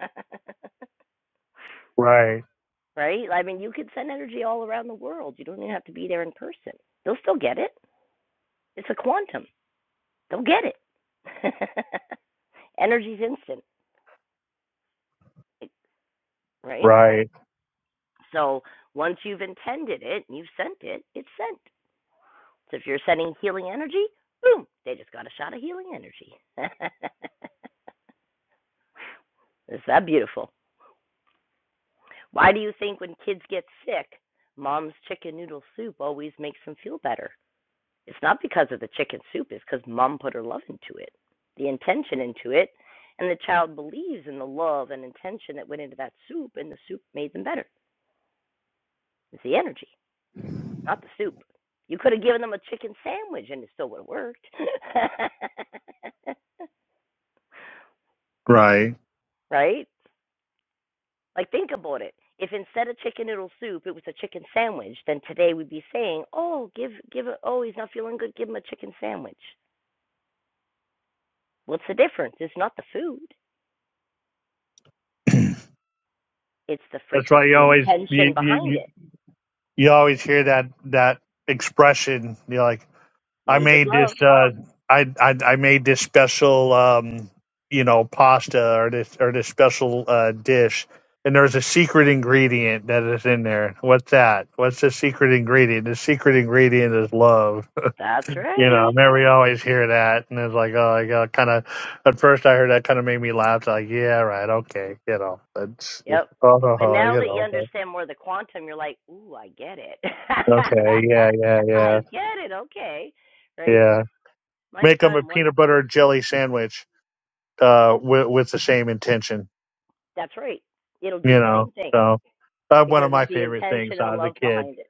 right,
[LAUGHS] right i mean you could send energy all around the world you don't even have to be there in person they'll still get it It's a quantum. They'll get it. [LAUGHS] Energy's instant, right?
right,
So once you've intended it and you've sent it, it's sent. So if you're sending healing energy, boom, they just got a shot of healing energy. [LAUGHS] Is that beautiful? Why do you think when kids get sick, mom's chicken noodle soup always makes them feel better? It's not because of the chicken soup, it's because mom put her love into it, the intention into it, and the child believes in the love and intention that went into that soup, and the soup made them better. It's the energy, not the soup. You could have given them a chicken sandwich and it still would have worked. [LAUGHS]
right.
right? Like, think about it. If instead of chicken noodle soup, it was a chicken sandwich, then today we'd be saying, oh, give, give, a, oh, he's not feeling good, give him a chicken sandwich. What's the difference? It's not the food.
[CLEARS THROAT]
It's the
That's why you
frequency and
always you
tension
you
behind
you,
it.
you always hear that that expression. You're like, I
Made with
made this
love.
uh, I, I I made this special um, you know pasta or this or this special uh, dish, and there's a secret ingredient that is in there. What's that? What's the secret ingredient? The secret ingredient is love.
That's
You know,
right.
man, we always hear that, and it's like, oh, yeah, kind of. At first, I heard that kind of made me laugh. It's like, yeah, right, okay, you know, that's, oh,
Yep.
oh,
But
oh,
now
you
that you
know, but
understand more of the quantum, you're like, ooh, I get it.
okay, yeah, yeah,
[LAUGHS] I
yeah,
get it. Okay. Right?
yeah.
My
Make them a
son, one,
peanut butter and jelly sandwich, uh, with with the same intention,
that's right. It'll do
you
the
know.
same thing
So that's one of
because it's
my
the
favorite things
intention and
when
the
I was a
love
kid.
behind it.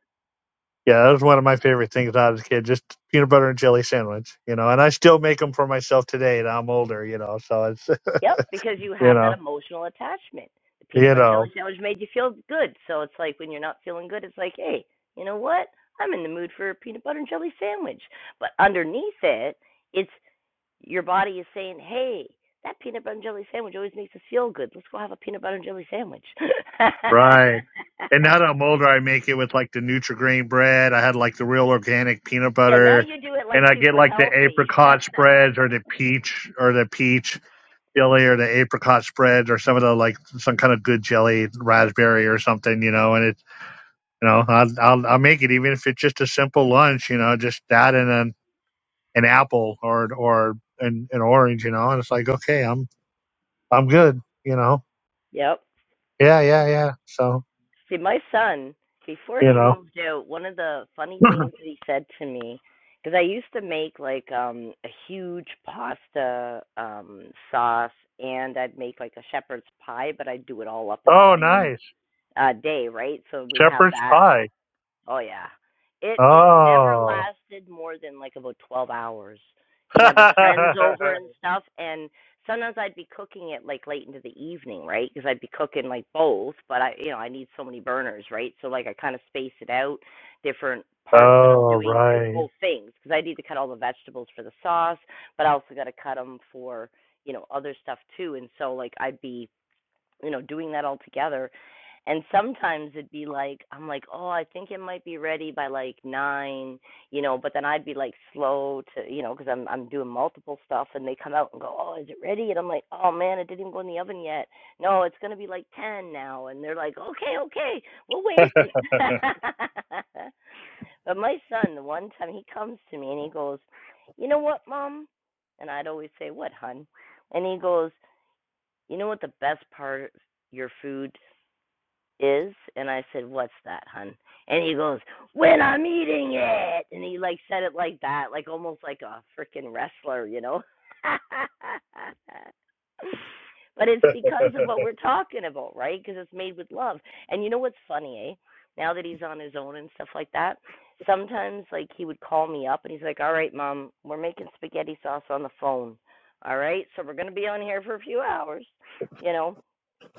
Yeah, that was one of my favorite things when I was a kid. Just peanut butter and jelly sandwich, you know. And I still make them for myself today, and I'm older, you know. So it's, [LAUGHS]
Yep, because you
you
have that
know,
emotional attachment. The peanut
you
butter and
know.
jelly sandwich made you feel good. So it's like when you're not feeling good, it's like, hey, you know what? I'm in the mood for a peanut butter and jelly sandwich. But underneath it, it's your body is saying, hey, that peanut butter and jelly sandwich always makes us feel good. Let's go have a peanut butter and jelly sandwich.
Right. And now that I'm
[LAUGHS]
older, I make it with like the Nutri-Grain bread. I had like the real organic peanut
yeah, now
butter,
you do it
and
like
I get
super
like the
healthy.
apricot spreads or the peach or the peach jelly or the apricot spreads or some of the like some kind of good jelly, raspberry or something, you know. And it, you know, I'll I'll, I'll make it even if it's just a simple lunch, you know, just that and an an apple or or an, an orange, you know. And it's like, okay, I'm I'm good, you know.
[LAUGHS] yep.
Yeah, yeah, yeah. So
See, my son, before
you
he
know.
moved out, one of the funny
[CLEARS THROAT] [LAUGHS]
things that he said to me, because I used to make like um a huge pasta um sauce and I'd make like a shepherd's pie, but I'd do it all up in the
Oh,
same
nice.
uh day, right? So we'd have
Shepherd's
that
pie.
Oh yeah. It it never
Oh.
lasted more than like about twelve hours.
[LAUGHS]
He'd have his friends over and stuff, and sometimes I'd be cooking it like late into the evening, right? Because I'd be cooking like both, but I you know I need so many burners, right? So like I kind of space it out, different parts that I'm
oh,
doing for
right.
both things, because I need to cut all the vegetables for the sauce, but I also got to cut them for you know other stuff too. And so like I'd be you know, doing that all together. And sometimes it'd be like, I'm like, oh, I think it might be ready by like nine, you know, but then I'd be like slow to, you know, because I'm I'm doing multiple stuff, and they come out and go, oh, is it ready? And I'm like, oh man, it didn't even go in the oven yet. No, it's gonna be like ten now, and they're like, okay, okay, we'll wait. [LAUGHS] but my son, the one time he comes to me and he goes, you know what, mom? And I'd always say, what, hun? And he goes, you know what the best part of your food is? And I said, What's that, hun? And he goes, When I'm eating it. And he like said it like that, like almost like a freaking wrestler, you know? [LAUGHS] but it's because of what we're talking about, right? Because it's made with love. And you know what's funny, eh? Now that he's on his own and stuff like that, sometimes like he would call me up and he's like, "All right, mom, we're making spaghetti sauce on the phone. All right, so we're gonna be on here for a few hours, you know."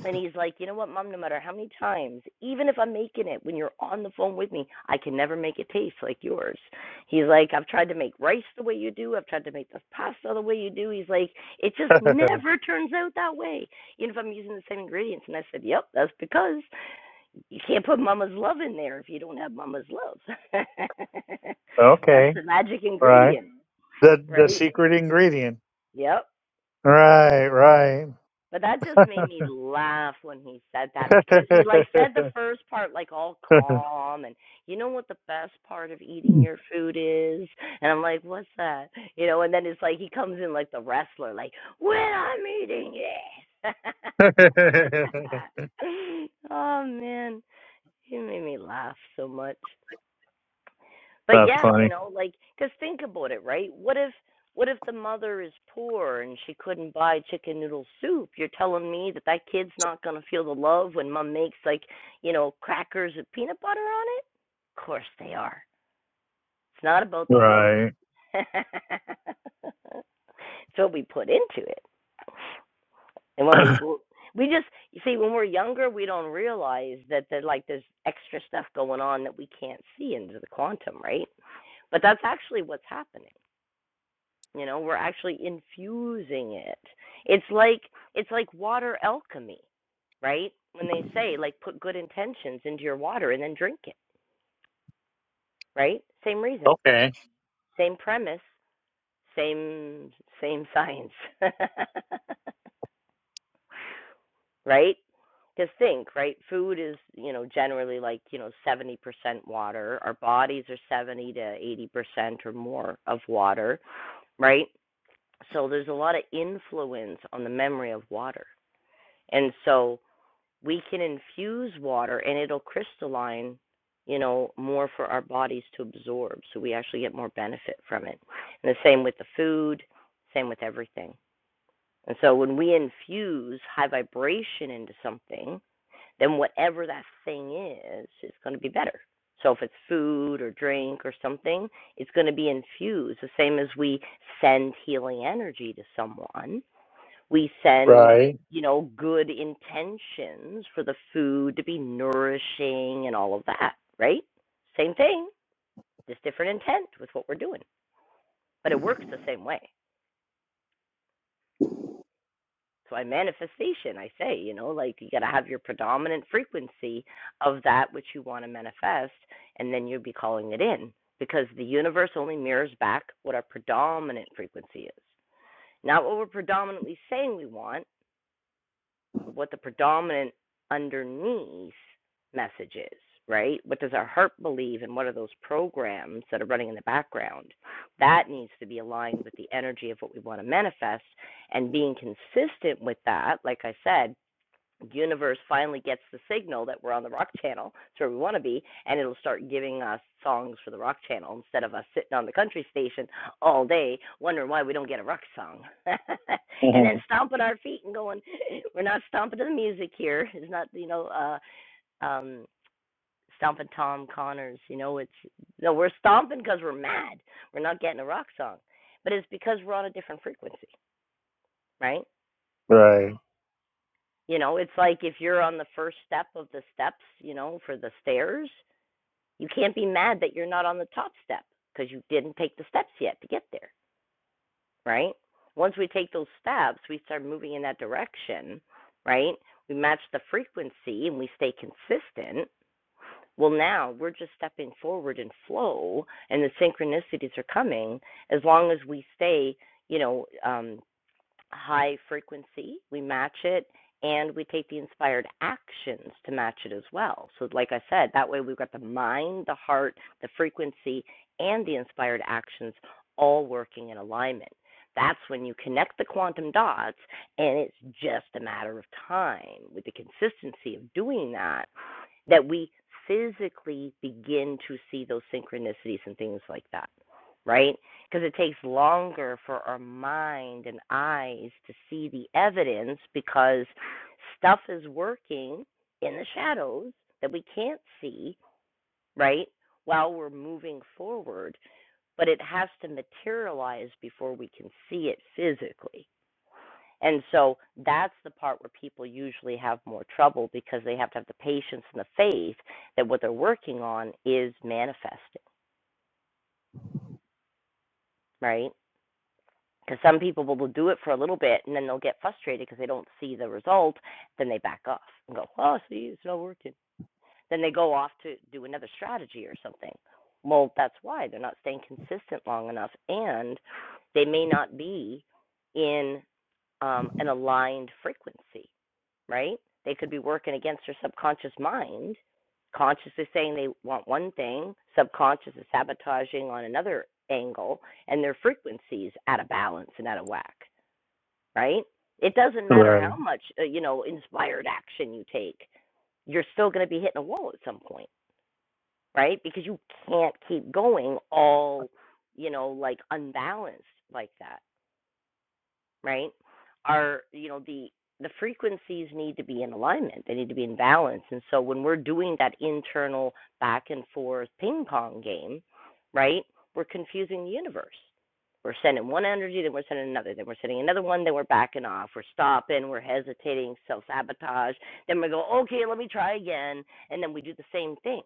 And he's like, you know what, mom, no matter how many times, even if I'm making it when you're on the phone with me, I can never make it taste like yours. He's like, I've tried to make rice the way you do. I've tried to make the pasta the way you do. He's like, it just
[LAUGHS]
never turns out that way. Even if I'm using the same ingredients. And I said, yep, that's because you can't put mama's love in there if you don't have mama's love. [LAUGHS] that's
Okay.
the magic
Right.
ingredient,
The the
right?
secret ingredient.
Yep.
Right, right.
But that just made me laugh when he said that because he
[LAUGHS]
like said the first part like all calm and you know what the best part of eating your food is and I'm like what's that you know and then it's like he comes in like the wrestler like when I'm eating this
That's
[LAUGHS] oh man he made me laugh so much but yeah, you
funny.
know, like, cause think about it, right? What if, what if the mother is poor and she couldn't buy chicken noodle soup? You're telling me that that kid's not gonna feel the love when mom makes like, you know, crackers with peanut butter on it? Of course they are. It's not about the food.
Right.
[LAUGHS] it's what we put into it, and
[COUGHS]
when we we just you see when we're younger, we don't realize that that like there's extra stuff going on that we can't see into the quantum, right? But that's actually what's happening. you know we're actually infusing it it's like it's like water alchemy right when they say like put good intentions into your water and then drink it right same reason
okay.
same premise same same science [LAUGHS] right because think right food is you know generally like you know 70% water our bodies are 70 to 80% or more of water right so there's a lot of influence on the memory of water And so we can infuse water and it'll crystalline, you know, more for our bodies to absorb. So we actually get more benefit from it. And the same with the food, same with everything. And so when we infuse high vibration into something, then whatever that thing is, it's going to be better. So if it's food or drink or something, it's going to be infused the same as we send healing energy to someone we send
Right.
you know good intentions for the food to be nourishing and all of that right same thing just different intent with what we're doing but it works the same way so i manifestation i say you know like you got to have your predominant frequency of that which you want to manifest and then you'll be calling it in because the universe only mirrors back what our predominant frequency is not what we're predominantly saying we want but what the predominant underneath message is, right? What does our heart believe and what are those programs that are running in the background? That needs to be aligned with the energy of what we want to manifest and being consistent with that, like I said, universe finally gets the signal that we're on the rock channel it's where we want to be and it'll start giving us songs for the rock channel instead of us sitting on the country station all day wondering why we don't get a rock song [LAUGHS]
[LAUGHS]
and
Mhm.
then stomping our feet and going [LAUGHS] we're not stomping to the music here it's not you know uh um stomping tom connors you know it's no we're stomping because we're mad we're not getting a rock song but it's because we're on a different frequency right
Right.
You know, it's like if you're on the first step of the steps, you know, for the stairs, you can't be mad that you're not on the top step because you didn't take the steps yet to get there, right? Once we take those steps, we start moving in that direction, right? We match the frequency and we stay consistent. Well, now we're just stepping forward in flow, and the synchronicities are coming as long as we stay, you know, um, high frequency, we match it, and we take the inspired actions to match it as well. So, like I said, that way we've got the mind, the heart, the frequency, and the inspired actions all working in alignment. That's when you connect the quantum dots, and it's just a matter of time with the consistency of doing that, that we physically begin to see those synchronicities and things like that, right? because it takes longer for our mind and eyes to see the evidence because stuff is working in the shadows that we can't see, right? While we're moving forward, but it has to materialize before we can see it physically. And so that's the part where people usually have more trouble because they have to have the patience and the faith that what they're working on is manifesting, right? Because some people will do it for a little bit and then they'll get frustrated because they don't see the result. Then they back off and go, oh, see, it's not working. Then they go off to do another strategy or something. Well, that's why they're not staying consistent long enough and they may not be in um, an aligned frequency, right? They could be working against their subconscious mind, consciously saying they want one thing, subconscious is sabotaging on another angle, and their frequencies out of balance and out of whack right? It doesn't matter
Right.
how much, uh, you know, inspired action you take, you're still going to be hitting a wall at some point, right? Because you can't keep going all, you know, like unbalanced like that right? Are you know the the frequencies need to be in alignment. They need to be in balance. And so when we're doing that internal back and forth ping pong game, right? We're confusing the universe. We're sending one energy, then we're sending another, then we're sending another one, then we're backing off, we're stopping, we're hesitating, self sabotage, then we go, okay, let me try again, and then we do the same thing,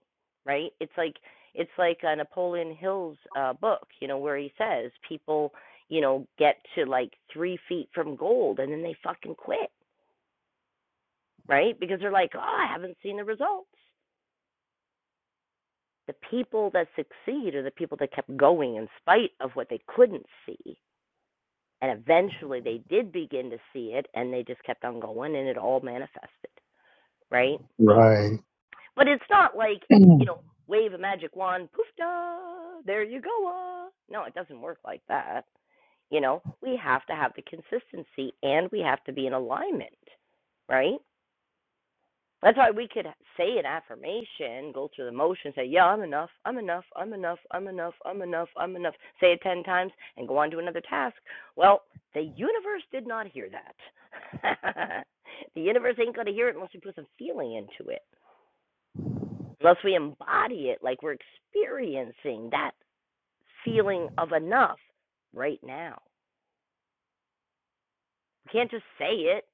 right? It's like it's like a Napoleon Hill's uh, book, you know, where he says people you know, get to like three feet from gold and then they fucking quit, right? Because they're like, oh, I haven't seen the results. The people that succeed are the people that kept going in spite of what they couldn't see. And eventually they did begin to see it and they just kept on going and it all manifested, right?
Right. [CLEARS THROAT]
But it's not like, you
Mm.
know, wave a magic wand, poof da, there you go. ah. No, it doesn't work like that. You know, we have to have the consistency and we have to be in alignment, right? That's why we could say an affirmation, go through the motion, say, Yeah, I'm enough, I'm enough, I'm enough, I'm enough, I'm enough, I'm enough, say it 10 times, and go on to another task. Well, the universe did not hear that. [LAUGHS] the universe ain't going to hear it unless we put some feeling into it, unless we embody it like we're experiencing that feeling of enough right now. We can't just say it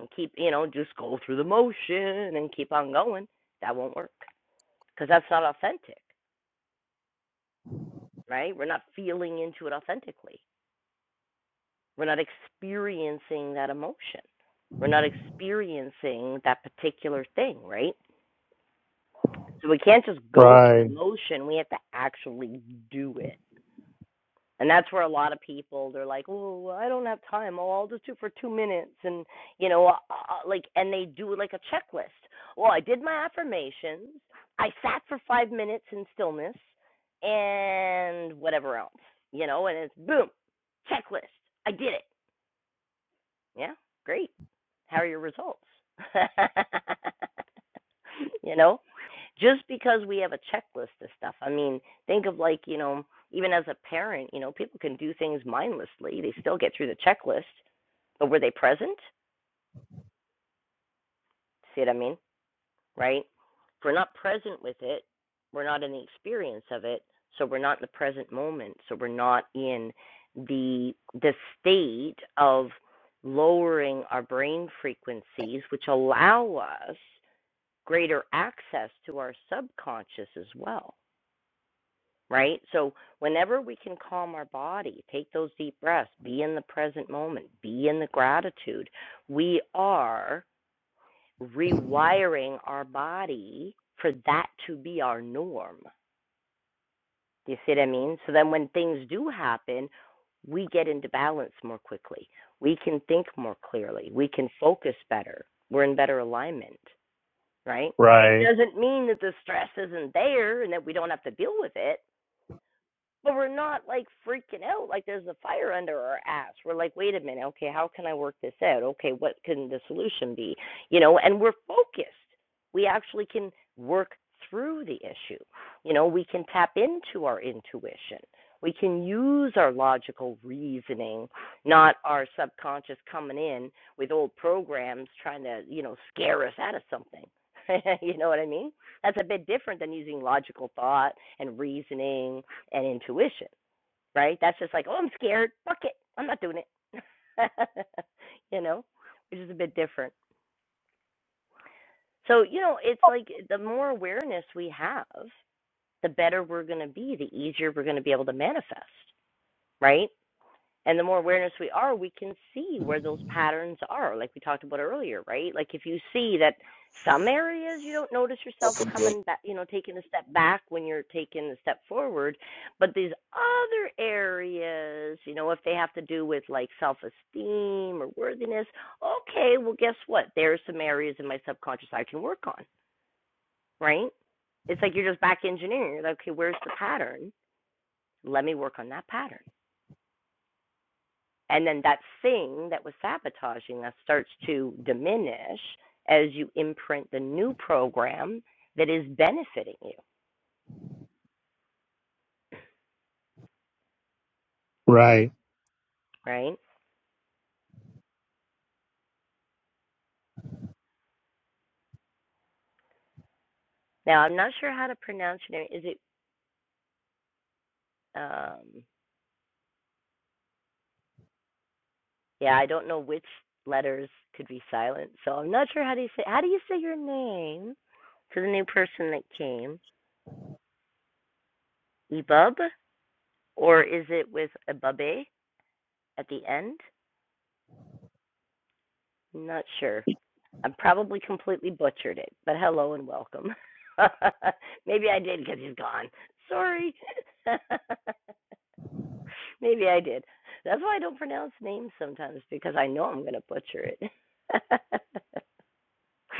and keep, you know, just go through the motion and keep on going. That won't work because that's not authentic. right? We're not feeling into it authentically. We're not experiencing that emotion. We're not experiencing that particular thing, right? So we can't just go through
right.
the motion. We have to actually do it. And that's where a lot of people they're like, "Oh, I don't have time. Oh, I'll just do it for 2 minutes." And, you know, uh, uh, uh, like and they do like a checklist. Well, I did my affirmations. I sat for 5 minutes in stillness and whatever else. You know, and it's boom. Checklist. I did it. Yeah. Great. How are your results? [LAUGHS] you know? just because we have a checklist of stuff. I mean, think of like, you know, even as a parent, you know, people can do things mindlessly. They still get through the checklist, but were they present? See what I mean? Right? If we're not present with it, we're not in the experience of it, so we're not in the present moment. So we're not in the the state of lowering our brain frequencies, which allow us greater access to our subconscious as well. right? So whenever we can calm our body, take those deep breaths, be in the present moment, be in the gratitude, we are rewiring our body for that to be our norm. Do you see what I mean? So then when things do happen, we get into balance more quickly. We can think more clearly. We can focus better. We're in better alignment, right?
Right.
Doesn't mean that the stress isn't there and that we don't have to deal with it but we're not like freaking out like there's a fire under our ass we're like wait a minute okay how can i work this out okay what can the solution be you know and we're focused we actually can work through the issue you know we can tap into our intuition we can use our logical reasoning not our subconscious coming in with old programs trying to you know scare us out of something [LAUGHS] you know what i mean that's a bit different than using logical thought and reasoning and intuition, right? That's just like, oh, I'm scared. Fuck it. I'm not doing it. [LAUGHS] you know, which is a bit different. So, you know, it's like the more awareness we have, the better we're going to be, the easier we're going to be able to manifest, right? And the more awareness we are, we can see where those patterns are, like we talked about earlier, right? Like if you see that some areas you don't notice yourself coming back, you know, taking a step back when you're taking a step forward, but these other areas, you know, if they have to do with like self esteem or worthiness, okay, well, guess what? There are some areas in my subconscious I can work on, right? It's like you're just back engineering. You're like, okay, where's the pattern? Let me work on that pattern. And then that thing that was sabotaging us starts to diminish as you imprint the new program that is benefiting you,
Right.
right? Now, I'm not sure how to pronounce your name. Is it, um, yeah, I don't know which letters could be silent. So I'm not sure how do you say, how do you say your name to the new person that came? Ebub? Or is it with a bubbe at the end? Not sure. I probably completely butchered it, but hello and welcome. [LAUGHS] Maybe I did because he's gone. Sorry. [LAUGHS] Maybe I did. That's why I don't pronounce names sometimes because I know I'm going to butcher it. [LAUGHS]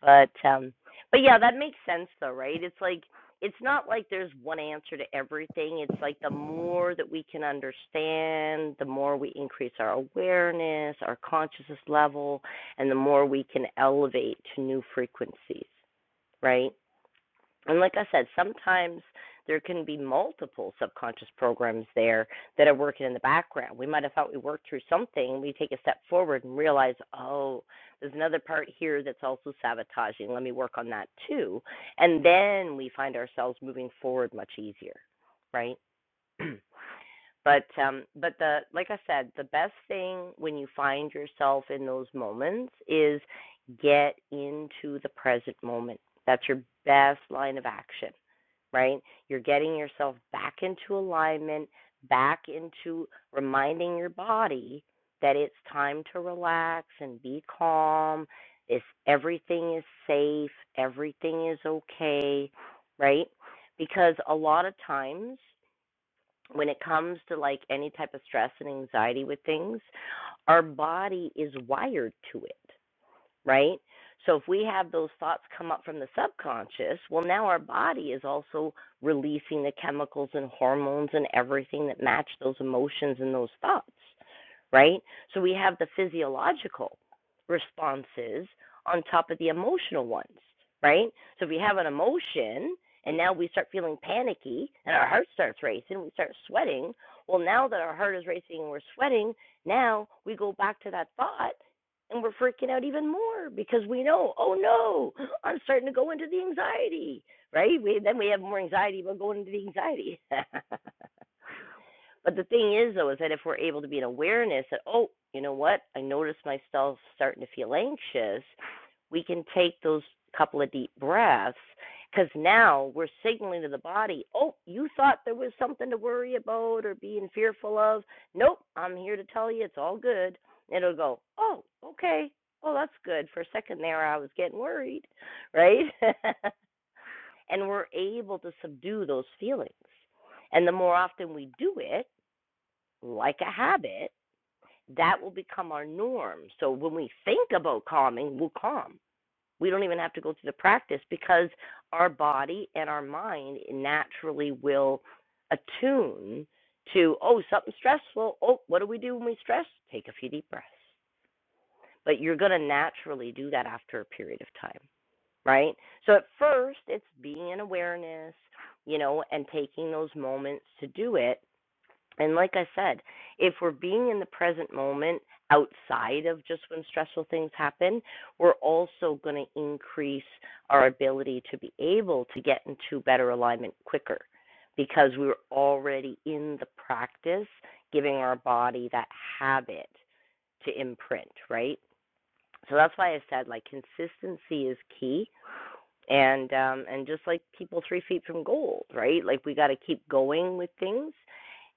But um but yeah, that makes sense though, right? It's like it's not like there's one answer to everything. It's like the more that we can understand, the more we increase our awareness, our consciousness level, and the more we can elevate to new frequencies, right? And like I said, sometimes there can be multiple subconscious programs there that are working in the background. We might have thought we worked through something, we take a step forward and realize, oh, there's another part here that's also sabotaging. Let me work on that too. And then we find ourselves moving forward much easier, right? [CLEARS THROAT] but um but the like I said, the best thing when you find yourself in those moments is get into the present moment. That's your best line of action right? You're getting yourself back into alignment, back into reminding your body that it's time to relax and be calm. If everything is safe, everything is okay, right? Because a lot of times when it comes to like any type of stress and anxiety with things, our body is wired to it right? So if we have those thoughts come up from the subconscious, well, now our body is also releasing the chemicals and hormones and everything that match those emotions and those thoughts, right? So we have the physiological responses on top of the emotional ones, right? So if we have an emotion and now we start feeling panicky and our heart starts racing, we start sweating. Well, now that our heart is racing and we're sweating, now we go back to that thought and we're freaking out even more because we know, oh no, [GASPS] I'm starting to go into the anxiety, right? We then we have more anxiety about going into the anxiety. [LAUGHS] But the thing is, though, is that if we're able to be in awareness that, oh, you know what, I noticed myself starting to feel anxious, we can take those couple of deep breaths because now we're signaling to the body, oh, you thought there was something to worry about or being fearful of. Nope, I'm here to tell you it's all good. it'll go, oh, okay, well, that's good. For a second there, I was getting worried, right? [LAUGHS] and we're able to subdue those feelings. And the more often we do it, like a habit, that will become our norm. So when we think about calming, we'll calm. We don't even have to go through the practice because our body and our mind naturally will attune to, oh, something stressful. Oh, what do we do when we stress? Take a few deep breaths. But you're going to naturally do that after a period of time, right? So at first, it's being in awareness, you know, and taking those moments to do it and like I said, if we're being in the present moment outside of just when stressful things happen, we're also going to increase our ability to be able to get into better alignment quicker because we're already in the practice giving our body that habit to imprint, right? So that's why I said like consistency is key and um and just like people 3 feet from gold, right? Like we got to keep going with things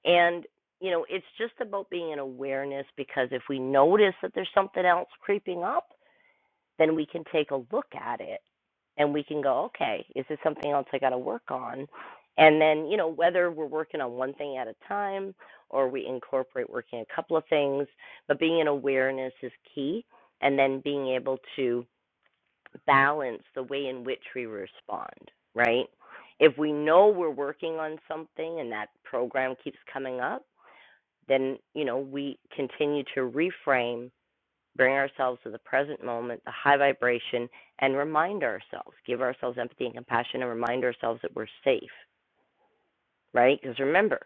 and you know, it's just about being in awareness because if we notice that there's something else creeping up, then we can take a look at it and we can go, okay, is this something else I got to work on? And then, you know, whether we're working on one thing at a time or we incorporate working a couple of things, but being in awareness is key and then being able to balance the way in which we respond, right? If we know we're working on something and that program keeps coming up, then, you know, we continue to reframe bring ourselves to the present moment, the high vibration, and remind ourselves, give ourselves empathy and compassion, and remind ourselves that we're safe, right? Because remember,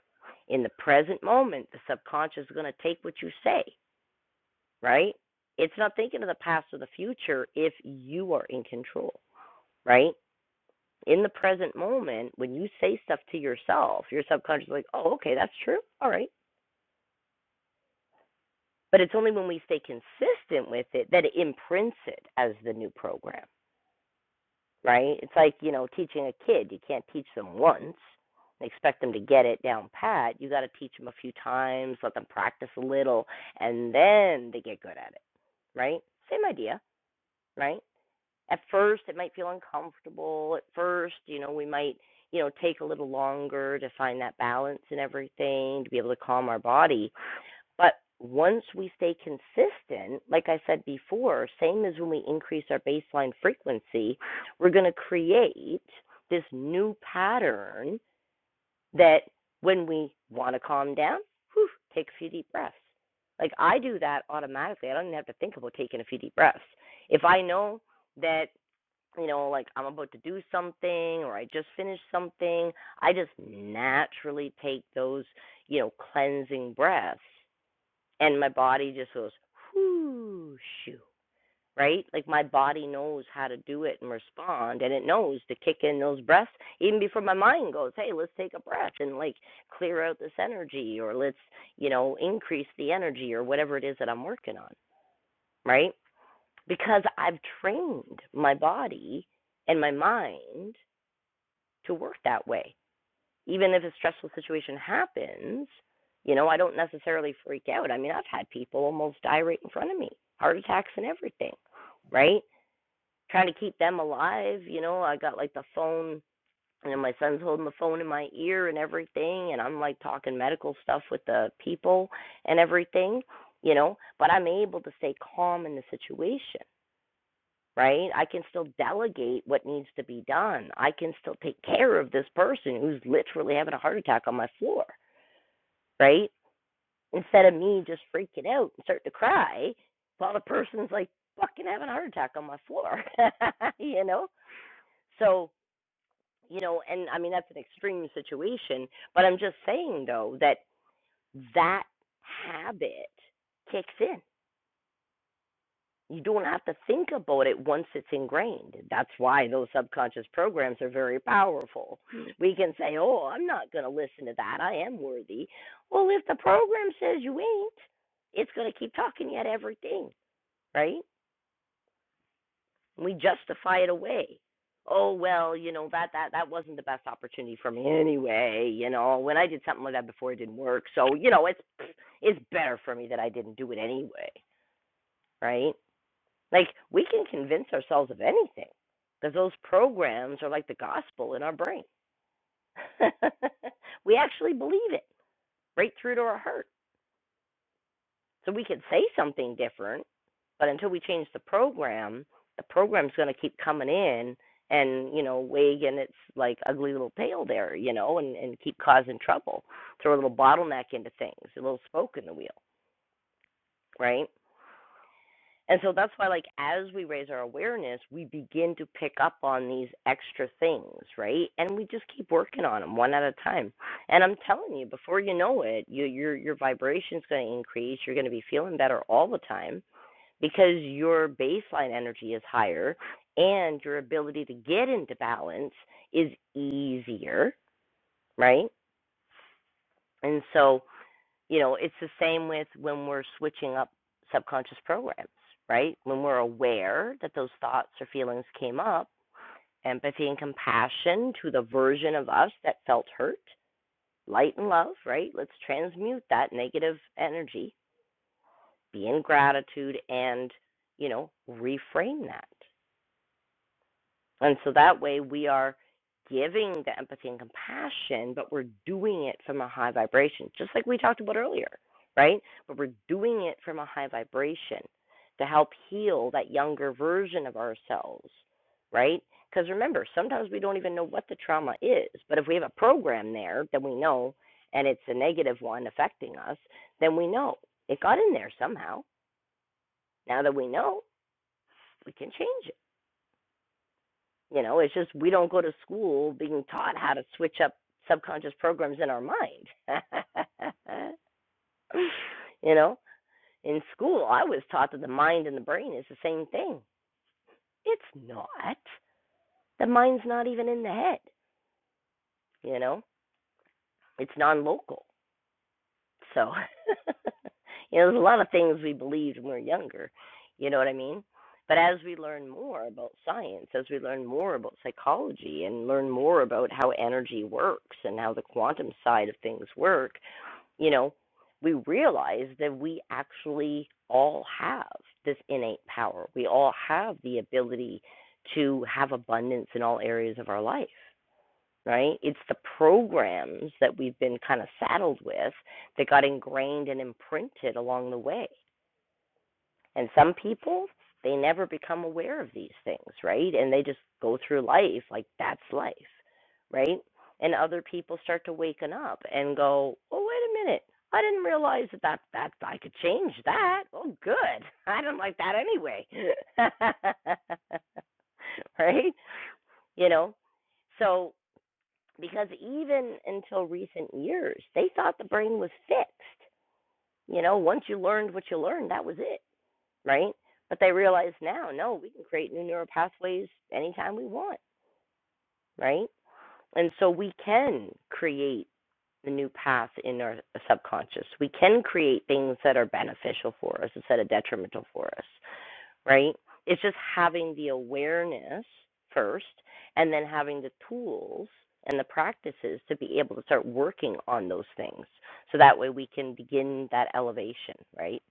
in the present moment, the subconscious is going to take what you say, right? It's not thinking of the past or the future if you are in control, right? In the present moment, when you say stuff to yourself, your subconscious is like, oh, okay, that's true. All right. But it's only when we stay consistent with it that it imprints it as the new program right? It's like, you know, teaching a kid. You can't teach them once and expect them to get it down pat. You got to teach them a few times, let them practice a little, and then they get good at it, right? Same idea, right? At first, it might feel uncomfortable. At first, you know, we might, you know, take a little longer to find that balance and everything, to be able to calm our body. But once we stay consistent, like I said before, same as when we increase our baseline frequency, we're going to create this new pattern that when we want to calm down, whew, take a few deep breaths. Like I do that automatically. I don't even have to think about taking a few deep breaths. If I know that, you know, like I'm about to do something or I just finished something, I just naturally take those, you know, cleansing breaths and my body just goes whoo shoo right like my body knows how to do it and respond and it knows to kick in those breaths even before my mind goes hey let's take a breath and like clear out this energy or let's you know increase the energy or whatever it is that i'm working on right because i've trained my body and my mind to work that way even if a stressful situation happens, you know, I don't necessarily freak out. I mean, I've had people almost die right in front of me, heart attacks and everything, right? Trying to keep them alive, you know, I got like the phone, you know, my son's holding the phone in my ear and everything, and I'm like talking medical stuff with the people and everything, you know, but I'm able to stay calm in the situation right? I can still delegate what needs to be done. I can still take care of this person who's literally having a heart attack on my floor, right? Instead of me just freaking out and starting to cry while the person's like fucking having a heart attack on my floor, [LAUGHS] you know? So, you know, and I mean, that's an extreme situation, but I'm just saying though that that habit kicks in you don't have to think about it once it's ingrained. That's why those subconscious programs are very powerful. We can say, Oh, I'm not going to listen to that. I am worthy. Well, if the program says you ain't, it's going to keep talking you at everything, right? We justify it away. Oh well, you know that that that wasn't the best opportunity for me anyway. You know when I did something like that before, it didn't work. So you know it's it's better for me that I didn't do it anyway, right? Like we can convince ourselves of anything because those programs are like the gospel in our brain. [LAUGHS] we actually believe it right through to our heart. So we could say something different, but until we change the program, the program's going to keep coming in and you know wagging its like ugly little tail there, you know, and and keep causing trouble, throw a little bottleneck into things, a little spoke in the wheel, right? And so that's why, like, as we raise our awareness, we begin to pick up on these extra things, right? And we just keep working on them one at a time. And I'm telling you, before you know it, you, your your vibration's going to increase. You're going to be feeling better all the time because your baseline energy is higher, and your ability to get into balance is easier, right? And so you know it's the same with when we're switching up subconscious programs right when we're aware that those thoughts or feelings came up empathy and compassion to the version of us that felt hurt light and love right let's transmute that negative energy be in gratitude and you know reframe that And so that way we are giving the empathy and compassion, but we're doing it from a high vibration, just like we talked about earlier, right? But we're doing it from a high vibration to help heal that younger version of ourselves, right? Because remember, sometimes we don't even know what the trauma is, but if we have a program there that we know and it's a negative one affecting us, then we know it got in there somehow. Now that we know, we can change it You know, it's just we don't go to school being taught how to switch up subconscious programs in our mind. [LAUGHS] you know, in school, I was taught that the mind and the brain is the same thing. It's not. The mind's not even in the head. You know, it's non local. So, [LAUGHS] you know, there's a lot of things we believed when we were younger. You know what I mean? But as we learn more about science, as we learn more about psychology and learn more about how energy works and how the quantum side of things work, you know, we realize that we actually all have this innate power. We all have the ability to have abundance in all areas of our life right? It's the programs that we've been kind of saddled with that got ingrained and imprinted along the way. And some people, they never become aware of these things, right? And they just go through life like that's life, right? And other people start to waken up and go, oh, wait a minute. I didn't realize that, that that I could change that. Oh, good. [LAUGHS] I do not like that anyway. [LAUGHS] right? You know, so because even until recent years, they thought the brain was fixed. You know, once you learned what you learned, that was it, right? But they realize now, no, we can create new neural pathways anytime we want, right? And so we can create the new path in our subconscious. We can create things that are beneficial for us instead of detrimental for us right? It's just having the awareness first and then having the tools and the practices to be able to start working on those things. So that way we can begin that elevation, right?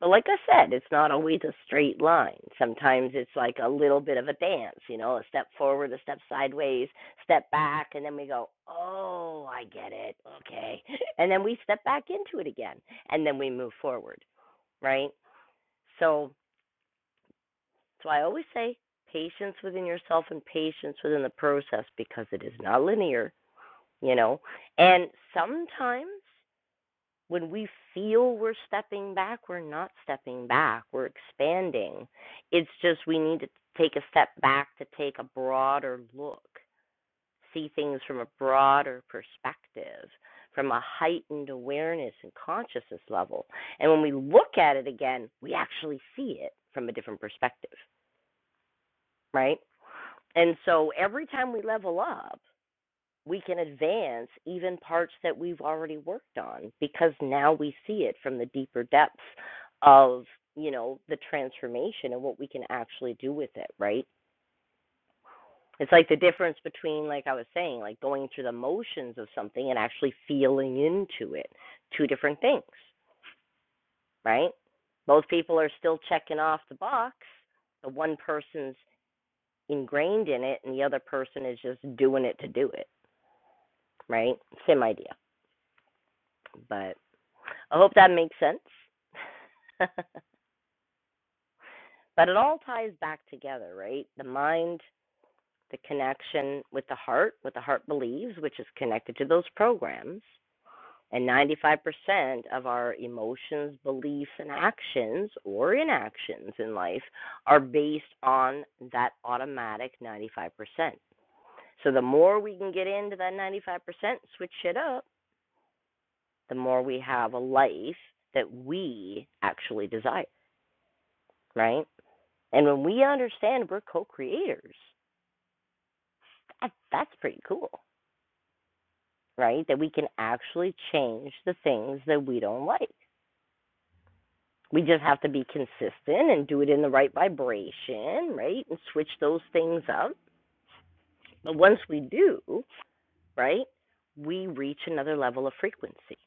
But like I said, it's not always a straight line. Sometimes it's like a little bit of a dance, you know, a step forward, a step sideways, step back, and then we go, oh, I get it. Okay. [LAUGHS] And then we step back into it again, and then we move forward, right? So, So I always say patience within yourself and patience within the process because it is not linear, you know. And sometimes when we feel we're stepping back, we're not stepping back, we're expanding. It's just we need to take a step back to take a broader look, see things from a broader perspective. From a heightened awareness and consciousness level. And when we look at it again, we actually see it from a different perspective, right? And so every time we level up, we can advance even parts that we've already worked on because now we see it from the deeper depths of, you know, the transformation and what we can actually do with it, right? It's like the difference between, like I was saying, like going through the motions of something and actually feeling into it. Two different things, right? Both people are still checking off the box. The one person's ingrained in it and the other person is just doing it to do it right? Same idea, but I hope that makes sense. [LAUGHS] but it all ties back together, right? The mind, the connection with the heart, what the heart believes, which is connected to those programs. And 95% of our emotions, beliefs, and actions or inactions in life are based on that automatic 95%. So the more we can get into that 95%, switch it up, the more we have a life that we actually desire. right? And when we understand we're co creators, that, that's pretty cool, right? That we can actually change the things that we don't like. We just have to be consistent and do it in the right vibration, right? And switch those things up. But once we do, right, we reach another level of frequency.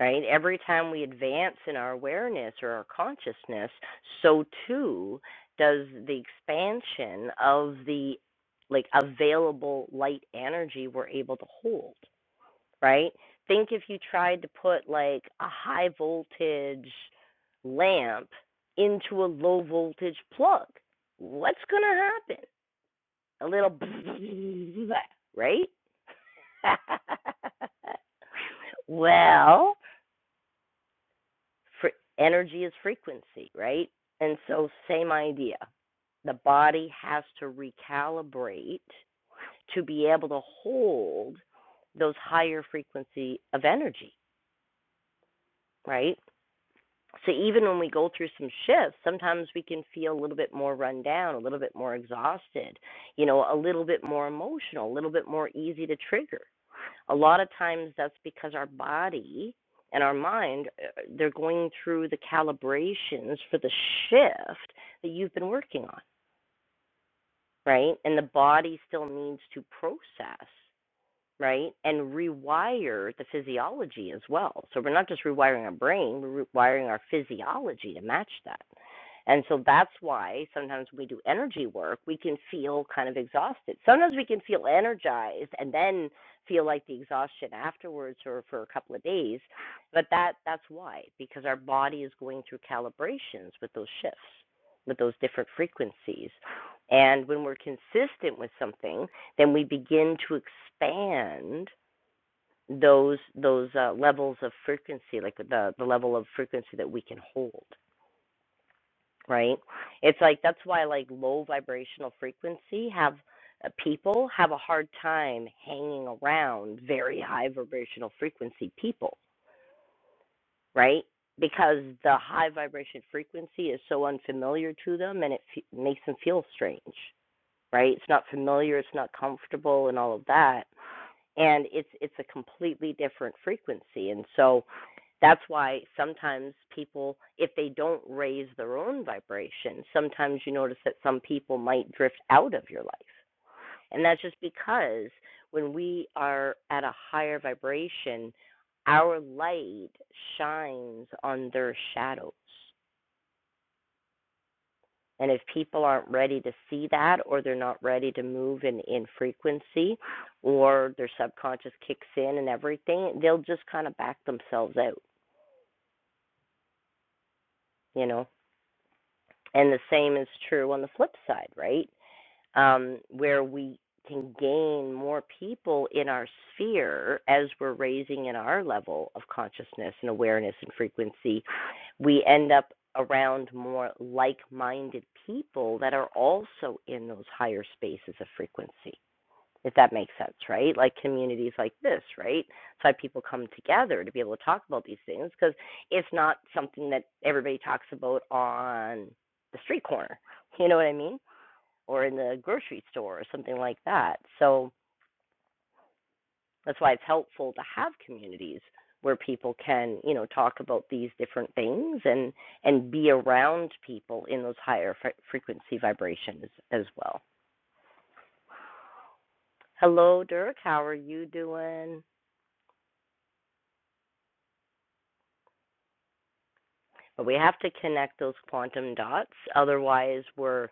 right? Every time we advance in our awareness or our consciousness, so too does the expansion of the like available light energy we're able to hold, right? Think if you tried to put like a high voltage lamp into a low voltage plug. What's going to happen? A little [LAUGHS] right? [LAUGHS] well, Fre- energy is frequency, right? And so, same idea. The body has to recalibrate to be able to hold those higher frequency of energy, right? So, even when we go through some shifts, sometimes we can feel a little bit more run down, a little bit more exhausted, you know, a little bit more emotional, a little bit more easy to trigger a lot of times that's because our body and our mind uh, they're going through the calibrations for the shift that you've been working on right and the body still needs to process right and rewire the physiology as well so we're not just rewiring our brain we're rewiring our physiology to match that and so that's why sometimes when we do energy work, we can feel kind of exhausted. Sometimes we can feel energized and then feel like the exhaustion afterwards or for a couple of days. But that that's why because our body is going through calibrations with those shifts, with those different frequencies. And when we're consistent with something, then we begin to expand those those uh, levels of frequency, like the the level of frequency that we can hold right? It's like that's why like low vibrational frequency have uh, people have a hard time hanging around very high vibrational frequency people, right? Because the high vibration frequency is so unfamiliar to them and it f- makes them feel strange, right? It's not familiar, it's not comfortable and all of that and it's it's a completely different frequency and so that's why sometimes people if they don't raise their own vibration sometimes you notice that some people might drift out of your life and that's just because when we are at a higher vibration our light shines on their shadows and if people aren't ready to see that, or they're not ready to move in, in frequency, or their subconscious kicks in and everything, they'll just kind of back themselves out, you know? And the same is true on the flip side, right? um, where we can gain more people in our sphere as we're raising in our level of consciousness and awareness and frequency, we end up around more like minded people that are also in those higher spaces of frequency. If that makes sense, right? Like communities like this, right? That's why people come together to be able to talk about these things because it's not something that everybody talks about on the street corner. [LAUGHS] You know what I mean? or in the grocery store or something like that. So that's why it's helpful to have communities where people can, you know, talk about these different things and and be around people in those higher fre- frequency vibrations as well. Hello, Dirk. How are you doing? But we have to connect those quantum dots, otherwise we're,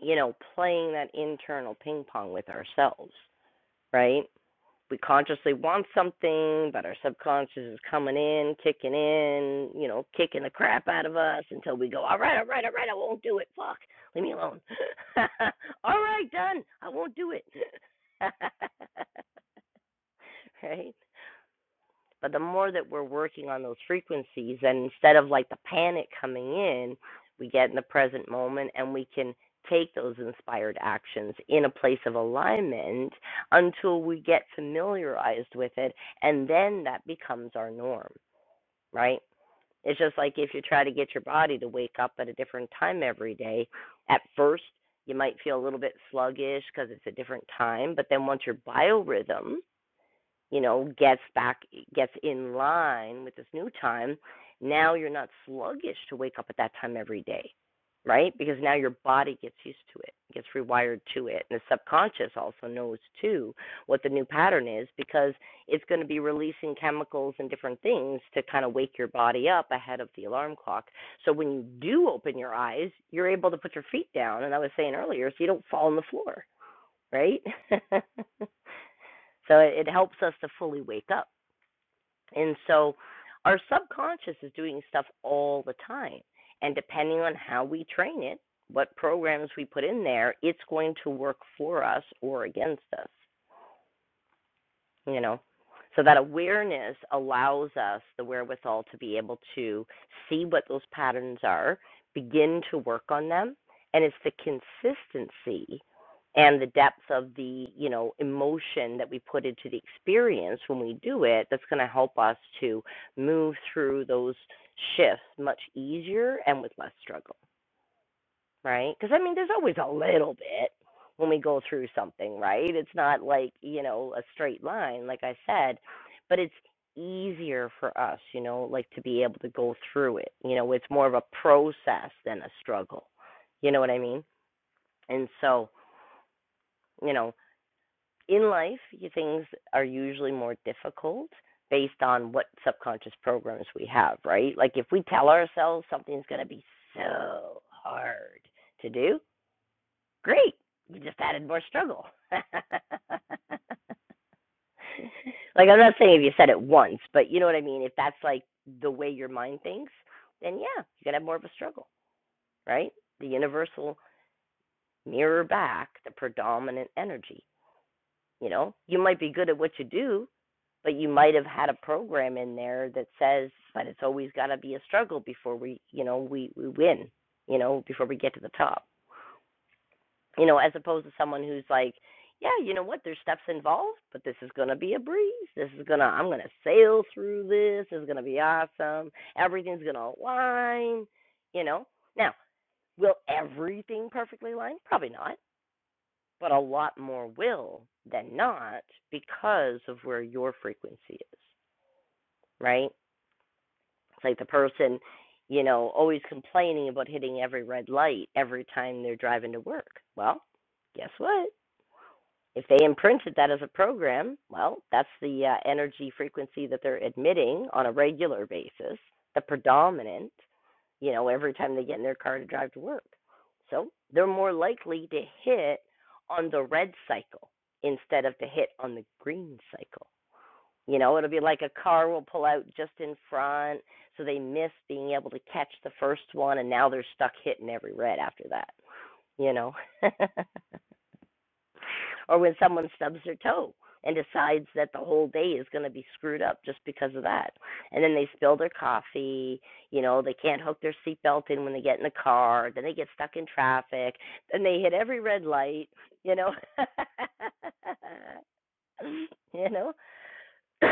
you know, playing that internal ping pong with ourselves, right? we consciously want something, but our subconscious is coming in, kicking in, you know, kicking the crap out of us until we go, all right, all right, all right, I won't do it. Fuck, leave me alone. [LAUGHS] all right, done. I won't do it. [LAUGHS] right? But the more that we're working on those frequencies, and instead of like the panic coming in, we get in the present moment and we can take those inspired actions in a place of alignment until we get familiarized with it. And then that becomes our norm, right? It's just like if you try to get your body to wake up at a different time every day, at first you might feel a little bit sluggish because it's a different time, but then once your biorhythm you know gets back gets in line with this new time now you're not sluggish to wake up at that time every day right because now your body gets used to it gets rewired to it and the subconscious also knows too what the new pattern is because it's going to be releasing chemicals and different things to kind of wake your body up ahead of the alarm clock so when you do open your eyes you're able to put your feet down and i was saying earlier so you don't fall on the floor right [LAUGHS] so it, helps us to fully wake up and so our subconscious is doing stuff all the time. And depending on how we train it, what programs we put in there, it's going to work for us or against us you know so that awareness allows us the wherewithal to be able to see what those patterns are begin to work on them and it's the consistency and the depth of the you know emotion that we put into the experience when we do it that's going to help us to move through those shifts much easier and with less struggle right? Because I mean, there's always a little bit when we go through something, right? It's not like you know a straight line, like I said, but it's easier for us, you know, like to be able to go through it. You know, it's more of a process than a struggle. You know what I mean? And so, you know, in life, things are usually more difficult based on what subconscious programs we have, right? Like if we tell ourselves something's going to be so hard to do, Great. You just added more struggle. [LAUGHS] like I'm not saying if you said it once, but you know what I mean. If that's like the way your mind thinks, then yeah, you're gonna have more of a struggle, right? The universal mirror back the predominant energy. You know, you might be good at what you do, but you might have had a program in there that says, but it's always got to be a struggle before we, you know, we we win. You know, before we get to the top. you know, as opposed to someone who's like, yeah, you know what, there's steps involved, but this is gonna be a breeze. This is gonna, I'm gonna sail through this. It's gonna be awesome. Everything's gonna align. You know, now will everything perfectly align? Probably not, but a lot more will than not because of where your frequency is, right? It's like the person, you know, always complaining about hitting every red light every time they're driving to work. Well, guess what? If they imprinted that as a program, well, that's the uh, energy frequency that they're emitting on a regular basis, the predominant, you know, every time they get in their car to drive to work. So they're more likely to hit on the red cycle instead of to hit on the green cycle. You know, it'll be like a car will pull out just in front, so they miss being able to catch the first one, and now they're stuck hitting every red after that, you know. [LAUGHS] or when someone stubs their toe and decides that the whole day is going to be screwed up just because of that. And then they spill their coffee, you know, they can't hook their seatbelt in when they get in the car, then they get stuck in traffic, then they hit every red light, you know. [LAUGHS] you know. [COUGHS]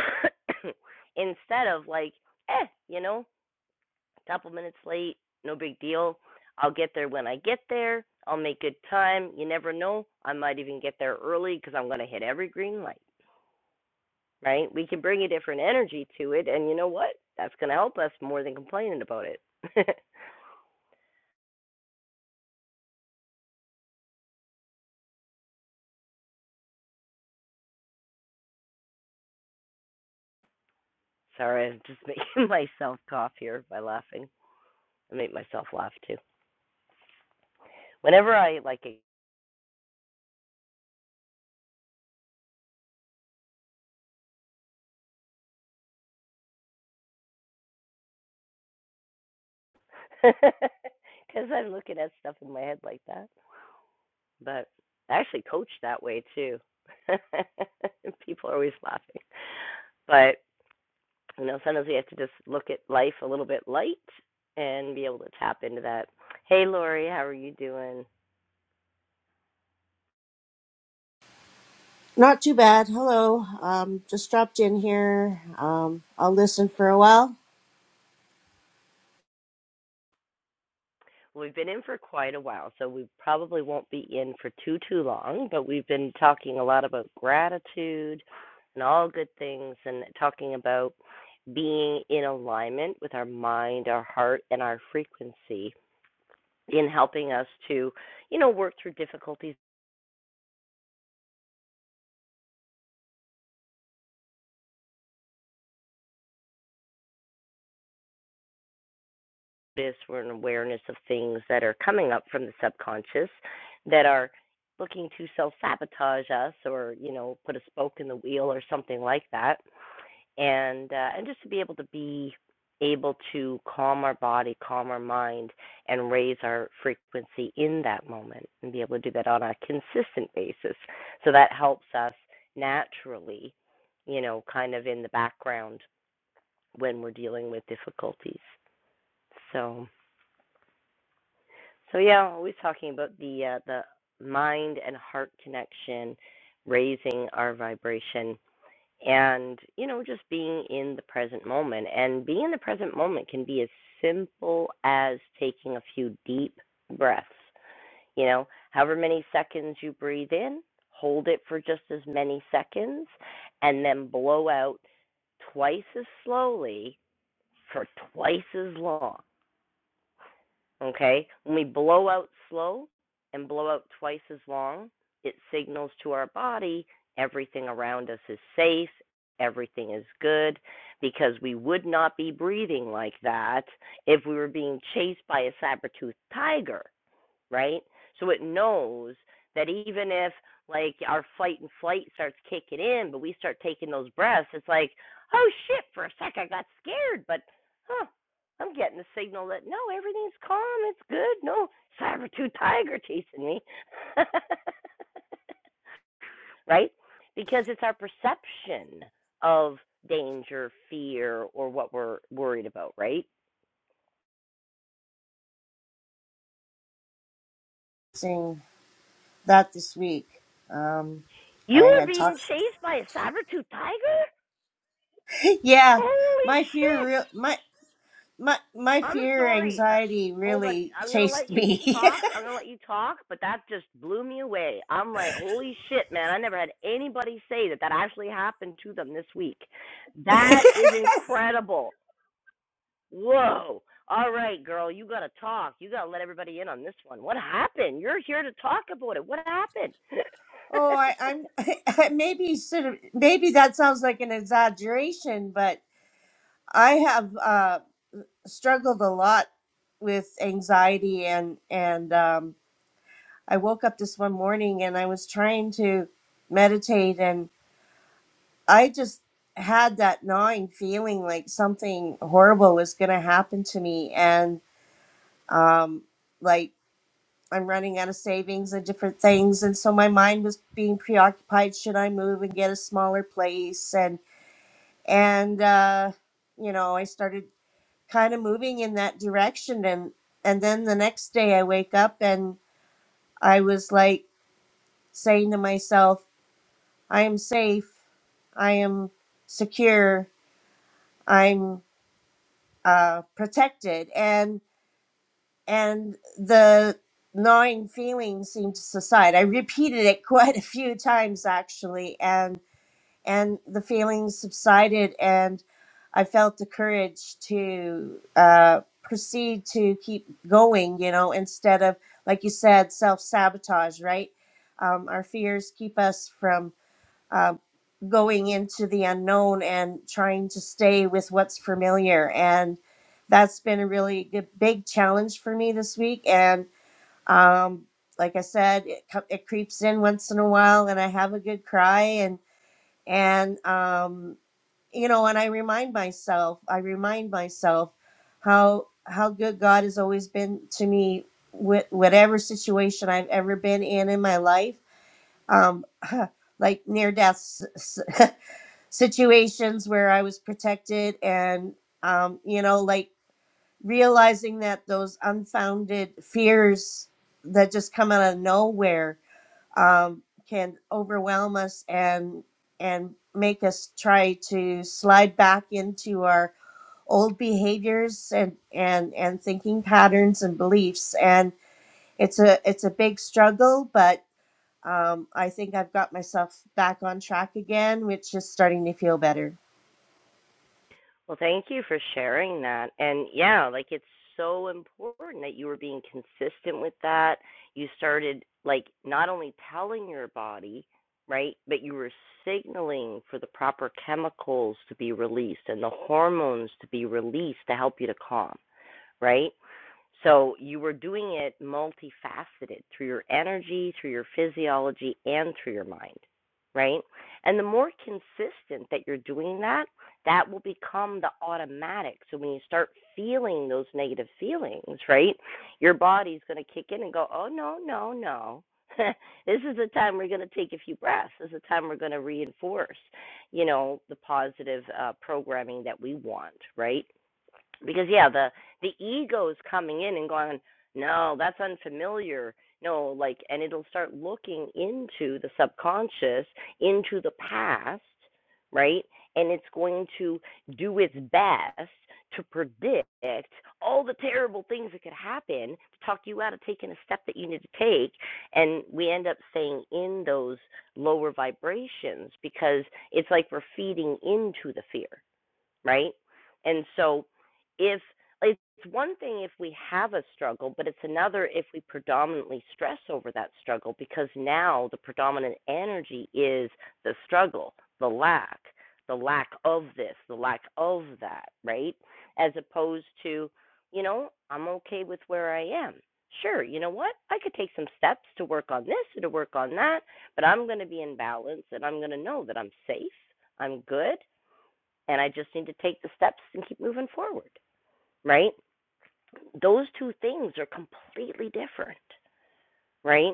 Instead of like, eh, you know, a couple minutes late, no big deal. I'll get there when I get there. I'll make good time. You never know. I might even get there early because I'm going to hit every green light, right? We can bring a different energy to it. And you know what? That's going to help us more than complaining about it. [LAUGHS] Sorry, I'm just [LAUGHS] making myself cough here by laughing. I make myself laugh too. Whenever I like because [LAUGHS] I'm looking at stuff in my head like that. But I actually coach that way too. [LAUGHS] People are always laughing. But you know, sometimes we have to just look at life a little bit light and be able to tap into that. Hey, Lori, how are you doing?
Not too bad. Hello. Um, just dropped in here. Um, I'll listen for a while.
Well, We've been in for quite a while, so we probably won't be in for too too long. But we've been talking a lot about gratitude and all good things, and talking about being in alignment with our mind, our heart, and our frequency in helping us to, you know, work through difficulties awareness, we're an awareness of things that are coming up from the subconscious that are looking to self sabotage us or, you know, put a spoke in the wheel or something like that. And uh, and just to be able to be able to calm our body, calm our mind and raise our frequency in that moment and be able to do that on a consistent basis. So that helps us naturally, you know, kind of in the background when we're dealing with difficulties. so. So yeah, I'm always talking about the uh, the mind and heart connection, raising our vibration, and you know just being in the present moment. And being in the present moment can be as simple as taking a few deep breaths. You know, however many seconds you breathe in, hold it for just as many seconds, and then blow out twice as slowly for twice as long Okay? When we blow out slow and blow out twice as long, it signals to our body everything around us is safe, everything is good, because we would not be breathing like that if we were being chased by a saber toothed tiger right? So it knows that even if like our fight and flight starts kicking in, but we start taking those breaths, it's like, oh shit, for a sec I got scared, but huh, I'm getting the signal that no, everything's calm, it's good, no saber tooth tiger chasing me. [LAUGHS] right? Because it's our perception of danger, fear, or what we're worried about, right?
Seeing that this week. Um,
You
I
were
had
being
talked.
chased by a saber tooth tiger?
[LAUGHS] yeah,
Holy
my fear,
shit!
real my my my
I'm
fear,
sorry. Uh,
anxiety
hold on.
really
I'm gonna let
chased
you
me.
talk. I'm gonna let you talk, but that just blew me away. I'm like, holy shit, man! I never had anybody say that that actually happened to them this week.
[LAUGHS]
That is incredible. Whoa. All right, girl, you gotta talk. You gotta let everybody in on this one. What happened? You're here to talk about it. What happened?
oh, I,
[LAUGHS]
I'm [LAUGHS] I maybe sort of maybe that sounds like an exaggeration, but I have uh, struggled a lot with anxiety and and um, I woke up this one morning and I was trying to meditate and I just had that gnawing feeling like something horrible was going to happen to me and um like I'm running out of savings and different things and so my mind was being preoccupied should I move and get a smaller place and and uh you know I started kind of moving in that direction and and then the next day I wake up and I was like saying to myself I am safe. I am secure. I'm uh, protected, and and the gnawing feeling seemed to subside. I repeated it [LAUGHS] quite a few times actually, and and the feeling subsided, and I felt the courage to uh, proceed to keep going. You know, instead of like you said, self sabotage. Right, um, our fears keep us from uh, going into the unknown and trying to stay with what's familiar. And that's been a really good, big challenge for me this week. And um, like I said, it, co- it creeps in once in a while, and I have a good cry. And and um, you know, and I remind myself, I remind myself how how good God has always been to me with whatever situation I've ever been in in my life. Um, [LAUGHS] like near death s- s- [LAUGHS] situations where I was protected and um, you know, like realizing that those unfounded fears that just come out of nowhere um, can overwhelm us and and make us try to slide back into our old behaviors and and and thinking patterns and beliefs and it's a it's a big struggle but um, I think I've got myself back on track again, which is starting to feel better.
Well, thank you for sharing that. And yeah, like it's so important that you were being consistent with that. You started like not only telling your body, right, but you were signaling for the proper chemicals to be released and the hormones to be released to help you to calm, right? So you were doing it multifaceted through your energy, through your physiology, and through your mind, right? And the more consistent that you're doing that, that will become the automatic. So when you start feeling those negative feelings, right, your body's going to kick in and go, oh, no, no, no. [LAUGHS] this is the time we're going to take a few breaths. This is the time we're going to reinforce, you know, the positive uh, programming that we want, right? because yeah the the ego is coming in and going no that's unfamiliar no like and it'll start looking into the subconscious into the past right and it's going to do its best to predict all the terrible things that could happen to talk you out of taking a step that you need to take and we end up staying in those lower vibrations because it's like we're feeding into the fear right? And so if it's one thing if we have a struggle, but it's another if we predominantly stress over that struggle because now the predominant energy is the struggle, the lack, the lack of this, the lack of that, right? As opposed to, you know, I'm okay with where I am. Sure, you know what? I could take some steps to work on this and to work on that, but I'm going to be in balance and I'm going to know that I'm safe, I'm good, and I just need to take the steps and keep moving forward, right? Those two things are completely different, right?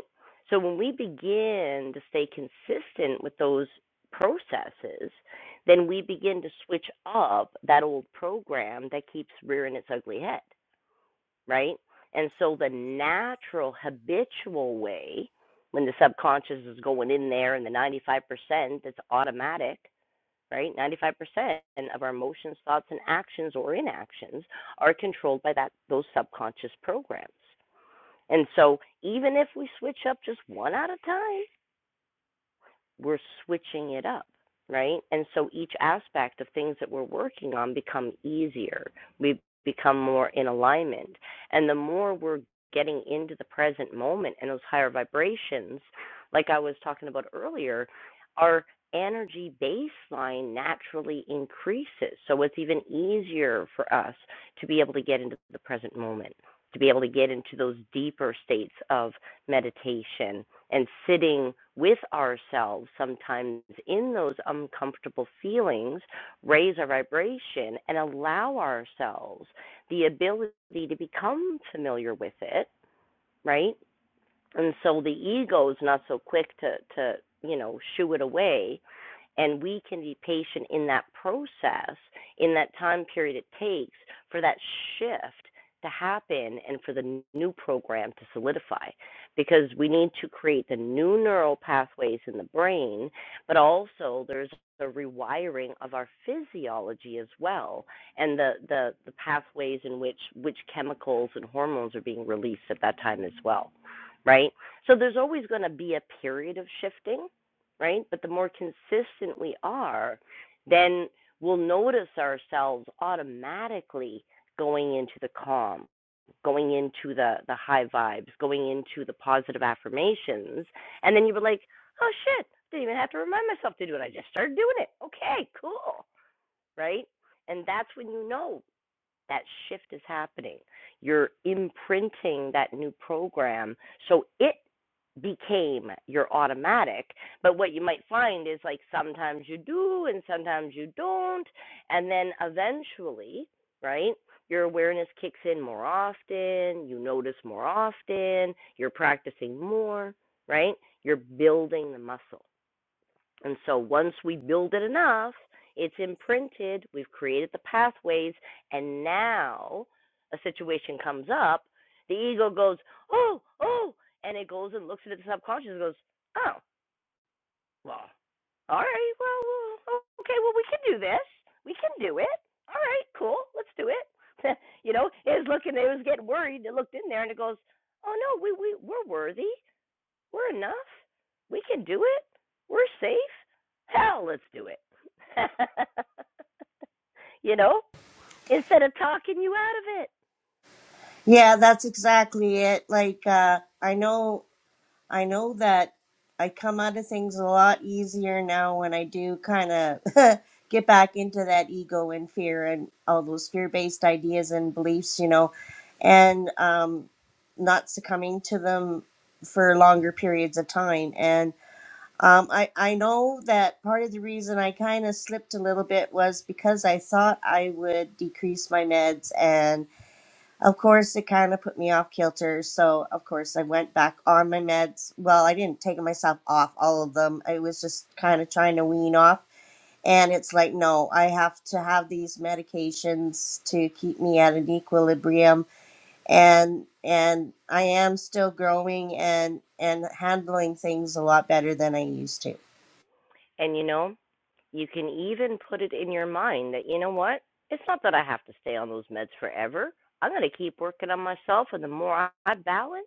So when we begin to stay consistent with those processes, then we begin to switch up that old program that keeps rearing its ugly head, right? And so the natural habitual way when the subconscious is going in there and the 95% that's automatic right? 95% of our emotions, thoughts, and actions or inactions are controlled by that those subconscious programs. And so even if we switch up just one at a time, we're switching it up, right? And so each aspect of things that we're working on become easier. We become more in alignment. And the more we're getting into the present moment and those higher vibrations, like I was talking about earlier, our energy baseline naturally increases. So it's even easier for us to be able to get into the present moment, to be able to get into those deeper states of meditation and sitting with ourselves sometimes in those uncomfortable feelings, raise our vibration and allow ourselves the ability to become familiar with it, right? and so the ego is not so quick to to you know shoo it away and we can be patient in that process in that time period it takes for that shift to happen and for the new program to solidify because we need to create the new neural pathways in the brain but also there's the rewiring of our physiology as well and the, the, the pathways in which which chemicals and hormones are being released at that time as well right? So there's always going to be a period of shifting, right? But the more consistent we are, then we'll notice ourselves automatically going into the calm, going into the the high vibes, going into the positive affirmations, and then you were like, "Oh shit, didn't even have to remind myself to do it. I just started doing it. Okay, cool." Right? And that's when you know that shift is happening. You're imprinting that new program. So it became your automatic. But what you might find is like sometimes you do and sometimes you don't. And then eventually, right, your awareness kicks in more often, you notice more often, you're practicing more, right? You're building the muscle. And so once we build it enough, it's imprinted, we've created the pathways, and now a situation comes up, the ego goes, oh, oh, and it goes and looks at the subconscious and goes, oh, all right, well, well, okay, well, we can do this. We can do it. All right, cool, let's do it. [LAUGHS] you know, it was looking, it was getting worried, it looked in there and it goes, oh no, we, we, we're worthy. We're enough. We can do it. We're safe. Hell, let's do it. [LAUGHS] you know, instead of talking you out of it.
Yeah, that's exactly it. Like uh I know I know that I come out of things a lot easier now when I do kind of [LAUGHS] get back into that ego and fear and all those fear-based ideas and beliefs, you know, and um not succumbing to them for longer periods of time. And um I I know that part of the reason I kind of slipped a little bit was because I thought I would decrease my meds and of course, it kind of put me off kilter. So, of course, I went back on my meds. Well, I didn't take myself off all of them. I was just kind of trying to wean off. And it's like, no, I have to have these medications to keep me at an equilibrium. And and I am still growing and and handling things a lot better than I used to.
And you know, you can even put it in your mind that, you know what? It's not that I have to stay on those meds forever. I'm going to keep working on myself. And the more I balance,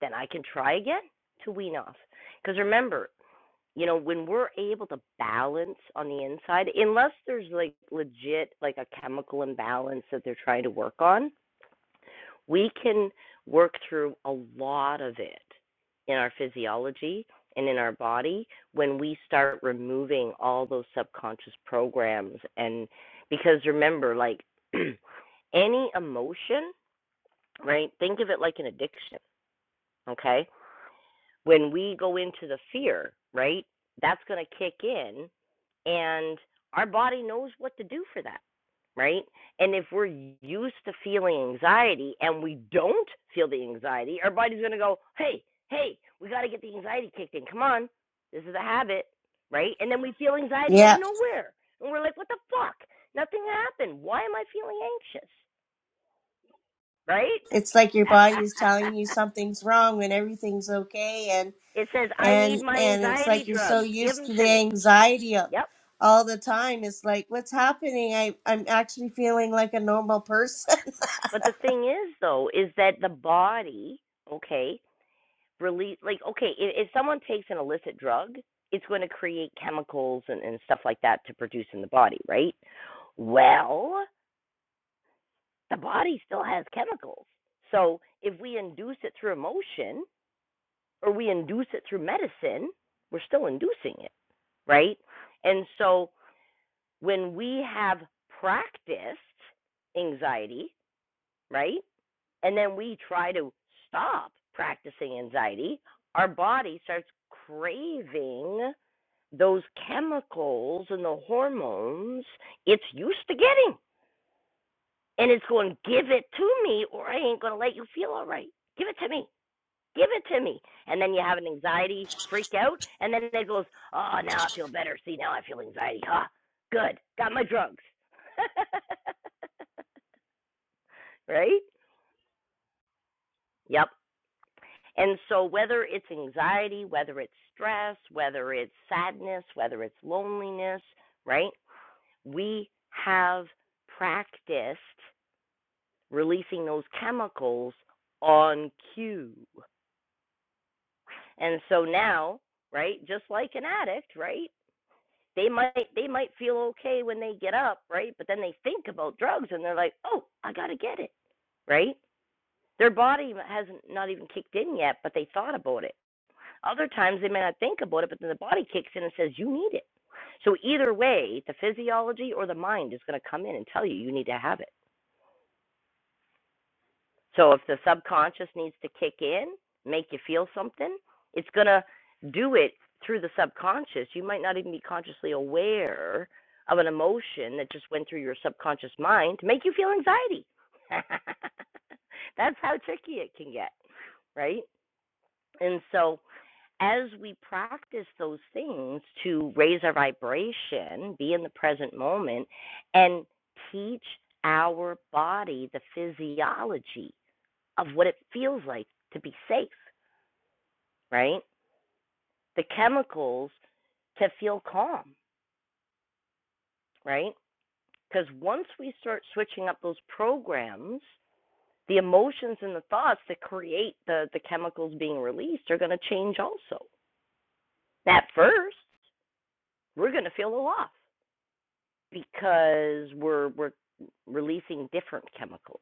then I can try again to wean off. Because remember, you know, when we're able to balance on the inside, unless there's like legit like a chemical imbalance that they're trying to work on, we can work through a lot of it in our physiology and in our body when we start removing all those subconscious programs and because remember like [CLEARS THROAT] any emotion, right? Think of it like an addiction, okay? when we go into the fear, right, that's going to kick in, and our body knows what to do for that, right? And if we're used to feeling anxiety and we don't feel the anxiety, our body's going to go, hey, hey, we got to get the anxiety kicked in. Come on, this is a habit, right? And then we feel anxiety out of
Yeah,
nowhere, and we're like, what the fuck? Nothing happened. Why am I feeling anxious, right?
it's like your body is telling you
[LAUGHS]
something's wrong when everything's okay and.
it says, I need
and
my
and it's
anxiety
like you're so
drugs. Give
used
them
to
to
the
me.
anxiety of
Yep.
all the time it's like what's happening i i'm actually feeling like a normal person
But the thing is, though, is that the body, okay, release like okay, if, if someone takes an illicit drug, it's going to create chemicals and, and stuff like that to produce in the body, right? Well, the body still has chemicals. So if we induce it through emotion or we induce it through medicine, we're still inducing it, right? And so when we have practiced anxiety, right? and then we try to stop practicing anxiety, our body starts craving those chemicals and the hormones it's used to getting. And it's going, give it to me, or I ain't going to let you feel all right. Give it to me. Give it to me. And then you have an anxiety freak out. And then it goes, oh, now I feel better. See, now I feel anxiety. Huh? Good. Got my drugs. [LAUGHS] right? Yep. And so, whether it's anxiety, whether it's stress, whether it's sadness, whether it's loneliness, right? We have practiced releasing those chemicals on cue. And so now, right, just like an addict, right? They might they might feel okay when they get up, right? But then they think about drugs and they're like, "Oh, I got to get it." Right? Their body hasn't not even kicked in yet, but they thought about it Other times they may not think about it, but then the body kicks in and says, You need it. So either way, the physiology or the mind is going to come in and tell you you need to have it. So if the subconscious needs to kick in, make you feel something, it's going to do it through the subconscious. You might not even be consciously aware of an emotion that just went through your subconscious mind to make you feel anxiety. [LAUGHS] That's how tricky it can get, right? And so, as we practice those things to raise our vibration, be in the present moment, and teach our body the physiology of what it feels like to be safe, right? The chemicals to feel calm, right? Because once we start switching up those programs, the emotions and the thoughts that create the, the chemicals being released are going to change also. At first, we're going to feel a loss because we're we're releasing different chemicals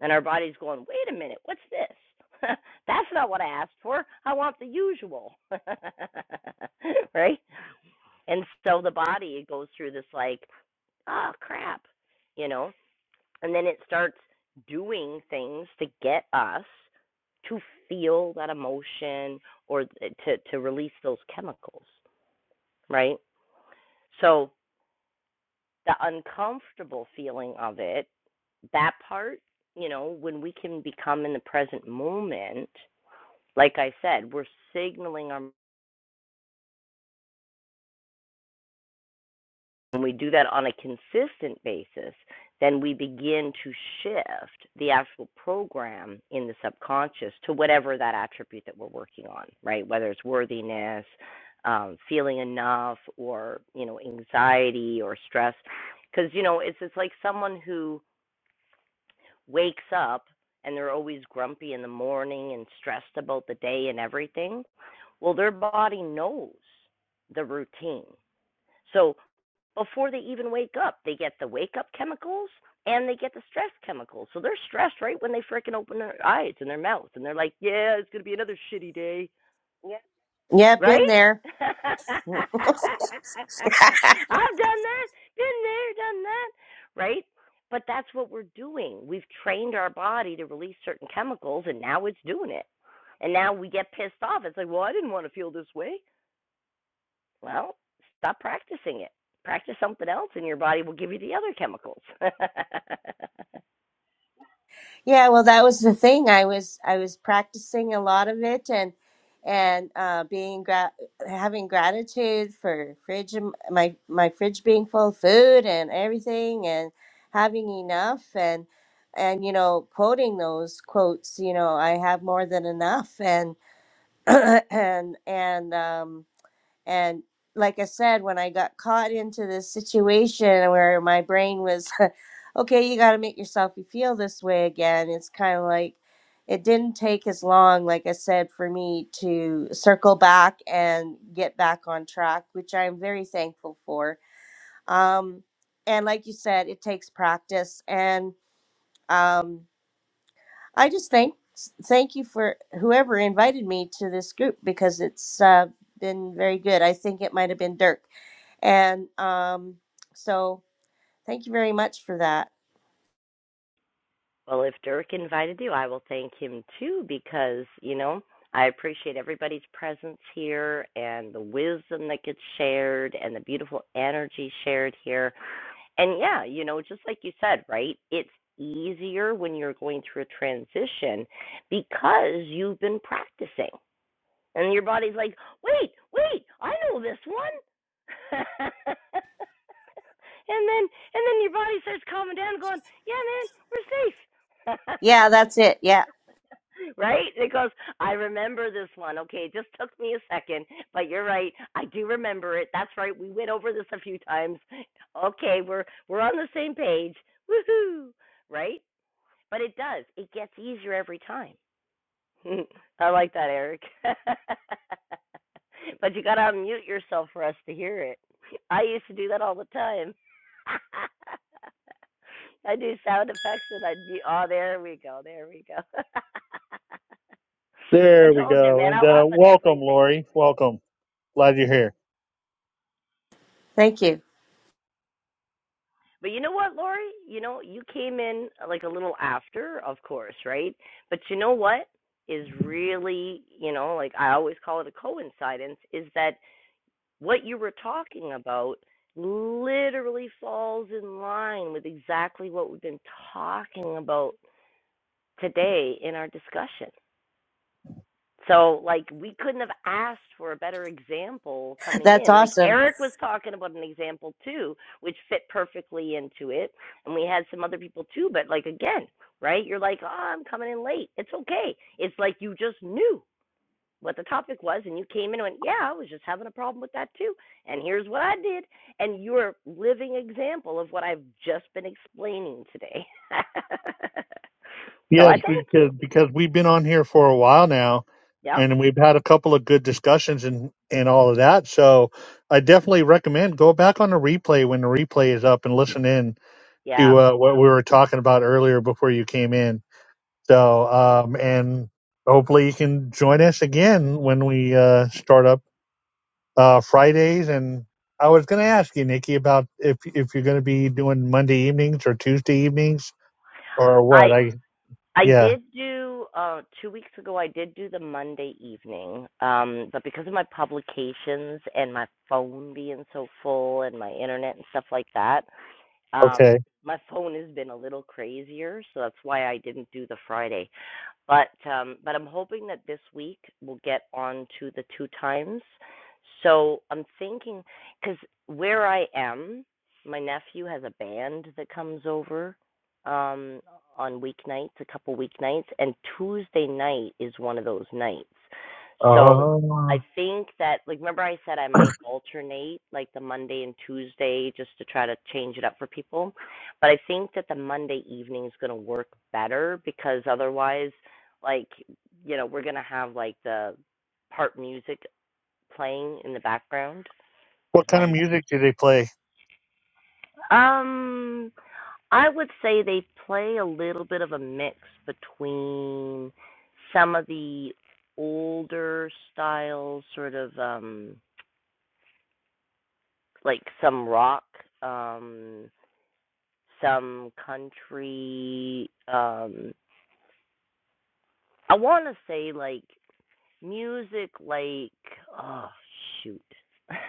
and our body's going wait a minute what's this [LAUGHS] that's not what i asked for i want the usual [LAUGHS] right and so the body goes through this like oh crap you know and then it starts doing things to get us to feel that emotion or to to release those chemicals right so the uncomfortable feeling of it, that part, you know, when we can become in the present moment, like I said, we're signaling our when we do that on a consistent basis, then we begin to shift the actual program in the subconscious to whatever that attribute that we're working on, right? Whether it's worthiness, um, feeling enough, or you know, anxiety or stress, because you know, it's it's like someone who wakes up and they're always grumpy in the morning and stressed about the day and everything, well, their body knows the routine. So before they even wake up, they get the wake up chemicals and they get the stress chemicals. So they're stressed right when they freaking open their eyes and their mouth and they're like, yeah, it's going to be another shitty day
[LAUGHS] yeah
right?
been there
[LAUGHS] I've done that, been there, done that, right? But that's what we're doing. We've trained our body to release certain chemicals, and now it's doing it. And now we get pissed off. It's like, well, I didn't want to feel this way. Well, stop practicing it. Practice something else, and your body will give you the other chemicals. [LAUGHS]
yeah well that was the thing i was i was practicing a lot of it and and uh being gra- having gratitude for fridge my my fridge being full of food and everything and having enough and and you know quoting those quotes you know i have more than enough [CLEARS THROAT] and and um and like I said, when I got caught into this situation where my brain was, [LAUGHS] okay, you got to make yourself you feel this way again. It's kind of like it didn't take as long, like I said, for me to circle back and get back on track, which I'm very thankful for. Um, and like you said, it takes practice and. Um, I just thank thank you for whoever invited me to this group because it's uh, been very good. I think it might have been Dirk, and um, so thank you very much for that.
Well, if Dirk invited you, I will thank him too because, you know, I appreciate everybody's presence here and the wisdom that gets shared and the beautiful energy shared here. And yeah, you know, just like you said, right? It's easier when you're going through a transition because you've been practicing. And your body's like, "Wait, wait, I know this one." [LAUGHS] and then and then your body starts calming down going, "Yeah, man, we're safe." [LAUGHS]
Yeah, that's it. Yeah,
[LAUGHS] right? Because I remember this one. Okay, it just took me a second, but you're right. I do remember it. That's right. We went over this a few times. Okay, we're we're on the same page. Woohoo! Right? But it does. It gets easier every time. [LAUGHS] I like that, Eric. [LAUGHS] but you got to unmute yourself for us to hear it. I used to do that all the time. [LAUGHS] I do sound effects and I'd be, oh, there we go, there we go. [LAUGHS] I
There we
told you,
go.
man,
And
I
uh,
laugh at
welcome,
everything.
Lori. Welcome. Glad you're here.
thank you.
But you know what, Lori? You know, you came in like a little after, of course, right? But you know what is really, you know, like I always call it a coincidence, is that what you were talking about literally falls in line with exactly what we've been talking about today in our discussion. So like we couldn't have asked for a better example coming
That's
in. Like
awesome.
Eric was talking about an example too, which fit perfectly into it, and we had some other people too. But like again, right? You're like, oh, I'm coming in late. It's okay. It's like you just knew what the topic was, and you came in and went, yeah, I was just having a problem with that too, and here's what I did, and you're a living example of what I've just been explaining today. [LAUGHS] so I
Yes, we
thank you.
could because we've been on here for a while now,
Yep.
and we've had a couple of good discussions and and all of that. So I definitely recommend go back on the replay when the replay is up and listen in
Yeah.
to uh, what we were talking about earlier before you came in. So um, and hopefully you can join us again when we uh, start up uh, Fridays. And I was going to ask you, Nikki, about if if you're going to be doing Monday evenings or Tuesday evenings or
I
what. I
I
yeah
did do uh two weeks ago I did do the Monday evening. Um but because of my publications and my phone being so full and my internet and stuff like that,
okay.
um my phone has been a little crazier, so that's why I didn't do the Friday but um, but I'm hoping that this week we'll get on to the two times. So I'm thinking because where I am, my nephew has a band that comes over um, on weeknights, a couple weeknights, and Tuesday night is one of those nights. So
Oh,
I think that like remember I said I might alternate like the Monday and Tuesday just to try to change it up for people. But I think that the Monday evening is going to work better because otherwise like you know we're gonna have like the part music playing in the background
what
because
kind of
my
music do they play?
um I would say they play a little bit of a mix between some of the older styles, sort of um like some rock, um some country, um I wanna say like music like oh shoot. [LAUGHS]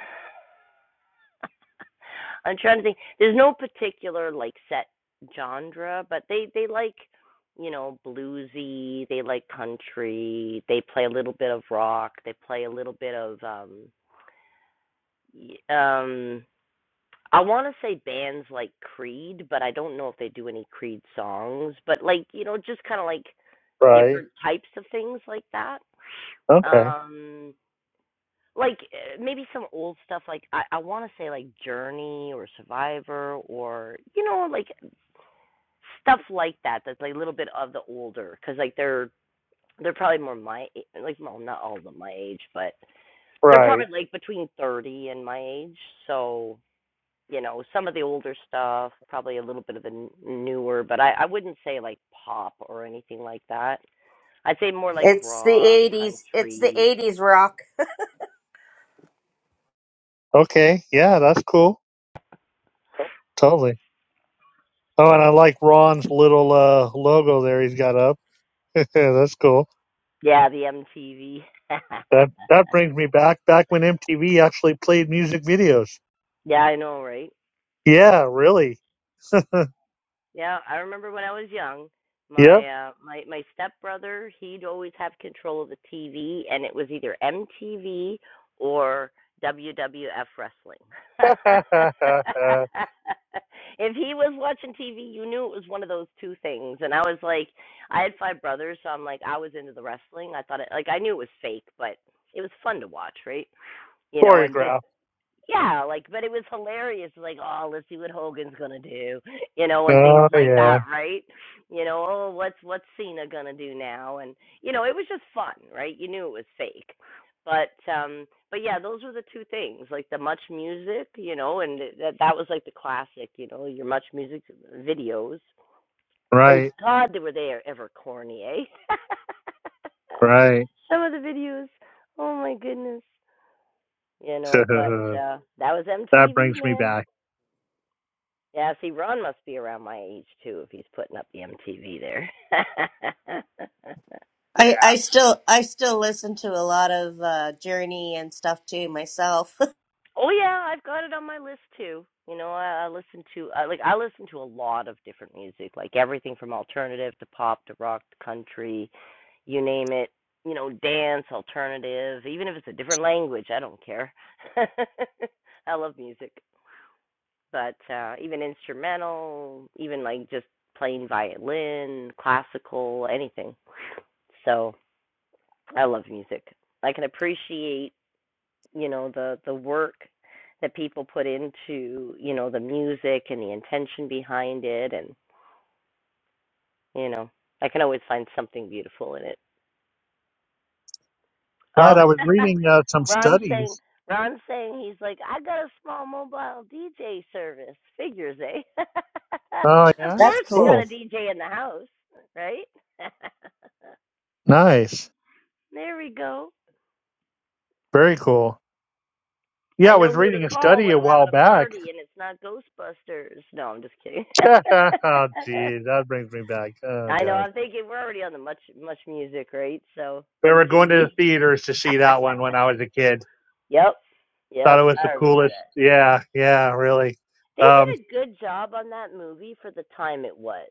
I'm trying to think. There's no particular like set genre, but they they like you know bluesy. They like country. They play a little bit of rock. They play a little bit of um um. I want to say bands like Creed, but I don't know if they do any Creed songs. But like you know, just kind of like
Right.
different types of things like that.
Okay.
Um, like uh, maybe some old stuff like I, I want to say like Journey or Survivor or you know like stuff like that that's like a little bit of the older because like they're they're probably more my like well not all of them my age but they're probably
Right.
like between 30 and my age so you know some of the older stuff probably a little bit of the newer but i i wouldn't say like pop or anything like that i'd say more like
It's the
rock
'80s. It's the
country
'80s rock.
Okay. Yeah, that's cool. Totally. Oh, and I like Ron's little uh, logo there he's got up. [LAUGHS] that's cool.
yeah the mtv [LAUGHS]
That that brings me back back when MTV actually played music videos.
yeah i know right
Yeah, really.
Yeah, I remember when I was young, my
Yep.
uh my my stepbrother, he'd always have control of the TV and it was either MTV or WWF wrestling. [LAUGHS]
[LAUGHS]
if he was watching TV, you knew it was one of those two things. And I was like, I had five brothers, so I'm like I was into the wrestling. I thought it like I knew it was fake, but it was fun to watch, right? You know, and just
Choreographed.
yeah, like, but it was hilarious. Like, oh, let's see what Hogan's gonna do, you know, and things
Oh
like
yeah.
that, right? You know, oh, what's what's Cena gonna do now? And you know, it was just fun, right? You knew it was fake, but um, but yeah, those were the two things, like the much music, you know, and that that was like the classic, you know, your much music videos, and
Right.
God, they were they are ever corny, eh? [LAUGHS]
Right.
Some of the videos, oh my goodness you
[LAUGHS]
know. But
that
uh, that was MTV,
brings me
man.
back.
Yeah, see, Ron must be around my age too if he's putting up the MTV there. [LAUGHS]
Yeah.
I, I still I still listen to a lot of uh, Journey and stuff too myself.
oh yeah, I've got it on my list too. You know, I, I listen to I, like I listen to a lot of different music, like everything from alternative to pop to rock to country, you name it. You know, dance, alternative, even if it's a different language, I don't care. [LAUGHS] I love music. but uh even instrumental, even like just playing violin, classical, anything. So I love music. I can appreciate, you know, the the work that people put into, you know, the music and the intention behind it and, you know, I can always find something beautiful in it.
Right.
Oh,
I was
[LAUGHS]
reading uh, some
Ron's saying
studies.
Ron's saying he's like, I got a small mobile DJ service. Figures, eh? [LAUGHS]
Oh
of
[LAUGHS]
yeah.
That's
course, we
cool.
got
Cool.
a DJ in the house, right? [LAUGHS]
Nice.
there we go.
Very cool.
I
Yeah, I
know
was
who to
reading a
call
study
when
a
I'm having
while
a
back.
party and it's not Ghostbusters. No, I'm just kidding. [LAUGHS]
[LAUGHS] oh, geez, that brings me back. Oh,
I know.
gosh.
I'm thinking we're already on the much much music, right? So
We were going to the
MTV.
theaters to see that
[LAUGHS]
one when I was a kid.
yep,
Thought
yep.
it was the
I remember
coolest.
that.
Yeah, yeah, really.
They did
Um,
a good job on that movie for the time it was.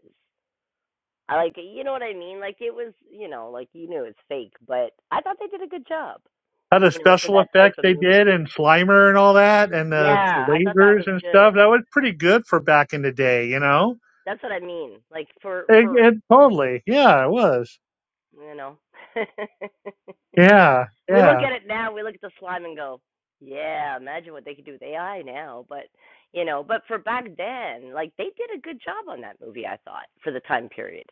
I like it. You know what I mean? Like it was, you know, like you knew it's fake, but I thought they did a good job,
how the
you know, for
special
that type
effects
of
they
movie.
did and Slimer and all that and the
Yeah, I thought that was
lasers and
good.
stuff. That was pretty good for back in the day, you know?
That's what I mean. Like for
It,
for,
it totally. Yeah, it was.
you know. [LAUGHS]
Yeah,
we look
yeah,
at it now, we look at the slime and go, yeah, imagine what they could do with AI now, but you know, but for back then, like they did a good job on that movie, I thought, for the time period.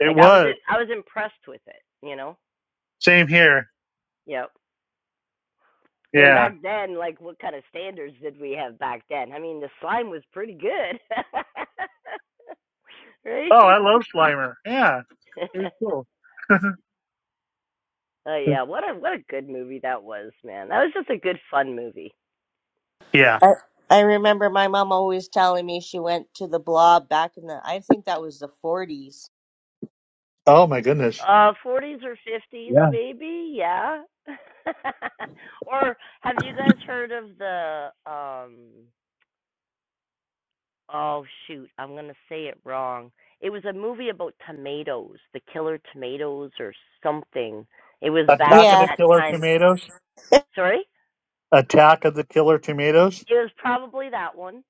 it
Like I was
was.
I was impressed with it, you know.
Same here.
Yep. I mean,
Yeah.
back then, like, what kind of standards did we have back then? I mean, the slime was pretty good, [LAUGHS] right?
Oh, I love Slimer. Yeah, he was
[LAUGHS]
cool.
Oh
[LAUGHS]
yeah, what a what a good movie that was, man. That was just a good fun movie.
yeah.
I, I remember my mom always telling me she went to the Blob back in the I think that was the 40s
Oh my goodness.
Uh, forties or fifties,
Yeah.
maybe, yeah. [LAUGHS] or have you guys heard of the um? Oh shoot, I'm gonna say it wrong. It was a movie about tomatoes, the killer tomatoes or something. It was back
Attack
in
of
Yeah,
the
that
Killer
time
Tomatoes.
Sorry?
Attack of the Killer Tomatoes.
It was probably that one.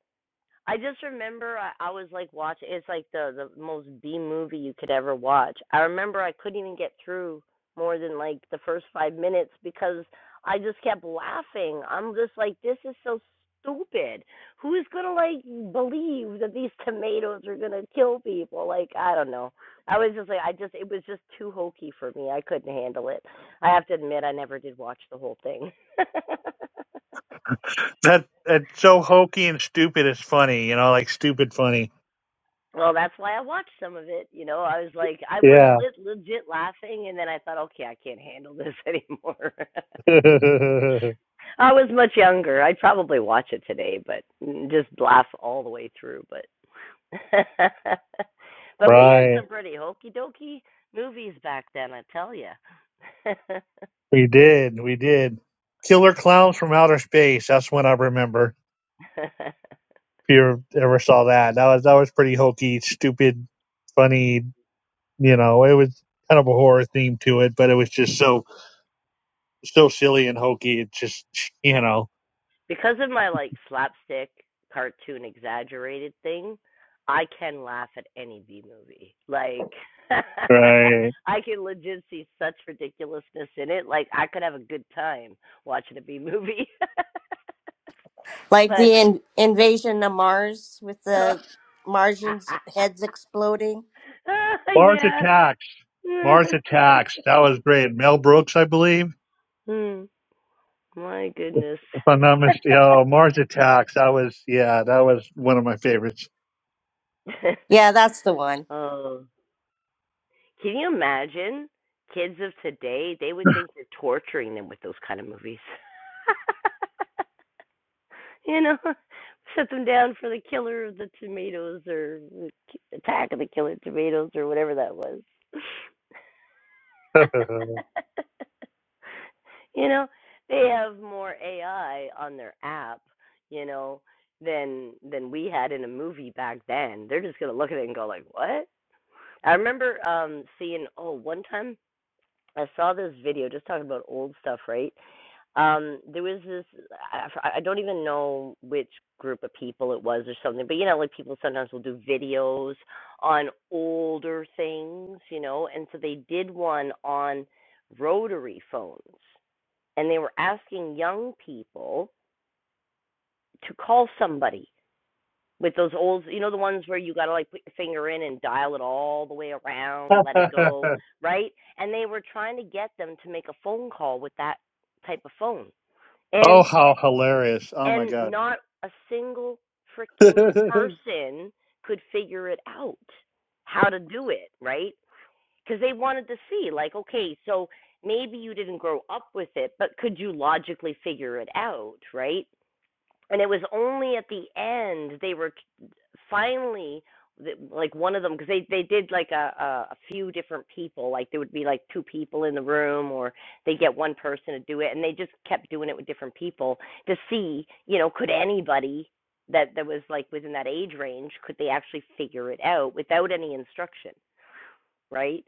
I just remember I, I was like watching. It's like the the most B movie you could ever watch. I remember I couldn't even get through more than like the first five minutes because I just kept laughing. I'm just like, this is so stupid. Who is gonna like believe that these [LAUGHS] tomatoes are gonna kill people? Like I don't know. I was just like, I just it was just too hokey for me. I couldn't handle it. I have to admit, I never did watch the whole thing. [LAUGHS]
That it's so hokey and stupid. It's funny, you know, like stupid funny.
Well, that's why I watched some of it. You know, I was like, I was
Yeah.
lit, legit laughing, and then I thought, okay, I can't handle this anymore.
[LAUGHS]
[LAUGHS] I was much younger. I'd probably watch it today, but mm, just laugh all the way through. But, [LAUGHS] but we had
right.
some pretty hokey dokey movies back then. I tell you.
We did. We did. Killer Clowns from Outer Space. That's one I remember.
[LAUGHS]
If you ever saw that, that was that was pretty hokey, stupid, funny. You know, it was kind of a horror theme to it, but it was just so so silly and hokey. It's just, [LAUGHS] you know,
because of my like slapstick cartoon exaggerated thing, I can laugh at any B movie. Like
right.
[LAUGHS] I can legit see such ridiculousness in it. Like I could have a good time watching a B movie. [LAUGHS]
like
but
the in- invasion of Mars with
uh,
the Martians' heads exploding.
[LAUGHS] uh,
Mars
yeah.
Attacks.
[LAUGHS]
Mars Attacks. That was great. Mel Brooks, I believe,
Hmm. My goodness.
if I'm not mistaken. Oh, Mars Attacks. That was, yeah, that was one of my favorites.
Yeah,
[LAUGHS]
that's the one.
oh. Can you imagine kids of today? They would think you're torturing them with those kind of movies. [LAUGHS] you know, set them down for the killer of the tomatoes or attack of the killer tomatoes or whatever that was.
[LAUGHS]
[LAUGHS] you know, they have more AI on their app, you know, than than we had in a movie back then. They're just gonna look at it and go like, What? I remember um seeing oh one time I saw this video just talking about old stuff, right? Um, there was this, I, I don't even know which group of people it was or something, but you know, like people sometimes will do videos on older things, you know, and so they did one on rotary phones and they were asking young people to call somebody with those old, you know, the ones where you got to like put your finger in and dial it all the way around, let it
oh,
go, right? And they were trying to get them to make a phone call with that type of phone. And
how hilarious. Oh my
and
God.
not a single freaking
[LAUGHS]
person could figure it out how to do it, right? Cuz they wanted to see like, okay, so maybe you didn't grow up with it, but could you logically figure it out, right? and it was only at the end they were finally like one of them because they they did like a, a a few different people like there would be like two people in the room or they get one person to do it and they just kept doing it with different people to see you know could anybody that that was like within that age range could they actually figure it out without any instruction right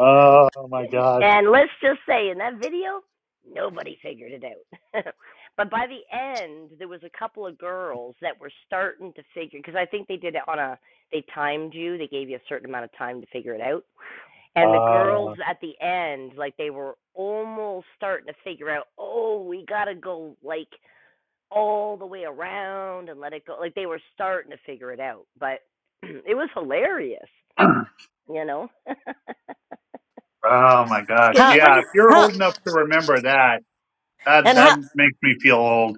[LAUGHS]
my gosh.
And let's just say in that video, nobody figured it out. [LAUGHS] but by the end, there was a couple of girls that were starting to figure because I think they did it on a they timed you, they gave you a certain amount of time to figure it out. And the girls
Uh,
at the end, like they were almost starting to figure out, "Oh, we got to go like all the way around and let it go." Like they were starting to figure it out, but [CLEARS THROAT] it was hilarious,
[CLEARS THROAT] oh
you know? Because
my gosh.
[LAUGHS] you
How?
Yeah.
wouldn't
If you're
How?
old enough to remember that, that,
And
that
how?
makes me feel old.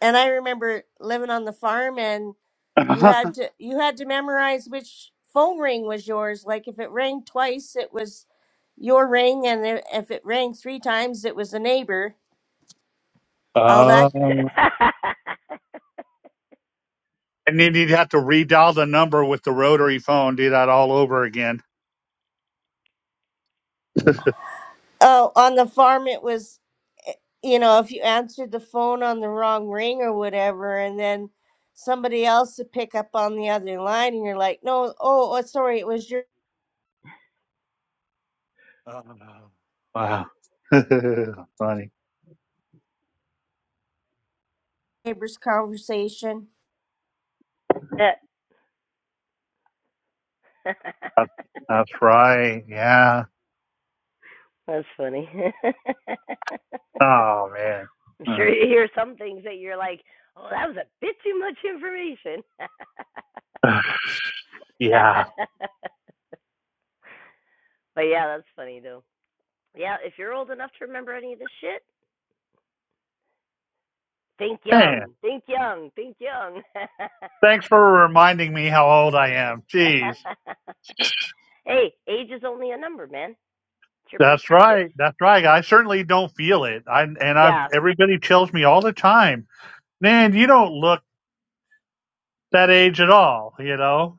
And I remember living on the farm, and you
[LAUGHS]
had to you had to memorize which phone ring was yours. Like if it rang twice, it was your ring, and i- if it rang three times, it was the neighbor. All that.
oh.
[LAUGHS]
And then you'd have to redial the number with the rotary phone, do that all over again.
Oh, on the farm, it was, eh, you know, if you answered the phone on the wrong ring or whatever, and then somebody else would pick up on the other line, and you're like, no, oh, oh, sorry, it was your
Oh, wow. [LAUGHS] Funny.
neighbor's conversation.
That's
That's, that's right. Yeah.
funny. [LAUGHS]
Oh, man.
I'm sure
[SIGHS]
you hear some things that you're like, oh, that was a bit too much information. [LAUGHS]
yeah.
but yeah, that's funny though. Yeah, if you're old enough to remember any of this shit, think
Man,
young, think young, think young. [LAUGHS]
thanks for reminding me how old I am. Jeez.
hey, age is only a number, man. It's your
That's
perspective.
right. That's right. I certainly don't feel it. I, and i
Yeah.
everybody tells me all the time, man, you don't look that age at all, you know?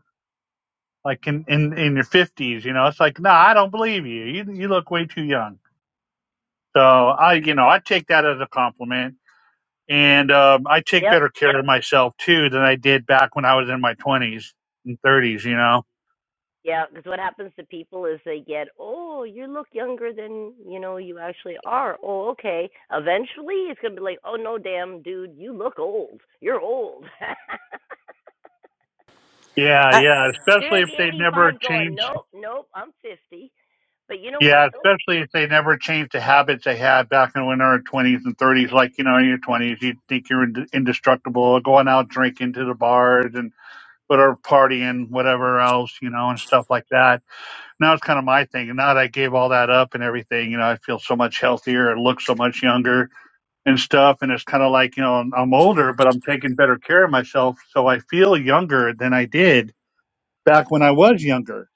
like in in, in your fifties. You know, it's like, no, nah, I don't believe you. You you look way too young. So I, you know, I take that as a compliment, and um, I take
Yep.
better care of myself too than I did back when I was in my twenties and thirties. You know.
Yeah, because what happens to people is they get, oh, you look younger than you know you actually are. Oh, okay. Eventually, it's gonna be like, oh no, damn dude, you look old. You're old. [LAUGHS]
Yeah,
I,
yeah,
You're
especially
gonna
if
be
they never
85, going,
change.
nope, nope, I'm 50. But you know what
Yeah,
though?
especially if they never change the habits they had back in when they were twenties and thirties. Like you know, in your twenties, you think you're ind- indestructible, going out drinking to the bars and whatever partying, whatever else, you know, and stuff like that now it's kind of my thing. And now that I gave all that up and everything, you know, I feel so much healthier and look so much younger and stuff. And it's kind of like, you know, I'm, I'm older, but I'm taking better care of myself. So I feel younger than I did back when I was younger.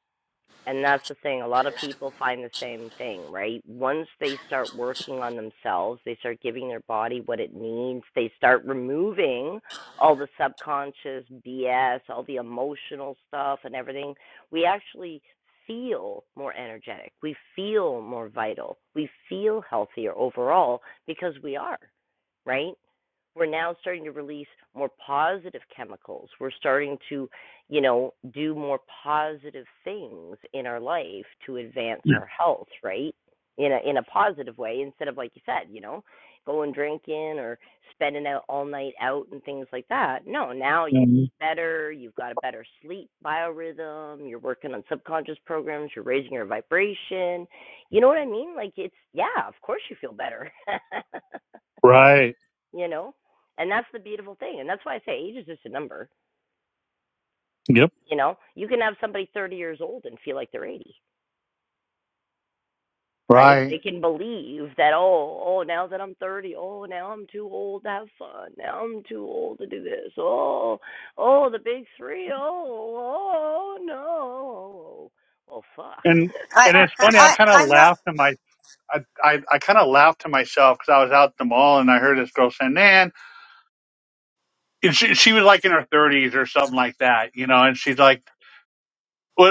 And that's the thing. A lot of people find the same thing, right? Once they start working on themselves, they start giving their body what it needs, they start removing all the subconscious BS, all the emotional stuff, and everything. We actually feel more energetic. We feel more vital. We feel healthier overall because we are, right? We're now starting to release more positive chemicals. We're starting to you know, do more positive things in our life to advance
Yeah.
our health, right? In a in a positive way instead of like you said, you know, going drinking or spending out all night out and things like that. No, now you
Mhm.
eat better, you've got a better sleep biorhythm, you're working on subconscious programs, you're raising your vibration. You know what I mean? Like it's yeah, of course you feel better. [LAUGHS]
Right.
you know? And that's the beautiful thing. And that's why I say age is just a number
Yep.
you know, you can have somebody 30 years old and feel like they're 80, right?
Right.
They can believe that, oh, oh, now that I'm thirty, oh, now I'm too old to have fun. Now I'm too old to do this. Oh, oh, the big three. Oh, oh, no. Oh, fuck.
And,
I,
and
[LAUGHS]
it's funny. I
I,
kind of
I'm not.
laughed to my, I, I, I kind of laughed to myself because I was out at the mall and I heard this girl saying, man, and she, she was like in her thirties or something like that, you know, and she's like,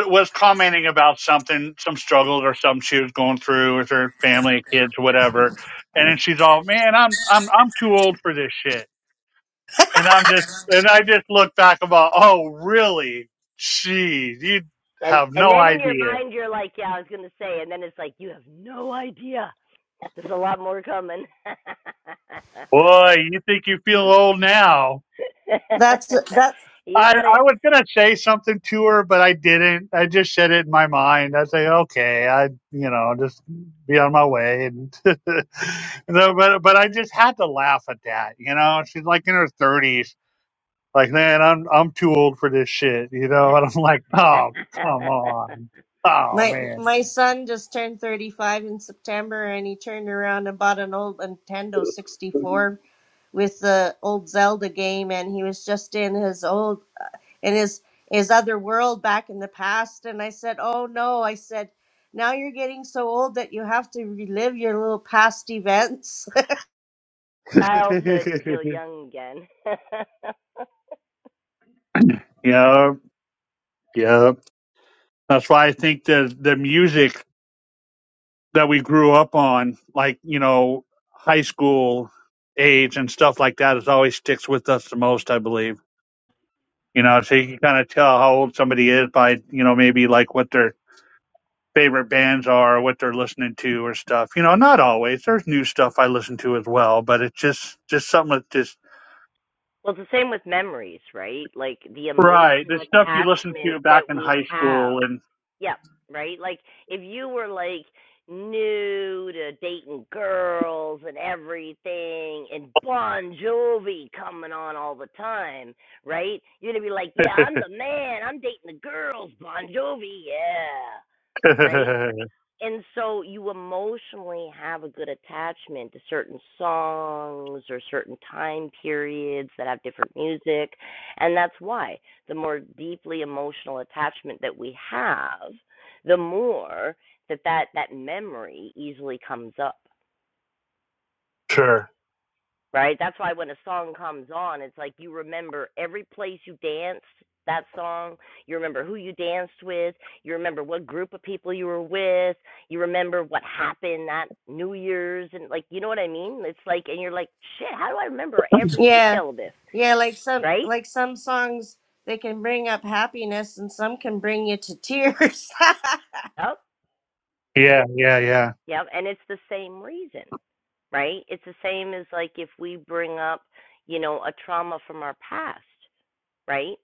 was commenting about something, some struggles or something she was going through with her family, kids, whatever. And then she's all, "Man, I'm I'm I'm too old for this shit." And I'm just, and I just look back about, "Oh, really? Jeez, you
and
have
and
no
then in your
idea,
mind you're like, yeah, I was gonna say, and then it's like you have no idea. There's a lot more coming. [LAUGHS]
boy. You think you feel old now?"
That's that.
you
I,
got it.
I
[LAUGHS]
was gonna say something to her, but I didn't. I just said it in my mind. I say, okay, I you know just be on my way, and [LAUGHS] no, but but I just had to laugh at that. You know, she's like in her thirties, like man, I'm I'm too old for this shit. You know, and I'm like,
[LAUGHS]
oh come on, oh
My
man.
my son just turned 35 in September, and he turned around and bought an old Nintendo 64 with the old Zelda game, and he was just in his old In his his other world back in the past and i said oh no i said now you're getting so old that you have to relive your little past events
childhood to feel
[LAUGHS]
young again. [LAUGHS] well,
yeah, yeah. That's why I think the the music that we grew up on, like, you know, high school age and stuff like that is always sticks with us the most, I believe. You know, so you can kind of tell how old somebody is by, you know, maybe like what their favorite bands are or what they're listening to or stuff. You know, not always. There's new stuff I listen to as well, but it's just, just something that just,
it's the same with memories, right? Like the
right. The
emotional
stuff you listen
attachment
to
that
back in
we
high school
have.
and
Yep, right? Like if you were like new to dating girls and everything and Bon Jovi coming on all the time, right? You're going to be like, yeah, I'm the man. I'm dating the girls, Bon Jovi. Yeah, right?
[LAUGHS]
and so you emotionally have a good attachment to certain songs or certain time periods that have different music and that's why the more deeply emotional attachment that we have the more that that, that memory easily comes up
sure.
right? That's why when a song comes on, it's like you remember every place you danced that song, you remember who you danced with, you remember what group of people you were with, you remember what happened that New Year's, and like, you know what I mean? It's like, and you're like, shit, how do I remember
[LAUGHS]
every
yeah
detail of this,
yeah like some
right?
like some songs they can bring up happiness and some can bring you to tears
Oh,
Yeah. Yeah. Yeah.
yeah. And it's the same reason, right? It's the same as like if we bring up, you know, a trauma from our past, right?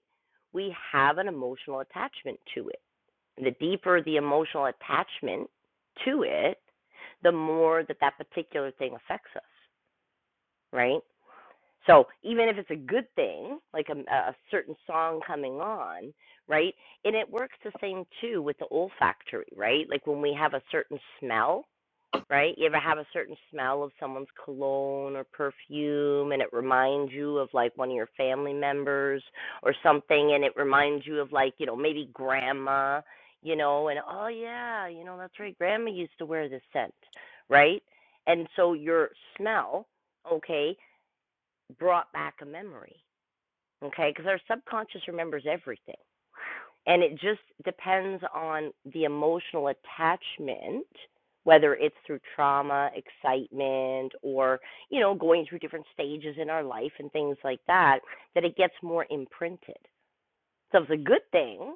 We have an emotional attachment to it the deeper the emotional attachment to it, the more that that particular thing affects us, right? So even if it's a good thing, like a, a certain song coming on, right? And it works the same too with the olfactory, right? Like when we have a certain smell, right? You ever have a certain smell of someone's cologne or perfume and it reminds you of like one of your family members or something and it reminds you of like, you know, maybe grandma, you know, and oh yeah, you know, that's right, grandma used to wear this scent, right? And so your smell, okay, brought back a memory, okay? Because our subconscious remembers everything and it just depends on the emotional attachment, whether it's through trauma, excitement, or, you know, going through different stages in our life and things like that, that it gets more imprinted. So if it's a good thing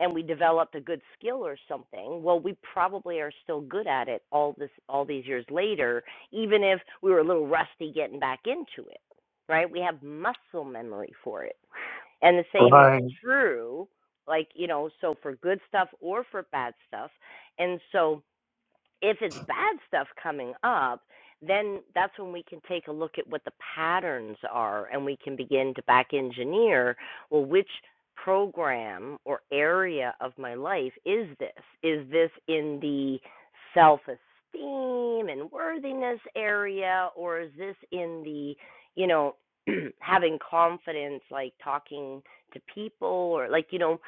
and we developed a good skill or something, well, we probably are still good at it all this all these years later, even if we were a little rusty getting back into it. Right? We have muscle memory for it. And the same is
Right.
true, like, you know, so for good stuff or for bad stuff. And so if it's bad stuff coming up, then that's when we can take a look at what the patterns are and we can begin to back engineer well, which program or area of my life is this? Is this in the self esteem and worthiness area, or is this in the, you know, [CLEARS THROAT] having confidence, like talking to people, or like, you know,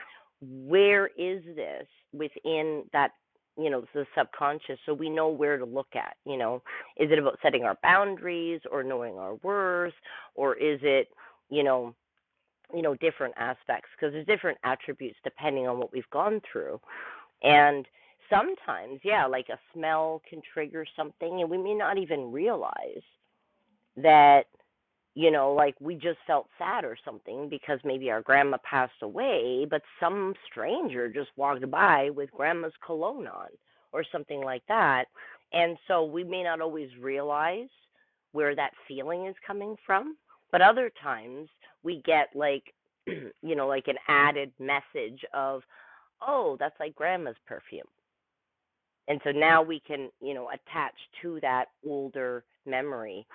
where is this within that you know, the subconscious, so we know where to look at. You know, is it about setting our boundaries or knowing our worth, or is it, you know, you know, different aspects? Because there's different attributes depending on what we've gone through, and sometimes, yeah, like a smell can trigger something, and we may not even realize that you know, like we just felt sad or something because maybe our grandma passed away, but some stranger just walked by with grandma's cologne on or something like that. And so we may not always realize where that feeling is coming from, but other times we get like, [CLEARS THROAT] you know, like an added message of, oh, that's like grandma's perfume and so now we can you know attach to that older memory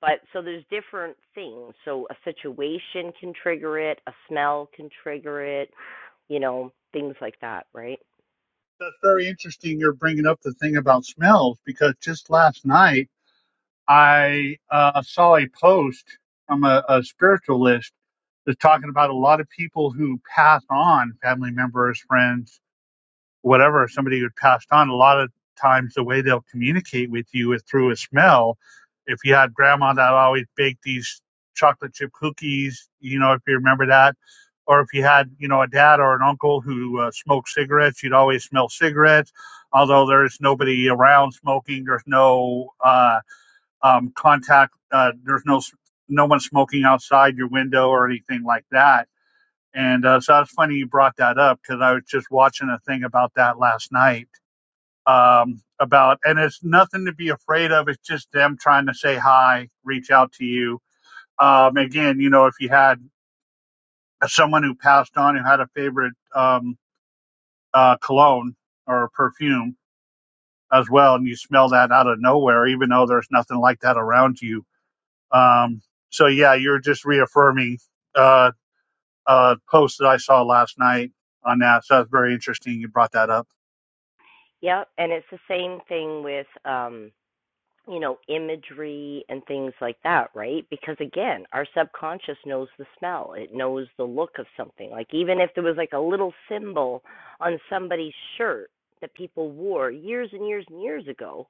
but so there's different things so a situation can trigger it a smell can trigger it you know things like that right
That's very interesting. You're bringing up the thing about smells because just last night I uh, saw a post from a, a spiritualist that's talking about a lot of people who pass on family members, friends whatever somebody had passed on, a lot of times the way they'll communicate with you is through a smell. If you had grandma that always baked these chocolate chip cookies, you know, if you remember that, or if you had, you know, a dad or an uncle who uh, smoked cigarettes, you'd always smell cigarettes. Although there's nobody around smoking, there's no uh, um, contact, uh, there's no no one smoking outside your window or anything like that and uh, so it's funny you brought that up because I was just watching a thing about that last night. Um, about and it's nothing to be afraid of. It's just them trying to say hi, reach out to you. Um, again, you know, if you had someone who passed on who had a favorite um, uh, cologne or perfume as well, and you smell that out of nowhere, even though there's nothing like that around you. Um, so yeah, you're just reaffirming uh, a post that I saw last night on that. So that's very interesting. You brought that up.
yep and it's the same thing with um you know, imagery and things like that, right? Because again, our subconscious knows the smell, it knows the look of something. Like, even if there was like a little symbol on somebody's shirt that people wore years and years and years ago,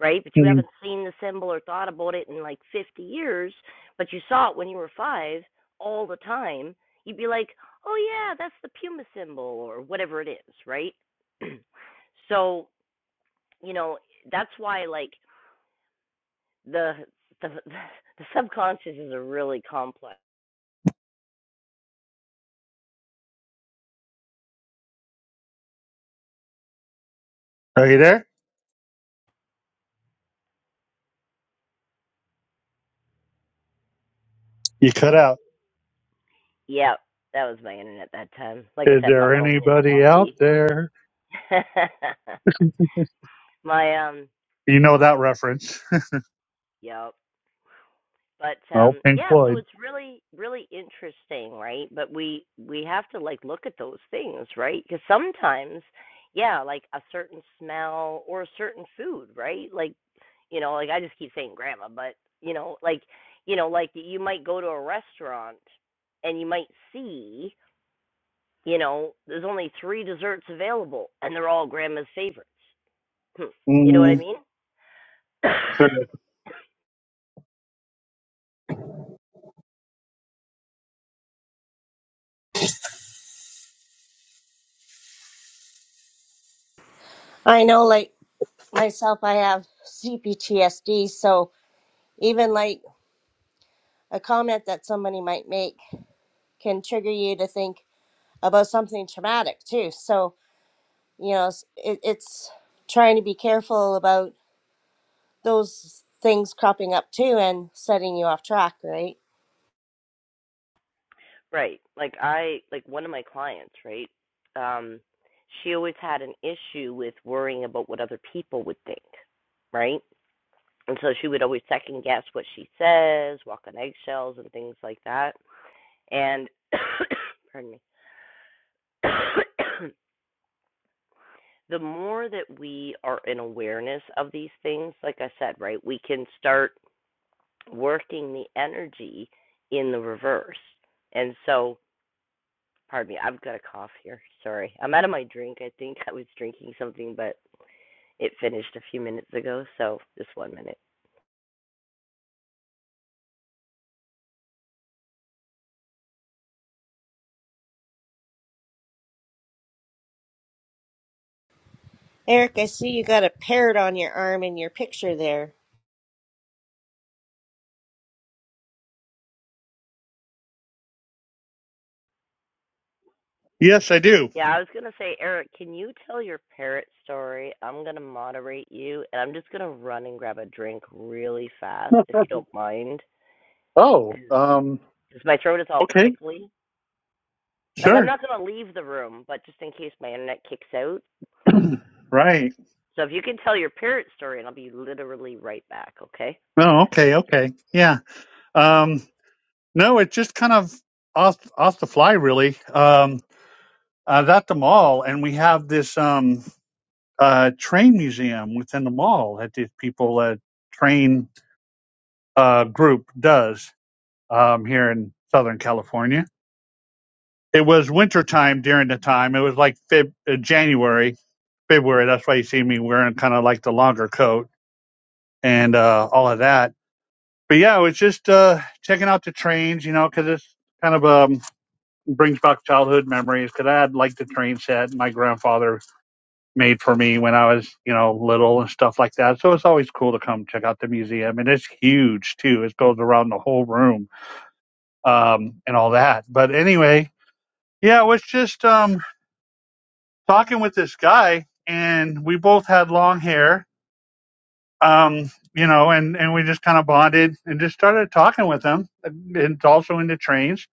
right? But you
Hmm.
haven't seen the symbol or thought about it in like 50 years, but you saw it when you were five all the time, you'd be like, oh, yeah, that's the Puma symbol or whatever it is, right? [CLEARS THROAT] so, you know, that's why, like, the the [LAUGHS] the subconscious is a really complex.
Are you there? You cut out.
Yeah, that was my internet that time. Like I
Is
said, my
there
phone is
anybody out
wonky.
there?
[LAUGHS]
You
my um,
know that reference. [LAUGHS]
yep. but
Well,
um
Pink
yeah so
Floyd.
it's really really interesting right but we we have to like look at those things right because sometimes yeah like a certain smell or a certain food right like you know like i just keep saying grandma but you know like you know like you might go to a restaurant and you might see you know there's only three desserts available and they're all grandma's favorites hmm. you know what i
Mm,
mean [LAUGHS]
sure.
[LAUGHS] i know like myself i have cptsd so even like a comment that somebody might make can trigger you to think about something traumatic too so you know s- it, it's trying to be careful about those things cropping up too and setting you off track right
Right. Like I like one of my clients, right? Um she always had an issue with worrying about what other people would think, right? And so she would always second guess what she says, walk on eggshells and things like that. And [COUGHS] pardon me. [COUGHS] the more that we are in awareness of these things, like I said, right? We can start working the energy in the reverse. And so Pardon me, I've got a cough here. Sorry. I'm out of my drink. I think I was drinking something, but it finished a few minutes ago, so just one minute.
eric i see you got a parrot on your arm in your picture there
Yes, I do.
Yeah, I was going to say, Eric, can you tell your parrot story? I'm going to moderate you, and I'm just going to run and grab a drink really fast, if you don't mind,
Oh,
because
um,
my throat is all
okay,
tickly. Like, I'm
sure.
not going to leave the room, but just in case my internet kicks out.
[CLEARS THROAT] right.
So if you can tell your parrot story, and I'll be literally right back, okay?
No, okay, okay. Yeah. Um, no, it's just kind of off, off the fly, really. Um, I was at the mall, and we have this um, uh, train museum within the mall that these people, uh, train uh, group does. um, here in Southern California. It was wintertime during the time. It was like Feb- uh, January, February. That's why you see me wearing kind of like the longer coat and uh, all of that. But yeah, it was just uh, checking out the trains, you know, because it's kind of um, brings back childhood memories. Because I had like the train set my grandfather made for me when I was, you know, little and stuff like that. So it's always cool to come check out the museum, and it's huge too. It goes around the whole room um, and all that. But anyway, Yeah, I was just um, talking with this guy, and we both had long hair, um, you know, and, and we just kind of bonded and just started talking with him, and also into trains.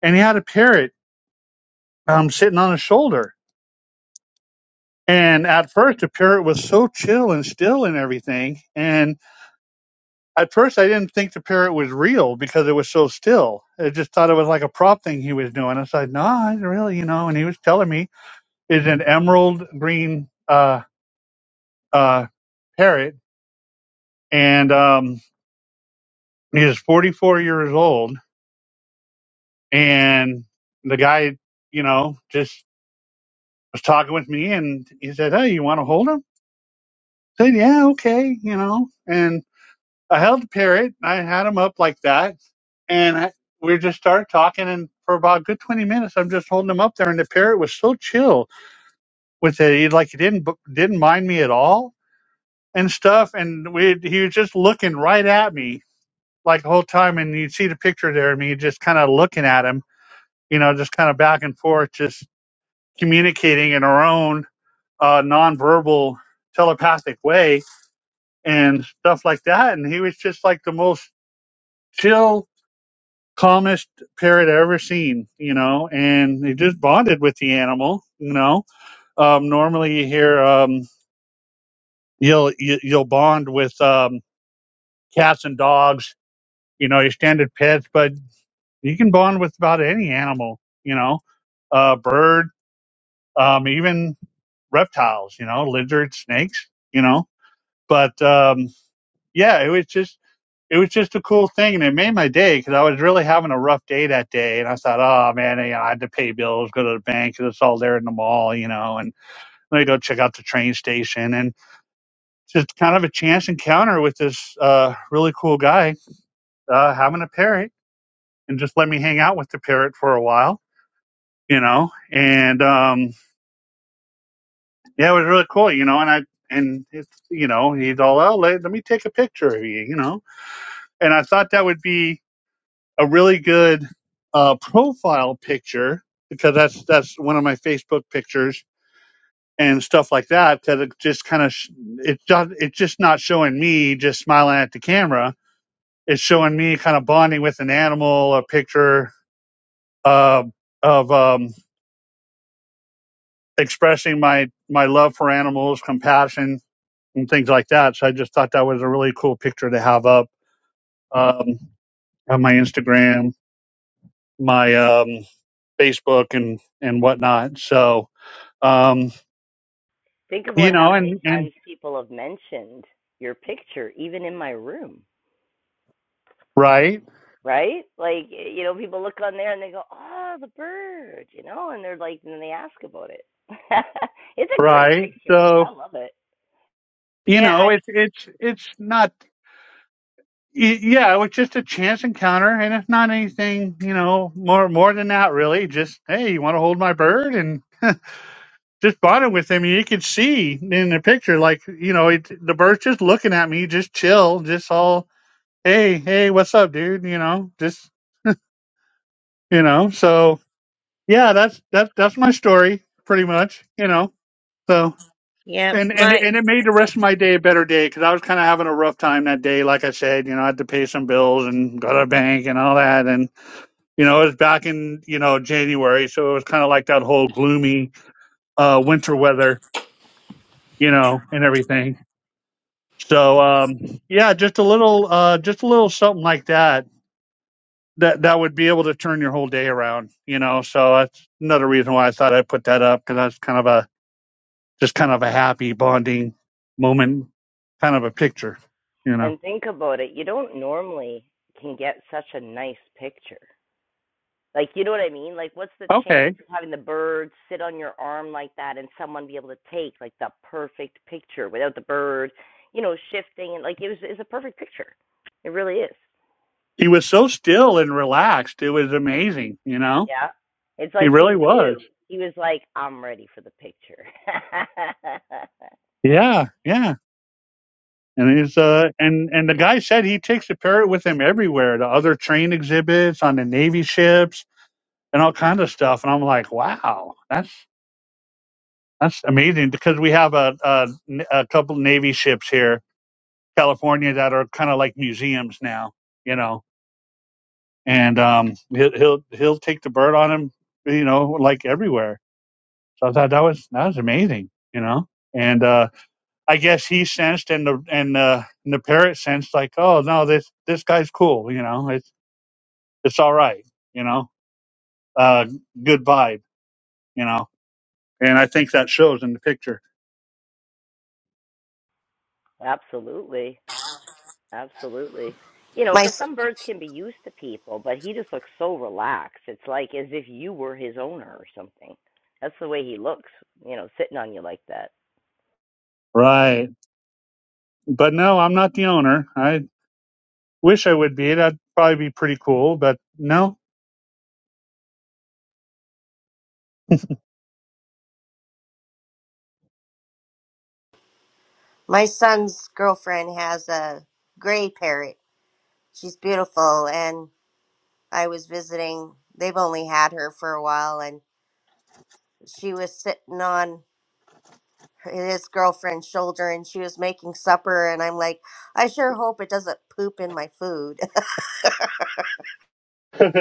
And he had a parrot um, sitting on his shoulder. And at first, the parrot was so chill and still and everything. And at first, I didn't think the parrot was real because it was so still. I just thought it was like a prop thing he was doing. I said, no, it's really, you know. And he was telling me it's an emerald green. Uh, uh, parrot, and um, he is 44 years old. And the guy, you know, just was talking with me, and he said, "Hey, you want to hold him?" I said, "Yeah, okay," you know. And I held the parrot, and I had him up like that, and I, we just started talking, and for about a good 20 minutes, I'm just holding him up there, and the parrot was so chill with it, he like he didn't didn't mind me at all and stuff, and we he was just looking right at me like the whole time, and you'd see the picture there of me just kind of looking at him, you know, just kind of back and forth, just communicating in our own uh, nonverbal telepathic way and stuff like that. And he was just like the most chill, calmest parrot I ever seen, you know, and he just bonded with the animal, you know. Um, normally you hear, um, you'll, you- you'll bond with, um, cats and dogs, you know, your standard pets, but you can bond with about any animal, you know, uh, bird, um, even reptiles, you know, lizards, snakes, you know. But um, yeah, it was just it was just a cool thing, and it made my day because I was really having a rough day that day, and I thought, oh man, you know, I had to pay bills, go to the bank, 'cause it's all there in the mall, you know, and let me go check out the train station, and just kind of a chance encounter with this uh, really cool guy uh, having a parrot, and just let me hang out with the parrot for a while you know, and um, yeah, it was really cool, you know, and I and it's you know he's all oh let, let me take a picture of you, you know, and I thought that would be a really good uh, profile picture because that's that's one of my Facebook pictures and stuff like that because it just kind of sh- it does it's just not showing me just smiling at the camera. It's showing me kind of bonding with an animal, a picture uh, of um, expressing my my love for animals, compassion, and things like that. So I just thought that was a really cool picture to have up um, on my Instagram, my um, Facebook, and and whatnot. So um,
Think
you
about how
know,
many
and and
times people have mentioned your picture, even in my room,
right,
right? Like, you know, people look on there and they go, oh, the bird, you know, and they're like, and they ask about it. [LAUGHS] it's a great
right.
picture.
So
I love it.
you
yeah I,
know, it's it's it's not. y- Yeah, it was just a chance encounter, and it's not anything, you know, more more than that, really. Just hey, you want to hold my bird, and just bonded with him. And You could see in the picture, like you know, it, the bird's just looking at me, just chill, just all hey, hey, what's up, dude? You know, just you know, so yeah, that's that's that's my story, pretty much. You know, so
yeah
and and it-
my
and it made the rest of my day a better day because I was kind of having a rough time that day. Like I said, you know, I had to pay some bills and go to the bank and all that, and you know, it was back in you know January, so it was kind of like that whole gloomy uh, winter weather, you know, and everything. So um, yeah, just a little, uh, just a little something like that that that would be able to turn your whole day around, you know. So that's another reason why I thought I'd put that up because that's kind of a just kind of a happy bonding moment, kind of a picture, you know.
And think about it. You don't normally can get such a nice picture. Like, you know what I mean? Like, what's the chance
Okay,
of having the bird sit on your arm like that and someone be able to take like the perfect picture without the bird, you know, shifting and like it was it's a perfect picture. It really is.
he was so still and relaxed; it was amazing, you know.
Yeah. It's
He
like he
really was.
knew. He was like, I'm ready for the picture. [LAUGHS]
Yeah, yeah. And he's uh and and the guy said he takes the parrot with him everywhere, to other train exhibits on the navy ships and all kind of stuff. And I'm like, wow, that's That's amazing because we have a, a, a couple Navy ships here, California, that are kind of like museums now, you know. And um, he'll he'll he'll take the bird on him, you know, like everywhere. So I thought that was that was amazing, you know. And uh, I guess he sensed, and the and uh, and the parrot sensed, like, oh no, this this guy's cool, you know. It's it's all right, you know. Uh, good vibe, you know. And I think that shows in the picture,
Absolutely. Absolutely. You know,
my
because
s-
some birds can be used to people, but he just looks so relaxed. It's like as if you were his owner or something. That's the way he looks, you know, sitting on you like that.
right? But no, I'm not the owner. I Wish I would be. That'd probably be pretty cool, but no.
my son's girlfriend has a gray parrot she's beautiful and i was visiting they've only had her for a while and she was sitting on her- his girlfriend's shoulder and she was making supper and i'm like i sure hope it doesn't poop in my food
[LAUGHS] That's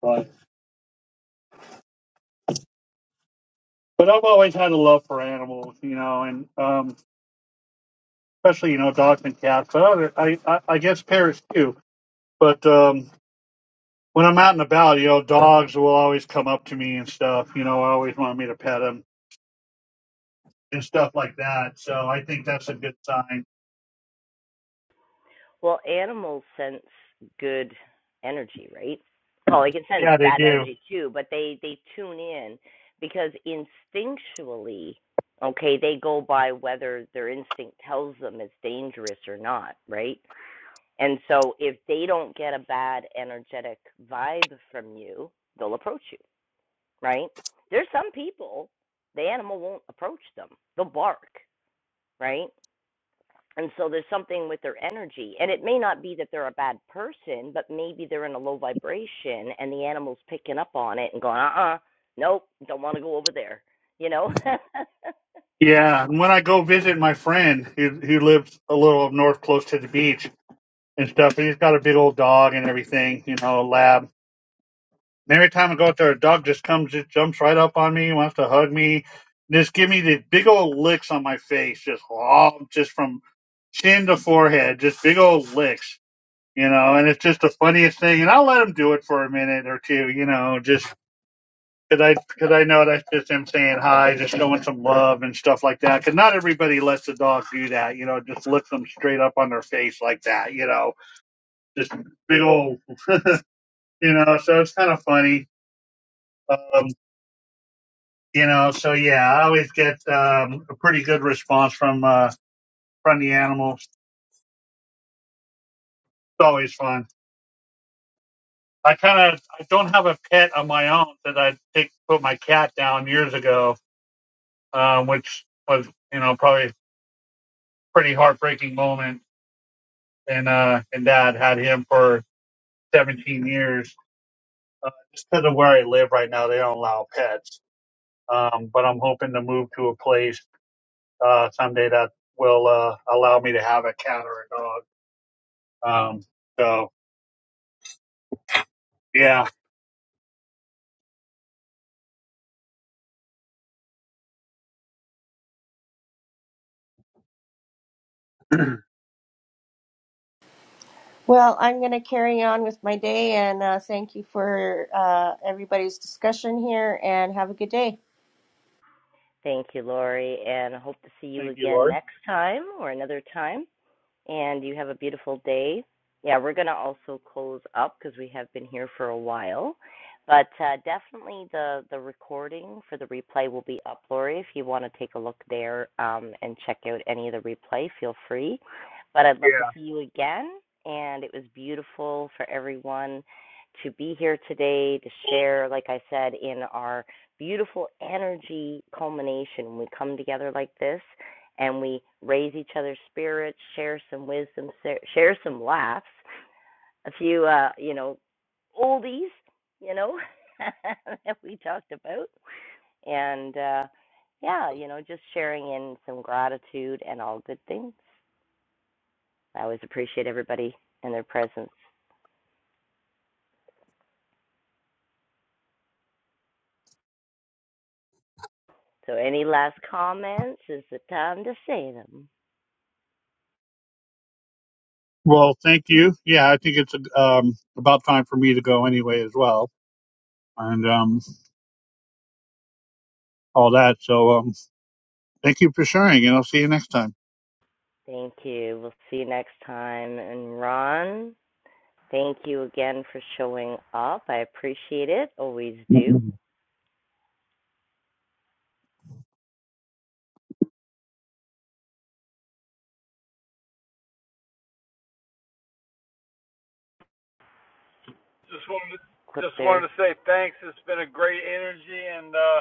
fine. But I've always had a love for animals, you know, and um, especially you know dogs and cats. But other, I, I I guess parrots too. But um, when I'm out and about, you know, dogs will always come up to me and stuff. You know, always want me to pet them and stuff like that. So I think that's a good sign.
Well, animals sense good energy, right? Well, they can sense
Yeah, they
bad
do.
energy too, but they they tune in because instinctually, okay, they go by whether their instinct tells them it's dangerous or not, right? And so if they don't get a bad energetic vibe from you, they'll approach you, right? There's some people the animal won't approach them. They'll bark, right? And so there's something with their energy. And it may not be that they're a bad person, but maybe they're in a low vibration and the animal's picking up on it and going, uh uh nope, don't want to go over there, you know? [LAUGHS]
Yeah, and when I go visit my friend who who lives a little up north, close to the beach and stuff. And he's got a big old dog and everything, you know, a lab. And every time I go out there, a dog just comes, just jumps right up on me, wants to hug me, just give me the big old licks on my face, just all just from chin to forehead, just big old licks, you know. And it's just the funniest thing. And I'll let him do it for a minute or two, you know, just because I because I know that's just him saying hi, just showing some love and stuff like that. Because not everybody lets the dog do that, you know, just lick them straight up on their face like that, you know just big old, [LAUGHS] you know. So it's kind of funny, um, you know. So yeah, I always get um, a pretty good response from uh, from the animals. It's always fun. I kind of I don't have a pet of my own that I take put my cat down years ago, um, which was you know probably a pretty heartbreaking moment. And uh, and dad had him for 17 years. Uh, just because of where I live right now, they don't allow pets. Um, but I'm hoping to move to a place uh, someday that will uh, allow me to have a cat or a dog. Um, so yeah, [CLEARS THROAT]
Well, I'm going to carry on with my day and uh, thank you for uh, everybody's discussion here and have a good day.
Thank you, Lori, and hope to see you
thank you,
again
Lori.
next time or another time. and you have a beautiful day. Yeah, we're going to also close up because we have been here for a while. But uh, definitely the, the recording for the replay will be up, Lori. If you want to take a look there um, and check out any of the replay, feel free. But I'd love to
Yeah.
see you again. And it was beautiful for everyone to be here today to share, like I said, in our beautiful energy culmination. When we come together like this, and we raise each other's spirits, share some wisdom, share some laughs, a few, uh, you know, oldies, you know, [LAUGHS] that we talked about, and uh, yeah, you know, just sharing in some gratitude and all good things. I always appreciate everybody and their presence. So, any last comments? Is the time to say them?
Well, thank you. Yeah, I think it's um, about time for me to go anyway as well, and um, all that. So um, thank you for sharing, and I'll see you next time.
Thank you. We'll see you next time. And Ron, thank you again for showing up. I appreciate it. Always do.
Just wanted to,
clip
just
there.
wanted to say thanks. It's been a great energy, and uh,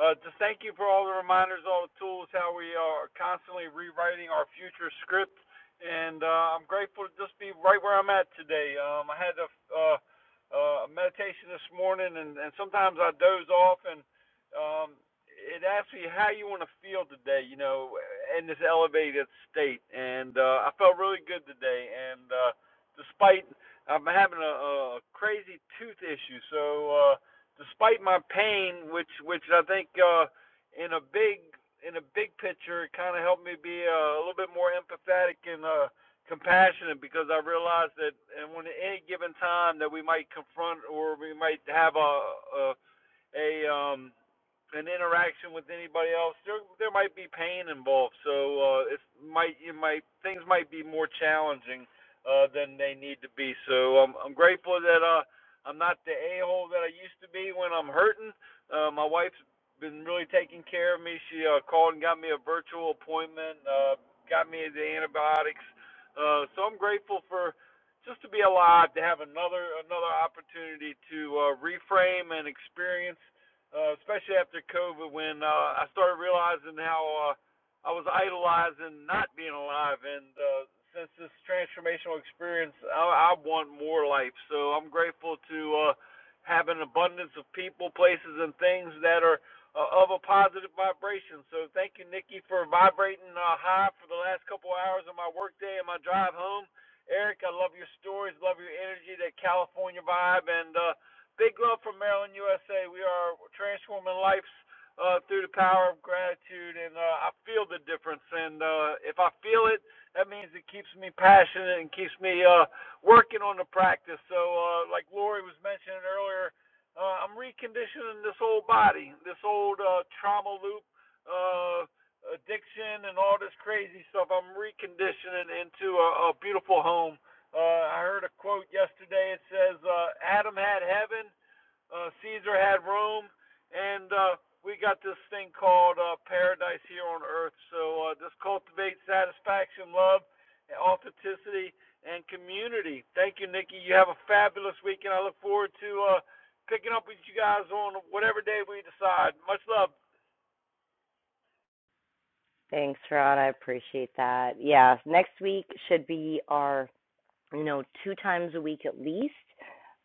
uh, just thank you for all the reminders, all the tools, how we are constantly rewriting our future script. And uh, I'm grateful to just be right where I'm at today. Um, I had a uh, uh, meditation this morning, and, and sometimes I doze off, and um, it asks me how you want to feel today, you know, in this elevated state. And uh, I felt really good today, and uh, despite i have been having a, a crazy tooth issue. So uh, despite my pain, which which I think uh, in a big in a big picture, it kind of helped me be uh, a little bit more empathetic and uh, compassionate because I realized that and when at any given time that we might confront or we might have a a, a um an interaction with anybody else, there there might be pain involved. So uh, it might you might things might be more challenging uh, than they need to be. So I'm I'm grateful that uh, I'm not the a hole that I used to be when I'm hurting. Uh, my wife's been really taking care of me. She uh, called and got me a virtual appointment, uh, got me the antibiotics. Uh, so I'm grateful for just to be alive, to have another another opportunity to uh, reframe and experience uh, especially after COVID, when uh, I started realizing how uh, I was idolizing not being alive. And uh, since this transformational experience, I, I want more life. So I'm grateful to uh, have an abundance of people, places, and things that are uh, of a positive vibration. So thank you, Nikki, for vibrating uh, high for the last couple hours of my workday and my drive home. Eric, I love your stories, love your energy, that California vibe, and uh, Big love from Maryland, USA. We are transforming lives uh, through the power of gratitude, and uh, I feel the difference. And uh, if I feel it, that means it keeps me passionate and keeps me uh, working on the practice. So, uh, like Lori was mentioning earlier, uh, I'm reconditioning this old body, this old uh, trauma loop, uh, addiction, and all this crazy stuff. I'm reconditioning into a, a beautiful home uh, I heard a quote yesterday. It says, uh, Adam had heaven, uh, Caesar had Rome, and uh, we got this thing called uh, paradise here on earth. So uh, just cultivate satisfaction, love, authenticity, and community. Thank you, Nikki. You have a fabulous weekend. I look forward to uh, picking up with you guys on whatever day we decide. Much love.
Thanks, Rod. I appreciate that. Yeah, next week should be our, you know, two times a week at least.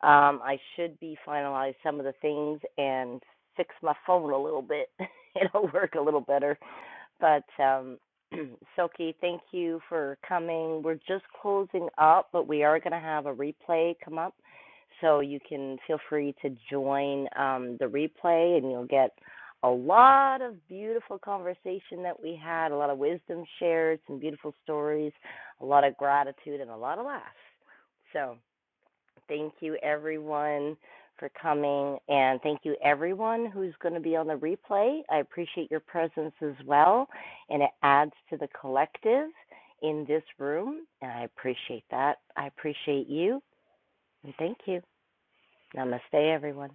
Um, I should be finalize some of the things and fix my phone a little bit. [LAUGHS] It'll work a little better. But um, [CLEARS THROAT] Silky, thank you for coming. We're just closing up, but we are going to have a replay come up. So you can feel free to join um, the replay and you'll get a lot of beautiful conversation that we had, a lot of wisdom shared, some beautiful stories, a lot of gratitude, and a lot of laughs. So Thank you, everyone, for coming. And thank you, everyone who's going to be on the replay. I appreciate your presence as well. And it adds to the collective in this room. And I appreciate that. I appreciate you. And thank you. Namaste, everyone.